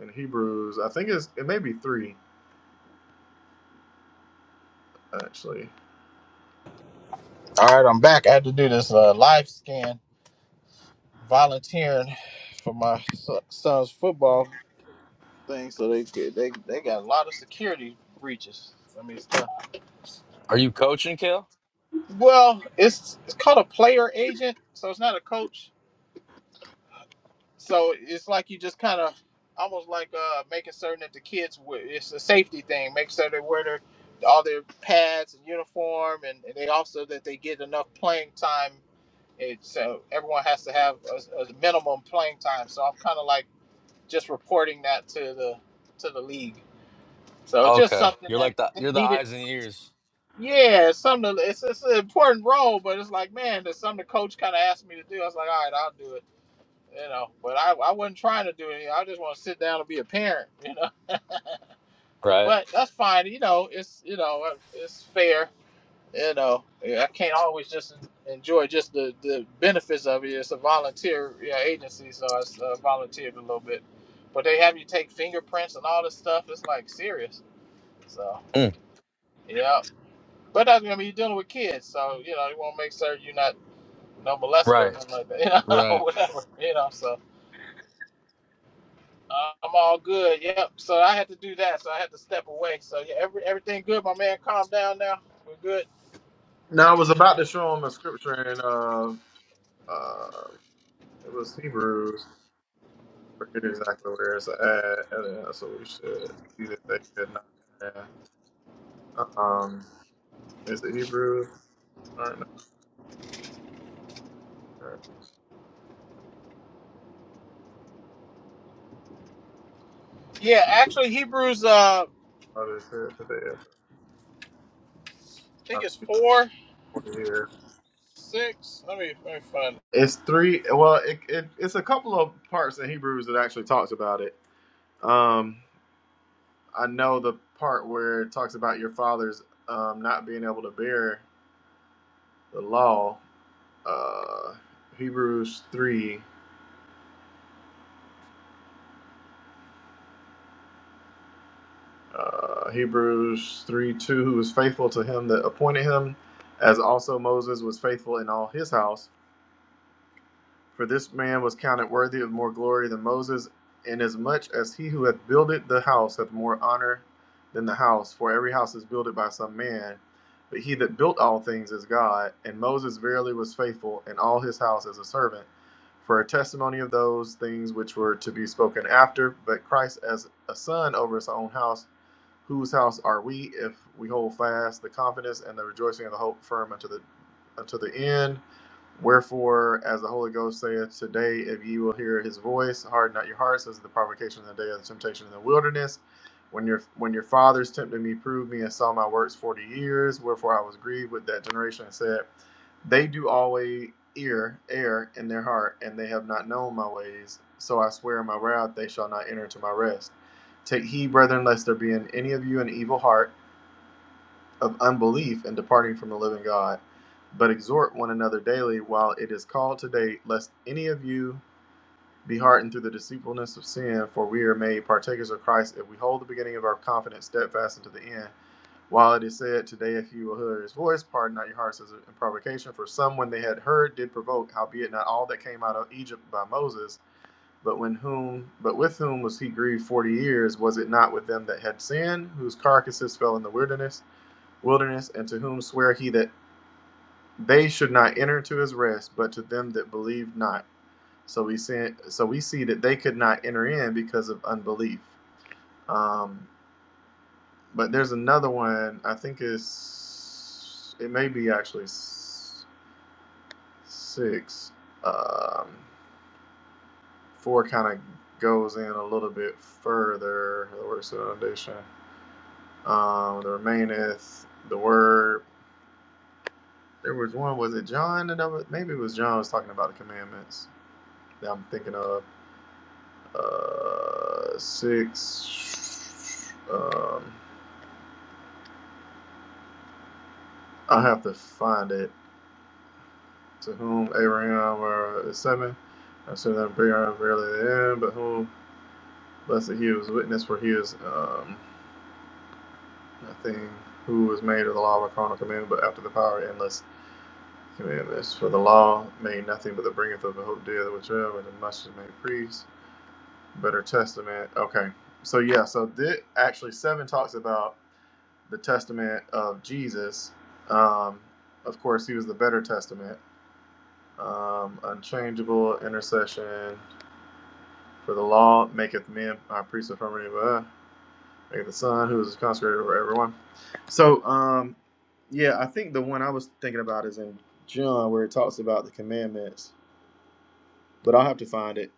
S8: in Hebrews. I think it's it may be three actually.
S4: All right, I'm back. I had to do this uh, live scan, volunteering for my so- son's football thing, so they could- they they got a lot of security breaches. I mean, stuff.
S11: Are you coaching, Kale?
S4: Well, it's it's called a player agent, so it's not a coach. So it's like you just kind of almost like uh, making certain that the kids we- it's a safety thing, make sure they wear their all their pads and uniform, and, and they also that they get enough playing time. It, so everyone has to have a, a minimum playing time. So I'm kind of like just reporting that to the to the league. So it's just
S11: Okay.
S4: something
S11: You're
S4: that
S11: like the
S4: they
S11: you're the
S4: needed.
S11: eyes and ears.
S4: Yeah, it's something. It's, it's an important role, but it's like, man, there's something the coach kind of asked me to do. I was like, all right, I'll do it you know. But I, I wasn't trying to do anything. I just want to sit down and be a parent, you know.
S11: Right?
S4: But that's fine, you know. It's you know uh, it's fair, you know. Yeah, I can't always just enjoy just the, the benefits of it. It's a volunteer you know, agency, so I uh, volunteered a little bit. But they have you take fingerprints and all this stuff. It's like serious. So
S11: Mm,
S4: yeah, but that's gonna be dealing with kids, so you know you want to make sure you're not no molester or
S11: Right.
S4: nothing like that, you know, or
S11: Right.
S4: whatever, you know. So. I'm all good. Yep. So I had to do that. So I had to step away. So yeah, every, everything good, my man. Calm down now. We're good.
S8: Now I was about to show him a scripture in uh, uh, it was Hebrews. forget exactly where it's at, and that's what we should see that they could not enter. in. Um, is it Hebrews? Or no, or
S4: Yeah, actually Hebrews uh
S8: what is it today?
S4: I think
S8: About
S4: it's
S8: Hebrews
S4: four,
S8: 40 here.
S4: six. Let me let me find. it.
S8: It's three. Well, it, it, it's a couple of parts in Hebrews that actually talks about it. Um, I know the part where it talks about your fathers um, not being able to bear the law. Uh, Hebrews three. Uh, Hebrews 3 2, who was faithful to him that appointed him, as also Moses was faithful in all his house. For this man was counted worthy of more glory than Moses, inasmuch as he who hath builded the house hath more honor than the house. For every house is builded by some man, but he that built all things is God. And Moses verily was faithful in all his house as a servant, for a testimony of those things which were to be spoken after, but Christ as a son over his own house whose house are we if we hold fast the confidence and the rejoicing of the hope firm unto the unto the end Wherefore, as the Holy Ghost saith, Today, if ye will hear his voice, harden not your hearts, as at the provocation of the day of the temptation in the wilderness. When your when your fathers tempted me, proved me, and saw my works forty years. Wherefore I was grieved with that generation, and said, They do always ear err in their heart, and they have not known my ways. So I swear in my wrath, they shall not enter into my rest. Take heed, brethren, lest there be in any of you an evil heart of unbelief and departing from the living God. But exhort one another daily while it is called today, lest any of you be hardened through the deceitfulness of sin, for we are made partakers of Christ if we hold the beginning of our confidence steadfast unto the end. While it is said, Today, if you will hear his voice, harden not your hearts as in provocation. For some, when they had heard, did provoke, howbeit not all that came out of Egypt by Moses, but when whom, but with whom was he grieved forty years? Was it not with them that had sinned, whose carcasses fell in the wilderness? wilderness, and to whom sware he that they should not enter to his rest, but to them that believed not. So we see, so we see that they could not enter in because of unbelief. Um, but there's another one. I think it's it may be actually six. Um, four kind of goes in a little bit further. The works foundation. Um, the remaineth the word. There was one. Was it John? maybe it was John was talking about the commandments. that I'm thinking of. Uh, six. Um, I have to find it. To whom Abraham or seven, I said that Abraham verily the end, but whom blessed he was witness, for he is um, I think who was made of the law of a carnal commandment, but after the power of endless commandments. For the law made nothing but the bringeth of the hope deal, whichever the much is made priest. Better testament. Okay, so yeah, so this actually seven talks about the testament of Jesus. Um, of course, he was the better testament. Um, unchangeable intercession for the law maketh men our priests of harmony uh, maketh the Son who is consecrated over everyone. So, um, yeah, I think the one I was thinking about is in John where it talks about the commandments, but I'll have to find it.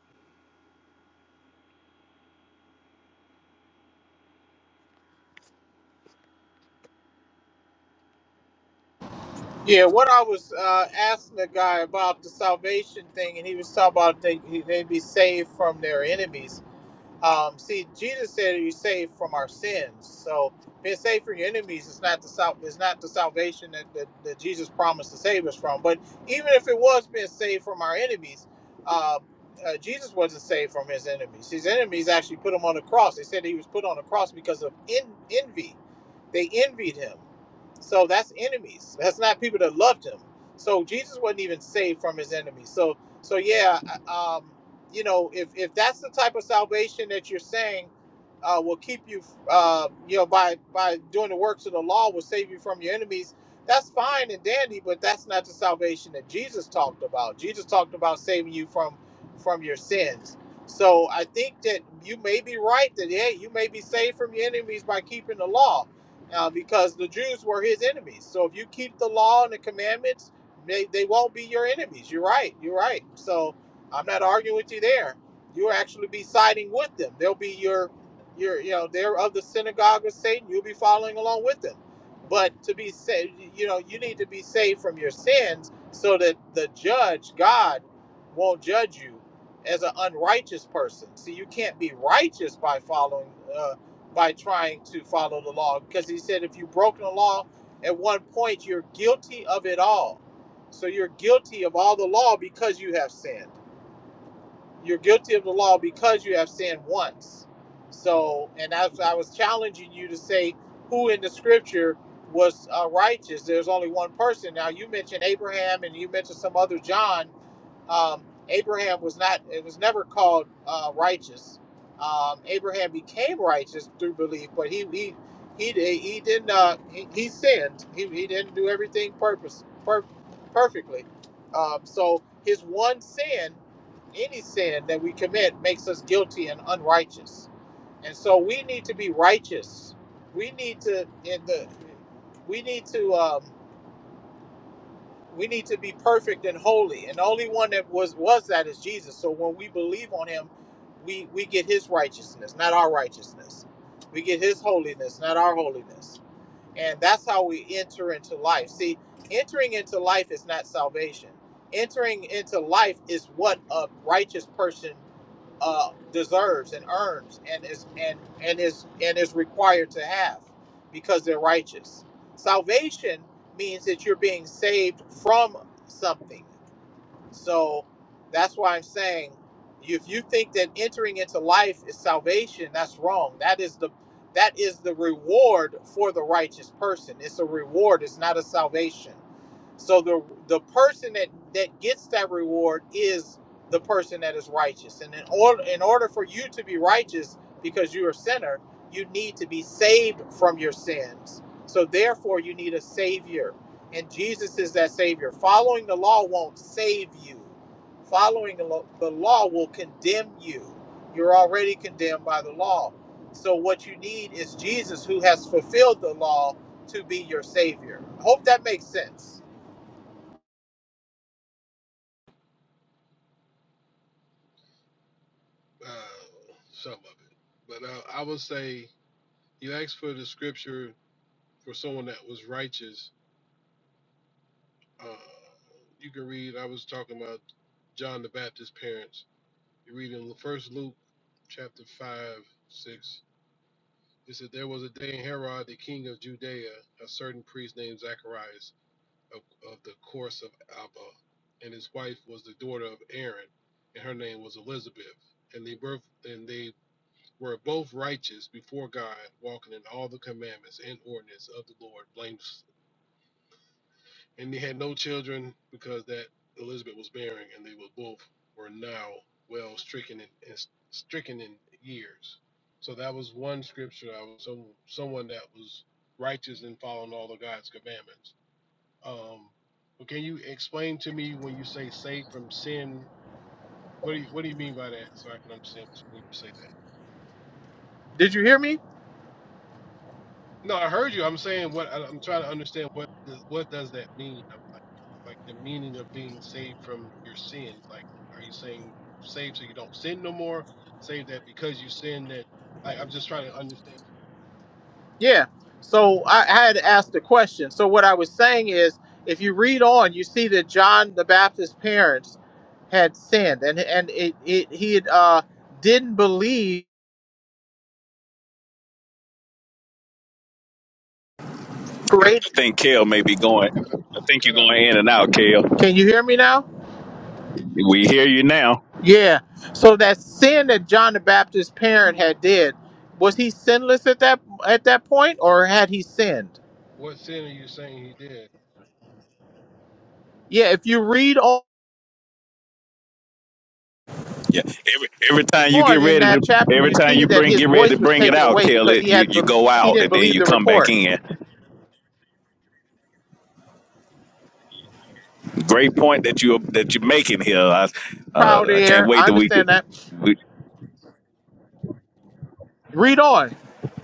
S4: Yeah, what I was uh asking the guy about the salvation thing and he was talking about they they'd be saved from their enemies. Um, see, Jesus said you're saved from our sins. So being saved from your enemies is not the sal- is not the salvation that, that, that Jesus promised to save us from. But even if it was being saved from our enemies, uh, uh, Jesus wasn't saved from his enemies. His enemies actually put him on the cross. They said he was put on the cross because of en- envy. They envied him. So that's enemies. That's not people that loved him. So Jesus wasn't even saved from his enemies. So so yeah, um, you know, if, if that's the type of salvation that you're saying uh, will keep you, uh, you know, by by doing the works of the law will save you from your enemies, that's fine and dandy, but that's not the salvation that Jesus talked about. Jesus talked about saving you from from your sins. So I think that you may be right that hey, you may be saved from your enemies by keeping the law, uh, because the Jews were his enemies. So if you keep the law and the commandments, they, they won't be your enemies. You're right. You're right. So I'm not arguing with you there. You'll actually be siding with them. They'll be your, your, you know, they're of the synagogue of Satan. You'll be following along with them. But to be saved, you know, you need to be saved from your sins so that the judge, God, won't judge you as an unrighteous person. See, you can't be righteous by following, uh, by trying to follow the law, because He said if you've broken the law at one point, you're guilty of it all. So you're guilty of all the law because you have sinned you're guilty of the law because you have sinned once. So, and I, I was challenging you to say who in the scripture was uh, righteous. There's only one person. Now, you mentioned Abraham and you mentioned some other John, um, Abraham was not, it was never called uh, righteous. Um, Abraham became righteous through belief, but he he he di- he didn't uh, he, he sinned. He, he didn't do everything purpose per, perfectly. Um, so his one sin, any sin that we commit, makes us guilty and unrighteous. And so we need to be righteous. We need to in the we need to. um, we need to be perfect and holy and the only one that was was that is jesus so when we believe on him we we get his righteousness not our righteousness we get his holiness not our holiness and that's how we enter into life see entering into life is not salvation entering into life is what a righteous person uh, deserves and earns and is and and is and is required to have because they're righteous. Salvation means that you're being saved from something. So that's why I'm saying if you think that entering into life is salvation, that's wrong. That is the that is the reward for the righteous person. It's a reward, it's not a salvation. So the the person that that gets that reward is the person that is righteous. And in order in order for you to be righteous because you're a sinner, you need to be saved from your sins. So therefore you need a savior and Jesus is that Savior. Following the law won't save you. Following the lo- the law will condemn you. You're already condemned by the law. So what you need is Jesus, who has fulfilled the law, to be your Savior. I Hope that makes sense.
S12: uh, some of it, but uh, I would say you asked for the scripture for someone that was righteous Uh, you can read. I was talking about John the Baptist's parents. You read in First Luke, chapter five, six. It said there was a day in Herod, the king of Judea, a certain priest named Zacharias of, of the course of Abba, and his wife was the daughter of Aaron, and her name was Elizabeth. And they birth and they were both righteous before God, walking in all the commandments and ordinance of the Lord, blameless and they had no children because that Elizabeth was bearing, and they were both were now well stricken in, in stricken in years. So that was one scripture. I was some someone that was righteous in following all of God's commandments. Um, but can you explain to me when you say saved from sin? What do you what do you mean by that? So I can understand what you- when you say that.
S4: Did you hear me?
S12: No, I heard you. I'm saying what I- I'm trying to understand. What does, what does that mean? I'm like, like the meaning of being saved from your sins. Like, are you saying saved so you don't sin no more? Saved that because you sin that. Like, I'm just trying to understand.
S4: Yeah. So I, I had asked the question. So what I was saying is, if you read on, you see that John the Baptist's parents had sinned, and and it, it he had, uh, didn't believe. created.
S2: I think Kale may be going.
S12: You cut out,
S2: I
S12: you
S2: think you're
S12: cut out,
S2: going in
S12: boss.
S2: and out, Kale.
S4: Can you hear me now?
S2: We hear you now.
S4: Yeah. So that sin that John the Baptist's parent had did, was he sinless at that at that point or had he sinned?
S12: What sin are you saying he did?
S4: Yeah, if you read o-
S2: Yeah. Every every time you get
S4: on in
S2: ready to,
S4: that chapter,
S2: every
S4: you
S2: time
S4: see
S2: you
S4: that
S2: bring
S4: his
S2: get ready
S4: voice
S2: to
S4: was
S2: bring it
S4: taken
S2: out,
S4: away
S2: Kale,
S4: because he
S2: it, you
S4: hadn't be-
S2: you go
S4: he
S2: out
S4: didn't
S2: and then
S4: believe
S2: you
S4: the
S2: come back
S4: report.
S2: in. Great point that you that you're making here. I
S4: Proud
S2: uh, I can't
S4: air. I
S2: wait that we could.
S4: understand that.
S2: We,
S4: Read on.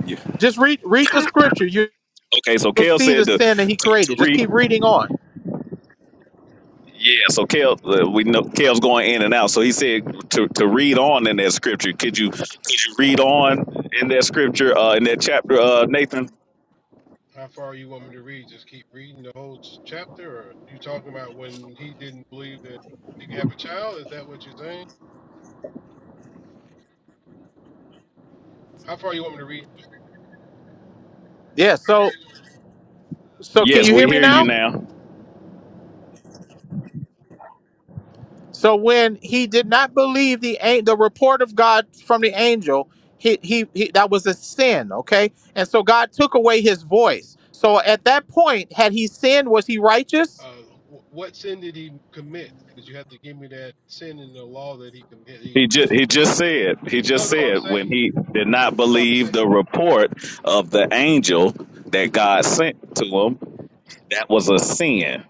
S2: Yeah.
S4: Just read read the scripture. You,
S2: okay, so
S4: you'll
S2: Kale
S4: see the
S2: said to
S4: sin that
S2: to,
S4: he
S2: to
S4: created. Just
S2: read.
S4: keep reading on.
S2: Yeah, so Kale, uh, we know Kale's going in and out. So he said to, to read on in that scripture. Could you could you read on in that scripture uh, in that chapter, uh, Nathan?
S12: How far you want me to read? Just keep reading the whole s- chapter, or you talking about when he didn't believe that he could have a child? Is that what you're saying? How far you want me to read?
S4: Yeah, so so
S12: Yeah,
S4: can
S12: you
S2: Yes,
S4: you hear
S2: we
S12: good
S4: me
S2: hear
S12: right
S4: now?
S2: you
S12: this second.
S2: now.
S4: So when he did not believe the an- the report of God from the angel, he, he he that was a sin, okay? And so God took away his voice. So at that point, had he sinned, was he righteous?
S12: Uh, wh- what sin did he commit? Because you have to give me that sin in the law that he committed. He,
S2: He just he just said he just
S12: no, no, I'm
S2: said when
S12: saying,
S2: he did not
S12: no, I'm
S2: believe
S12: saying,
S2: the report of the angel that God sent to him, that was a sin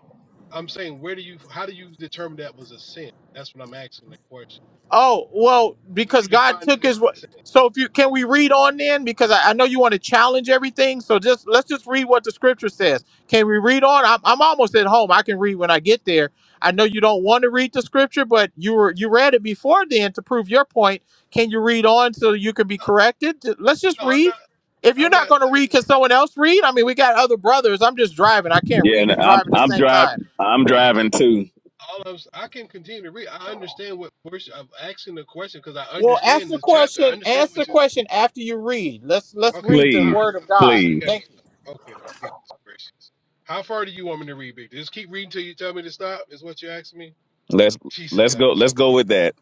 S12: I'm saying, where do you, how do you determine that was a sin? That's what I'm asking that question.
S4: Oh, well,
S12: Where you
S4: because God
S12: define it
S4: took
S12: as a
S4: his wo-
S12: sin?
S4: so if you can we read on then? Because I, I know you want to challenge everything. So just let's just read what the scripture says. Can we read on? I'm, I'm almost at home. I can read when I get there. I know you don't want to read the scripture, but you were you read it before then to prove your point. Can you read on so you can be
S12: No,
S4: corrected? Ju- Let's just
S12: no, I'm not,
S4: read. If you're
S12: I'm
S4: not
S12: not
S4: going to read,
S12: saying
S4: can someone else read? I mean, we got other brothers. I'm just driving. I can't
S2: Yeah,
S4: read
S2: and
S4: and
S2: I'm
S4: drive at the
S2: I'm
S4: same time.
S2: driving. I'm driving too.
S12: all of. I can continue to read. I understand what verse I'm asking the question because I
S4: Well, ask
S12: understand
S4: the
S12: this chapter. I
S4: question.
S12: understand
S4: Ask the
S12: what you.
S4: question after you read. Let's let's
S12: Okay,
S4: read the
S12: all
S2: Please,
S12: right,
S4: word
S12: my
S4: of
S12: fault.
S4: God.
S12: This ain't
S2: please.
S12: gotta be.
S4: Thank you.
S12: Okay, goodness gracious. How far do you want me to read, Big? Just keep reading till you tell me to stop. Is what you asking me?
S2: Let's
S12: Jesus
S2: let's
S12: gotta
S2: go.
S12: be so
S2: Let's go with
S12: hard.
S2: that.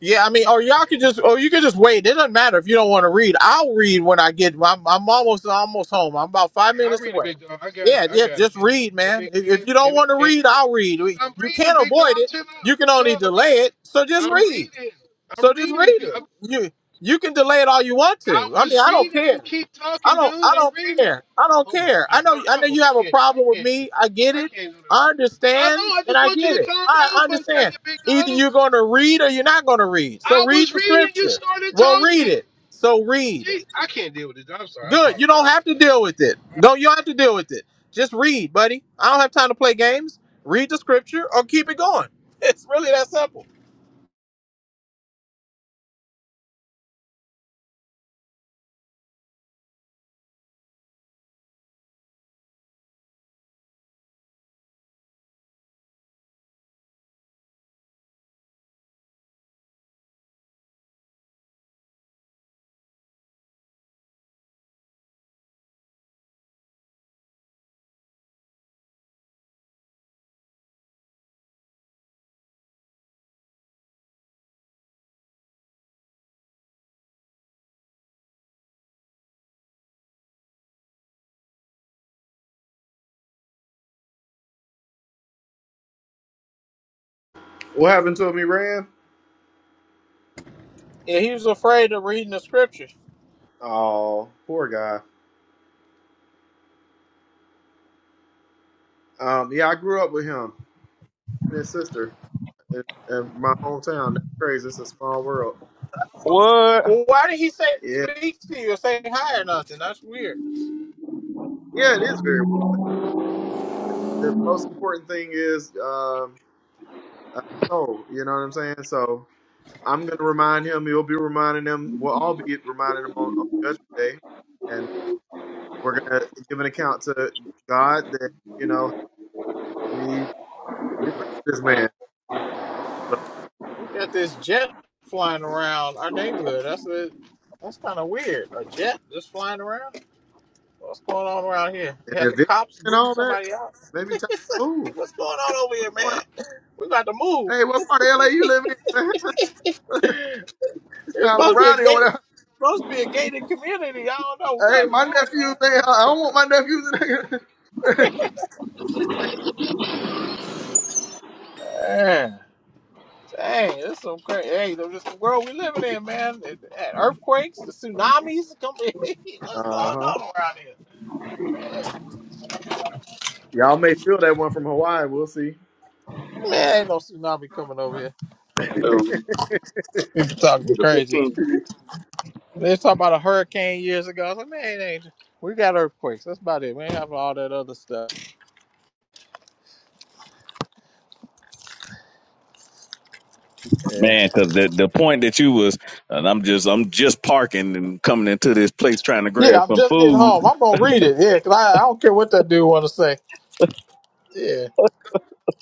S4: Yeah, I mean, or y'all could just, or you could just wait. It doesn't matter if you don't want to read. I'll read when I get. I'm, I'm almost almost home. I'm about five
S12: I
S4: minutes
S12: read it,
S4: away.
S12: big dog. I got
S4: Yeah,
S12: it. I
S4: yeah.
S12: got it.
S4: Just
S12: And it,
S4: read,
S12: and
S4: man.
S12: it
S4: If,
S12: came.
S4: if you don't
S12: And it
S4: want to
S12: came.
S4: read, I'll read.
S12: Dude,
S4: We-
S12: I'm
S4: You
S12: reading,
S4: can't
S12: big dog.
S4: avoid it.
S12: Chill out.
S4: You can
S12: Chill
S4: only
S12: out.
S4: delay it. So just
S12: I'm reading. I'm
S4: read.
S12: reading.
S4: So
S12: I'm
S4: just
S12: reading.
S4: read
S12: You. I,
S4: it. You you can delay it all you want
S12: I
S4: to. I mean,
S12: was
S4: I don't
S12: reading.
S4: care.
S12: You keep
S4: I
S12: talking,
S4: don't I
S12: dude. I'm
S4: don't
S12: reading.
S4: care. I don't
S12: Oh my
S4: care. I
S12: god.
S4: know I
S12: I, I,
S4: know
S12: don't-
S4: you
S12: I
S4: have a
S12: can't. I
S4: problem with
S12: can't. do-
S4: me. I get
S12: I
S4: it.
S12: can't do that.
S4: I
S12: I know.
S4: understand
S12: I
S4: and
S12: just
S4: I
S12: want you
S4: get
S12: to
S4: it.
S12: calm
S4: I
S12: down for a second,
S4: understand.
S12: big
S4: Either
S12: dog.
S4: you're going to read or you're not going to read. So
S12: I
S4: read
S12: was
S4: the
S12: reading. You
S4: scripture.
S12: started
S4: Well, read
S12: talking.
S4: it. So read.
S12: Jeez, I can't deal with this. I'm sorry. I
S4: Good. You
S12: apologize.
S4: don't have to deal with it. Don't you don't have to deal with it. Just read, buddy. I don't have time to play games. Read the scripture or keep it going. It's really that simple.
S8: What happened to him? He ran.
S4: Yeah, he was afraid of reading the scriptures.
S8: Oh, poor guy. Um, yeah, I grew up with him and his sister in, in my hometown. That's crazy. It's a small world.
S2: What?
S4: Well, why did he say
S8: Yeah,
S4: speak to you or say hi or nothing? That's weird.
S8: yeah, it is very. weird. The most important thing is um, oh, you know what I'm saying. So I'm gonna remind him. You'll be reminding him. We'll all be reminding him on, on Judgment Day, and we're gonna give an account to God that you know we we preach this man. So
S4: They got this jet flying around our neighborhood. That's a, that's kind of weird. A jet just flying around. What's going on around here?
S8: and
S4: They have the
S8: eviction
S4: cops
S8: and
S4: booting
S8: all that.
S4: somebody out.
S8: Maybe time to move.
S4: What's going on over here,
S8: What's going on?
S4: man? We got to move.
S8: Hey, what part of LA you live in? Man? it's
S4: It's
S8: a little
S4: supposed to be a
S8: rowdy over
S4: gated,
S8: there.
S4: supposed to be a gated community. I don't know. We
S8: Hey,
S4: got to
S8: my
S4: move,
S8: nephews. They, I don't want my nephews in there.
S4: man. Dang, dang, this some crazy. Hey, this is the world we living in, man. And Earthquakes, the tsunamis coming. What's
S8: uh huh.
S4: going on around here?
S8: Y'all may feel that one from Hawaii. We'll see.
S4: Man, ain't no tsunami coming over here. People talking crazy. They was talking about a hurricane years ago. I was like, man, it ain't, we got earthquakes. That's about it. We ain't have all that other stuff. Yeah.
S2: Man, because the the point that you was, and I'm just I'm just parking and coming into this place trying to
S4: Yeah,
S2: grab
S4: I'm
S2: some
S4: just getting home.
S2: food.
S4: I'm going to read it. Yeah, because I, I don't care what that dude want to say. Yeah.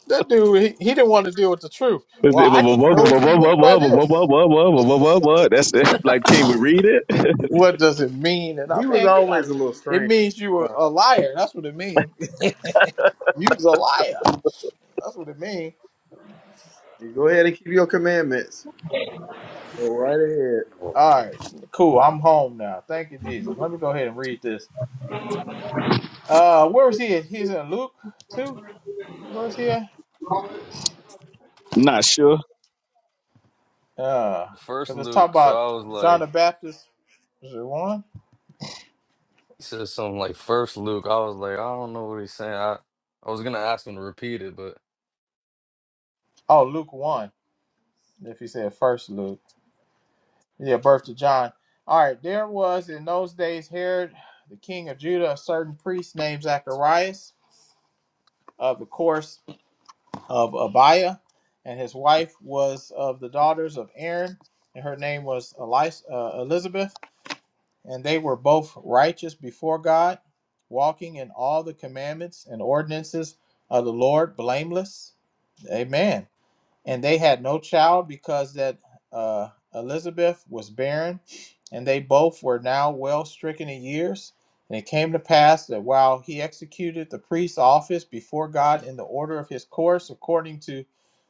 S4: That dude, he, he didn't want to deal with the truth.
S2: That's
S4: Well, I need to know what you mean by this.
S2: it. like, can we read it?
S4: What does it mean? And I,
S8: He was
S4: man, get out of
S8: always a
S4: here.
S8: little
S4: It
S8: strange.
S4: means you were
S8: But
S4: a liar. That's what it means. You's a liar. That's what it means.
S8: you Go ahead and keep your commandments. Go right ahead.
S4: All right. Cool. I'm home now. Thank you, Jesus. Let me go ahead and read this. Uh, Where was he at? He's in Luke 2? verse here?
S2: Not sure,
S4: Uh,
S11: First
S4: because it's talking
S11: Luke, so
S4: about
S11: I was
S4: John
S11: like,
S4: the Baptist. Is it one?
S11: he said something like first Luke. I was like, I don't know what he's saying. I, I was gonna ask him to repeat it, but
S4: Oh, Luke one. If you said first Luke, yeah, birth to John. All right, there was in those days Herod, the king of Judah, a certain priest named Zacharias of the course of Abiah, and his wife was of the daughters of Aaron, and her name was Elis- uh, Elizabeth. and they were both righteous before God, walking in all the commandments and ordinances of the Lord blameless. Amen and they had no child because that uh, Elizabeth was barren, and they both were now well stricken in years. And it came to pass that while he executed the priest's office before God in the order of his course, according to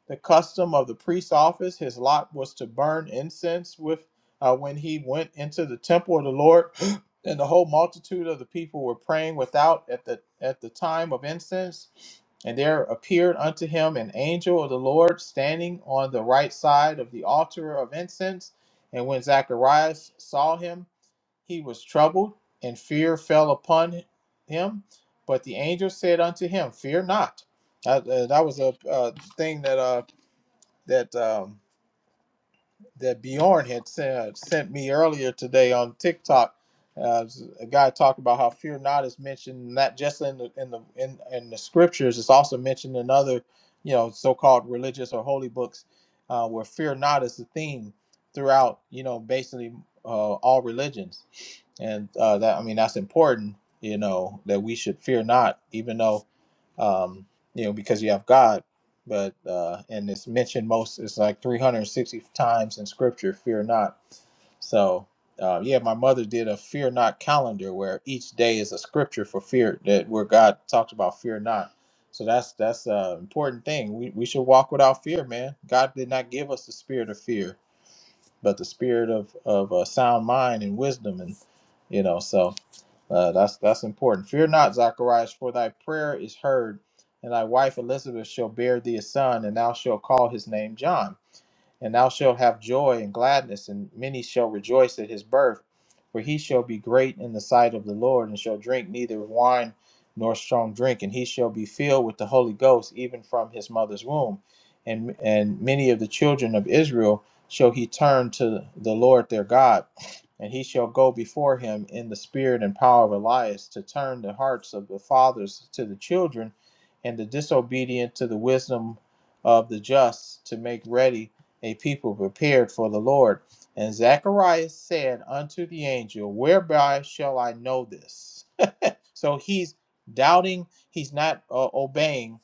S4: the custom of the priest's office, his lot was to burn incense with uh, when he went into the temple of the Lord, and the whole multitude of the people were praying without at the at the time of incense. And there appeared unto him an angel of the Lord standing on the right side of the altar of incense. And when Zacharias saw him, he was troubled, and fear fell upon him. But the angel said unto him, Fear not. That, uh, that was a uh, thing that uh, that um, that Bjorn had sent, sent me earlier today on TikTok. Uh, a guy talked about how fear not is mentioned not just in the in the in, in the scriptures. It's also mentioned in other, you know, so-called religious or holy books, uh, where fear not is the theme throughout. You know, basically uh, all religions, and uh, that I mean that's important. You know that we should fear not, even though um, you know, because you have God. But uh, and it's mentioned most, it's like 360 times in Scripture, fear not. So, uh, yeah, my mother did a fear not calendar where each day is a scripture for fear that where God talked about fear not. So that's that's an important thing. We, we should walk without fear, man. God did not give us the spirit of fear, but the spirit of of uh, sound mind and wisdom, and you know so. Uh, that's that's important. Fear not, Zacharias, for thy prayer is heard, and thy wife Elizabeth shall bear thee a son, and thou shalt call his name John. And thou shalt have joy and gladness, and many shall rejoice at his birth. For he shall be great in the sight of the Lord, and shall drink neither wine nor strong drink, and he shall be filled with the Holy Ghost even from his mother's womb. And, and many of the children of Israel shall he turn to the Lord their God, and he shall go before him in the spirit and power of Elias to turn the hearts of the fathers to the children, and the disobedient to the wisdom of the just, to make ready a people prepared for the Lord. And Zacharias said unto the angel, Whereby shall I know this? So he's doubting, he's not uh, obeying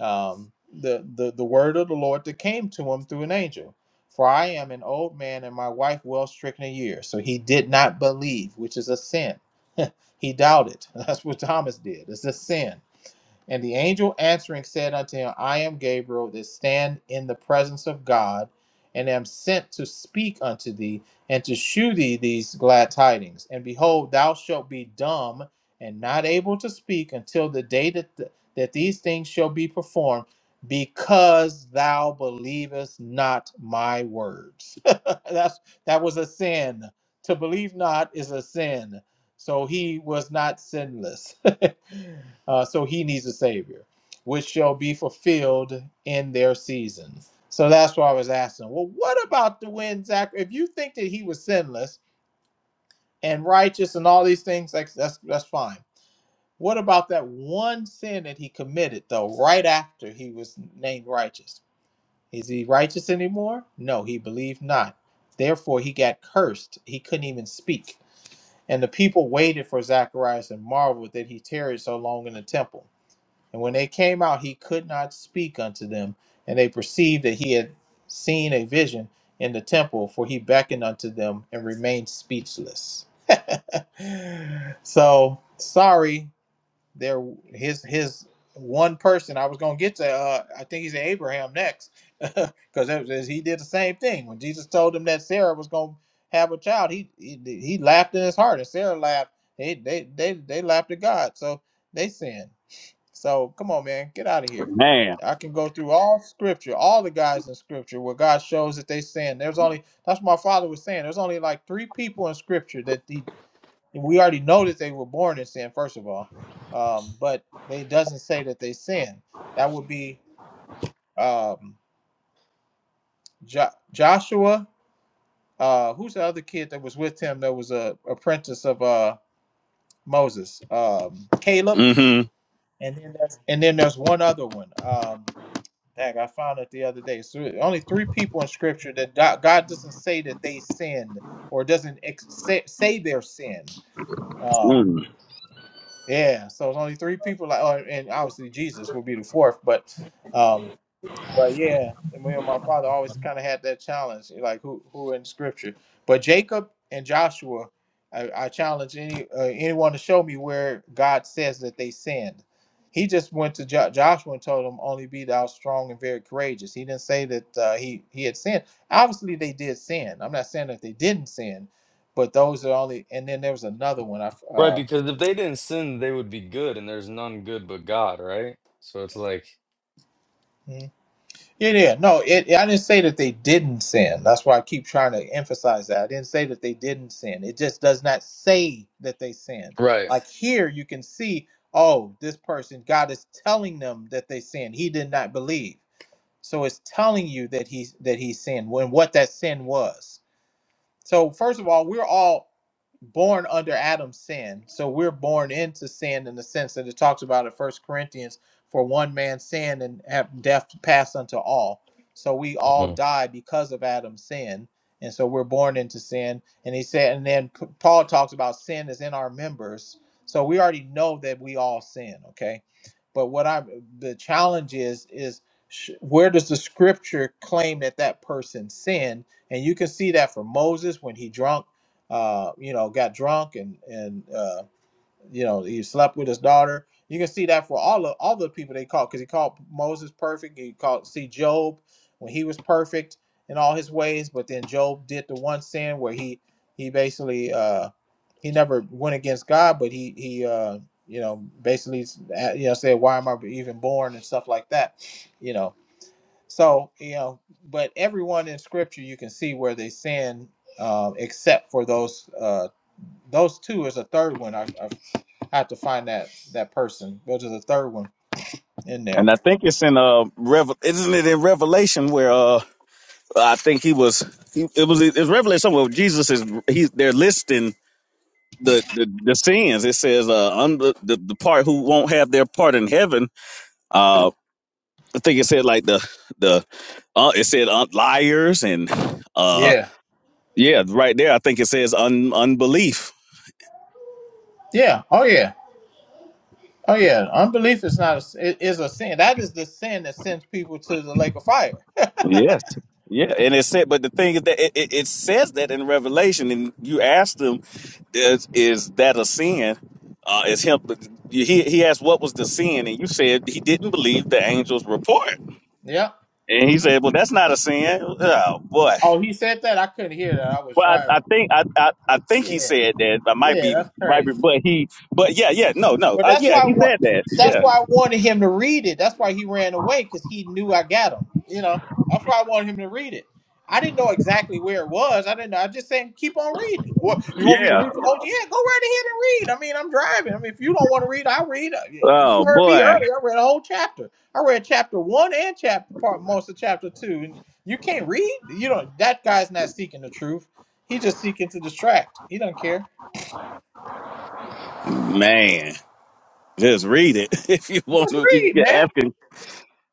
S4: um, the, the, the word of the Lord that came to him through an angel. For I am an old man and my wife well stricken in years. So he did not believe, which is a sin. He doubted. That's what Thomas did. It's a sin and the angel answering said unto him, I am Gabriel that stand in the presence of God, and am sent to speak unto thee, and to shew thee these glad tidings. And behold, thou shalt be dumb and not able to speak until the day that, th- that these things shall be performed, because thou believest not my words. That's that was a sin. To believe not is a sin. So he was not sinless. Uh, so he needs a savior, which shall be fulfilled in their season. So that's why I was asking, well, what about the wind, Zach? If you think that he was sinless and righteous and all these things, like that's that's fine. What about that one sin that he committed though, right after he was named righteous? Is he righteous anymore? No, he believed not. Therefore, he got cursed. He couldn't even speak. And the people waited for Zacharias and marveled that he tarried so long in the temple. And when they came out, he could not speak unto them. And they perceived that he had seen a vision in the temple, for he beckoned unto them and remained speechless. so sorry there, his his one person. I was gonna get to. Uh, I think he's Abraham next, because he did the same thing when Jesus told him that Sarah was gonna have a child. He he, he laughed in his heart, and Sarah laughed. They they they they laughed at God, so they sinned. So come on, man, get out of here.
S2: man.
S4: I can go through all scripture, all the guys in scripture where God shows that they sin. There's only that's what my father was saying. There's only like three people in scripture that he we already know that they were born in sin first of all um, but they doesn't say that they sin that would be um, jo- joshua uh, who's the other kid that was with him that was a apprentice of uh, moses um, caleb
S2: Mm-hmm.
S4: and then there's, and then there's one other one um, dang, i found it the other day so only three people in scripture that do- god doesn't say that they sinned or doesn't ex- say, say their sin Um,
S2: Mm.
S4: Yeah, so it's only three people. Like, oh, and obviously Jesus will be the fourth, but, um, but yeah, me and my father always kind of had that challenge, like who who in Scripture. But Jacob and Joshua, I, I challenge any uh, anyone to show me where God says that they sinned. He just went to jo- Joshua and told him, "Only be thou strong and very courageous." He didn't say that uh, he he had sinned. Obviously, they did sin. I'm not saying that they didn't sin, but those are only. And then there was another one. I f-
S11: Right,
S4: uh,
S11: because if they didn't sin, they would be good, and there's none good but God, right? So it's like
S4: hmm? Yeah, yeah. No, it, I didn't say that they didn't sin. That's why I keep trying to emphasize that. I didn't say that they didn't sin. It just does not say that they sinned.
S11: Right.
S4: Like here, you can see, oh, this person, God is telling them that they sinned. He did not believe. So it's telling you that he that he sinned when what that sin was. So first of all, we're all born under Adam's sin. So we're born into sin in the sense that it talks about in First Corinthians, for one man sin and have death passed unto all. So we all
S11: Mhm.
S4: die because of Adam's sin. And so we're born into sin. And he said, and then Paul talks about sin is in our members. So we already know that we all sin, okay? But what I the challenge is is sh- where does the scripture claim that that person sinned? and you can see that for Moses when he drunk, uh, you know, got drunk and and uh, you know he slept with his daughter. You can see that for all of all the people they called because he called Moses perfect. He called see Job when he was perfect in all his ways, but then Job did the one sin where he he basically uh, he never went against God, but he he uh, you know basically uh, you know said why am I even born and stuff like that, you know so, you know, but everyone in scripture you can see where they sin um, except for those uh, those two is a third one. I, I have to find that that person. Go to the third one in there.
S2: And I think it's in uh, Revel. Isn't it in Revelation where uh I think he was. He, it was. It's Revelation somewhere. Jesus is. He's. They're listing the the, the sins. It says uh under the, the part who won't have their part in heaven. Uh, I think it said like the the. Uh, it said uh, liars and uh
S4: Yeah.
S2: yeah right there. I think it says un, unbelief
S4: Yeah. Oh yeah. Oh yeah. Unbelief is not a, it is a sin. That is the sin that sends people to the lake of fire.
S2: Yes. Yeah, and it said, but the thing is that it, it, it says that in Revelation, and you asked him, is, is that a sin? Uh, is him? He he asked what was the sin, and you said he didn't believe the angel's report,
S4: Yeah.
S2: and he said, well, that's not a sin. Oh boy.
S4: Oh, he said that. I couldn't hear that. I was
S2: Well, I, I
S4: driving.
S2: think I, I I think he
S4: Yeah.
S2: said that. I might
S4: Yeah,
S2: be
S4: that's
S2: might be,
S4: crazy.
S2: but he but yeah yeah no no
S4: But
S2: uh,
S4: that's
S2: yeah
S4: why I
S2: he
S4: want.
S2: said that
S4: That's
S2: yeah
S4: why I wanted him to read it. That's why he ran away because he knew I got him. You know. That's why I wanted him to read it. I didn't know exactly where it was. I didn't know. I just saying keep on reading. What you want me to
S2: yeah
S4: read the whole? Yeah, go right ahead and read. I mean, I'm driving. I mean, if you don't want to read, I'll read. Uh, yeah, You
S2: oh
S4: heard me
S2: boy
S4: earlier. I read a whole chapter. I read chapter one and chapter part most of chapter two. And you can't read. You don't. That guy's not seeking the truth. He's just seeking to distract. He don't care.
S2: man just read it if you want
S4: Just
S2: to you
S4: read,
S2: can
S4: man.
S2: ask him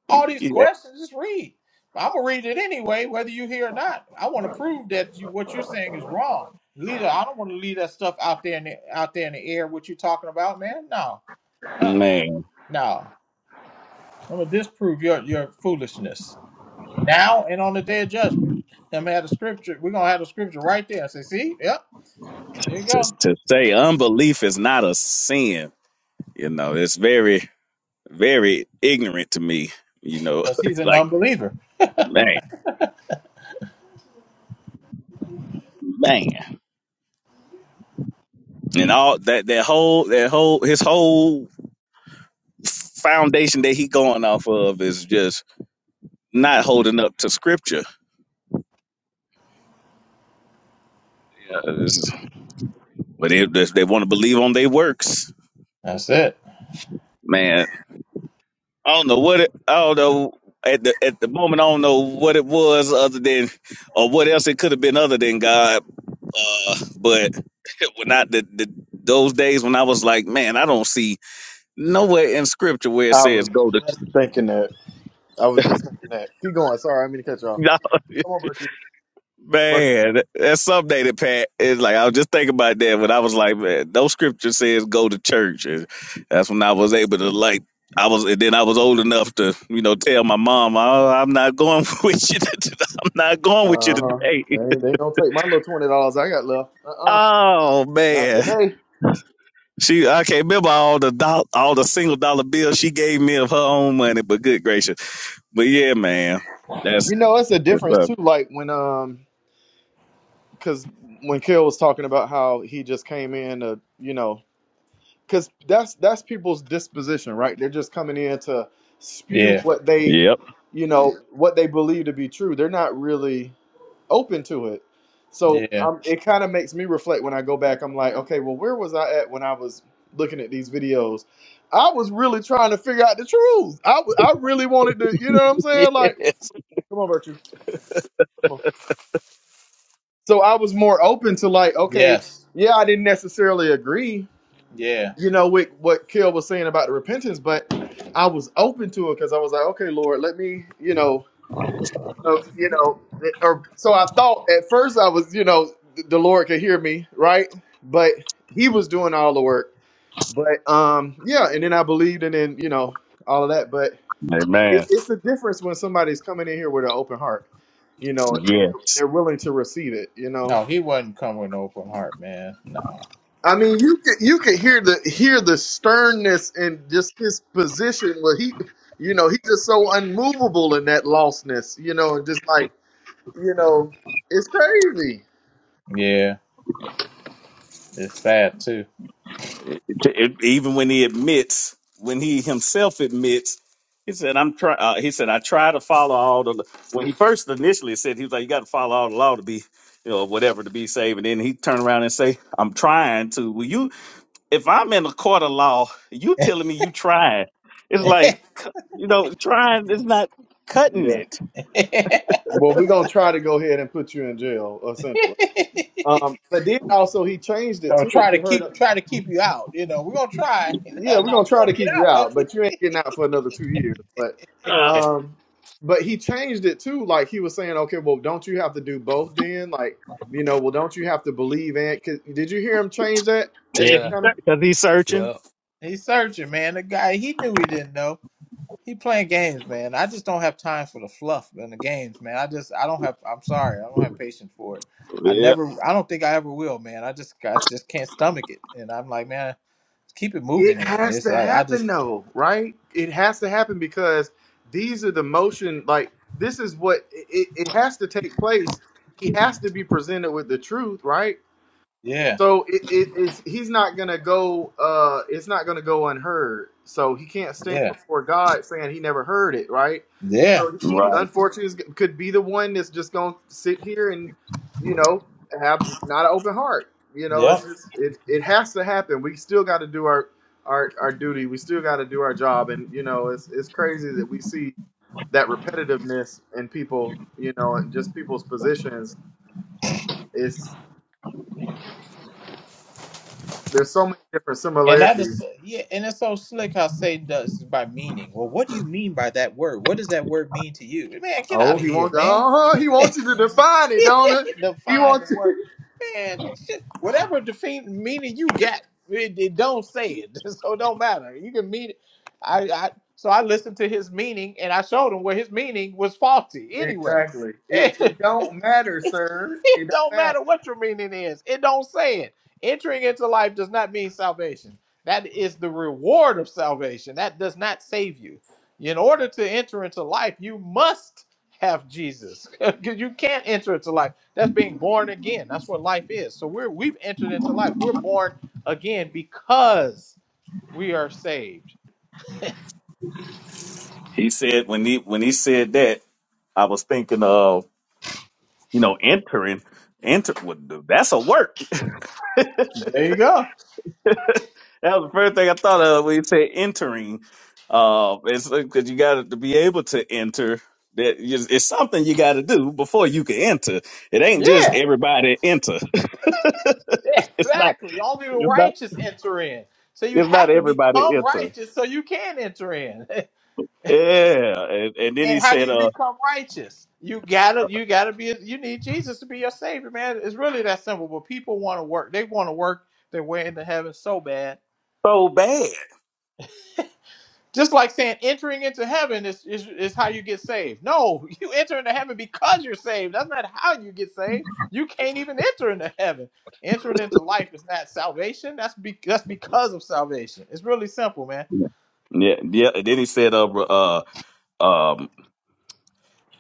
S4: all these questions. Just read. I'm gonna read it anyway, whether you hear or not. I want to prove that you what you're saying is wrong, leader. I don't want to leave that stuff out there in the out there in the air. What you talking about, man? No, uh,
S2: Man,
S4: no. I'm gonna disprove your your foolishness now and on the day of judgment. I'm gonna have the scripture. We're gonna have the scripture right there. I say, see, yep, there you
S2: to,
S4: go.
S2: to say unbelief is not a sin, you know, it's very, very ignorant to me. You know,
S4: Because he's
S2: it's
S4: an
S2: like
S4: unbeliever.
S2: man, man, and all that that whole that whole his whole foundation that he going off of is just not holding up to scripture. Yeah, it's- but they they want to believe on their works,
S4: That's it.
S2: man. I don't know what it, I don't know at the at the moment. I don't know what it was other than or what else it could have been other than God Uh, but when I the, the those days when I was like, man, I don't see nowhere in scripture where it
S8: I was
S2: says go to
S8: just thinking that. I was just thinking that. Keep going. Sorry, I didn't mean to cut you off.
S2: you
S8: Come on, Virtue. Virtue.
S2: Man, that's something that Pat is like I was just thinking about that when I was like, man, no scripture says go to church. And that's when I was able to like I was and then I was old enough to, you know, tell my mom, oh, I'm not going with you to, I'm not going with you
S8: Uh huh.
S2: today.
S8: They, they don't take my little twenty dollars I got left. Uh uh
S2: Oh
S8: Not
S2: man.
S8: today.
S2: She I can't remember all the doll, all the single dollar bills she gave me of her own money, but good gracious. But yeah, man. That's
S8: You know, it's a
S2: that's
S8: difference
S2: up.
S8: too. Like when um, because when Kill was talking about how he just came in to, you know, because that's that's people's disposition right they're just coming in to spew
S4: Yeah,
S8: what they
S2: Yep.
S8: you know what they believe to be true they're not really open to it so
S4: yeah,
S8: um, it kind of makes me reflect when i go back i'm like okay well where was i at when i was looking at these videos i was really trying to figure out the truth i, w- I really wanted to you know what i'm saying like
S2: Yes.
S8: come on virtue come on so i was more open to like okay
S4: yes,
S8: yeah i didn't necessarily agree
S4: yeah.
S8: you know with what Kel was saying about the repentance, but I was open to it because I was like, okay, Lord, let me, you know, uh, you know, or so I thought at first I was, you know, th- the Lord could hear me, right? But He was doing all the work. But um, yeah, and then I believed, and then you know all of that. But it,
S2: Amen.
S8: it's the difference when somebody's coming in here with an open heart, you know, and
S2: Yeah.
S8: they're, they're willing to receive it, you know.
S4: No, he wasn't coming with an open heart, man. No.
S8: I mean, you could you could hear the hear the sternness and just his position where he, you know, he's just so unmovable in that lostness, you know, and just like you know, it's crazy.
S4: Yeah. It's sad too.
S2: It- it- even when he admits, when he himself admits, he said, "I'm try." Uh, he said, "I try to follow all the." When he first initially said, he was like, "You got to follow all the law to be, you know, whatever to be saved." And then he turned around and say, "I'm trying to." Will you? if I'm in a court of law, you telling me you trying. It's like, c- you know, trying is not cutting
S8: Yeah.
S2: it.
S8: Well, we're gonna try to go ahead and put you in jail, essentially. Um, but then also he changed it
S4: or
S8: too.
S4: try
S8: If
S4: to
S8: you
S4: keep
S8: heard,
S4: try to keep you out. You know, we're gonna try. no,
S8: Yeah, we're gonna
S4: you
S8: try
S4: want
S8: to
S4: to get
S8: keep you
S4: out, don't
S8: out,
S4: you?
S8: but you ain't getting out for another two years. But um but he changed it too, like he was saying, Okay, well don't you have to do both then? Like, you know, well don't you have to believe in 'cause- did you hear him change that at
S2: Yeah,
S8: the
S11: Yeah.
S2: he
S8: counter?
S2: Because he's searching.
S11: Yep.
S4: He's searching, man. The guy he knew he didn't know. He playing games, man. I just don't have time for the fluff and the games, man. I just I don't have. I'm sorry, I don't have patience for it. I
S2: Yeah,
S4: never. I don't think I ever will, man. I just I just can't stomach it. And I'm like, man, keep it moving.
S8: It
S4: Then
S8: has
S4: it's
S8: to
S4: like I just
S8: happen though, right? It has to happen because these are the motion like this is what it, it it has to take place. He has to be presented with the truth, right?
S4: yeah
S8: So it, it, it's he's not gonna go. Uh, it's not gonna go unheard. So he can't stand
S4: yeah
S8: before God saying he never heard it, right?
S4: yeah
S8: So he
S2: Right.
S8: unfortunately is- could be the one that's just gonna sit here and, you know, have not an open heart. You know,
S4: yeah.
S8: it's just it. It has to happen. We still got to do our our our duty. We still got to do our job. And you know, it's it's crazy that we see that repetitiveness in people. You know, and just people's positions. It's there's so many different
S4: And that
S8: similarities
S4: is yeah, and it's so slick how Satan does it by meaning. Well, what do you mean by that word? What does that word mean to you? Man, get out
S8: Oh,
S4: of
S8: he
S4: here,
S8: wants.
S4: man.
S8: Oh, he wants you to define it, don't it? He
S4: define the
S8: wants you.
S4: word. Man, whatever defeat meaning you got, it, it don't say it. So it don't matter. You can mean it. I, I so I listened to his meaning and I showed him where his meaning was faulty anyway.
S8: Exactly. It it don't matter,
S4: It's,
S8: sir. It
S4: it
S8: don't
S4: don't
S8: matter.
S4: matter what your meaning is. It don't say it. Entering into life does not mean salvation. That is the reward of salvation. That does not save you. In order to enter into life, you must have Jesus. Because you can't enter into life. That's being born again. That's what life is. So we're we've entered into life. We're born again because we are saved.
S2: He said when he when he said that, I was thinking of, you know, entering. Enter well, that's a work.
S4: There you go.
S2: That was the first thing I thought of when you said entering. Uh, it's because you got to be able to enter. That is- it's something you got to do before you can enter. It ain't
S4: Yeah.
S2: just everybody enter. it's not.
S4: Exactly. Only the
S2: It's not.
S4: righteous enter in. So you
S2: It's not
S4: have to
S2: everybody
S4: become
S2: enter.
S4: righteous so you can enter in.
S2: Yeah, and, and then
S4: And
S2: he
S4: how do
S2: said,
S4: you
S2: "Uh,
S4: become righteous? You gotta you gotta be you need Jesus to be your savior, man. It's really that simple. But people want to work. They want to work their way into heaven so bad.
S2: so bad."
S4: Just like saying entering into heaven is, is, is how you get saved. No, you enter into heaven because you're saved. That's not how you get saved. You can't even enter into heaven. Entering into life is not salvation. That's be, that's because of salvation. It's really simple, man.
S2: Yeah, yeah. And then he said, "Uh, uh, um,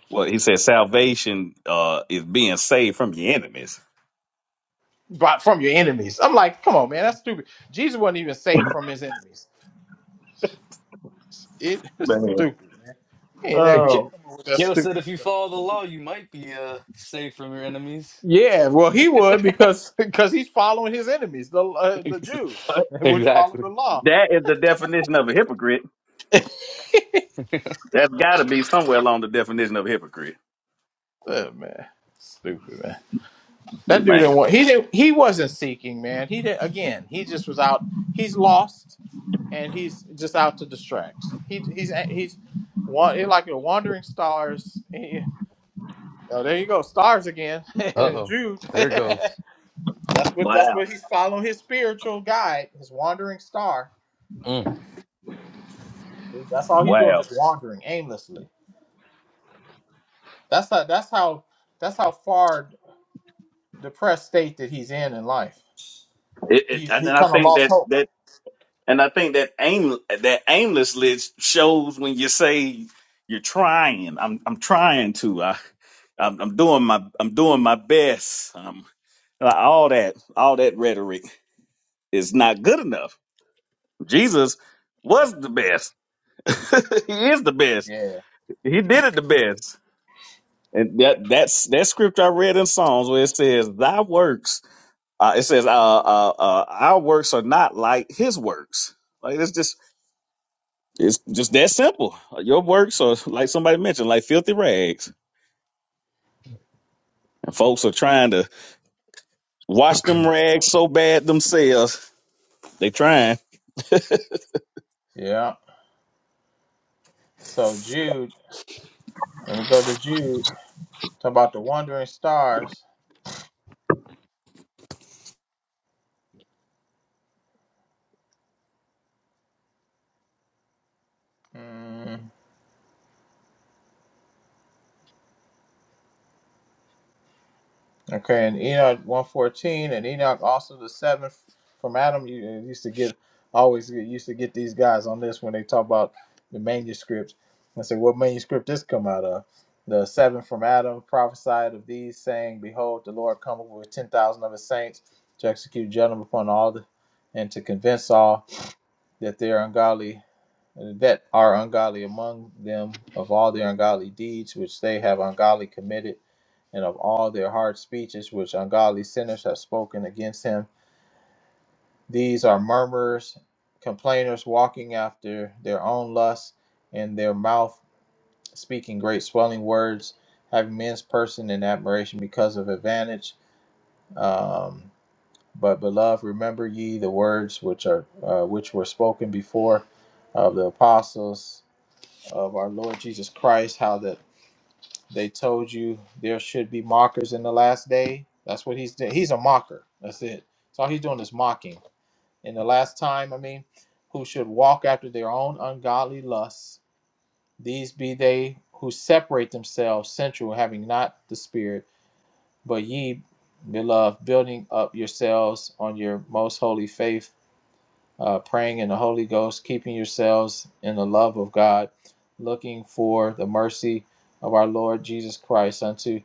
S2: well, he said salvation, uh, is being saved from your enemies."
S4: But from your enemies. I'm like, come on, man, that's stupid. Jesus wasn't even saved from his enemies. It- it's
S2: Man,
S4: stupid, man. ain't
S11: Hey,
S4: never
S11: Ki-
S2: oh.
S4: come up with that
S11: Kyo said
S4: stupid
S11: if you
S4: stuff.
S11: follow the law, you might be uh, safe from your enemies.
S4: Yeah, well, he would because because he's following his enemies, the uh, the
S11: Ex-
S4: Jews, which follow
S11: exactly.
S4: the law.
S2: That is the definition of a hypocrite.
S11: uh
S2: That's got to be somewhere along the definition of a hypocrite.
S4: Oh, man, stupid man. That dude
S2: Man,
S4: didn't want. He didn't. He wasn't seeking, man. He didn't. Again, he just was out. He's lost, and he's just out to distract. He he's he's one he like the wandering stars. He- oh, there you go, stars again.
S11: oh.
S4: Jude.
S11: There it
S4: that's
S11: goes.
S4: what that's
S2: wow,
S4: what he's following. His spiritual guide, his wandering star.
S11: Mm.
S4: That's all he's doing,
S2: wow.
S4: just wandering aimlessly. That's how. That's how. That's how far depressed state that he's in in life.
S2: It, it,
S4: He
S2: and
S4: he
S2: I
S4: kind of
S2: think
S4: lost
S2: that
S4: hope.
S2: that and I think that aim that aimlessly shows when you say you're trying. I'm I'm trying to. I I'm, I'm doing my I'm doing my best. Um, like all that all that rhetoric is not good enough. Jesus was the best. he is the best.
S4: Yeah.
S2: He did it the best. And that that's that script I read in Psalms where it says, "Thy works," uh, it says, uh, uh, uh, "Our works are not like His works." Like it's just it's just that simple. Your works are like somebody mentioned, like filthy rags, and folks are trying to wash them rags so bad themselves. They trying.
S4: Yeah. So Jude, let me go to Jude. Talk about the wandering stars. Mm, okay, and Enoch one fourteen, and Enoch also the seventh from Adam. You you used to get always get- used to get these guys on this when they talk about the manuscripts. I say, what manuscript this come out of? The seven from Adam prophesied of these, saying, "Behold, the Lord cometh with ten thousand of his saints to execute judgment upon all, the, and to convince all that they are ungodly." that are ungodly among them of all their ungodly deeds which they have ungodly committed, and of all their hard speeches which ungodly sinners have spoken against him. These are murmurers, complainers, walking after their own lusts, and their mouth speaking great swelling words, having men's person in admiration because of advantage. Um, but beloved, remember ye the words which are uh, which were spoken before of the apostles of our Lord Jesus Christ, how that they told you there should be mockers in the last day. That's what he's doing. He's a mocker. That's it. So all he's doing is mocking. In the last time, I mean, who should walk after their own ungodly lusts. These be they who separate themselves sensual, having not the spirit, but ye, beloved, building up yourselves on your most holy faith uh, praying in the Holy Ghost, keeping yourselves in the love of God, looking for the mercy of our Lord Jesus Christ unto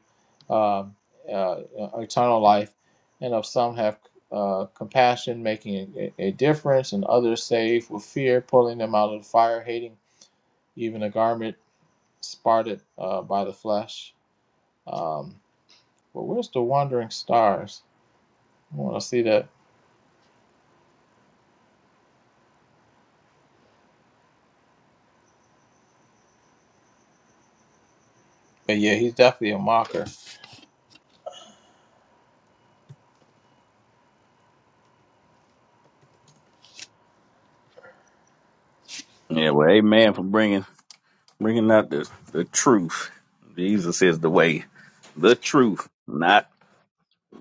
S4: um, uh, uh, eternal life. And of some have uh, compassion, making a, a difference, and others saved with fear, pulling them out of the fire, hating even a garment spotted uh, by the flesh. Um, but where's the wandering stars? I want to see that. But yeah, he's definitely a mocker.
S2: Yeah, well, amen for bringing bringing out the the truth. Jesus is the way, the truth, not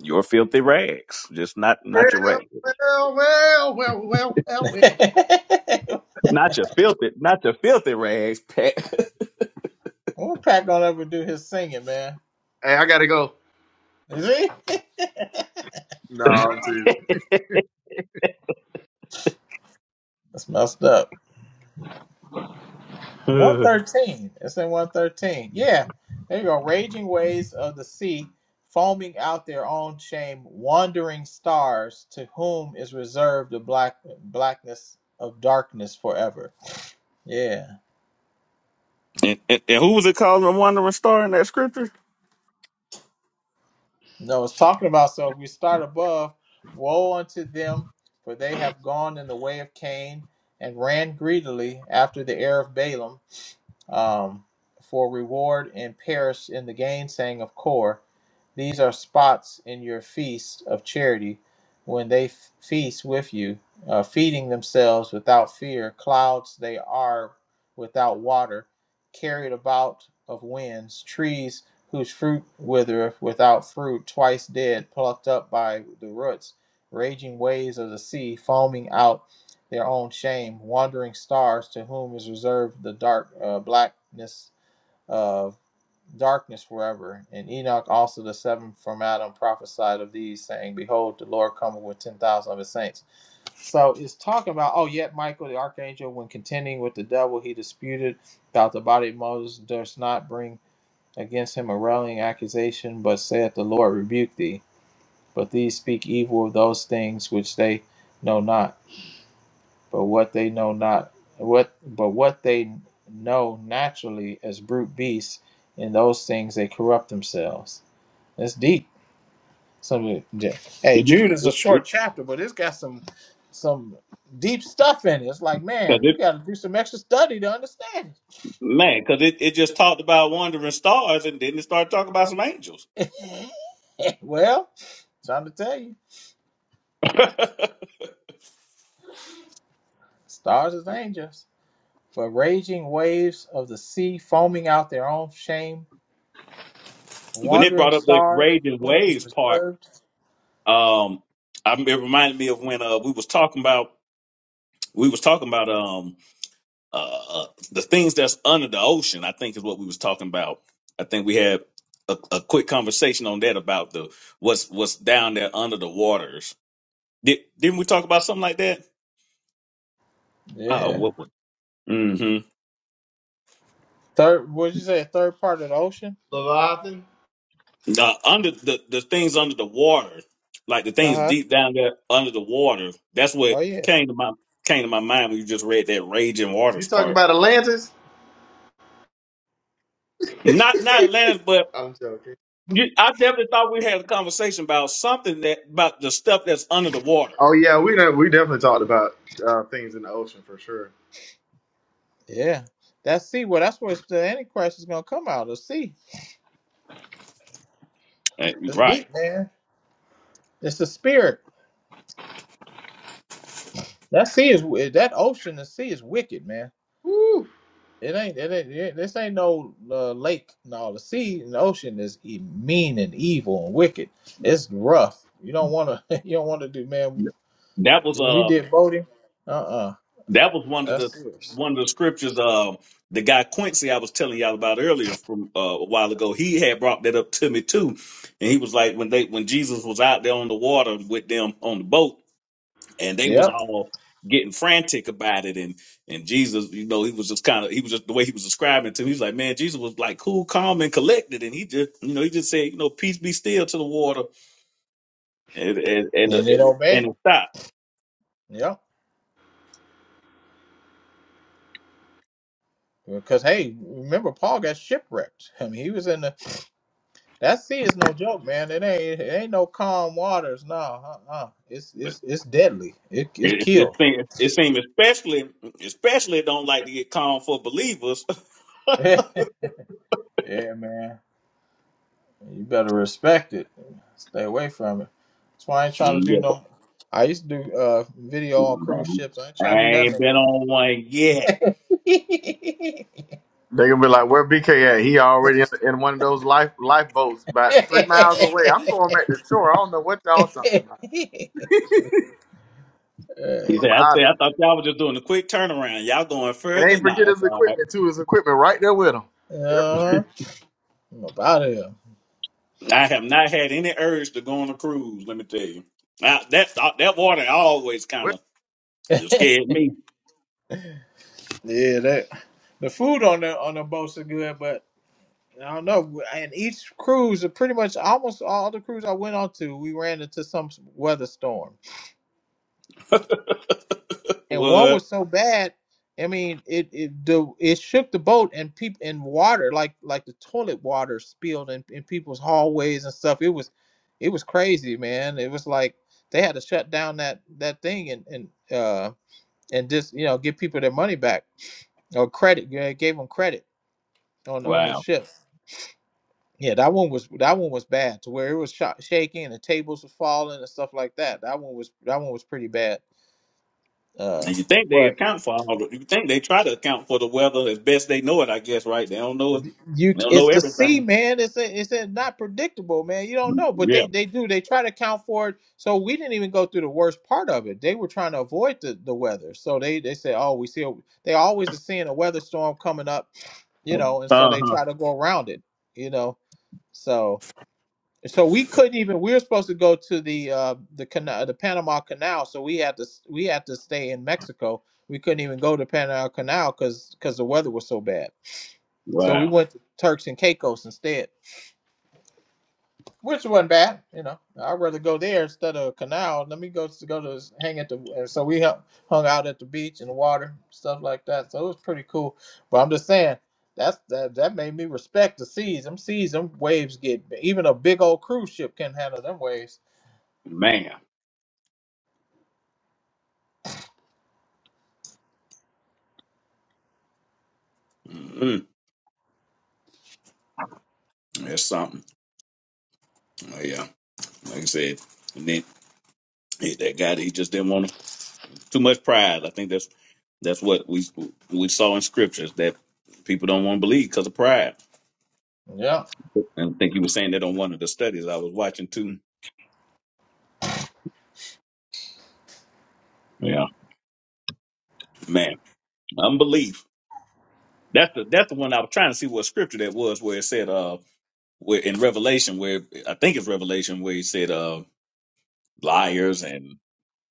S2: your filthy rags, just not not your rags.
S8: Well, well, well, well, well, well. well.
S2: Not your filthy, not your filthy rags, Pat.
S4: Well, Pat gonna ever do his singing, man?
S8: Hey, I gotta go.
S4: Is he?
S8: No, I'm teasing.
S4: That's messed up. One
S2: it,
S4: thirteen. It's in one thirteen. Yeah. There you go. Raging waves of the sea, foaming out their own shame, wandering stars, to whom is reserved the black blackness of darkness forever. Yeah.
S2: And, and, and who was it called? a wandering star in that scripture?
S4: No, it's talking about so if we start above, woe unto them, for they have gone in the way of Cain and ran greedily after the heir of Balaam um, for reward and perish in the gainsaying of Kor. These are spots in your feast of charity when they f- feast with you, uh, feeding themselves without fear. Clouds they are without water, carried about of winds, trees whose fruit withereth without fruit, twice dead, plucked up by the roots, raging waves of the sea, foaming out their own shame, wandering stars to whom is reserved the dark uh, blackness of darkness forever. And Enoch also the seventh from Adam prophesied of these, saying, Behold, the Lord cometh with ten thousand of his saints. So it's talking about, oh, yet Michael the archangel, when contending with the devil, he disputed about the body of Moses, durst not bring against him a railing accusation, but saith, The Lord rebuke thee. But these speak evil of those things which they know not but what they know not what but what they know naturally as brute beasts in those things they corrupt themselves that's deep some hey
S2: it,
S4: jude is a
S2: it, it,
S4: short chapter but it's got some some deep stuff in it it's like
S2: 'cause
S4: man we
S2: it-
S4: got to do some extra study to understand
S2: Man, because it, it just talked about wandering stars and then it started talking about some angels.
S4: it well trying to tell you stars as angels for raging waves of the sea foaming out their own shame
S2: when it
S4: wandering
S2: brought up that
S4: stars
S2: raging
S4: for whom is
S2: waves part,
S4: reserved
S2: um, I, it reminded me of when uh, we was talking about we was talking about. um. uh, uh, the things that's under the ocean, I think is what we was talking about. I think we had a, a quick conversation on that about the what's what's down there under the waters. Did, didn't we talk about something like that? Oh,
S4: yeah
S2: what? Was, mm-hmm.
S4: Third, what'd you say? Third part of the ocean?
S8: Leviathan,
S2: Uh, under the the things under the water, like the
S4: Uh
S2: things
S4: huh.
S2: deep down there under the water. That's what
S4: Oh yeah,
S2: came to my came to my mind when you just read that raging
S8: you
S2: waters
S8: talking
S2: part.
S8: about Atlantis?
S2: Not not Atlantis, but
S8: I'm joking.
S2: you, I definitely thought we had a conversation about something that about the stuff that's under the water.
S8: Oh yeah, we done, we definitely talked about uh, things in the ocean for sure.
S4: yeah. That's sea. Well, that's where it's- the Antichrist is gonna come out. The sea.
S2: Uh,
S4: It's
S2: Right.
S4: deep, man. It's the spirit. That sea is that ocean. The sea is wicked, man.
S8: Woo.
S4: It ain't. It ain't. It, this ain't no uh, lake. No, the sea and the ocean is e- mean and evil and wicked. It's rough. You don't want to. You don't want to do, man.
S2: That was
S4: When we
S2: uh
S4: did boating, uh, uh
S2: that was one of
S4: that's
S2: the
S4: serious.
S2: one of the scriptures uh the guy Quincy I was telling y'all about earlier from uh, a while ago, he had brought that up to me too. And he was like when they when Jesus was out there on the water with them on the boat and they was
S4: Yep.
S2: all getting frantic about it and and Jesus, you know, he was just kind of he was just the way he was describing it to me, he was like, Man, Jesus was like cool, calm and collected and he just you know, he just said, you know, peace be still to the water and and and,
S4: And it
S2: and,
S4: obeyed
S2: and
S4: them.
S2: it stopped.
S4: Yep. Because hey, remember Paul got shipwrecked. I mean, he was in the that sea is no joke, man. It ain't it ain't no calm waters. No, uh, uh it's it's it's deadly. It it's
S2: It, it
S4: kill.
S2: seems it seem especially especially don't like to get called for believers.
S4: yeah, man. You better respect it. Stay away from it. That's why I ain't trying to
S2: yeah,
S4: do
S2: but,
S4: no. I used to do uh video on cruise
S2: man,
S4: ships. I ain't
S2: I
S4: trying to do that no
S2: ain't been
S4: more.
S2: on one yet.
S8: They gonna be like, where BK at? He already in, in one of those life lifeboats, about three miles away. I'm going back to shore. I don't know what y'all talking about.
S4: hey,
S2: He
S8: I'm
S2: said, I
S8: out
S2: said,
S8: of
S2: I
S8: here.
S2: thought y'all was just doing a quick turnaround. Y'all going
S8: And ain't
S2: further? Nah,
S8: forget
S2: that's
S8: his
S2: all right.
S8: equipment too. His equipment right there with him.
S4: uh
S8: Everything.
S4: huh. I'm about here.
S2: I have not had any urge to go on a cruise, let me tell you. I, that, uh, that water always kind
S8: Wait
S2: of scared me.
S4: Yeah, that the food on the on the boats are good, but I don't know. And each cruise, pretty much almost all the cruise I went on to, we ran into some weather storm, and one
S2: What?
S4: was so bad. I mean, it it the it shook the boat and people and water like like the toilet water spilled in, in people's hallways and stuff. It was it was crazy, man. It was like they had to shut down that that thing and and uh and just you know give people their money back or credit. Yeah, it gave them credit on on the
S2: Wow.
S4: ship. Yeah, that one was that one was bad to where it was shot, shaking and the tables were falling and stuff like that. That one was that one was pretty bad. Uh,
S2: And you think they
S4: but
S2: account for all the, you think they try to account for the weather as best they know it, I guess, right? They don't know it.
S4: th- you,
S2: They
S4: c-
S2: don't know
S4: it's the sea,
S2: everything.
S4: man. It's a, it's a not predictable, man. You don't know, but
S2: Yeah.
S4: they they do. They try to count for it. So we didn't even go through the worst part of it. They were trying to avoid the, the weather. So they they said, oh, we see. A, they always are seeing a weather storm coming up, you know, and so they
S2: Uh-huh.
S4: try to go around it, you know. So. And so we couldn't even. We were supposed to go to the uh, the canal, the Panama Canal. So we had to s- we had to stay in Mexico. We couldn't even go to Panama Canal because because the weather was so bad. So we
S2: Wow,
S4: went to Turks and Caicos instead, which wasn't bad. You know, I'd rather go there instead of a canal. Let me go to go to s- hang at the. and So we hung hung out at the beach and the water stuff like that. So it was pretty cool. But I'm just saying. That's that. That made me respect the seas. Them seas, them waves get even a big old cruise ship can handle them waves.
S2: man, mm that's something. Well, yeah, like I said, and then he, that guy he just didn't want too much pride. I think that's that's what we we saw in scriptures that people don't want to believe because of pride.
S4: Yeah.
S2: And I think he was saying that on one of the studies I was watching too. Yeah, man, unbelief. That's the that's the one I was trying to see what scripture that was where it said uh where in Revelation where I think it's Revelation where he said uh liars and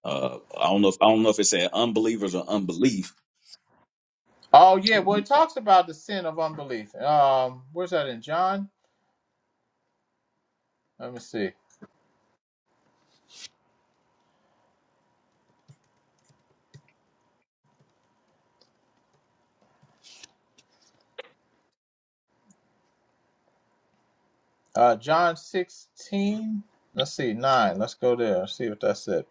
S2: uh I don't know if I don't know if it said unbelievers or unbelief
S4: Oh yeah. Well, it talks about the sin of unbelief. Um, where's that in John? Let me see. Uh, John sixteen. Let's see nine. Let's go there. Let's see what that said.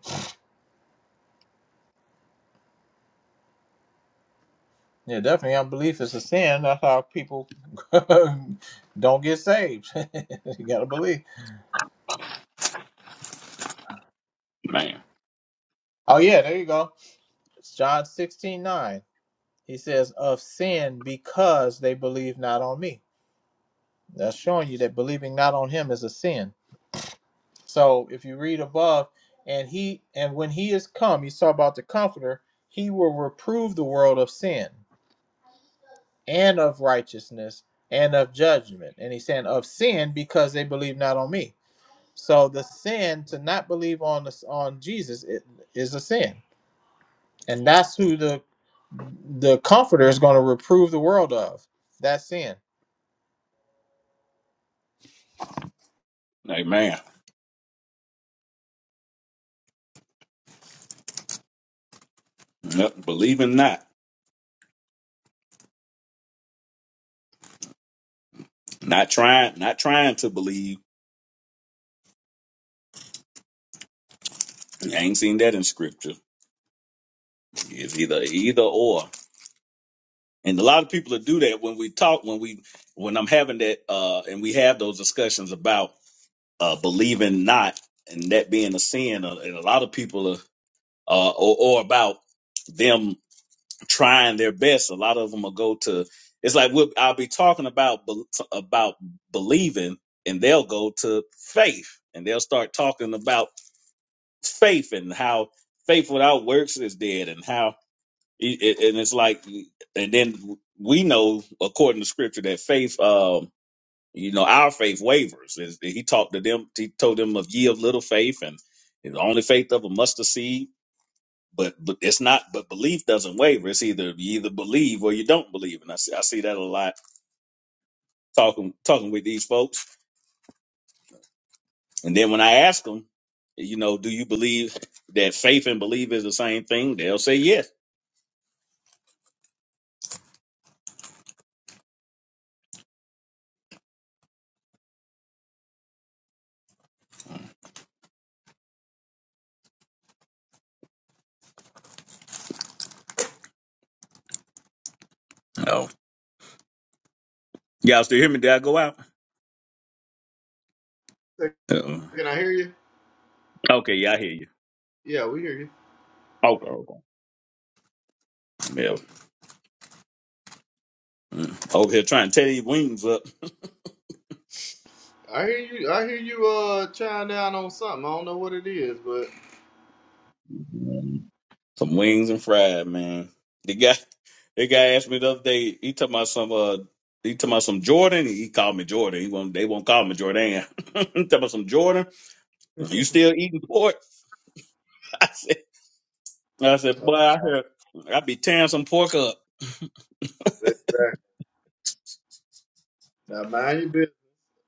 S4: Yeah, definitely unbelief is a sin. That's how people don't get saved. you gotta believe.
S2: Man,
S4: Oh yeah, there you go. It's John sixteen nine. He says of sin because they believe not on me. That's showing you that believing not on him is a sin. So if you read above, and he and when he is come, he's talking about the comforter, he will reprove the world of sin and of righteousness and of judgment. And he's saying of sin because they believe not on me. So the sin to not believe on the, on Jesus i- is a sin. And that's who the the comforter is going to reprove the world of. That sin.
S2: amen. Nothing, believing not, not trying, not trying to believe. I ain't seen that in scripture. It's either either or. And a lot of people that do that when we talk, when we when I'm having that, uh, and we have those discussions about uh, believing not and that being a sin, uh, and a lot of people are, uh, or, or about them. trying their best. A lot of them will go to. It's like we'll, I'll be talking about bel- about believing, and they'll go to faith, and they'll start talking about faith and how faith without works is dead, and how it, it- and it's like, and then we know according to scripture that faith, um, you know, our faith wavers. Is- He talked to them. He told them of ye of little faith, and the only faith of a mustard seed but but it's not but belief doesn't waver it's either you either believe or you don't believe and i see, I see that a lot talking talking with these folks and then when i ask them you know do you believe that faith and belief is the same thing they'll say yes oh y'all still hear me did i go out
S8: a second,
S2: Uh-uh.
S8: Can I hear you.
S2: okay yeah i hear you
S8: Yeah, we hear you.
S2: okay okay yeah Mm. over here trying to tear your wings
S8: I hear you. I hear you. Uh, chime down on something. I don't know what it is, but
S2: up Some wings and fried, man. The guy, the guy asked me the other day. He talking about some. Uh, he talking about some Jordan. He called me Jordan. He won't. They won't call me Jordan. he talking about some Jordan. You still eating pork? I said. I said, boy, I heard. I be tearing some pork up.
S8: exactly. Now mind your business,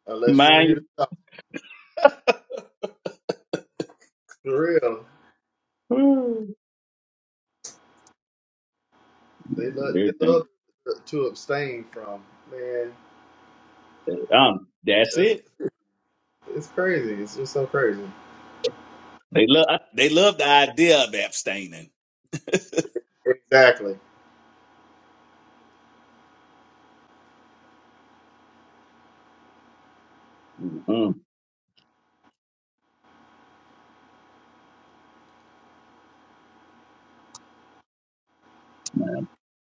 S8: unless you want to hear
S2: Mind
S8: the top. For real,
S2: you,
S8: they love. They
S2: everything.
S8: love to abstain from. Man,
S2: Um, that's
S8: that's
S2: it.
S8: it's crazy. It's just so crazy.
S2: They love. They love the idea of abstaining.
S8: Exactly.
S2: Mm-mm.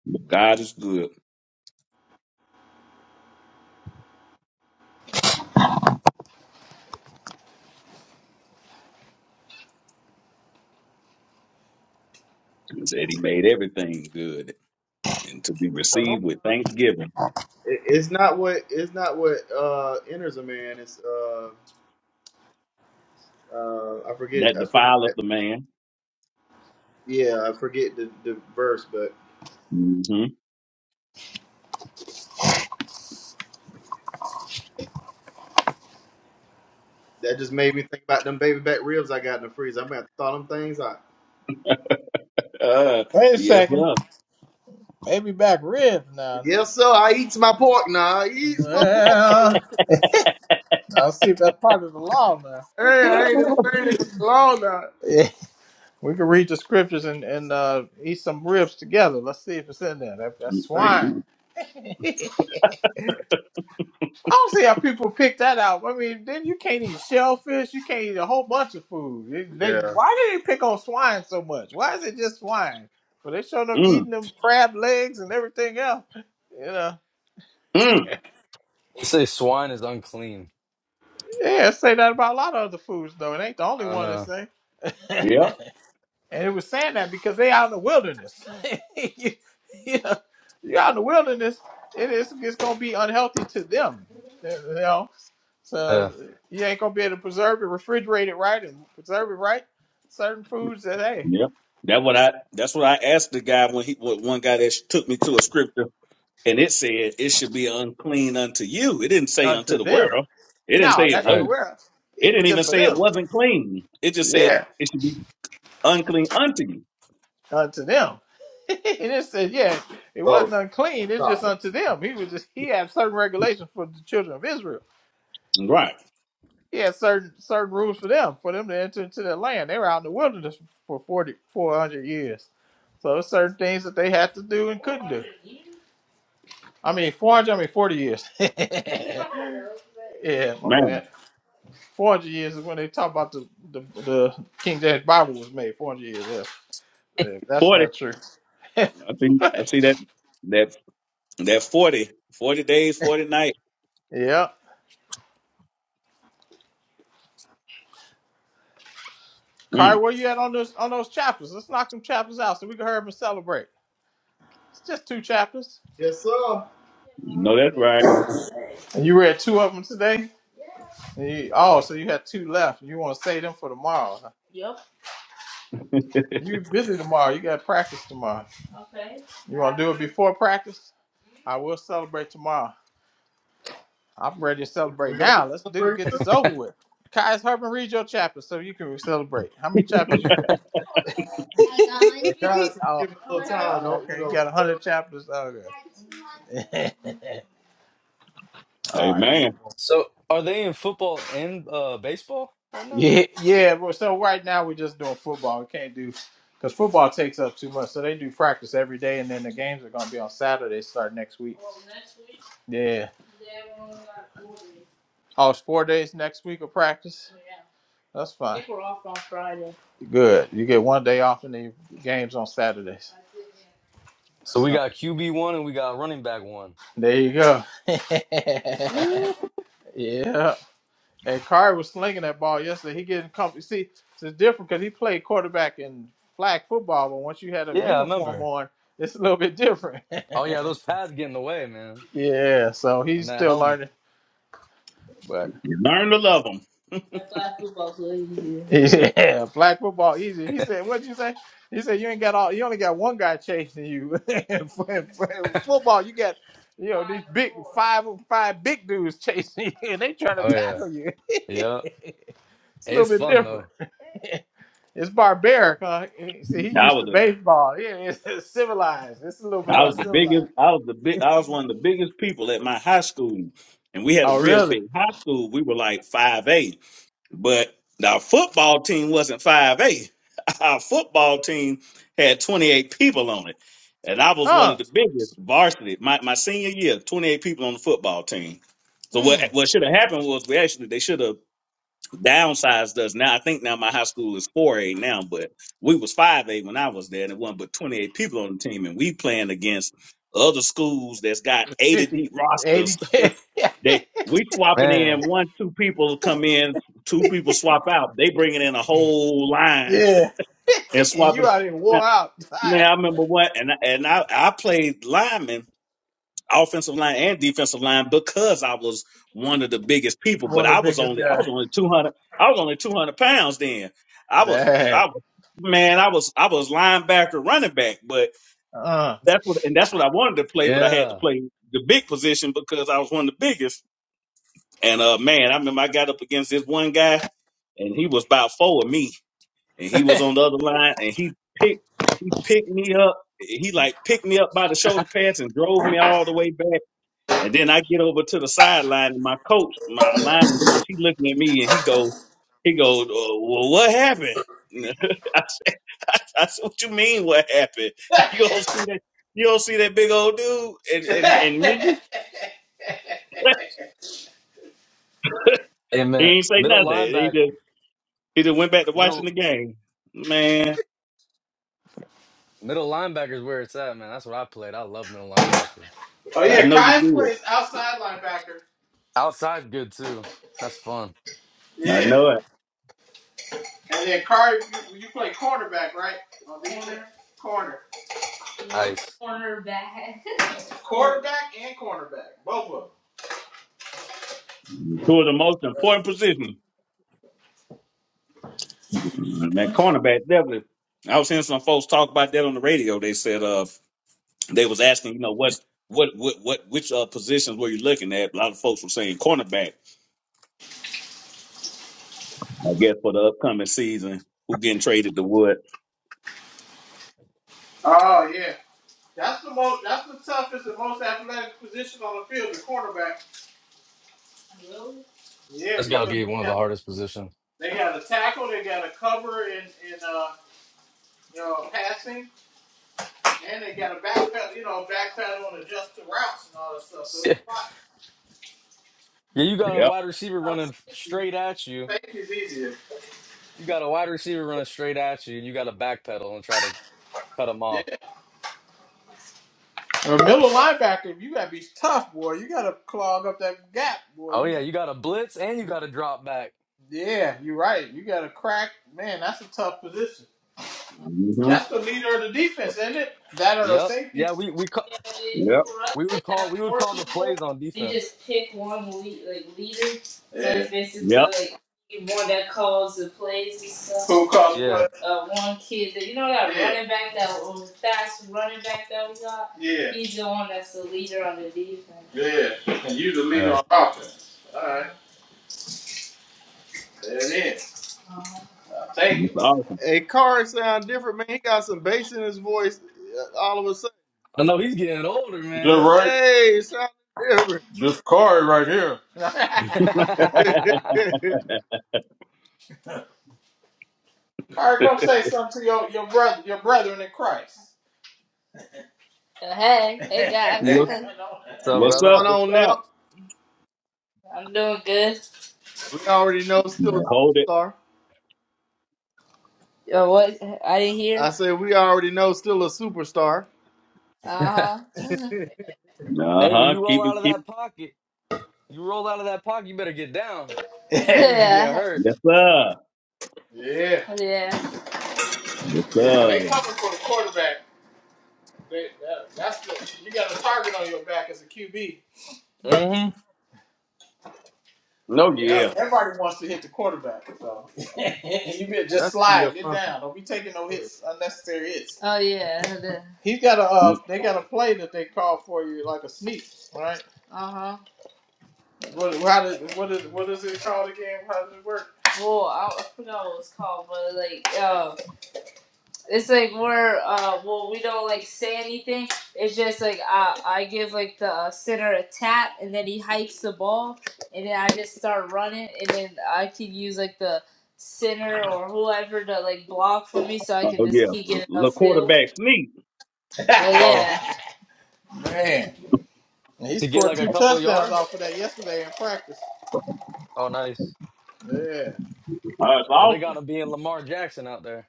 S2: But God is good. He said He made everything good and to be
S8: Come on.
S2: received with thanksgiving.
S8: It, it's not what. It's not what uh enters a man. It's uh. Uh, I forget.
S2: That
S8: I
S2: defileth
S8: forget.
S2: a man.
S8: Yeah, I forget the, the verse, but
S2: hmm
S8: that just made me think about them baby back ribs I got in the freezer. I'm gonna have to thaw them things out.
S2: Uh,
S4: Wait a
S2: yes,
S4: second.
S2: sir.
S4: Baby back ribs now.
S8: Yes, sir. I eats my pork now. I eats my pork,
S4: Well,
S8: sir.
S4: I'll see if that's part of the law now.
S8: Hey, I ain't been seen it for long now.
S4: We can read the scriptures and, and uh, eat some ribs together. Let's see if it's in there. That, that's
S8: Thank
S4: swine.
S2: Mhm.
S4: I don't see how people pick that out. I mean, then you can't eat shellfish. You can't eat a whole bunch of food. They,
S8: you.
S4: they,
S8: Yeah.
S4: why do they pick on swine so much? Why is it just swine? But they showed up
S2: mm
S4: eating them crab legs and everything else. You know.
S2: Mm.
S11: They say swine is unclean.
S4: Yeah, say that about a lot of other foods though. It ain't the
S11: I
S4: only
S11: don't
S4: one that
S11: know.
S4: say.
S2: Yep.
S4: And it was saying that because they out in the wilderness. you, you know, you're out in the wilderness, it is it's gonna be unhealthy to them. You know. So
S11: Yeah.
S4: you ain't gonna be able to preserve it, refrigerate it right and preserve it right. Certain foods that hey,
S2: Yep. That's what I. That's what I asked the guy when he. When one guy that took me to a scripture and it said it should be unclean unto you. It didn't say unto
S4: unto
S2: the
S4: them.
S2: world. It didn't
S4: No,
S2: say it
S4: that's
S11: All
S4: for the
S11: right.
S2: wasn't.
S4: world.
S2: It didn't even
S4: Just for
S2: say it
S4: them.
S2: wasn't clean. It just said
S4: Yeah.
S2: it should be unclean unto you.
S4: Unto them. and it said, yeah, it wasn't
S8: So
S4: unclean, it's just
S8: stop it.
S4: unto them. He was just he had certain regulations for the children of Israel
S2: Right,
S4: He had certain certain rules for them, for them to enter into their land. They were out in the wilderness for 40 400 years. So there's certain things that they had to do and couldn't do. I mean, 400, I mean 40 years. yeah, my
S2: man.
S4: bad. 400 years is when they talk about the, the, the King James Bible was made, 400 years. Yeah, yeah, that's
S2: Forty.
S4: not true.
S2: I think I see that. That that 40, 40 days, forty nights.
S4: yeah. Kari,
S2: Mm.
S4: where you at on those on those chapters? Let's knock them chapters out so we can hear them and celebrate. It's just two chapters.
S8: Yes, sir.
S2: No, that's right.
S4: And you read two of them today? You- oh, so you had two left. You want to save them for tomorrow? huh? Yep. You busy tomorrow? You got practice tomorrow. Okay. You want to do it before practice? I will celebrate tomorrow. I'm ready to celebrate
S8: We're gonna be
S4: now. Let's do
S8: celebrating
S4: get
S8: too.
S4: this over with. Kai's Herman, read your chapter so you can celebrate. How many chapters you got?
S8: And Kai
S4: I got 100.
S8: said,
S4: oh,
S8: give him a little
S4: Okay.
S8: time.
S4: oh,
S8: Don't you
S4: okay. You
S8: know? just
S4: got
S8: let him-
S4: 100 chapters. Oh, Okay. All
S2: Hey
S4: right. I'm
S2: man,
S11: So are they in football and uh, baseball right now?
S4: Yeah, yeah. But so right now we're just doing football. We can't do because football takes up too much. So they do practice every day, and then the games are going to be on Saturday. Start next week. Yeah. Oh, it's four days next week of practice. That's fine. Good. You get one day off, and the games on Saturdays.
S11: So we
S4: So
S11: got QB one and we got running back one.
S4: there you go.
S11: Woo!
S4: yeah. And Kyrie was slinging that ball yesterday. He getting comfy. See, it's different because he played quarterback in flag football, but once you had a
S11: Yeah, I
S4: uniform
S11: remember.
S4: on, it's a little bit different.
S11: Oh yeah, those pads get in the way, man.
S4: yeah, so he's
S11: And that
S4: still
S11: helmet.
S4: learning. But
S2: you learn to love them.
S4: That black football's so easy. yeah, flag football easy. He said, "What'd you say?" He said, "You ain't got all. You only got one guy chasing you. In football, you got." You know these big five five big dudes chasing you, and they trying to
S11: Oh yeah.
S4: tackle you. it's
S11: Yeah.
S4: a little
S11: It's
S4: bit
S11: fun
S4: different.
S11: though.
S4: It's barbaric, huh? See, he
S2: I
S4: used
S2: was
S4: to
S2: the
S4: baseball. Yeah, it's, it's civilized. It's a little bit
S2: I was the biggest.
S4: uncivilized.
S2: I was the big. I was one of the biggest people at my high school, and we had a
S4: Oh,
S2: real
S4: really?
S2: big high school. We were like five eight, but our football team wasn't five eight. Our football team had twenty eight people on it, and I was one
S4: Huh.
S2: of the biggest varsity. My my senior year, twenty eight people on the football team. So what
S4: Mm.
S2: what should have happened was we actually they should have downsized us now. I think now my high school is four A now, but we was five A when I was there, and it wasn't but twenty eight people on the team, and we playing against other schools that's got eighty
S4: 50,
S2: deep
S4: eighty
S2: rosters.
S4: K.
S2: They we swapping
S11: Man.
S2: in one two people come in, two people swap out. They bringing in a whole line
S4: yeah.
S2: and
S4: And you
S2: swapping.
S4: out here
S2: Now,
S4: wore out. Tired.
S2: now I remember what, and I- and I I played lineman offensive line and defensive line because I was one of the biggest people. But
S4: One
S2: I
S4: of the
S2: was
S4: biggest
S2: only I
S4: guys.
S2: was only two hundred I was only two hundred pounds then. I was
S4: Dang.
S2: I was man I was I was linebacker running back, but
S4: Uh.
S2: that's what and that's what I wanted to play. But I had to
S11: Yeah.
S2: play the big position because I was one of the biggest. And uh man, I remember I got up against this one guy and he was about four of me, and he
S4: oh,
S2: was on the other line and he picked he picked me up. He like picked me up by the shoulder pads and drove me all the way back and then I get over to the sideline, and my coach, my alignment coach, he looking at me and he go, he go, uh, well, what happened? I said, I, I said, what you mean, what happened? You don't see that, you don't see that big old dude and and, and me.
S4: yeah.
S11: Hey
S2: he
S11: man,
S2: ain't say
S11: middle
S2: nothing. He
S11: linebacker,
S2: just he just went back to watching
S11: middle
S2: the game. Man,
S11: middle linebacker is where it's at, man. That's what I played. I love middle linebacker.
S2: I know you
S4: Kai
S2: did.
S4: plays outside linebacker.
S11: Outside's good too. That's fun.
S2: I
S4: Yeah.
S2: know it.
S4: And then Carter, you, you play cornerback, right? On defense? Corner.
S11: Nice.
S4: Cornerback. Quarterback and cornerback. Both of them.
S2: Two of the most important positions. That cornerback definitely. I was hearing some folks talk about that on the radio. They said, uh, they was asking, you know, what's what what what which uh, positions were you looking at? A lot of folks were saying cornerback. I guess for the upcoming season, who getting traded to what?
S4: Oh yeah, that's the most. That's the toughest and most athletic position on the field, the cornerback. Really? Yeah,
S11: That's gotta
S4: because
S11: be one of the hardest positions.
S4: they got to tackle, they got to cover in in uh, you know passing, and they got a backpedal. you know backpedal and adjust to routes and all that stuff. So it's
S11: Yeah, Yeah, you got a
S2: Yep.
S11: wide receiver
S4: a lot.
S11: running f- straight at you.
S4: Safety's easier.
S11: You got a wide receiver running straight at you, and you got to backpedal and try to cut him
S4: Yeah.
S11: off.
S4: And a middle linebacker, you gotta be tough, boy. You gotta clog up that gap, boy.
S11: Oh
S4: You
S11: yeah, you got a blitz and you got to drop back.
S4: yeah, you're right. You gotta crack. Man, that's a tough position.
S2: hmm
S4: That's the leader of the defense, isn't it? That or the
S11: Yep.
S4: safety.
S11: Yeah, we we ca-
S4: Yeah, but it,
S2: Yep.
S4: for us,
S11: we
S4: they
S11: would call
S4: have
S11: we would
S4: four
S11: call the
S4: people.
S11: plays on
S4: They
S11: defense.
S4: just pick one lead, like leader. So Yeah. So it's basically
S2: Yep.
S4: like one that calls the plays and stuff. Who calls the
S11: Yeah.
S4: plays? Uh, one kid that you know that Yeah. running back that uh, fast running back that we got. Yeah. He's the one that's the leader on the defense. Yeah. And you the leader
S11: Yeah.
S4: on offense. All right. There it is. Uh-huh. I'll take
S2: That's
S4: it.
S2: awesome.
S8: Hey, Carr sound different, man. He got some bass in his voice. uh, All of a sudden,
S11: I know he's getting older,
S4: Is that
S11: man.
S4: right?
S8: hey, sound different.
S4: This card right here. All right, come say something to your, your brother, your brethren in Christ. Uh, Hey, hey guys,
S11: Hey,
S2: what's,
S11: so
S8: What's
S2: what's up?
S8: going
S11: brother.
S2: What's
S8: on, Nell?
S2: up?
S4: I'm doing good.
S8: We already know still a
S2: Man, hold it.
S8: superstar.
S4: Uh, what? I didn't hear.
S8: I said we already know still a superstar.
S4: Uh huh.
S2: Uh
S11: hey, when
S2: huh.
S11: you roll
S2: Keep it.
S11: out of
S2: Keep.
S11: that pocket, you roll out of that pocket, you better get down. We don't need you getting
S4: yeah, yeah.
S11: hurt.
S2: Yes, sir.
S4: yeah.
S2: Yes,
S4: Yeah, 'cause they
S2: sir.
S4: coming for the quarterback. They, that, that's the you got a target on your back as a QB.
S11: Mm-hmm.
S2: No, yeah.
S4: Yep. Everybody wants to hit the quarterback, so you better just
S8: That's gonna be a
S4: slide, get
S8: fun.
S4: down. Don't be taking no hits, unnecessary hits. Oh yeah. the- He's got a uh, they got a play that they call for you like a sneak, right? Uh huh. What how did what is what is it called again? How does it work? Well, I, I forgot what it was called, but like, uh. It's like we're uh well we don't like say anything. It's just like I I give like the uh, center a tap and then he hikes the ball and then I just start running and then I can use like the center or whoever to like block for me so I can
S2: Oh
S4: just
S2: yeah.
S4: keep getting
S2: The
S4: upfield.
S2: quarterback sneak.
S4: But
S11: Oh,
S4: yeah. man, he
S11: to get
S4: scored
S11: like a
S4: two
S11: couple
S4: touchdowns off
S11: yards?
S4: of that yesterday in practice.
S11: Oh, nice.
S4: Yeah.
S2: Oh, That's
S11: Oh, they got
S2: awesome.
S11: him being Lamar Jackson out there.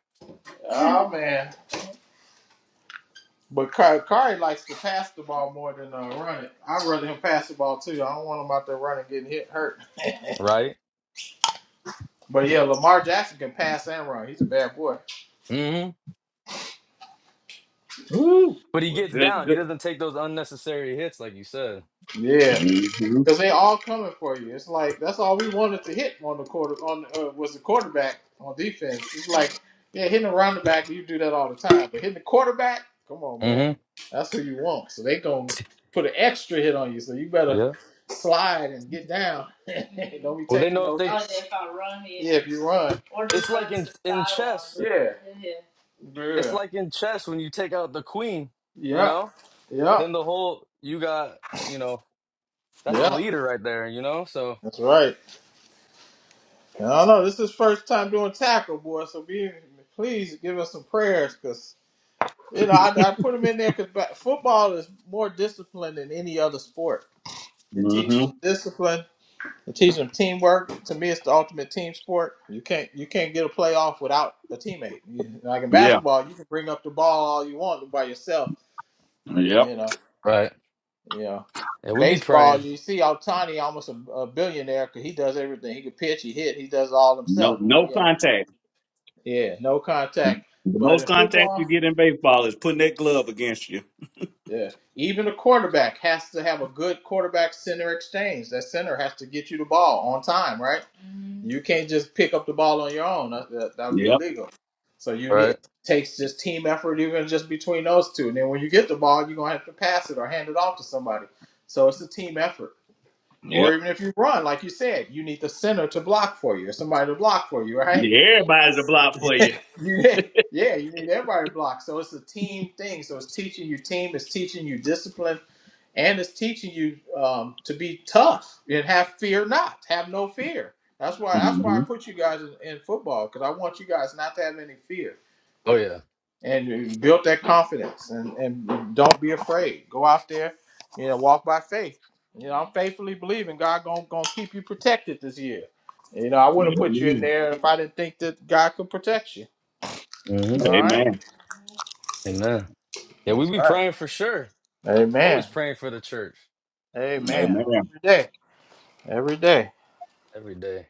S4: Oh man. But Curry, Curry likes to pass the ball more than uh, run it. I'd rather him pass the ball too. I don't want him out there running, getting hit, hurt.
S11: Right?
S4: But yeah, Lamar Jackson can pass and run. He's a bad boy.
S11: Mm-hmm.
S2: Woo.
S11: But he
S2: Well,
S11: gets
S2: good.
S11: down. He
S2: Good.
S11: doesn't take those unnecessary hits, like you said.
S4: Yeah.
S2: hmm
S4: Because they all coming for you. It's like that's all we wanted to hit on the quarter on uh, was the quarterback on defense. It's like yeah, hitting around the back you do that all the time, but hitting the quarterback, come on, man,
S11: Mm-hmm.
S4: that's who you want. So they gonna put an extra hit on you. So you better
S11: Yeah.
S4: slide and get down. Don't be
S11: Well, they
S4: taking
S11: know if
S4: no hits. Oh,
S11: they
S4: yeah, if I run, yeah. Yeah, if you run. Or
S11: it's
S4: just
S11: like
S4: run to
S11: in
S4: the
S11: in chess.
S4: sideline. Yeah. Yeah.
S11: It's
S4: Yeah.
S11: like in chess when you take out the queen, you
S4: Yeah.
S11: know?
S4: Yeah. Yep.
S11: Then the whole you got, you know, that's the
S4: Yep.
S11: leader right there, you know? So
S4: That's right. I don't know. This is first time doing tackle, boy. So be please give us some prayers, cause you know I, I put them in there because football is more disciplined than any other sport. It teaches
S2: hmm
S4: them discipline. It teaches them teamwork. To me, it's the ultimate team sport. You can't you can't get a playoff without a teammate. You, like in
S2: Yeah.
S4: basketball, you can bring up the ball all you want by yourself.
S2: Yep.
S4: You know,
S11: Right.
S4: yeah.
S11: Yeah, we be
S4: Baseball,
S11: praying.
S4: you see, Altani almost a, a billionaire because he does everything. He could pitch, he hit, he does it all
S2: No,
S4: himself.
S2: no contact.
S4: Yeah, no contact.
S2: The
S4: But
S2: most
S4: in
S2: contact you
S4: football,
S2: get in baseball is Putting that glove against you.
S4: yeah, even a quarterback has to have a good quarterback center exchange. That center has to get you the ball on time, right? Mhm. You can't just pick up the ball on your own. That, that, that would be
S2: yep,
S4: illegal. So you need
S11: Right.
S4: it takes just team effort, even just between those two. And then when you get the ball, you're gonna have to pass it or hand it off to somebody. So it's a team effort. Or
S2: yep.
S4: even if you run, like you said, you need the center to block for you, or somebody to block for you,
S2: You
S4: right?
S2: need everybody to block for you.
S4: Yeah, yeah, you need everybody blocked. So it's a team thing. So it's teaching you team, it's teaching you discipline, and it's teaching you um, to be tough and have fear not, have no fear. That's why that's why
S2: hmm
S4: I put you guys in, in football because I want you guys not to have any fear
S11: Oh yeah.
S4: and you build that confidence and, and don't be afraid. Go out there, you know, walk by faith. You know, I'm faithfully believing God gonna gonna keep you protected this year. You know, I wouldn't put you in
S2: Amen.
S4: there if I didn't think that God could protect you.
S11: hmm
S4: All right.
S2: Amen.
S11: Amen. Yeah, we
S4: That's
S11: be
S4: right.
S11: praying for sure. Always
S4: Amen.
S11: praying for the church
S4: Amen.
S2: Amen.
S4: Every day. Every day.
S11: every day.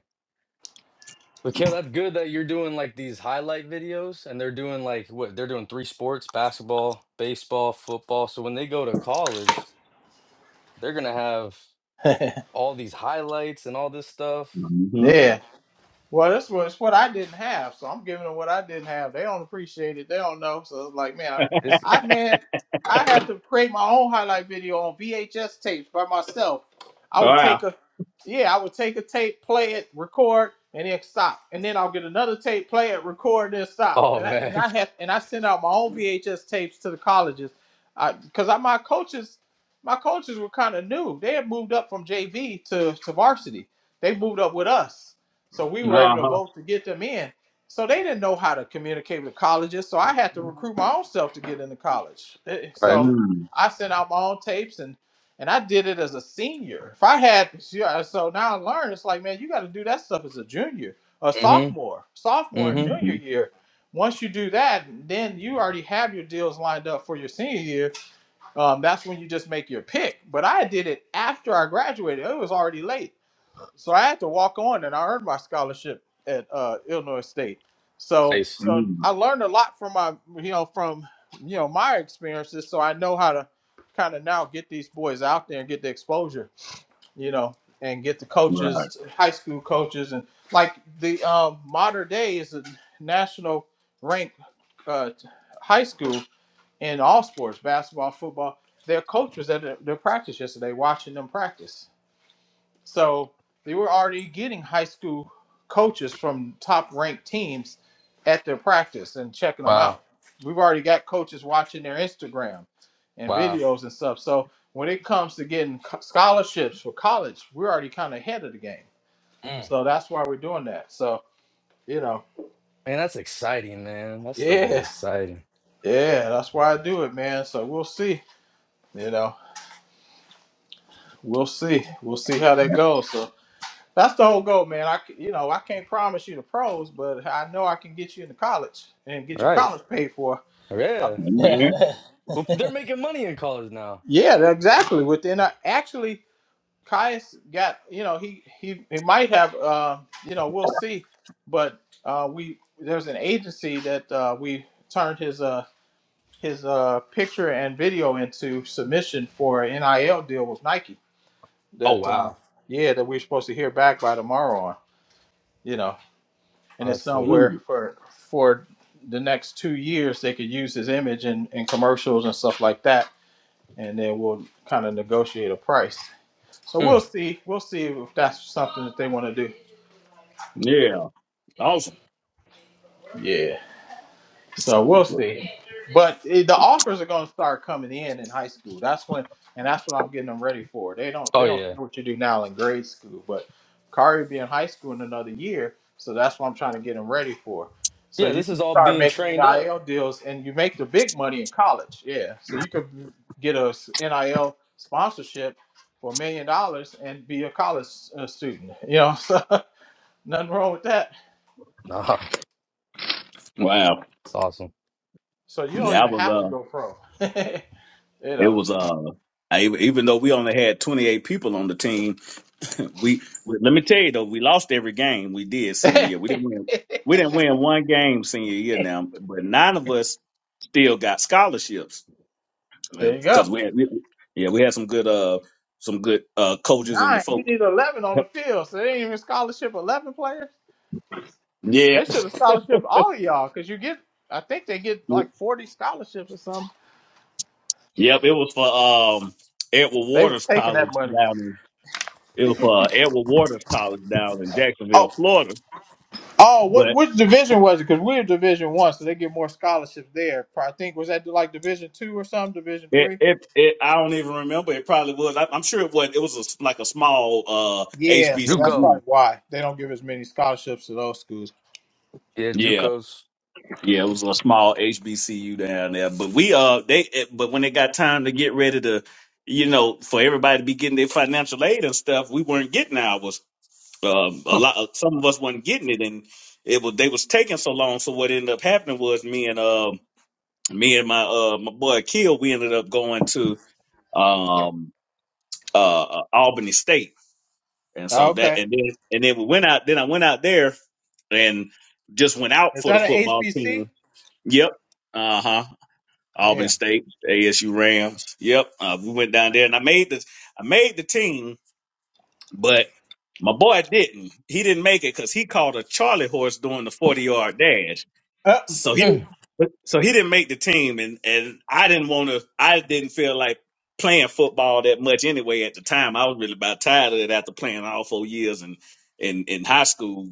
S11: But Kale, that's good that you're doing like these highlight videos and they're doing like what they're doing three sports, basketball, baseball, football. So when they go to college, they're gonna have all these highlights and all this stuff.
S2: hmm
S4: yeah. Well, this was what I didn't have, so I'm giving them what I didn't have. They don't appreciate it. They don't know. So it's like, man, I,
S11: It's g-
S4: I man, I had to create my own highlight video on VHS tapes by myself. I would take
S2: Wow.
S4: a, yeah, I would take a tape, play it, record, and then stop, and then I'll get another tape, play it, record, then stop.
S11: oh
S4: And I and
S11: man.
S4: I had and I sent out my own VHS tapes to the colleges, because I, 'cause I- my coaches, my coaches were kind of new. They had moved up from JV to to varsity. They moved up with us. So we were able to
S2: Uh-huh.
S4: vote to get them in. So they didn't know how to communicate with colleges. So I had to recruit my own self to get into college. Eh, eh,
S11: Right.
S4: So
S2: Mm.
S4: I sent out my own tapes and and I did it as a senior. If I had yeah, so now I learned it's like, man, you gotta do that stuff as a junior, a
S11: Mm-hmm.
S4: sophomore, sophomore and
S11: Mm-hmm.
S4: junior
S2: hmm
S4: year. Once you do that, then you already have your deals lined up for your senior year. Um, that's when you just make your pick. But I did it after I graduated. It was already late so I had to walk on, and I earned my scholarship at uh, Illinois State. So,
S11: Nice.
S4: so
S2: Mm.
S4: I learned a lot from my, you know, from you know my experiences. So I know how to kind of now get these boys out there and get the exposure, you know, and get the
S2: Right.
S4: coaches, high school coaches, and like the um, modern day is a national ranked uh, high school in all sports, basketball, football. Their coaches at their their practice yesterday, watching them practice so they were already getting high school coaches from top ranked teams at their practice and checking them
S11: Wow.
S4: out. We've already got coaches watching their Instagram and
S11: Wow.
S4: videos and stuff. So when it comes to getting co- scholarships for college, we're already kind of ahead of the game.
S11: Mm. Man,
S4: So that's why we're doing that. So, you know,
S11: that's exciting, man. That stuff
S4: yeah,
S11: is exciting.
S4: yeah, that's why I do it, man. So we'll see, you know, we'll see. We'll see how that goes. So That's the whole goal, man. I c- you know I can't promise you the pros, but I know I can get you into college and get your
S11: Right.
S4: college paid for.
S11: Oh, Yeah.
S2: Amen.
S11: Well,
S4: I'm-
S11: they're making money in college now.
S4: Yeah, that- exactly. Within uh, actually, Caius got you know he he he might have uh, you know we'll see, but uh, we there's an agency that uh, we turned his uh his uh picture and video into submission for an NIL deal with Nike
S11: Oh
S4: that uh
S11: wow.
S4: yeah that we're supposed to hear back by tomorrow on. and
S11: Oh,
S4: it's
S11: that's cool.
S4: somewhere
S2: Mm.
S4: for for the next two years they could use his image in, in commercials and stuff like that and then we'll kind of negotiate a price so we'll
S11: Mm.
S4: see we'll see if that's something that they want to do
S2: Yeah. Awesome.
S4: Yeah. So we'll see. But eh, the offers are going to start coming in in high school. That's when, and that's what I'm getting them ready for. They don't,
S11: Oh
S4: they don't
S11: yeah.
S4: care what you do now in grade school, but Kari will be in high school in another year, so that's what I'm trying to get them ready for. So
S11: Yeah,
S4: you
S11: this is
S4: can
S11: all
S4: start
S11: being
S4: making
S11: trained up.
S4: NIL deals, and you make the big money in college. Yeah, so you could get a s- NIL sponsorship for a million dollars and be a college uh, student. You know, so nothing wrong with that.
S11: Ah,
S2: Wow.
S11: it's awesome.
S4: So you don't
S2: That
S4: even
S2: was
S4: have to
S2: uh.
S4: go pro. you
S2: It
S4: know.
S2: was uh. I, even though we only had 28 people on the team, We, we let me tell you though, we lost every game we did senior
S4: there
S2: year. We didn't win. We didn't win one game senior year now, but nine of us still got scholarships
S4: you go.
S2: because we, had, we, yeah, we had some good uh some good uh coaches and the
S4: Nine. You
S2: folks.
S4: need eleven on the field. So they ain't even scholarship eleven players.
S2: Yeah,
S4: They should have scholarship all of y'all because you get. I think they get like forty scholarships or something.
S2: yep. It was for um Edward
S4: They was
S2: Waters
S4: taking that
S2: College
S4: money.
S2: down in it was for uh, Edward Waters College down in Jacksonville,
S4: Oh,
S2: Florida.
S4: oh, what
S2: But
S4: which division was it? Because we're Division One, so they get more scholarships there. Pro- I think was that like Division Two or something, Division
S2: it,
S4: Three.
S2: it, it I don't even remember. It probably was. I, I'm sure it was. It was a, s like a small uh
S4: Yeah, so that's
S11: JUCO.
S2: HBCU.
S4: probably why they don't give as many scholarships to those schools.
S11: Yeah,
S2: Yeah,
S11: JUCOs.
S2: yeah, it was a small HBCU down there, but we uh they eh, but when it got time to get ready to, you know, for everybody to be getting their financial aid and stuff, we weren't getting ours. Um, a
S11: Huh.
S2: lot, uh, some of us wasn't getting it, and it was they was taking so long. So what ended up happening was me and um me and my uh my boy Kill, we ended up going to um uh uh, Albany State, and so that
S4: Okay,
S2: and then and then we went out. Then I went out there and just went out
S4: is
S2: for the
S4: that an
S2: football team
S4: HBC?
S2: Yep. Uh huh. Auburn
S4: Yeah.
S2: State, ASU Rams. Yep. Uh, we went down there, and I made the I made the team, but my boy didn't. He didn't make it because he called a Charlie horse during the forty yard dash.
S4: Uh,
S2: So he didn't.
S11: Mm.
S2: So he didn't make the team, and and I didn't want to. I didn't feel like playing football that much anyway at the time. I was really about tired of it after playing all four years and in in in high school.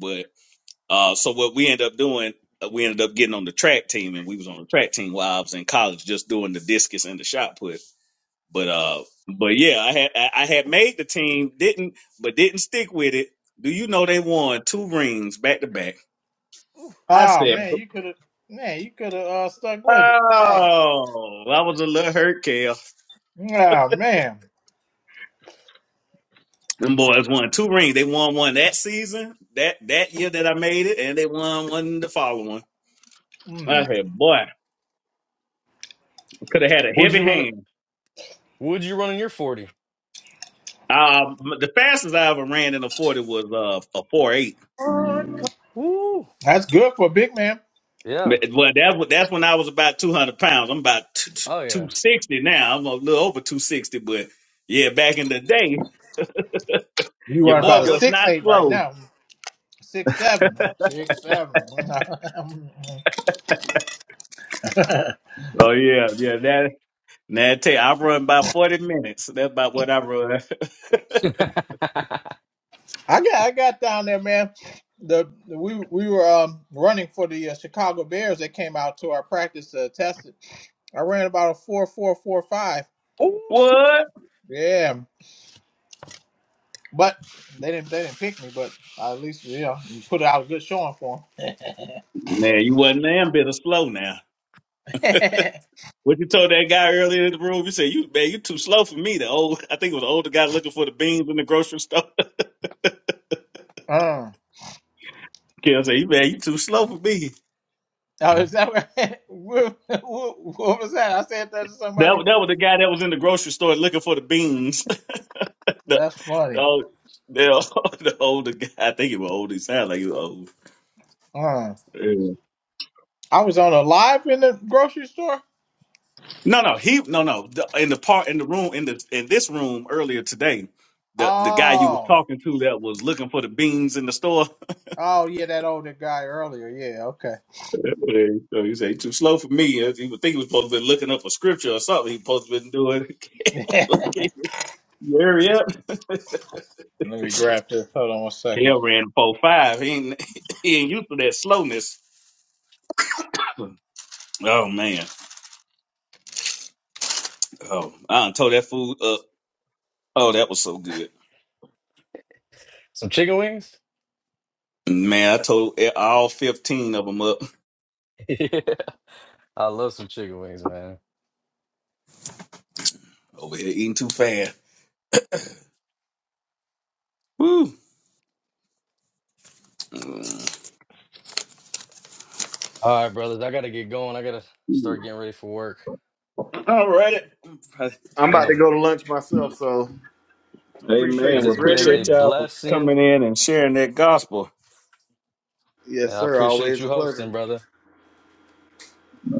S2: Uh, so what we ended up doing, uh, we ended up getting on the track team, and we was on the track team while I was in college, just doing the discus and the shot put. But uh, but yeah, I had I I had made the team, didn't but didn't stick with it. Do you know they won two rings back to back? I
S4: Oh
S2: said,
S4: man, you could have man, you could have uh, stuck
S2: oh,
S4: with it. Dang.
S2: I was a little hurt, Kel.
S4: Oh man.
S2: Them boys won two rings. They won one that season, that that year that I made it, and they won one the following. I
S4: Mm,
S2: said, boy, could have had a
S11: Would
S2: heavy
S11: you run it?
S2: hand.
S11: Would you run in your 40?
S2: Um, the fastest I ever ran in a forty was uh, a four eight.
S11: Woo.
S4: that's good for a big man.
S11: Yeah.
S2: Well, that's what that's when I was about two hundred pounds. I'm about
S11: Oh yeah.
S2: two sixty now. I'm a little over two sixty, but yeah, back in the day,
S4: You are
S2: your
S11: Oh, that's
S2: boy
S4: about a
S2: was
S11: good.
S4: six
S2: not
S4: eight right
S2: slow.
S4: now. Six seven. huh? Six seven. I
S2: Oh yeah, yeah. That that tell you, I run about forty minutes. That's about what I run.
S4: got I got down there, man. The, the- we we were um, running for the uh, Chicago Bears. They came out to our practice to test it. I ran about a four four four five.
S11: Ooh.
S2: what?
S4: Yeah, but they didn't they didn't pick me. But at least yeah, you put out a good showing for
S2: Man, you wasn't damn bit of slow now.
S4: them.
S2: What you told that guy earlier in the room? You said you man, you too slow for me. The old, I think it was the older guy looking for the beans in the grocery store.
S4: Uh,
S2: Okay, I say, "You- man, you too slow for me.
S4: oh, is that what, what, what what was that? I said that to
S2: That
S4: somebody.
S2: wa- that was the guy that was in the grocery store looking for the beans. the,
S4: That's
S2: the
S4: funny.
S2: old, the, old- the older guy. I think he was old. He sounded like he was old.
S4: Uh,
S2: Yeah.
S4: I was on a live in the grocery store.
S2: No, no, he no no. The, in the part in the room in the in this room earlier today, the the guy you was
S4: Oh,
S2: talking to that was looking for the beans in the store.
S4: oh yeah, that older guy earlier. Yeah, okay.
S2: Yeah, so he said, "You too slow for me. He would think he was supposed to be looking up a scripture or something. He supposed to been doing. Look at you, Ariel.
S4: Let me grab this. Hold on one second.
S2: Kale ran four five. He ain't, he ain't used to that slowness. Oh man. Oh, I done tore that food up. Oh, that was so good.
S11: Some chicken wings?
S2: Man, I told all fifteen of them up
S11: yeah. I love some chicken wings, man.
S2: over here eating too fast. Woo.
S11: All right, brothers. I gotta get going. I gotta start getting ready for work.
S2: All righty.
S11: It's
S8: I'm
S11: been
S8: about to
S11: a
S8: go to lunch myself, so appreciate
S2: Amen.
S11: it
S2: Well,
S8: you,
S11: has been a
S8: brethren.
S2: appreciate y'all for
S11: blessing
S2: coming in and sharing that gospel.
S8: Yes,
S11: Yeah, I
S8: sir.
S11: appreciate
S8: Always
S11: you
S8: a
S11: hosting,
S8: pleasure.
S11: brother.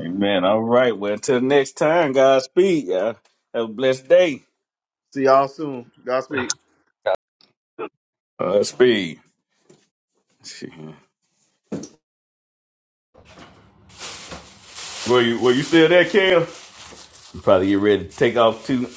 S2: Amen. All right. Well, until next time, God speed. Y'all. Have a blessed day.
S8: See y'all soon. Godspeed.
S2: God speed. Were you were you still there, Kale? probably get ready to take off too.